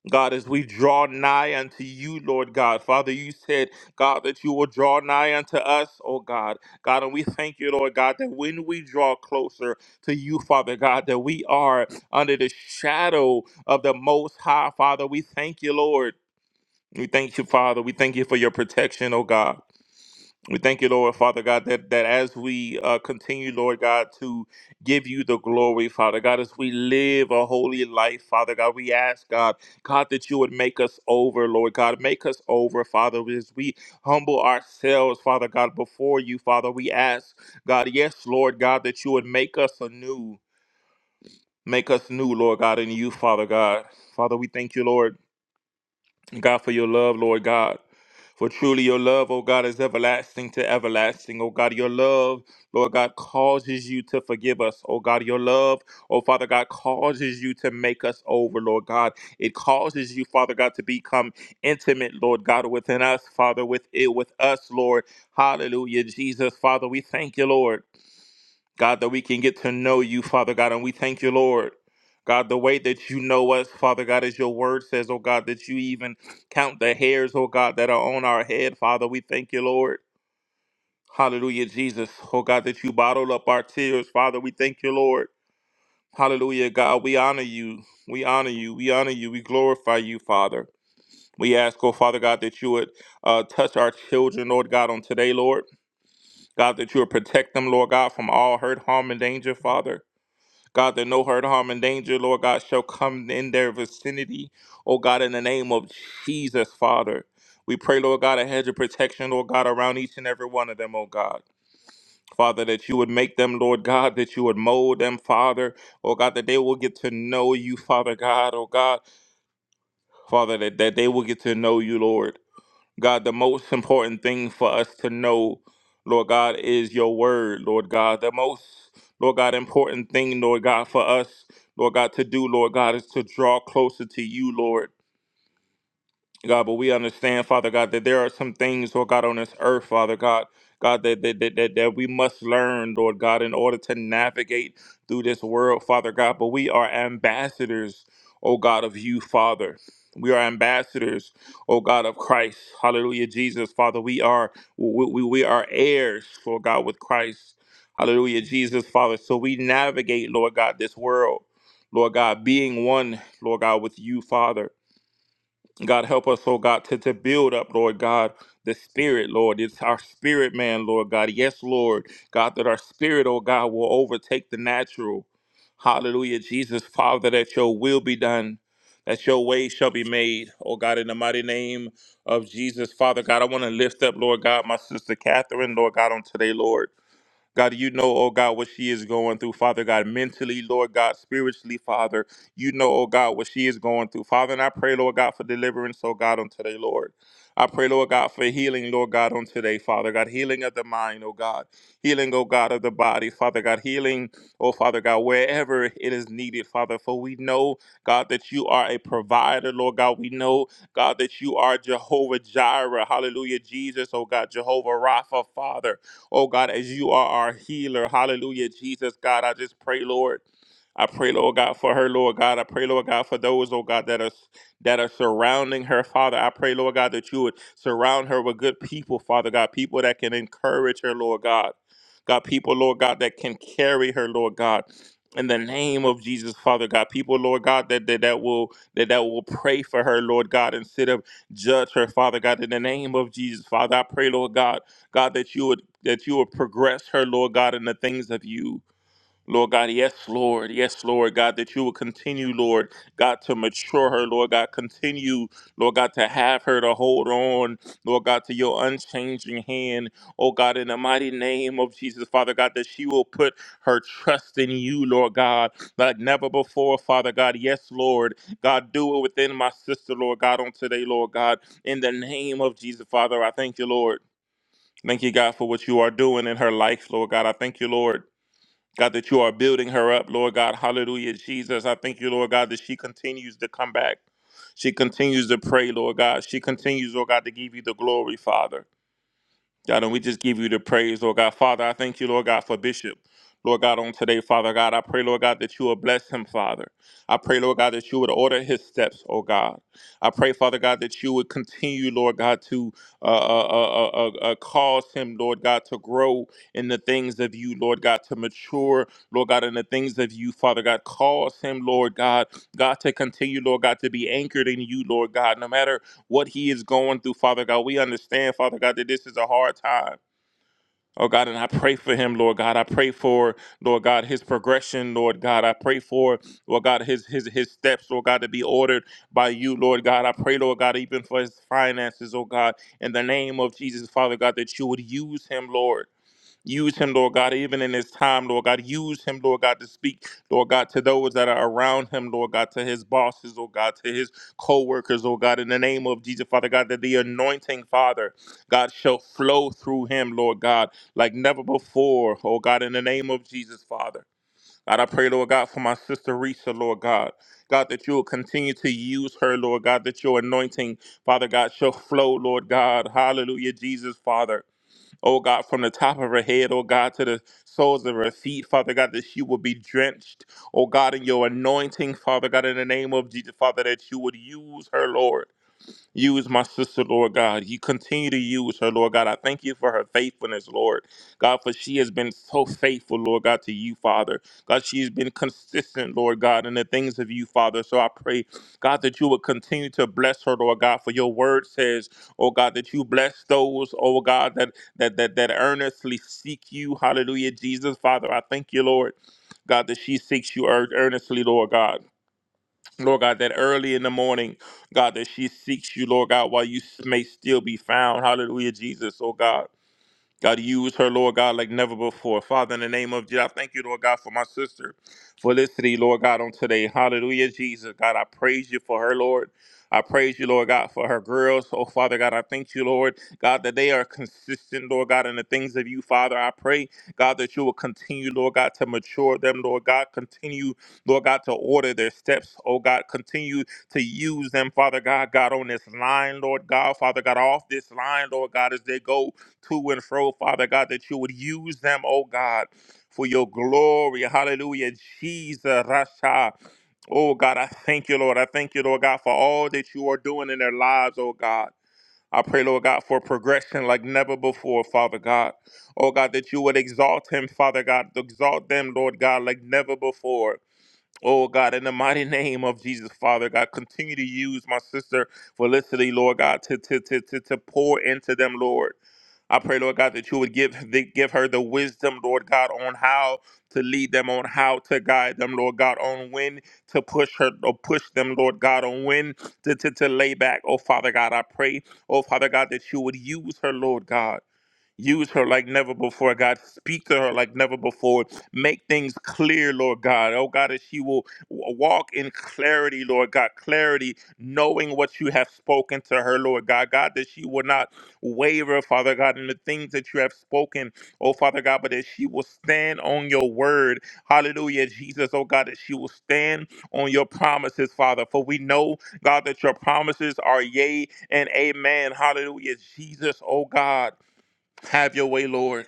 God, as we draw nigh unto you, Lord God. Father, you said, God, that you will draw nigh unto us, oh God. God, and we thank you, Lord God, that when we draw closer to you, Father God, that we are under the shadow of the Most High, Father. We thank you, Lord. We thank you, Father. We thank you for your protection, oh God. We thank you, Lord, Father God, that, that as we uh, continue, Lord God, to give you the glory, Father God, as we live a holy life, Father God, we ask, God, God, that you would make us over, Lord God. Make us over, Father, as we humble ourselves, Father God, before you, Father. We ask, God, yes, Lord God, that you would make us anew. Make us new, Lord God, in you, Father God. Father, we thank you, Lord. God, for your love, Lord God. For truly your love, oh God, is everlasting to everlasting. Oh God, your love, Lord God, causes you to forgive us. Oh God, your love, oh Father God, causes you to make us over, Lord God. It causes you, Father God, to become intimate, Lord God, within us, Father, with it with us, Lord. Hallelujah. Jesus, Father, we thank you, Lord. God, that we can get to know you, Father God, and we thank you, Lord. God, the way that you know us, Father God, as your word says, oh God, that you even count the hairs, oh God, that are on our head, Father. We thank you, Lord. Hallelujah, Jesus. Oh God, that you bottled up our tears, Father. We thank you, Lord. Hallelujah, God. We honor you. We honor you. We honor you. We glorify you, Father. We ask, oh Father God, that you would uh, touch our children, Lord God, on today, Lord. God, that you would protect them, Lord God, from all hurt, harm, and danger, Father. God, that no hurt, harm, and danger, Lord God, shall come in their vicinity. Oh God, in the name of Jesus, Father. We pray, Lord God, a hedge of protection, Lord God, around each and every one of them, oh God. Father, that you would make them, Lord God, that you would mold them, Father. Oh God, that they will get to know you, Father God, oh God. Father, that, that they will get to know you, Lord. God, the most important thing for us to know, Lord God, is your word, Lord God. The most, Lord God, important thing, Lord God, for us, Lord God, to do, Lord God, is to draw closer to you, Lord. God, but we understand, Father God, that there are some things, Lord God, on this earth, Father God, God, that that, that, that that we must learn, Lord God, in order to navigate through this world, Father God. But we are ambassadors, oh God, of you, Father. We are ambassadors, oh God of Christ. Hallelujah, Jesus, Father. We are we, we, we are heirs, Lord God, with Christ. Hallelujah, Jesus, Father. So we navigate, Lord God, this world, Lord God, being one, Lord God, with you, Father. God, help us, oh God, to, to build up, Lord God, the spirit, Lord. It's our spirit, man, Lord God. Yes, Lord, God, that our spirit, oh God, will overtake the natural. Hallelujah, Jesus, Father, that your will be done, that your way shall be made, oh God, in the mighty name of Jesus, Father God. I want to lift up, Lord God, my sister Catherine, Lord God, on today, Lord. God, you know, oh God, what she is going through, Father God, mentally, Lord God, spiritually, Father. You know, oh God, what she is going through, Father. And I pray, Lord God, for deliverance, oh God, on today, Lord. I pray, Lord God, for healing, Lord God, on today, Father God, healing of the mind, oh God, healing, oh God, of the body, Father God, healing, oh Father God, wherever it is needed, Father. For we know, God, that you are a provider, Lord God. We know, God, that you are Jehovah Jireh, hallelujah, Jesus, oh God, Jehovah Rapha, Father. Oh God, as you are our healer. Hallelujah, Jesus, God. I just pray, Lord. I pray, Lord God, for her, Lord God. I pray, Lord God, for those, oh God, that are that are surrounding her, Father. I pray, Lord God, that you would surround her with good people, Father God, people that can encourage her, Lord God. God, people, Lord God, that can carry her, Lord God. In the name of Jesus, Father God, people, Lord God, that, that that will that that will pray for her, Lord God, instead of judge her, Father God. In the name of Jesus, Father, I pray, Lord God. God, that you would that you would progress her, Lord God, in the things of you. Lord God, yes, Lord, yes, Lord God, that you will continue, Lord God, to mature her, Lord God, continue, Lord God, to have her to hold on, Lord God, to your unchanging hand, oh God, in the mighty name of Jesus, Father God, that she will put her trust in you, Lord God, like never before, Father God, yes, Lord, God, do it within my sister, Lord God, on today, Lord God, in the name of Jesus, Father, I thank you, Lord. Thank you, God, for what you are doing in her life, Lord God. I thank you, Lord. God, that you are building her up, Lord God. Hallelujah, Jesus. I thank you, Lord God, that she continues to come back. She continues to pray, Lord God. She continues, Lord God, to give you the glory, Father. God, and we just give you the praise, Lord God. Father, I thank you, Lord God, for Bishop. Lord God, on today, Father God, I pray, Lord God, that you will bless him, Father. I pray, Lord God, that you would order his steps, oh God. I pray, Father God, that you would continue, Lord God, to uh, uh, uh, uh, uh, uh, cause him, Lord God, to grow in the things of you, Lord God, to mature, Lord God, in the things of you, Father God. Cause him, Lord God, God, to continue, Lord God, to be anchored in you, Lord God, no matter what he is going through, Father God. We understand, Father God, that this is a hard time. Oh God, and I pray for him, Lord God. I pray for, Lord God, his progression, Lord God. I pray for, Lord God, his his his steps, Lord God, to be ordered by you, Lord God. I pray, Lord God, even for his finances, oh God, in the name of Jesus, Father God, that you would use him, Lord. Use him, Lord God, even in this time, Lord God. Use him, Lord God, to speak, Lord God, to those that are around him, Lord God, to his bosses, oh God, to his co workers, oh God, in the name of Jesus, Father God, that the anointing, Father, God, shall flow through him, Lord God, like never before, oh God, in the name of Jesus, Father. God, I pray, Lord God, for my sister Risa, Lord God. God, that you will continue to use her, Lord God, that your anointing, Father God, shall flow, Lord God. Hallelujah, Jesus, Father oh God, from the top of her head, oh God, to the soles of her feet, Father God, that she would be drenched, oh God, in your anointing, Father God, in the name of Jesus, Father, that you would use her, Lord. Use my sister, Lord God. You continue to use her, Lord God. I thank you for her faithfulness, Lord. God, for she has been so faithful, Lord God, to you, Father. God, she has been consistent, Lord God, in the things of you, Father. So I pray, God, that you would continue to bless her, Lord God, for your word says, oh God, that you bless those, oh God, that that that that earnestly seek you. Hallelujah, Jesus, Father. I thank you, Lord. God, that she seeks you ear- earnestly, Lord God. Lord God, that early in the morning, God, that she seeks you, Lord God, while you may still be found. Hallelujah, Jesus, oh God. God, use her, Lord God, like never before. Father, in the name of Jesus, I thank you, Lord God, for my sister Felicity, Lord God, on today. Hallelujah, Jesus. God, I praise you for her, Lord. I praise you, Lord God, for her girls. Oh, Father God, I thank you, Lord God, that they are consistent, Lord God, in the things of you, Father. I pray, God, that you will continue, Lord God, to mature them, Lord God. Continue, Lord God, to order their steps, oh God. Continue to use them, Father God, God, on this line, Lord God, Father God, off this line, Lord God, as they go to and fro, Father God, that you would use them, oh God, for your glory. Hallelujah. Jesus, Rasha. Oh God, I thank you, Lord. I thank you, Lord God, for all that you are doing in their lives, oh God. I pray, Lord God, for progression like never before, Father God. Oh God, that you would exalt him, Father God. Exalt them, Lord God, like never before. Oh God, in the mighty name of Jesus, Father God, continue to use my sister Felicity, Lord God, to to to to, to pour into them, Lord. I pray, Lord God, that you would give that give her the wisdom, Lord God, on how to lead them, on how to guide them, Lord God, on when to push her or push them, Lord God, on when to, to, to lay back. Oh Father God, I pray, oh Father God, that you would use her, Lord God. Use her like never before, God. Speak to her like never before. Make things clear, Lord God. Oh, God, that she will w- walk in clarity, Lord God. Clarity, knowing what you have spoken to her, Lord God. God, that she will not waver, Father God, in the things that you have spoken, oh, Father God, but that she will stand on your word. Hallelujah, Jesus, oh, God, that she will stand on your promises, Father. For we know, God, that your promises are yea and amen. Hallelujah, Jesus, oh, God. Have your way, Lord.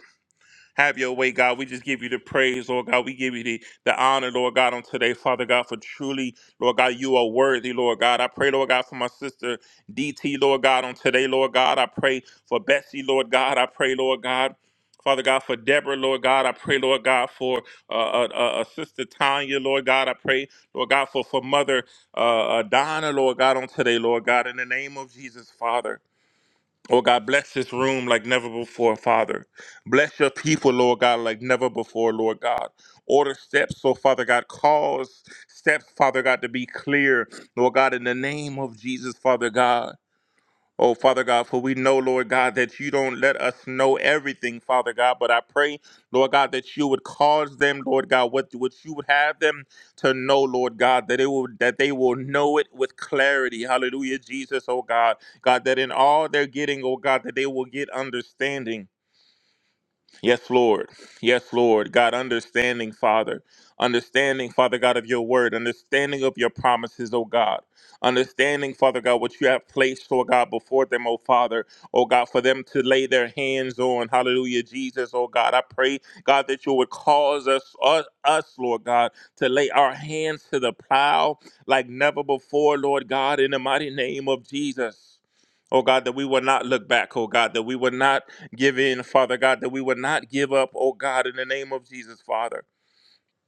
Have your way, God. We just give you the praise, Lord God. We give you the, the honor, Lord God, on today, Father God, for truly, Lord God, you are worthy, Lord God. I pray, Lord God, for my sister DT, Lord God, on today, Lord God. I pray for Betsy, Lord God. I pray, Lord God. Father God, for Deborah, Lord God, I pray, Lord God, for uh, uh, uh, uh, Sister Tanya, Lord God, I pray, Lord God, for, for Mother uh, uh, Donna, Lord God, on today, Lord God, in the name of Jesus, Father. Oh God, bless this room like never before, Father. Bless your people, Lord God, like never before, Lord God. Order steps, so Father God, cause steps, Father God, to be clear, Lord God, in the name of Jesus, Father God. Oh, Father God, for we know, Lord God, that you don't let us know everything, Father God, but I pray, Lord God, that you would cause them, Lord God, what, what you would have them to know, Lord God, that it will that they will know it with clarity. Hallelujah, Jesus, oh God. God, that in all they're getting, oh God, that they will get understanding. Yes, Lord. Yes, Lord. God, understanding, Father. Understanding, Father God, of your word. Understanding of your promises, oh God. Understanding, Father God, what you have placed, oh God, before them, oh Father. Oh God, for them to lay their hands on. Hallelujah, Jesus, oh God. I pray, God, that you would cause us, us, us, Lord God, to lay our hands to the plow like never before, Lord God, in the mighty name of Jesus. Oh God, that we will not look back, oh God, that we will not give in, Father God, that we would not give up, oh God, in the name of Jesus, Father.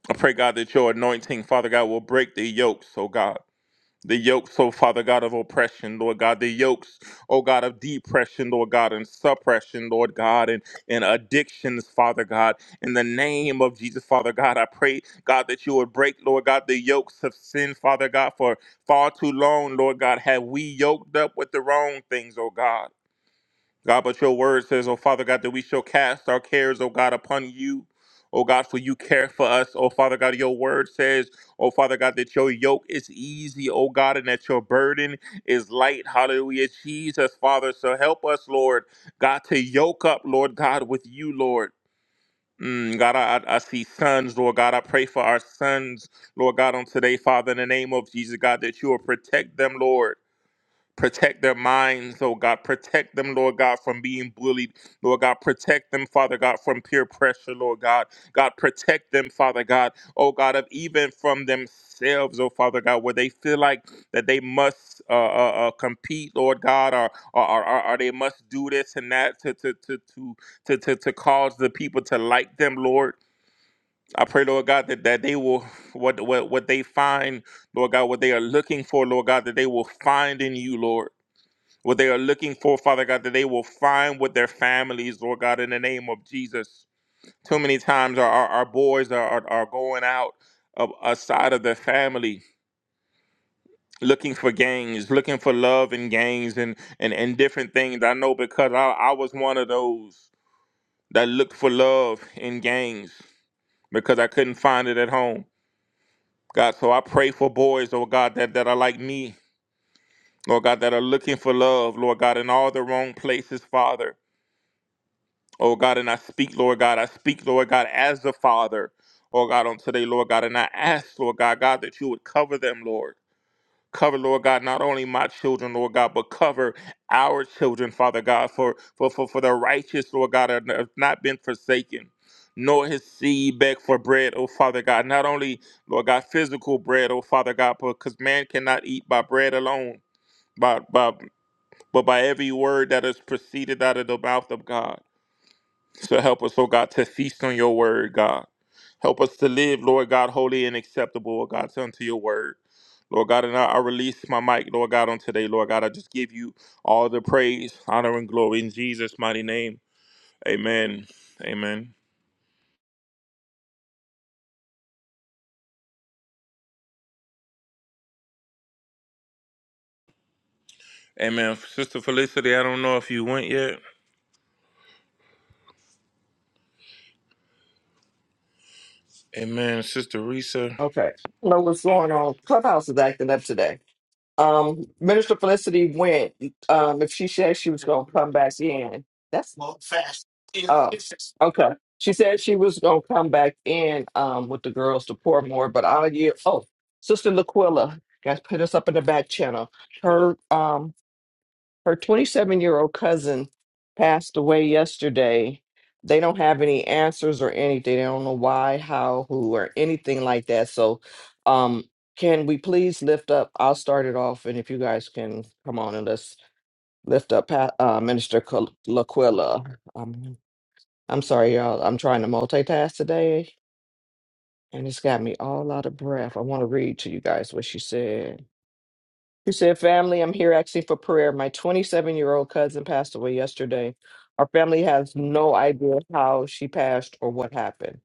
I pray, God, that your anointing, Father God, will break the yokes, oh God. The yokes, oh Father God, of oppression, Lord God. The yokes, oh God, of depression, Lord God, and suppression, Lord God, and, and addictions, Father God. In the name of Jesus, Father God, I pray, God, that you would break, Lord God, the yokes of sin, Father God, for far too long, Lord God, have we yoked up with the wrong things, oh God. God, but your word says, oh Father God, that we shall cast our cares, oh God, upon you. Oh God, for you care for us. Oh Father God, your word says, oh Father God, that your yoke is easy, oh God, and that your burden is light. Hallelujah. Jesus, Father. So help us, Lord, God, to yoke up, Lord God, with you, Lord. Mm, God, I, I I see sons, Lord God. I pray for our sons, Lord God, on today, Father, in the name of Jesus, God, that you will protect them, Lord. Protect their minds, oh God. Protect them, Lord God, from being bullied. Lord God, protect them, Father God, from peer pressure, Lord God. God, protect them, Father God, oh God, of even from themselves, oh Father God, where they feel like that they must uh, uh, uh, compete, Lord God, or, or, or, or or they must do this and that to, to, to, to, to, to, to cause the people to like them, Lord. I pray, Lord God, that, that they will, what, what, what they find, Lord God, what they are looking for, Lord God, that they will find in you, Lord what they are looking for, Father God, that they will find with their families, Lord God, in the name of Jesus. Too many times our, our, our boys are, are, are going out of outside of their family looking for gangs, looking for love in gangs and, and, and different things. I know because I, I was one of those that looked for love in gangs because I couldn't find it at home. God, so I pray for boys, oh God, that, that are like me, Lord God, that are looking for love, Lord God, in all the wrong places, Father. Oh God, and I speak, Lord God, I speak, Lord God, as the Father. Oh God, on today, Lord God, and I ask, Lord God, God, that you would cover them, Lord. Cover, Lord God, not only my children, Lord God, but cover our children, Father God, for for for, for the righteous, Lord God, have have not been forsaken. Nor his seed beg for bread, oh Father God. Not only, Lord God, physical bread, oh Father God, because man cannot eat by bread alone, by, by, but by every word that is proceeded out of the mouth of God. So help us, oh God, to feast on your word, God. Help us to live, Lord God, holy and acceptable, oh God, unto your word. Lord God, and I, I release my mic, Lord God, on today, Lord God. I just give you all the praise, honor, and glory in Jesus' mighty name. Amen. Amen. Amen. Sister Felicity, I don't know if you went yet. Amen. Sister Risa. Okay. I don't know what's going on. Clubhouse is acting up today. Um, Minister Felicity went. Um, if she said she was going to come back in, that's oh okay. She said she was going to come back in um with the girls to pour more, but I'll yield. Oh, Sister Laquilla, guys, put us up in the back channel. Her um her 27 year old cousin passed away yesterday. They don't have any answers or anything. They don't know why, how, who, or anything like that. So, um, can we please lift up? I'll start it off, and if you guys can come on and let's lift up Pa- uh, Minister Cal- Laquilla. Um, I'm sorry, y'all. I'm trying to multitask today, and it's got me all out of breath. I want to read to you guys what she said. He said, Family, I'm here actually for prayer. My 27 year old cousin passed away yesterday. Our family has no idea how she passed or what happened.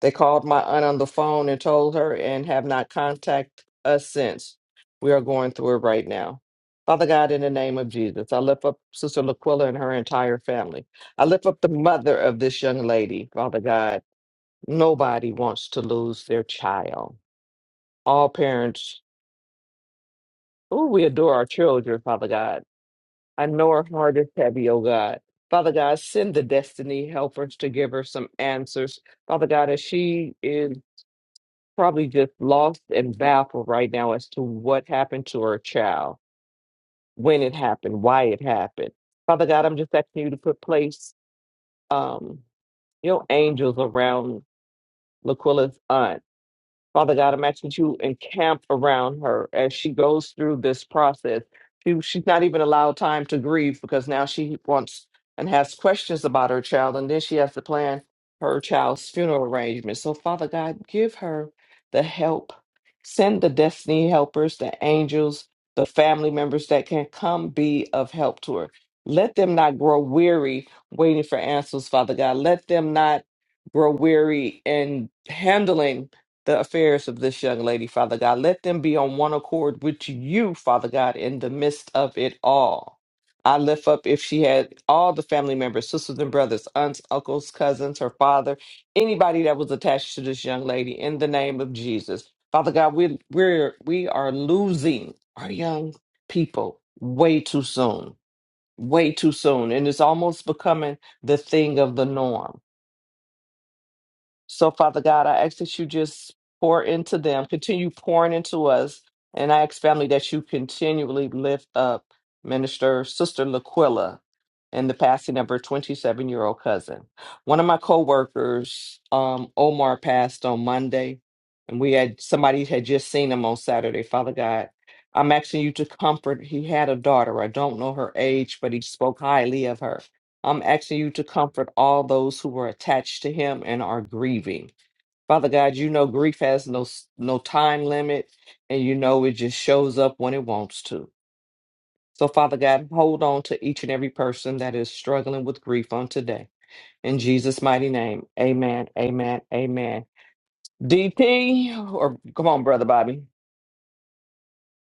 They called my aunt on the phone and told her and have not contacted us since. We are going through it right now. Father God, in the name of Jesus, I lift up Sister Laquilla and her entire family. I lift up the mother of this young lady, Father God. Nobody wants to lose their child. All parents, oh, we adore our children, Father God I know her heart is heavy, oh God. Father God, send the destiny helpers to give her some answers. Father God, as she is probably just lost and baffled right now as to what happened to her child, when it happened, why it happened. Father God, I'm just asking you to put place um, your angels around Laquilla's aunt. Father God, I'm asking that you encamp around her as she goes through this process. She, she's not even allowed time to grieve because now she wants and has questions about her child, and then she has to plan her child's funeral arrangements. So, Father God, give her the help. Send the destiny helpers, the angels, the family members that can come be of help to her. Let them not grow weary waiting for answers, Father God. Let them not grow weary in handling the affairs of this young lady, Father God. Let them be on one accord with you, Father God, in the midst of it all. I lift up if she had all the family members, sisters and brothers, aunts, uncles, cousins, her father, anybody that was attached to this young lady, in the name of Jesus. Father God, we, we're, we are losing our young people way too soon, way too soon. And it's almost becoming the thing of the norm. So, Father God, I ask that you just pour into them, continue pouring into us. And I ask, family, that you continually lift up Minister Sister Laquilla and the passing of her 27 year old cousin. One of my coworkers, um, Omar, passed on Monday, and we had somebody had just seen him on Saturday. Father God, I'm asking you to comfort. He had a daughter. I don't know her age, but he spoke highly of her. I'm asking you to comfort all those who are attached to him and are grieving. Father God, you know grief has no s- no time limit and you know it just shows up when it wants to. So Father God, hold on to each and every person that is struggling with grief on today. In Jesus mighty name. Amen. Amen. Amen. DP or come on brother Bobby.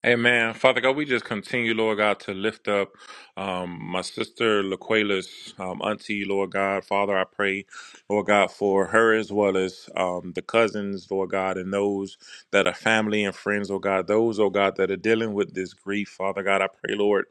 Amen. Father God, we just continue, Lord God, to lift up um, my sister Laquela's um, auntie, Lord God. Father, I pray, Lord God, for her as well as um, the cousins, Lord God, and those that are family and friends, oh God, those, oh God, that are dealing with this grief. Father God, I pray, Lord.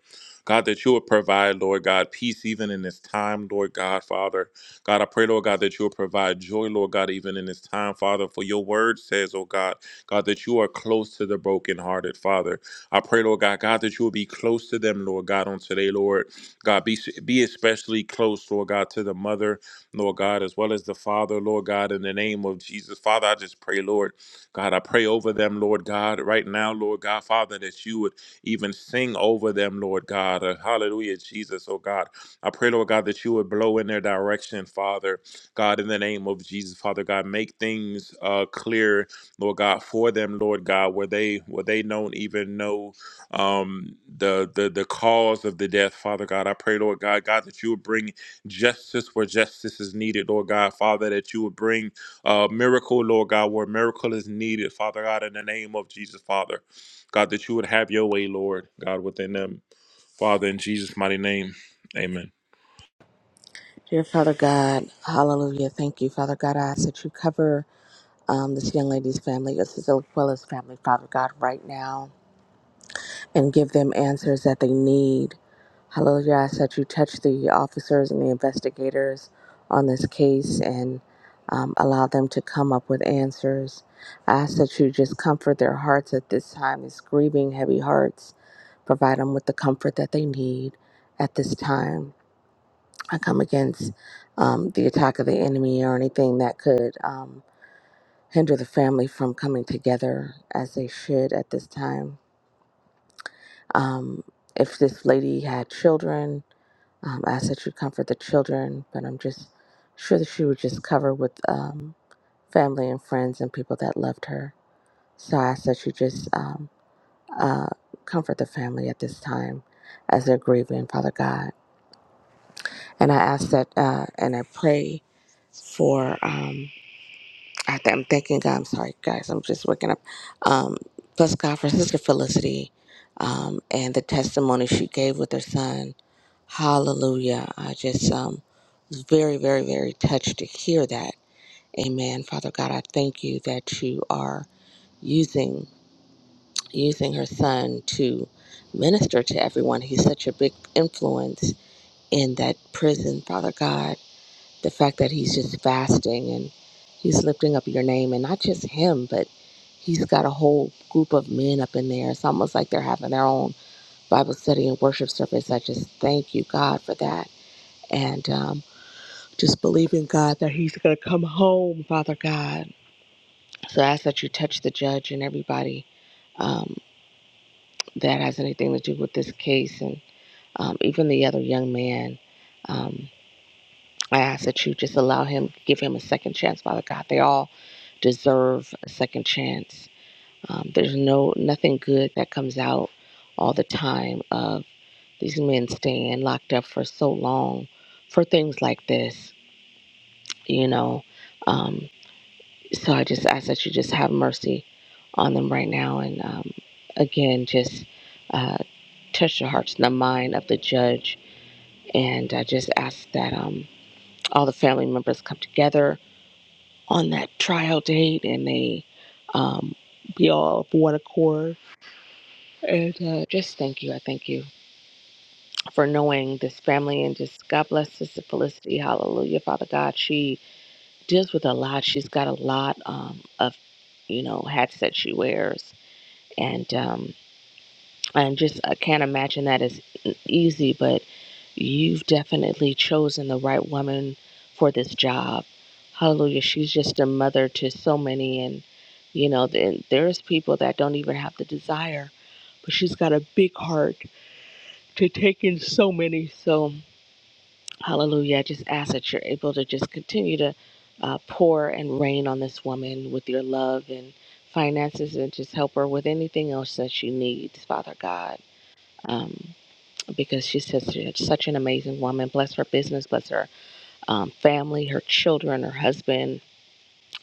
God, that you would provide, Lord God, peace even in this time, Lord God, Father. God, I pray, Lord God, that you would provide joy, Lord God, even in this time, Father. For your word says, oh God, God, that you are close to the brokenhearted, Father. I pray, Lord God, God, that you will be close to them, Lord God, on today, Lord. God, be, be especially close, Lord God, to the mother, Lord God, as well as the father, Lord God, in the name of Jesus. Father, I just pray, Lord, God, I pray over them, Lord God, right now, Lord God, Father, that you would even sing over them, Lord God. Uh, hallelujah, Jesus, oh God. I pray, Lord God, that you would blow in their direction, Father, God, in the name of Jesus, Father God, make things uh, clear Lord God, for them, Lord God, where they where they don't even know um, the the the cause of the death, Father God. I pray, Lord God, God, that you would bring justice where justice is needed, Lord God, Father, that you would bring uh, miracle, Lord God, where miracle is needed, Father God, in the name of Jesus, Father, God, that you would have your way, Lord God, within them, Father, in Jesus' mighty name, Amen. Dear Father God, hallelujah. Thank you, Father God. I ask that you cover um, this young lady's family, this well as family, Father God, right now, and give them answers that they need. Hallelujah. I ask that you touch the officers and the investigators on this case and um, allow them to come up with answers. I ask that you just comfort their hearts at this time, these grieving, heavy hearts. Provide them with the comfort that they need at this time. I come against um, the attack of the enemy or anything that could um, hinder the family from coming together as they should at this time. Um, if this lady had children, um, I ask that you comfort the children, but I'm just sure that she would just cover with um, family and friends and people that loved her. So I ask that you just um, uh, comfort the family at this time as they're grieving, Father God. And I ask that, uh, and I pray for. Um, I th- I'm thanking God. I'm sorry, guys. I'm just waking up. Um, bless God for Sister Felicity um, and the testimony she gave with her son. Hallelujah. I just um, was very, very, very touched to hear that. Amen. Father God, I thank you that you are using using her son to minister to everyone. He's such a big influence in that prison, Father God the fact that he's just fasting and he's lifting up your name and not just him but he's got a whole group of men up in there it's almost like they're having their own bible study and worship service i just thank you god for that and um, just believe in god that he's going to come home father god so i ask that you touch the judge and everybody um, that has anything to do with this case and um, even the other young man Um, I ask that you just allow him, give him a second chance, Father God. They all deserve a second chance. Um, there's no nothing good that comes out all the time of these men staying locked up for so long for things like this, you know. Um, so I just ask that you just have mercy on them right now, and um, again, just uh, touch the hearts and the mind of the judge. And I just ask that um, all the family members come together on that trial date and they um, be all of one accord. And uh, just thank you. I thank you for knowing this family and just God bless Sister Felicity. Hallelujah, Father God. She deals with a lot. She's got a lot um, of, you know, hats that she wears. And um, and just I can't imagine that is e-, easy, but You've definitely chosen the right woman for this job. Hallelujah. She's just a mother to so many. And, you know, then there's people that don't even have the desire, but she's got a big heart to take in so many. So, hallelujah. I just ask that you're able to just continue to uh, pour and rain on this woman with your love and finances and just help her with anything else that she needs, Father God. Um, because she's such, such an amazing woman. Bless her business, bless her um, family, her children, her husband,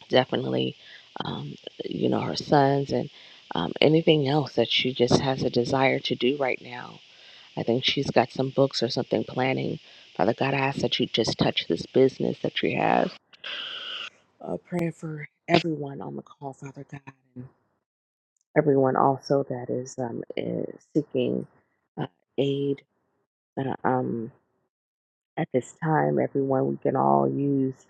definitely, um, you know, her sons, and um, anything else that she just has a desire to do right now. I think she's got some books or something planning. Father God, I ask that you just touch this business that she has. Uh, praying for everyone on the call, Father God, and everyone also that is um, is seeking uh, aid uh, um, at this time. Everyone we can all use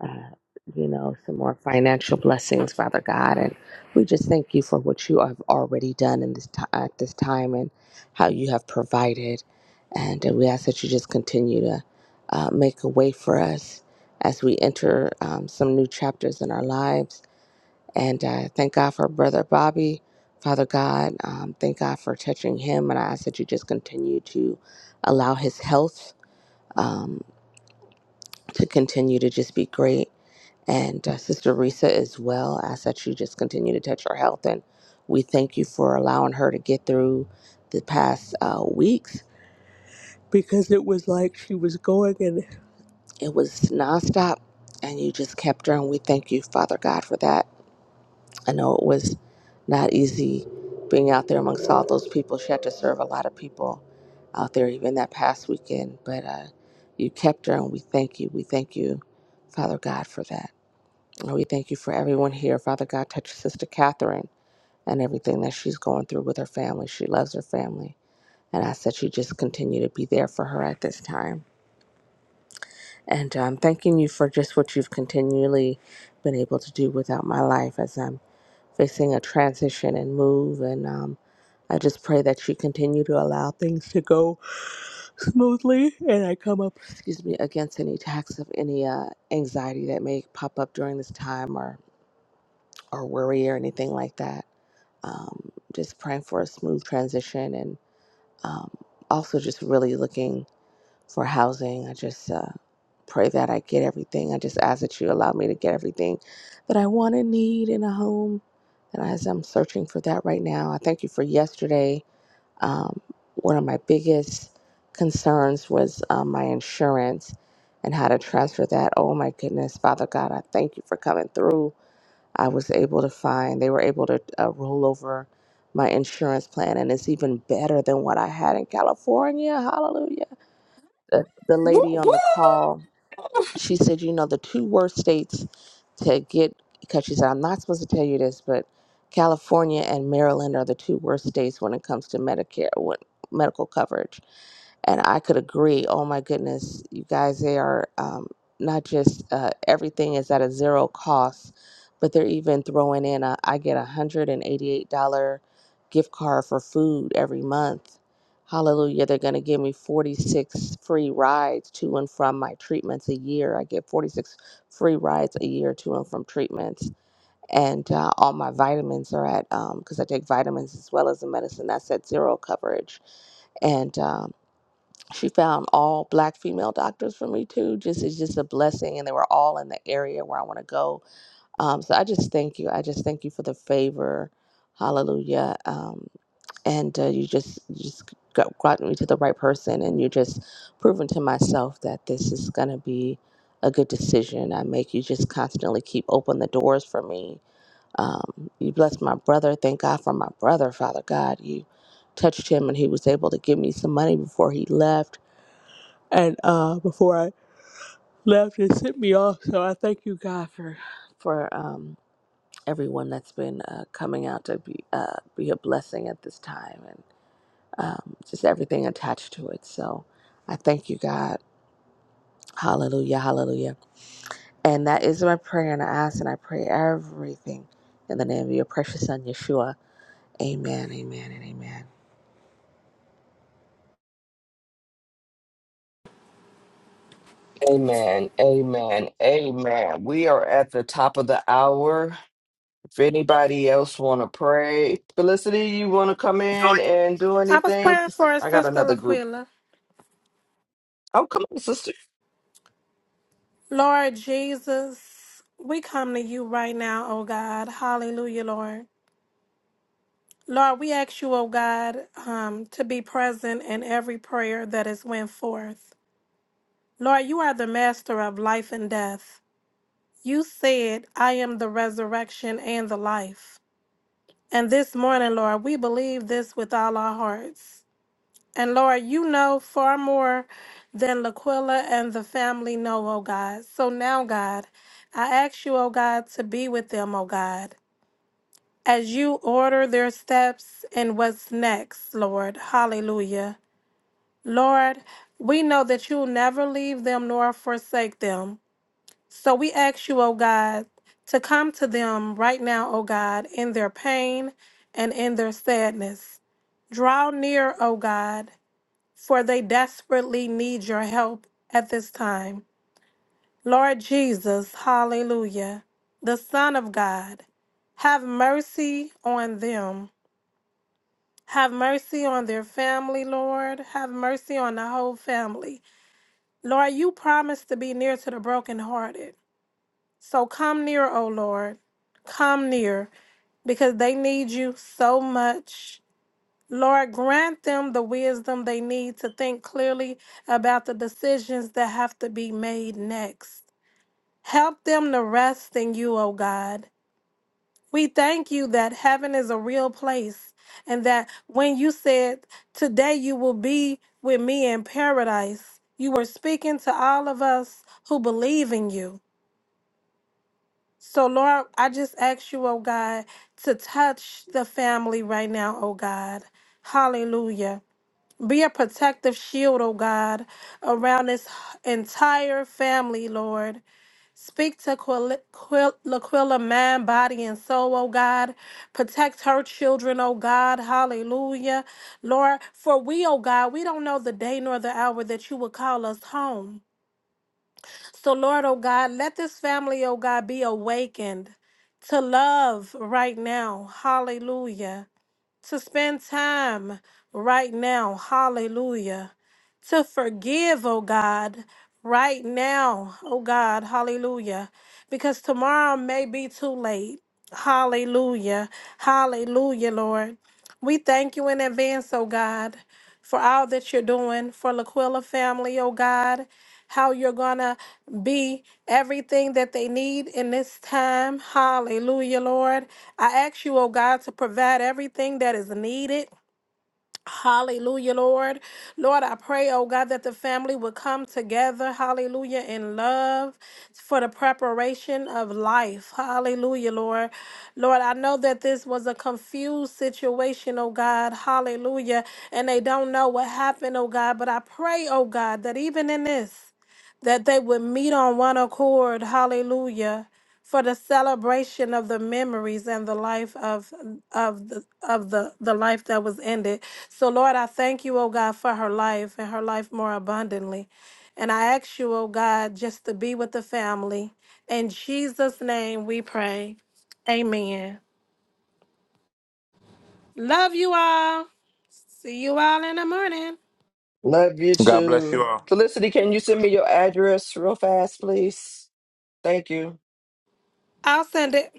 uh, you know, some more financial blessings, Father God. And we just thank you for what you have already done in this ti at this time and how you have provided. And uh, we ask that you just continue to uh, make a way for us as we enter um, some new chapters in our lives. And uh, thank God for Brother Bobby, Father God. Um, thank God for touching him. And I ask that you just continue to allow his health um, to continue to just be great and uh, Sister Risa as well. I ask that you just continue to touch her health, and we thank you for allowing her to get through the past uh, weeks because it was like she was going and it was nonstop, and you just kept her, and we thank you, Father God, for that. I know it was not easy being out there amongst all those people. She had to serve a lot of people out there, even that past weekend, but uh, you kept her, and we thank you. We thank you, Father God, for that. Lord, we thank you for everyone here. Father God, touch Sister Catherine and everything that she's going through with her family. She loves her family. And I said you just continue to be there for her at this time. And I'm thanking you for just what you've continually been able to do without my life as I'm facing a transition and move. And um, I just pray that you continue to allow things to go smoothly and I come up, excuse me, against any attacks of any uh, anxiety that may pop up during this time or. or worry or anything like that. Um, just praying for a smooth transition and um, also just really looking for housing. I just uh, pray that I get everything. I just ask that you allow me to get everything that I want and need in a home. And as I'm searching for that right now, I thank you for yesterday. Um, one of my biggest concerns was um, my insurance and how to transfer that. Oh my goodness, Father God, I thank you for coming through I was able to find, they were able to uh, roll over my insurance plan, and it's even better than what I had in California. Hallelujah. The, the Woo, lady on the woo. call. She said, you know, the two worst states to get, because she said, I'm not supposed to tell you this, but California and Maryland are the two worst states when it comes to Medicare, when, medical coverage. And I could agree. Oh my goodness, you guys, they are um, not just uh, everything is at a zero cost, but they're even throwing in a, I get a $188 gift card for food every month Hallelujah. They're going to give me 46 free rides to and from my treatments a year. I get 46 free rides a year to and from treatments. And uh, all my vitamins are at, because I take vitamins as well as the medicine, that's at zero coverage. And um, she found all black female doctors for me too. Just It's just a blessing. And they were all in the area where I want to go. Um, so I just thank you. I just thank you for the favor. Hallelujah. Um, and uh, you just you just got, got me to the right person and you're just proving to myself that this is going to be a good decision i make you just constantly keep open the doors for me um, you blessed my brother thank god for my brother father god you touched him and he was able to give me some money before he left and uh, before i left it sent me off so i thank you god for for um, everyone that's been uh, coming out to be uh, be a blessing at this time and just everything attached to it. So I thank you, God. Hallelujah, hallelujah. And that is my prayer, and I ask and I pray everything in the name of your precious son, Yeshua. Amen, amen, and amen. Amen. Amen. Amen. We are at the top of the hour. If anybody else want to pray, Felicity, you want to come in and do I was anything? praying 'Cause for our I got sister another group. Laquila. Oh, come on, sister. Lord Jesus, we come to you right now, oh God. Hallelujah, Lord. Lord, we ask you, oh God, um, to be present in every prayer that is went forth. Lord, you are the master of life and death. You said, I am the resurrection and the life. And this morning, Lord, we believe this with all our hearts. And Lord, you know far more than Laquilla and the family know, oh God. So now, God, I ask you, oh God, to be with them, oh God, as you order their steps and what's next, Lord. Hallelujah. Lord, we know that you'll never leave them nor forsake them. So we ask you, oh God, to come to them right now, oh God, in their pain and in their sadness. Draw near, O God, for they desperately need your help at this time. Lord Jesus, hallelujah, the Son of God, have mercy on them. Have mercy on their family, Lord. Have mercy on the whole family. Lord, you promised to be near to the brokenhearted. So come near, O Lord. Come near because they need you so much. Lord, grant them the wisdom they need to think clearly about the decisions that have to be made next. Help them to rest in you, O God. We thank you that heaven is a real place and that when you said, Today you will be with me in paradise, you were speaking to all of us who believe in you. So, Lord, I just ask you, O God, to touch the family right now, O God. Hallelujah. Be a protective shield, O God, around this entire family, Lord. Speak to Quil- Quil- Laquilla, mind, body, and soul, O God. Protect her children, O God. Hallelujah. Lord, for we, O God, we don't know the day nor the hour that you will call us home. So, Lord, O God, let this family, O God, be awakened to love right now. Hallelujah to spend time right now. Hallelujah. To forgive, oh God, right now. Oh God, hallelujah. Because tomorrow may be too late. Hallelujah. Hallelujah, Lord. We thank you in advance, oh God, for all that you're doing for Laquilla family, oh God. How you're gonna be everything that they need in this time. Hallelujah, Lord. I ask you, oh God, to provide everything that is needed Hallelujah, Lord. Lord, I pray, oh God, that the family would come together, hallelujah, in love for the preparation of life. Hallelujah, Lord. Lord, I know that this was a confused situation, oh God, hallelujah, and they don't know what happened, oh God, but I pray, oh God, that even in this, that they would meet on one accord, hallelujah, for the celebration of the memories and the life of of the of the, the life that was ended. So, Lord, I thank you, oh God, for her life and her life more abundantly. And I ask you, oh God, just to be with the family. In Jesus' name we pray. Amen. Love you all. See you all in the morning. Love you God bless you too. all. Felicity, can you send me your address real fast, please? Thank you. I'll send it.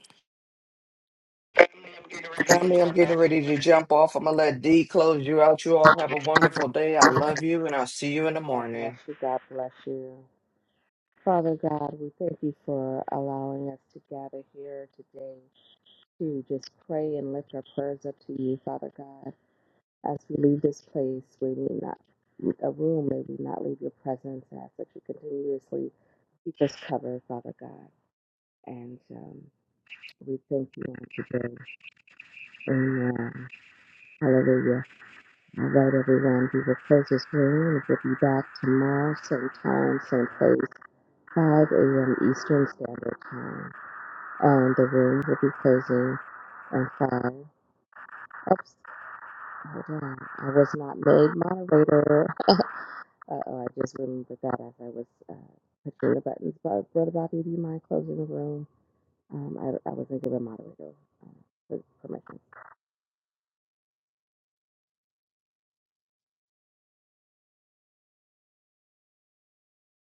Family, I'm getting ready to jump off. I'm going to let D close you out. You all have a God wonderful day. I love you, and I'll see you in the morning. bless you, God bless you. Father God, we thank you for allowing us to gather here today to just pray and lift our prayers up to you, Father God. As we leave this place, we need not a room, may we not leave your presence. I ask that you continuously keep us covered, Father God. And um, we thank you on today. Amen. Hallelujah. All right, everyone. We will close this room. We'll be back tomorrow, same time, same place, 5 a.m. Eastern Standard Time. And the room will be closing and five. Oops, hold on. I was not made moderator. Uh oh, I just remembered that as I was uh, pushing the buttons. But Brother Bobby, do you mind closing the room? Um, I, I wasn't given moderator uh, permission.